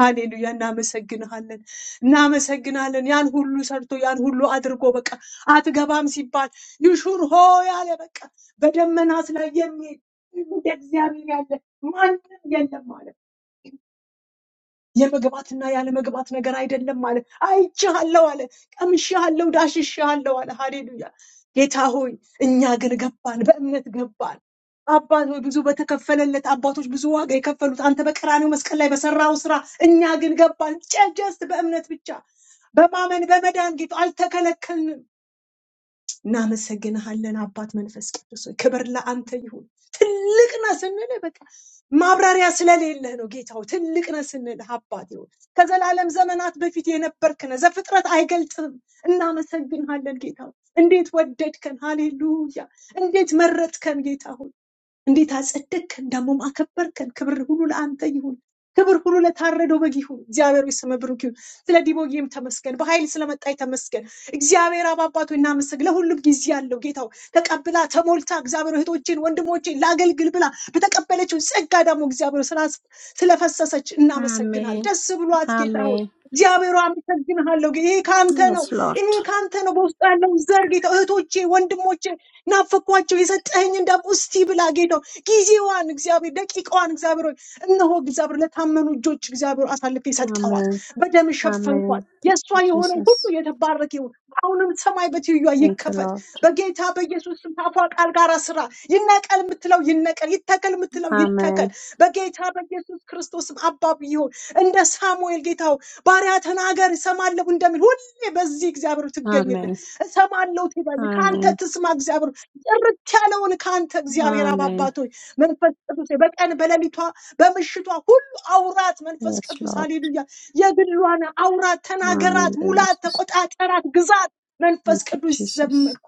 ሃሌሉያ! እናመሰግንሃለን፣ እናመሰግናለን። ያን ሁሉ ሰርቶ ያን ሁሉ አድርጎ በቃ አትገባም ሲባል ይሹር ሆ ያለ በቃ በደመናት ላይ የሚሄድ እንደ እግዚአብሔር ያለ ማንም የለም አለ። የመግባትና ያለመግባት ነገር አይደለም አለ። አይቼሃለሁ አለ። ቀምሼሃለሁ፣ ዳሽሼሃለሁ አለ። ሃሌሉያ። ጌታ ሆይ እኛ ግን ገባን፣ በእምነት ገባን። አባት ሆይ ብዙ በተከፈለለት አባቶች ብዙ ዋጋ የከፈሉት አንተ በቀራኔው መስቀል ላይ በሰራው ስራ እኛ ግን ገባን። ጀስት በእምነት ብቻ በማመን በመዳን ጌታ አልተከለከልንም። እናመሰግንሃለን አባት መንፈስ ቅዱስ ሆይ ክብር ለአንተ ይሁን። ትልቅ ነህ ስንልህ በቃ ማብራሪያ ስለሌለህ ነው ጌታ ሆይ ትልቅ ነህ ስንልህ አባት ይሁን። ከዘላለም ዘመናት በፊት የነበርክ ነህ፣ ዘፍጥረት አይገልጽም። እናመሰግንሃለን ጌታ ሆይ። እንዴት ወደድከን! ሃሌሉያ! እንዴት መረጥከን ጌታ ሆይ! እንዴት አጸደቅከን፣ ደግሞም አከበርከን። ክብር ሁሉ ለአንተ ይሁን። ክብር ሁሉ ለታረደው በግ ይሁን። እግዚአብሔር ሆይ ስምህ ብሩክ ይሁን። ስለ ዲቦዬም ተመስገን፣ በኃይል ስለመጣ ተመስገን። እግዚአብሔር አብ አባቶ እናመስግ። ለሁሉም ጊዜ ያለው ጌታው ተቀብላ ተሞልታ እግዚአብሔር እህቶችን ወንድሞችን ላገልግል ብላ በተቀበለችው ጸጋ ደግሞ እግዚአብሔር ስላስ- ስለፈሰሰች እናመሰግናል። አሜን ደስ ብሏት ጌታ ሆይ አሜን እግዚአብሔር ሆይ አመሰግንሃለሁ። ይሄ ከአንተ ነው፣ Yes, ይሄ Lord. ከአንተ ነው። በውስጡ ያለውን ዘር ጌታ እህቶቼ ወንድሞቼ ናፈኳቸው የሰጠኸኝ እንዳም እስቲ ብላ ጌታ ሆይ፣ ጊዜዋን እግዚአብሔር ደቂቃዋን እግዚአብሔር ሆይ እነሆ እግዚአብሔር ለታመኑ እጆች እግዚአብሔር አሳልፌ ሰጠኋት፣ Amen. በደም ሸፈንኳት። Amen. Thank የእሷ you, የሆነ ሁሉ Jesus. የተባረክ ይሁን። አሁንም ሰማይ በትይዩዋ Thank you, ይከፈት Lord. በጌታ በኢየሱስ ስም ታፏ ቃል ጋር ስራ ይነቀል የምትለው ይነቀል፣ ይተከል የምትለው ይተከል Amen. በጌታ በኢየሱስ ክርስቶስም አባብ ይሁን። እንደ ሳሙኤል ጌታው ባሪያ ተናገር እሰማለሁ እንደሚል ሁሌ በዚህ እግዚአብሔር ትገኝልን Amen. እሰማለሁ ትበል ከአንተ Amen. ትስማ እግዚአብሔር ጥርት ያለውን ከአንተ እግዚአብሔር አብ Amen. አባቶች መንፈስ ቅዱስ ሆይ በቀን በሌሊቷ በምሽቷ ሁሉ አውራት መንፈስ Yes, ቅዱስ Lord. ሃሌሉያ የግሏን አውራት ተናገራት Amen. Lord ሙላት Jesus. ተቆጣጠራት ግዛት መንፈስ Thank you, ቅዱስ Jesus. ዘመርኩ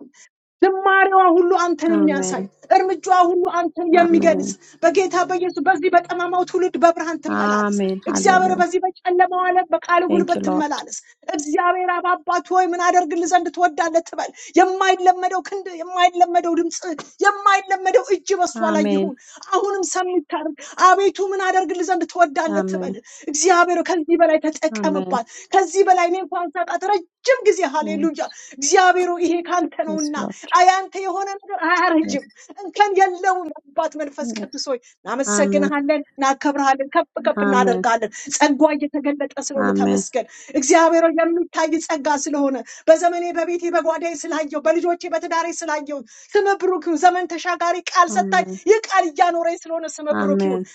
ዝማሬዋ ሁሉ አንተን የሚያሳይ Amen. እርምጃዋ ሁሉ አንተን የሚገልጽ Amen. በጌታ በኢየሱስ በዚህ በጠማማው ትውልድ በብርሃን ትመላለስ። Amen. እግዚአብሔር Hallelujah. በዚህ በጨለማው ዓለም በቃል Thank ጉልበት you, Lord. ትመላለስ። እግዚአብሔር አብ አባት ሆይ ምን አደርግልህ ዘንድ ትወዳለህ ትበል። የማይለመደው ክንድ፣ የማይለመደው ድምፅ፣ የማይለመደው እጅ በሷ ላይ Amen. ይሁን። አሁንም ሰሚታርግ አቤቱ ምን አደርግልህ ዘንድ ትወዳለህ ትበል። Amen. እግዚአብሔር ከዚህ በላይ Amen. ተጠቀምባት። ከዚህ በላይ እኔ እንኳን ሳጣት ረጅም ጊዜ Yes, ሃሌሉያ። እግዚአብሔር ሆይ ይሄ ካንተ yes ነውና Lord. አያንተ የሆነ ነገር Yes. አያረጅም፣ እንከን የለውም። አባት መንፈስ ቅዱስ Yes. ሆይ Amen. እናመሰግንሃለን፣ እናከብርሃለን፣ ከፍ ከፍ Amen. እናደርጋለን። ጸጋ እየተገለጠ ስለሆነ Amen. ተመስገን። እግዚአብሔር ሆይ የሚታይ ጸጋ ስለሆነ በዘመኔ በቤቴ በጓዳዬ ስላየው በልጆቼ በትዳሬ ስላየው ስም ብሩክ ይሁን። ዘመን ተሻጋሪ ቃል ሰጣኝ። Amen. ይህ ቃል እያኖረኝ ስለሆነ ስም ብሩክ ይሁን። Amen.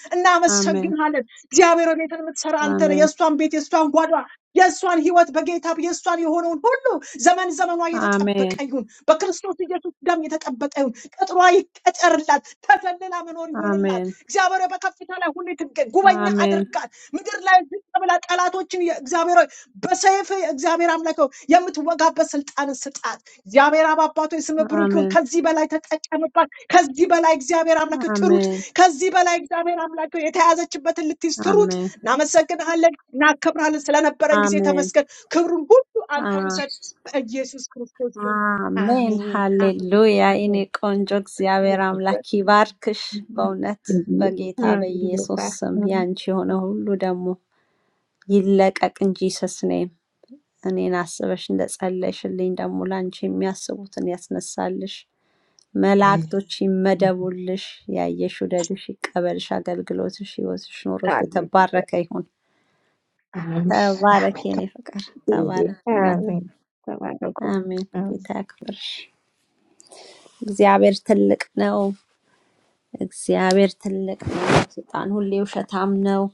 Amen. እናመሰግንሃለን። እግዚአብሔር ሆይ ቤትን የምትሰራ አንተ ነህ። Amen. የእሷን ቤት የእሷን ጓዳ የእሷን ህይወት በጌታ የእሷን የሆነውን ሁሉ ዘመን ዘመኗ የተጠበቀ Amen. ይሁን። በክርስቶስ ኢየሱስ ደም የተጠበቀ ይሁን። ቅጥሯ ይቀጠርላት፣ ተሰልላ መኖር ይሁንላት። Amen. እግዚአብሔር ሆይ በከፍታ ላይ ሁሉ ትገኝ፣ ጉበኛ Amen. አድርጋት። ምድር ላይ ዝቅ ብላ ጠላቶችን እግዚአብሔር ሆይ በሰይፍ እግዚአብሔር አምላክ ሆይ የምትወጋበት ስልጣን ስጣት። እግዚአብሔር አብ አባቶ ስም ብሩክ ይሁን። Amen. ከዚህ በላይ ተጠቀምባት። ከዚህ በላይ እግዚአብሔር አምላክ ትሩጥ። Amen. ከዚህ በላይ እግዚአብሔር አምላክ ሆይ የተያዘችበትን ልትይዝ ትሩጥ። Amen. እናመሰግንሃለን። እናከብርሃለን። ስለነበረን ጊዜ አሜን ተመስገን። ክብሩን ሁሉ አንተ አ- ውሰድ። በኢየሱስ ክርስቶስ ስም አሜን አሜን፣ አሜን፣ ሃሌሉያ። የኔ አሜን። ቆንጆ እግዚአብሔር አምላክ ይባርክሽ። በእውነት ሃሌሉያ፣ በጌታ ሃሌሉያ፣ በኢየሱስ ስም አሜን። ያንቺ የሆነ ሁሉ ደግሞ ይለቀቅ እንጂ ስስኔ እኔን አስበሽ እንደጸለይሽልኝ ደግሞ ለአንቺ የሚያስቡትን ያስነሳልሽ። አሜን። መላእክቶች ይመደቡልሽ። ያየሽ ውደድሽ፣ ይቀበልሽ። አገልግሎትሽ፣ ህይወትሽ፣ ኑሮሽ የተባረከ ይሁን። አሜን። ተባረክ የኔ ፍቅር፣ ተባረክ እናቴ። አሜን። ተባረኩ። አሜን። ጌታ ያክብርሽ። እግዚአብሔር ትልቅ ነው። እግዚአብሔር ትልቅ ነው። ሰይጣን ሁሌ ውሸታም ነው።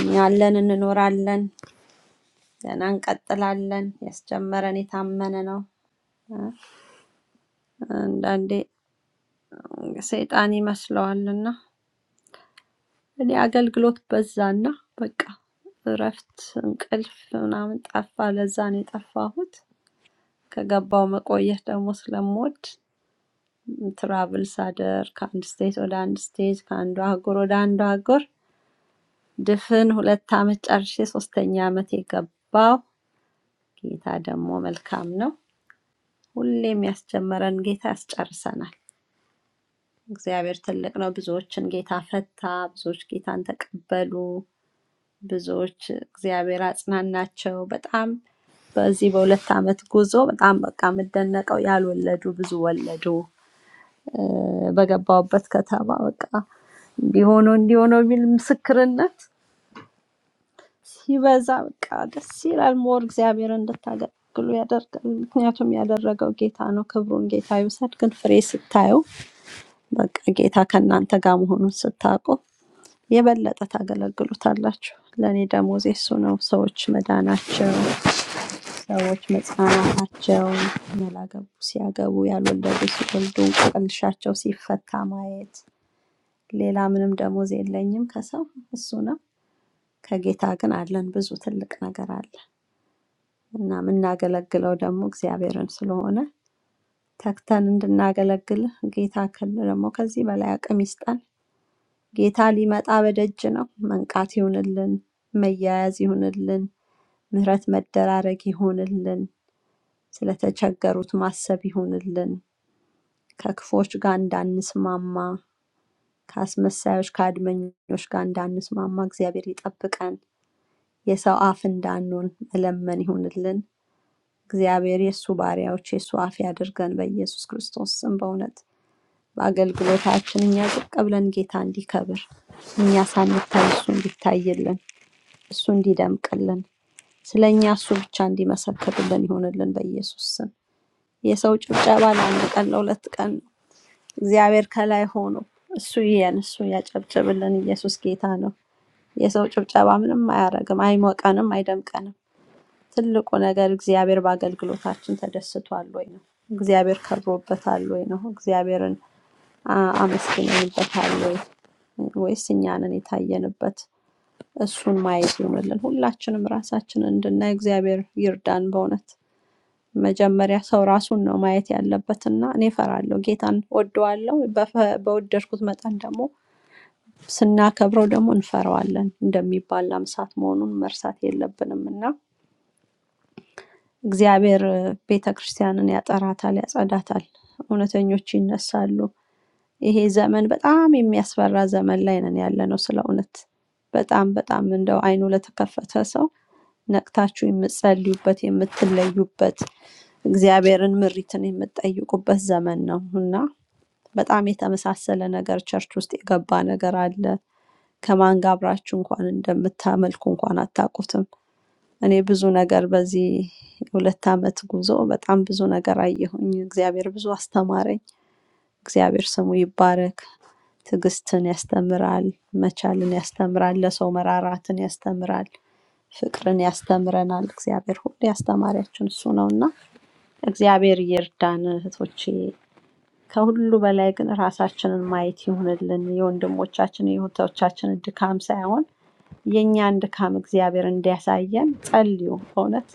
እኛ አለን፣ እንኖራለን፣ ገና እንቀጥላለን። ያስጀመረን የታመነ ነው። አንዳንዴ ሰይጣን ይመስለዋልና እኔ አገልግሎት በዛና በቃ እረፍት እንቅልፍ ምናምን ጠፋ። ለዛ ነው የጠፋሁት። ከገባው መቆየት ደግሞ ስለምወድ ትራቭል ሳደር ከአንድ ስቴት ወደ አንድ ስቴት ከአንዱ አህጉር ወደ አንዱ አህጉር ድፍን ሁለት ዓመት ጨርሼ ሶስተኛ ዓመት የገባው ጌታ ደግሞ መልካም ነው። ሁሌም ያስጀመረን ጌታ ያስጨርሰናል። እግዚአብሔር ትልቅ ነው። ብዙዎችን ጌታ ፈታ፣ ብዙዎች ጌታን ተቀበሉ፣ ብዙዎች እግዚአብሔር አጽናናቸው። በጣም በዚህ በሁለት ዓመት ጉዞ በጣም በቃ የምደነቀው ያልወለዱ ብዙ ወለዱ በገባሁበት ከተማ በቃ እንዲሆነው እንዲሆነው የሚል ምስክርነት ሲበዛ በቃ ደስ ይላል። ሞር እግዚአብሔር እንድታገለግሉ ያደርጋል። ምክንያቱም ያደረገው ጌታ ነው። ክብሩን ጌታ ይውሰድ። ግን ፍሬ ስታዩ በቃ ጌታ ከእናንተ ጋር መሆኑን ስታውቁ የበለጠ ታገለግሉታላችሁ። ለእኔ ደሞዜ እሱ ነው። ሰዎች መዳናቸው፣ ሰዎች መጽናናታቸው፣ ያላገቡ ሲያገቡ፣ ያልወለዱ ሲወልዱ፣ እንቆቅልሻቸው ሲፈታ ማየት ሌላ ምንም ደሞዝ የለኝም ከሰው እሱ ነው። ከጌታ ግን አለን ብዙ ትልቅ ነገር አለ እና የምናገለግለው ደግሞ እግዚአብሔርን ስለሆነ ተግተን እንድናገለግል ጌታ ክል ደግሞ ከዚህ በላይ አቅም ይስጠን። ጌታ ሊመጣ በደጅ ነው። መንቃት ይሁንልን፣ መያያዝ ይሁንልን፣ ምሕረት መደራረግ ይሁንልን፣ ስለተቸገሩት ማሰብ ይሁንልን፣ ከክፎች ጋር እንዳንስማማ፣ ከአስመሳዮች ከአድመኞች ጋር እንዳንስማማ እግዚአብሔር ይጠብቀን። የሰው አፍ እንዳንሆን መለመን ይሁንልን። እግዚአብሔር የእሱ ባሪያዎች የእሱ አፍ ያድርገን በኢየሱስ ክርስቶስ ስም። በእውነት በአገልግሎታችን እኛ ዝቅ ብለን ጌታ እንዲከብር እኛ ሳንታይ እሱ እንዲታይልን እሱ እንዲደምቅልን ስለ እኛ እሱ ብቻ እንዲመሰክርልን ይሁንልን በኢየሱስ ስም። የሰው ጭብጨባ ለአንድ ቀን ለሁለት ቀን ነው። እግዚአብሔር ከላይ ሆኖ እሱ ይየን፣ እሱ ያጨብጭብልን። ኢየሱስ ጌታ ነው። የሰው ጭብጨባ ምንም አያረግም፣ አይሞቀንም፣ አይደምቀንም። ትልቁ ነገር እግዚአብሔር በአገልግሎታችን ተደስቷል ወይ ነው። እግዚአብሔር ከብሮበታል ወይ ነው። እግዚአብሔርን አ- አመስግነንበታል ወይ ወይስ እኛ ነን የታየንበት? እሱን ማየት ይሆንልን። ሁላችንም ራሳችንን እንድናይ እግዚአብሔር ይርዳን። በእውነት መጀመሪያ ሰው ራሱን ነው ማየት ያለበትና እኔ እፈራለሁ፣ ጌታን ወደዋለሁ፣ በፈ- በወደድኩት መጠን ደግሞ ስናከብረው ደግሞ እንፈራዋለን እንደሚባል አምሳት መሆኑን መርሳት የለብንም እና እግዚአብሔር ቤተ ክርስቲያንን ያጠራታል፣ ያጸዳታል። እውነተኞች ይነሳሉ። ይሄ ዘመን በጣም የሚያስፈራ ዘመን ላይ ነን ያለ ነው። ስለ እውነት በጣም በጣም እንደው አይኑ ለተከፈተ ሰው ነቅታችሁ የምትጸልዩበት የምትለዩበት እግዚአብሔርን ምሪትን የምትጠይቁበት ዘመን ነው እና በጣም የተመሳሰለ ነገር ቸርች ውስጥ የገባ ነገር አለ። ከማን ጋር አብራችሁ እንኳን እንደምታመልኩ እንኳን አታውቁትም። እኔ ብዙ ነገር በዚህ ሁለት ዓመት ጉዞ በጣም ብዙ ነገር አየሁኝ። እግዚአብሔር ብዙ አስተማረኝ። እግዚአብሔር ስሙ ይባረክ። ትዕግስትን ያስተምራል፣ መቻልን ያስተምራል፣ ለሰው መራራትን ያስተምራል፣ ፍቅርን ያስተምረናል። እግዚአብሔር ሁሉ ያስተማሪያችን እሱ ነው እና እግዚአብሔር ይርዳን እህቶቼ። ከሁሉ በላይ ግን ራሳችንን ማየት ይሁንልን። የወንድሞቻችን የእህቶቻችንን ድካም ሳይሆን የእኛን ድካም እግዚአብሔር እንዲያሳየን ጸልዩ በእውነት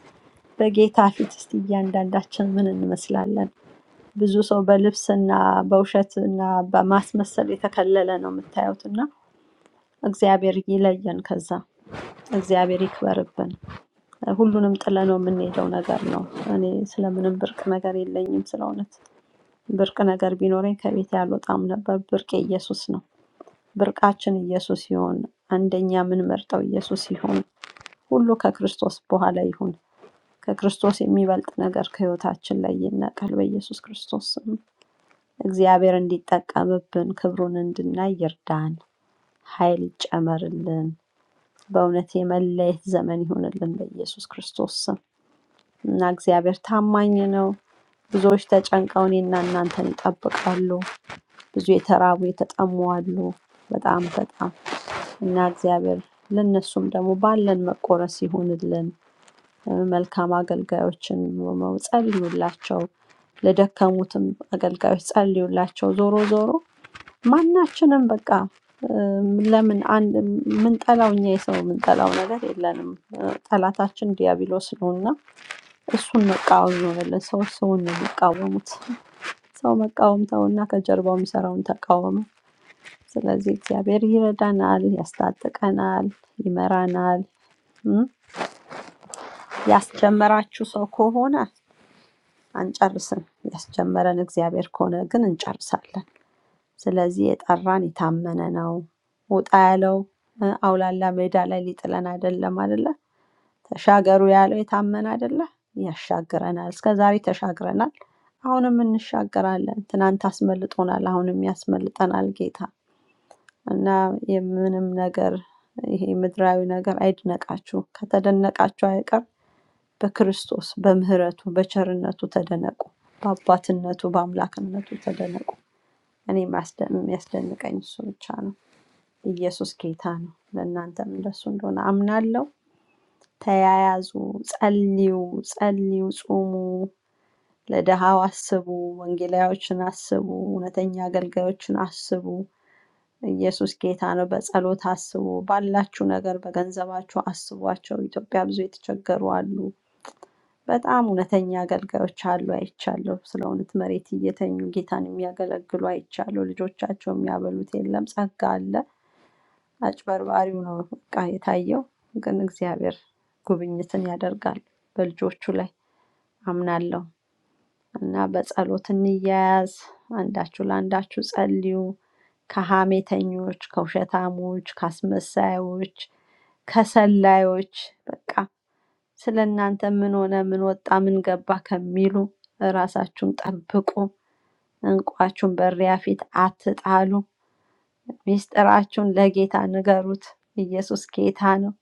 በጌታ ፊት እስቲ እያንዳንዳችን ምን እንመስላለን? ብዙ ሰው በልብስና በውሸትና በማስመሰል የተከለለ ነው የምታዩት እና እግዚአብሔር ይለየን። ከዛ እግዚአብሔር ይክበርብን። ሁሉንም ጥለነው የምንሄደው ነገር ነው። እኔ ስለምንም ብርቅ ነገር የለኝም። ስለ እውነት ብርቅ ነገር ቢኖረኝ ከቤት ያልወጣም ነበር። ብርቅ ኢየሱስ ነው። ብርቃችን ኢየሱስ ይሆን። አንደኛ የምንመርጠው ኢየሱስ ይሆን። ሁሉ ከክርስቶስ በኋላ ይሁን። ከክርስቶስ የሚበልጥ ነገር ከህይወታችን ላይ ይነቀል። በኢየሱስ ክርስቶስ ስም እግዚአብሔር እንዲጠቀምብን ክብሩን እንድናይ ይርዳን። ኃይል ይጨመርልን። በእውነት የመለየት ዘመን ይሆንልን በኢየሱስ ክርስቶስ ስም እና እግዚአብሔር ታማኝ ነው። ብዙዎች ተጨንቀው እኔና እናንተን ይጠብቃሉ። ብዙ የተራቡ የተጠሙ አሉ። በጣም በጣም እና እግዚአብሔር ለነሱም ደግሞ ባለን መቆረስ ይሁንልን። መልካም አገልጋዮችን ሆነው ጸልዩላቸው፣ ለደከሙትም አገልጋዮች ጸልዩላቸው። ዞሮ ዞሮ ማናችንም በቃ እ፣ ለምን አንድ የምንጠላው እኛ የሰው የምንጠላው ነገር የለንም። እ፣ ጠላታችን ዲያብሎስ ነው እና እሱን መቃወም ይሆንልን። ሰዎች ሰውን ነው የሚቃወሙት። ሰው መቃወም ተውና ከጀርባው የሚሰራውን ተቃወሙ። ስለዚህ እግዚአብሔር ይረዳናል፣ ያስታጥቀናል፣ ይመራናል። እም፣ ያስጀመራችሁ ሰው ከሆነ አንጨርስም። ያስጀመረን እግዚአብሔር ከሆነ ግን እንጨርሳለን። ስለዚህ የጠራን የታመነ ነው። ውጣ ያለው እ፣ አውላላ ሜዳ ላይ ሊጥለን አይደለም አይደለ? ተሻገሩ ያለው የታመነ አይደለ? ያሻግረናል። እስከ ዛሬ ተሻግረናል፣ አሁንም እንሻገራለን። ትናንት አስመልጦናል፣ አሁንም ያስመልጠናል ጌታ እና የምንም ነገር ይሄ ምድራዊ ነገር አይድነቃችሁ። ከተደነቃችሁ አይቀር በክርስቶስ በምህረቱ በቸርነቱ ተደነቁ። በአባትነቱ በአምላክነቱ ተደነቁ። እኔ የሚያስደ- የሚያስደንቀኝ እሱ ብቻ ነው። ኢየሱስ ጌታ ነው። ለእናንተም እንደሱ እንደሆነ አምናለሁ። ተያያዙ፣ ጸልዩ፣ ጸልዩ፣ ጹሙ፣ ለድሃው አስቡ፣ ወንጌላዮችን አስቡ፣ እውነተኛ አገልጋዮችን አስቡ። ኢየሱስ ጌታ ነው። በጸሎት አስቡ። ባላችሁ ነገር በገንዘባችሁ አስቧቸው። ኢትዮጵያ ብዙ የተቸገሩ አሉ። በጣም እውነተኛ አገልጋዮች አሉ አይቻለሁ። ስለ እውነት መሬት እየተኙ ጌታን የሚያገለግሉ አይቻለሁ። ልጆቻቸው የሚያበሉት የለም፣ ጸጋ አለ። አጭበርባሪው ነው በቃ የታየው። ግን እግዚአብሔር ጉብኝትን ያደርጋል በልጆቹ ላይ አምናለሁ። እና በጸሎት እንያያዝ፣ አንዳችሁ ለአንዳችሁ ጸልዩ። ከሀሜተኞች፣ ከውሸታሞች፣ ከአስመሳዮች፣ ከሰላዮች በቃ ስለእናንተ ምን ሆነ፣ ምን ወጣ፣ ምን ገባ ከሚሉ ራሳችሁን ጠብቁ። እንቋችሁን በእሪያ ፊት አትጣሉ። ሚስጥራችሁን ለጌታ ንገሩት። ኢየሱስ ጌታ ነው።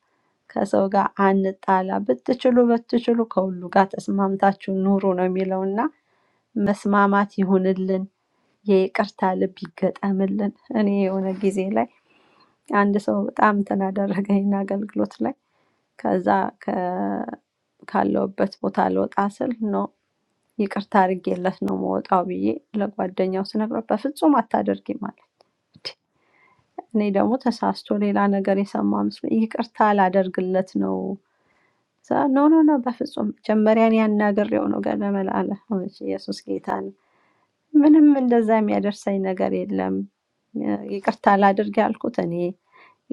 ከሰው ጋር አንጣላ። ብትችሉ ብትችሉ ከሁሉ ጋር ተስማምታችሁ ኑሩ ነው የሚለውና መስማማት ይሁንልን። የይቅርታ ልብ ይገጠምልን። እኔ የሆነ ጊዜ ላይ አንድ ሰው በጣም እንትን አደረገኝና አገልግሎት ላይ ከዛ ከ- ካለሁበት ቦታ ልወጣ ስል ነው ይቅርታ አድርጌለት ነው መወጣው ብዬ ለጓደኛው ስነግረው በፍጹም አታደርጊም ማለት እኔ ደግሞ ተሳስቶ ሌላ ነገር የሰማ መስሎኝ ይቅርታ ላደርግለት ነው እዛ ኖ ኖ ኖ በፍጹም መጀመሪያን ያናግሬው ነው ገለመል አለ እሺ፣ ኢየሱስ ጌታ ነው። ምንም እንደዛ የሚያደርሰኝ ነገር የለም። ይቅርታ ላድርግ ያልኩት እኔ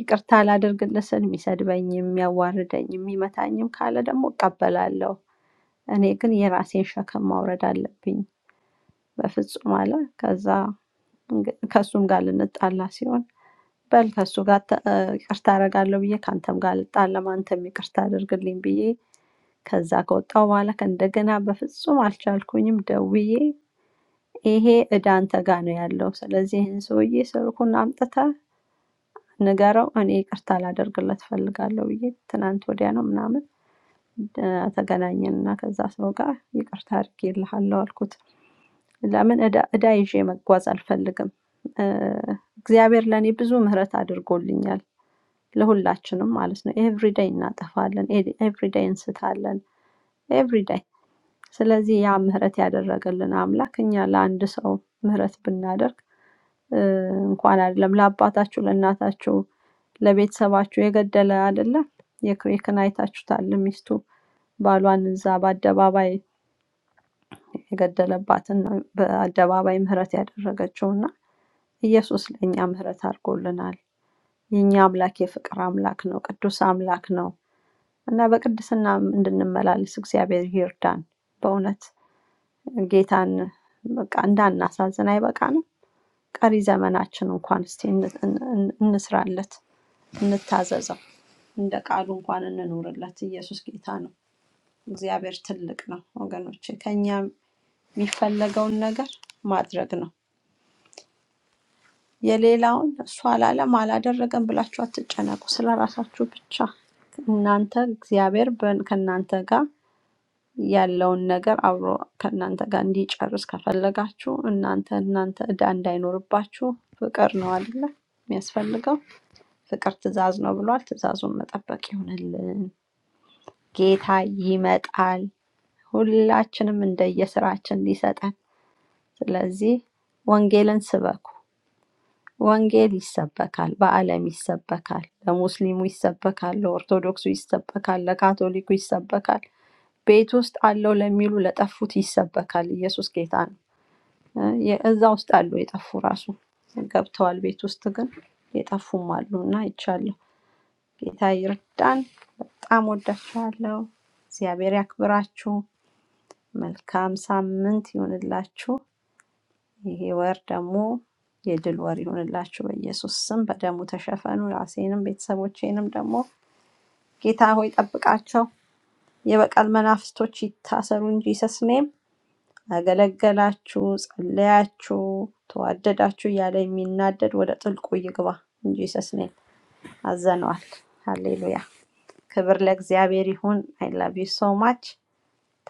ይቅርታ ላድርግለት ስል የሚሰድበኝም የሚያዋርደኝም የሚመታኝም ካለ ደግሞ እቀበላለሁ። እኔ ግን የራሴን ሸክም ማውረድ አለብኝ በፍጹም አለ። ከዛ እንግ- ከእሱም ጋር ልንጣላ ሲሆን በል ከእሱ ጋር ተ- እ፣ ይቅርታ አደርጋለሁ ብዬ ከአንተም ጋር ልጣላም፣ አንተም ይቅርታ አድርግልኝ ብዬ ከዛ ከወጣሁ በኋላ ከእንደገና በፍጹም አልቻልኩኝም። ደውዬ ይሄ እዳ አንተ ጋር ነው ያለው፣ ስለዚህ ይህን ሰውዬ ስልኩን አምጥተህ ንገረው፣ እኔ ይቅርታ ላደርግለት ፈልጋለሁ ብዬ ትናንት ወዲያ ነው ምናምን ተገናኘን እና ከዛ ሰው ጋር ይቅርታ አድርጌልሃለሁ አልኩት። ለምን ዕዳ ዕዳ ይዤ መጓዝ አልፈልግም። እ፣ እግዚአብሔር ለእኔ ብዙ ምህረት አድርጎልኛል፣ ለሁላችንም ማለት ነው። ኤቭሪዳይ እናጠፋለን፣ ኤቭሪዳይ እንስታለን፣ ኤቭሪዳይ። ስለዚህ ያ ምህረት ያደረገልን አምላክ እኛ ለአንድ ሰው ምህረት ብናደርግ እ፣ እንኳን አይደለም ለአባታችሁ ለእናታችሁ ለቤተሰባችሁ የገደለ አይደለም የክሬክን አይታችሁታል ሚስቱ ባሏን እዛ በአደባባይ የገደለባትን በአደባባይ ምህረት ያደረገችው እና ኢየሱስ ለእኛ ምህረት አድርጎልናል። የእኛ አምላክ የፍቅር አምላክ ነው፣ ቅዱስ አምላክ ነው እና በቅድስና እንድንመላለስ እግዚአብሔር ይርዳን። በእውነት ጌታን በቃ እንዳናሳዝን አይበቃንም? ቀሪ ዘመናችን እንኳን እስቲ እን- እን- እን- እንስራለት፣ እንታዘዘው፣ እንደ ቃሉ እንኳን እንኑርለት። ኢየሱስ ጌታ ነው። እግዚአብሔር ትልቅ ነው ወገኖቼ። ከኛ የሚፈለገውን ነገር ማድረግ ነው። የሌላውን እሱ አላለም አላደረገም ብላችሁ አትጨነቁ። ስለ ራሳችሁ ብቻ እናንተ እግዚአብሔር በ- ከእናንተ ጋር ያለውን ነገር አብሮ ከእናንተ ጋር እንዲጨርስ ከፈለጋችሁ እናንተ እናንተ እዳ እንዳይኖርባችሁ ፍቅር ነው አይደለ የሚያስፈልገው። ፍቅር ትእዛዝ ነው ብሏል። ትእዛዙን መጠበቅ ይሆንልን። ጌታ ይመጣል፣ ሁላችንም እንደየስራችን ሊሰጠን። ስለዚህ ወንጌልን ስበኩ ወንጌል ይሰበካል፣ በዓለም ይሰበካል፣ ለሙስሊሙ ይሰበካል፣ ለኦርቶዶክሱ ይሰበካል፣ ለካቶሊኩ ይሰበካል፣ ቤት ውስጥ አለው ለሚሉ ለጠፉት ይሰበካል። ኢየሱስ ጌታ ነው። እ የ- እዛ ውስጥ አሉ የጠፉ ራሱ ገብተዋል። ቤት ውስጥ ግን የጠፉም አሉ እና ይቻለሁ። ጌታ ይርዳን። በጣም ወዳችኋለሁ። እግዚአብሔር ያክብራችሁ። መልካም ሳምንት ይሁንላችሁ። ይሄ ወር ደግሞ የድል ወር ይሁንላችሁ በኢየሱስ ስም። በደሙ ተሸፈኑ። ራሴንም ቤተሰቦቼንም ደግሞ ጌታ ሆይ ጠብቃቸው። የበቀል መናፍስቶች ይታሰሩ እንጂ ሰስኔም አገለገላችሁ፣ ጸለያችሁ፣ ተዋደዳችሁ እያለ የሚናደድ ወደ ጥልቁ ይግባ እንጂ ሰስኔም አዘነዋል። ሃሌሉያ! ክብር ለእግዚአብሔር ይሁን። አይ ላቭ ዩ ሶ ማች።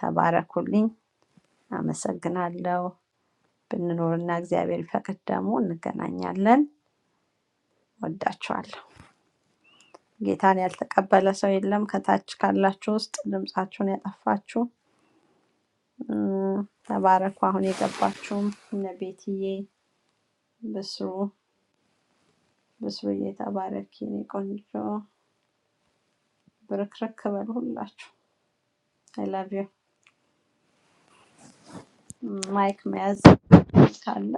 ተባረኩልኝ። አመሰግናለሁ። ብንኖርና እግዚአብሔር ፈቅድ ደግሞ እንገናኛለን። ወዳችኋለሁ። ጌታን ያልተቀበለ ሰው የለም። ከታች ካላችሁ ውስጥ ድምፃችሁን ያጠፋችሁ እም፣ ተባረኩ። አሁን የገባችሁም እነ ቤትዬ ብስሩ ብስሩዬ ተባረኪ፣ የኔ ቆንጆ ብርክርክ በሉ ሁላችሁ። አይ ላቭ ዩ። ማይክ መያዝ ካለ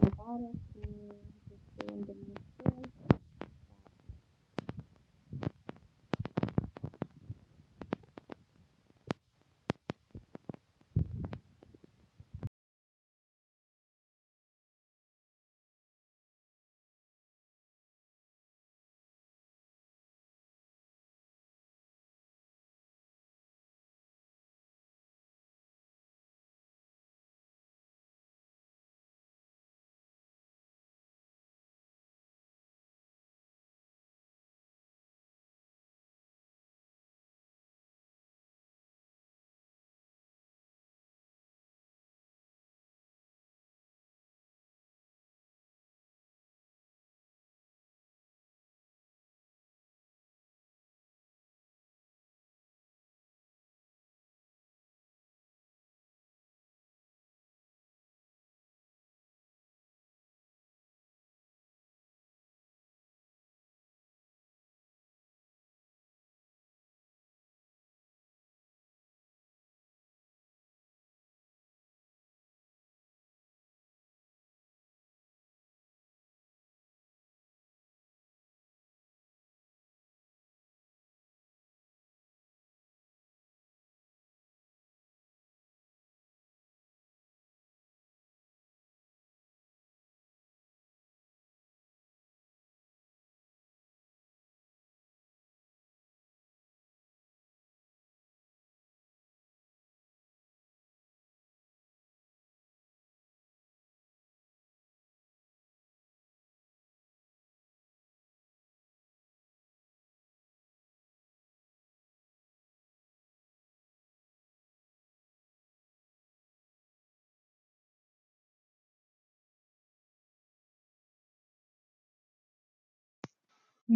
ተባረኩ። እንደምትል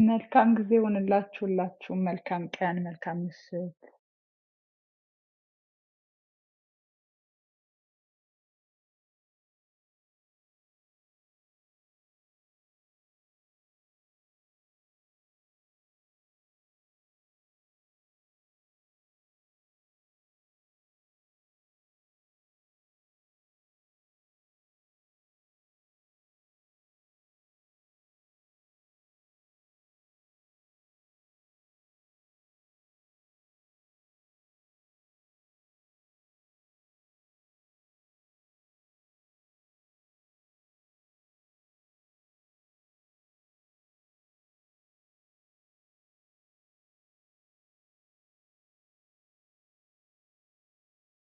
መልካም ጊዜ ይሁንላችሁ ሁላችሁም። መልካም ቀን፣ መልካም ምሽት።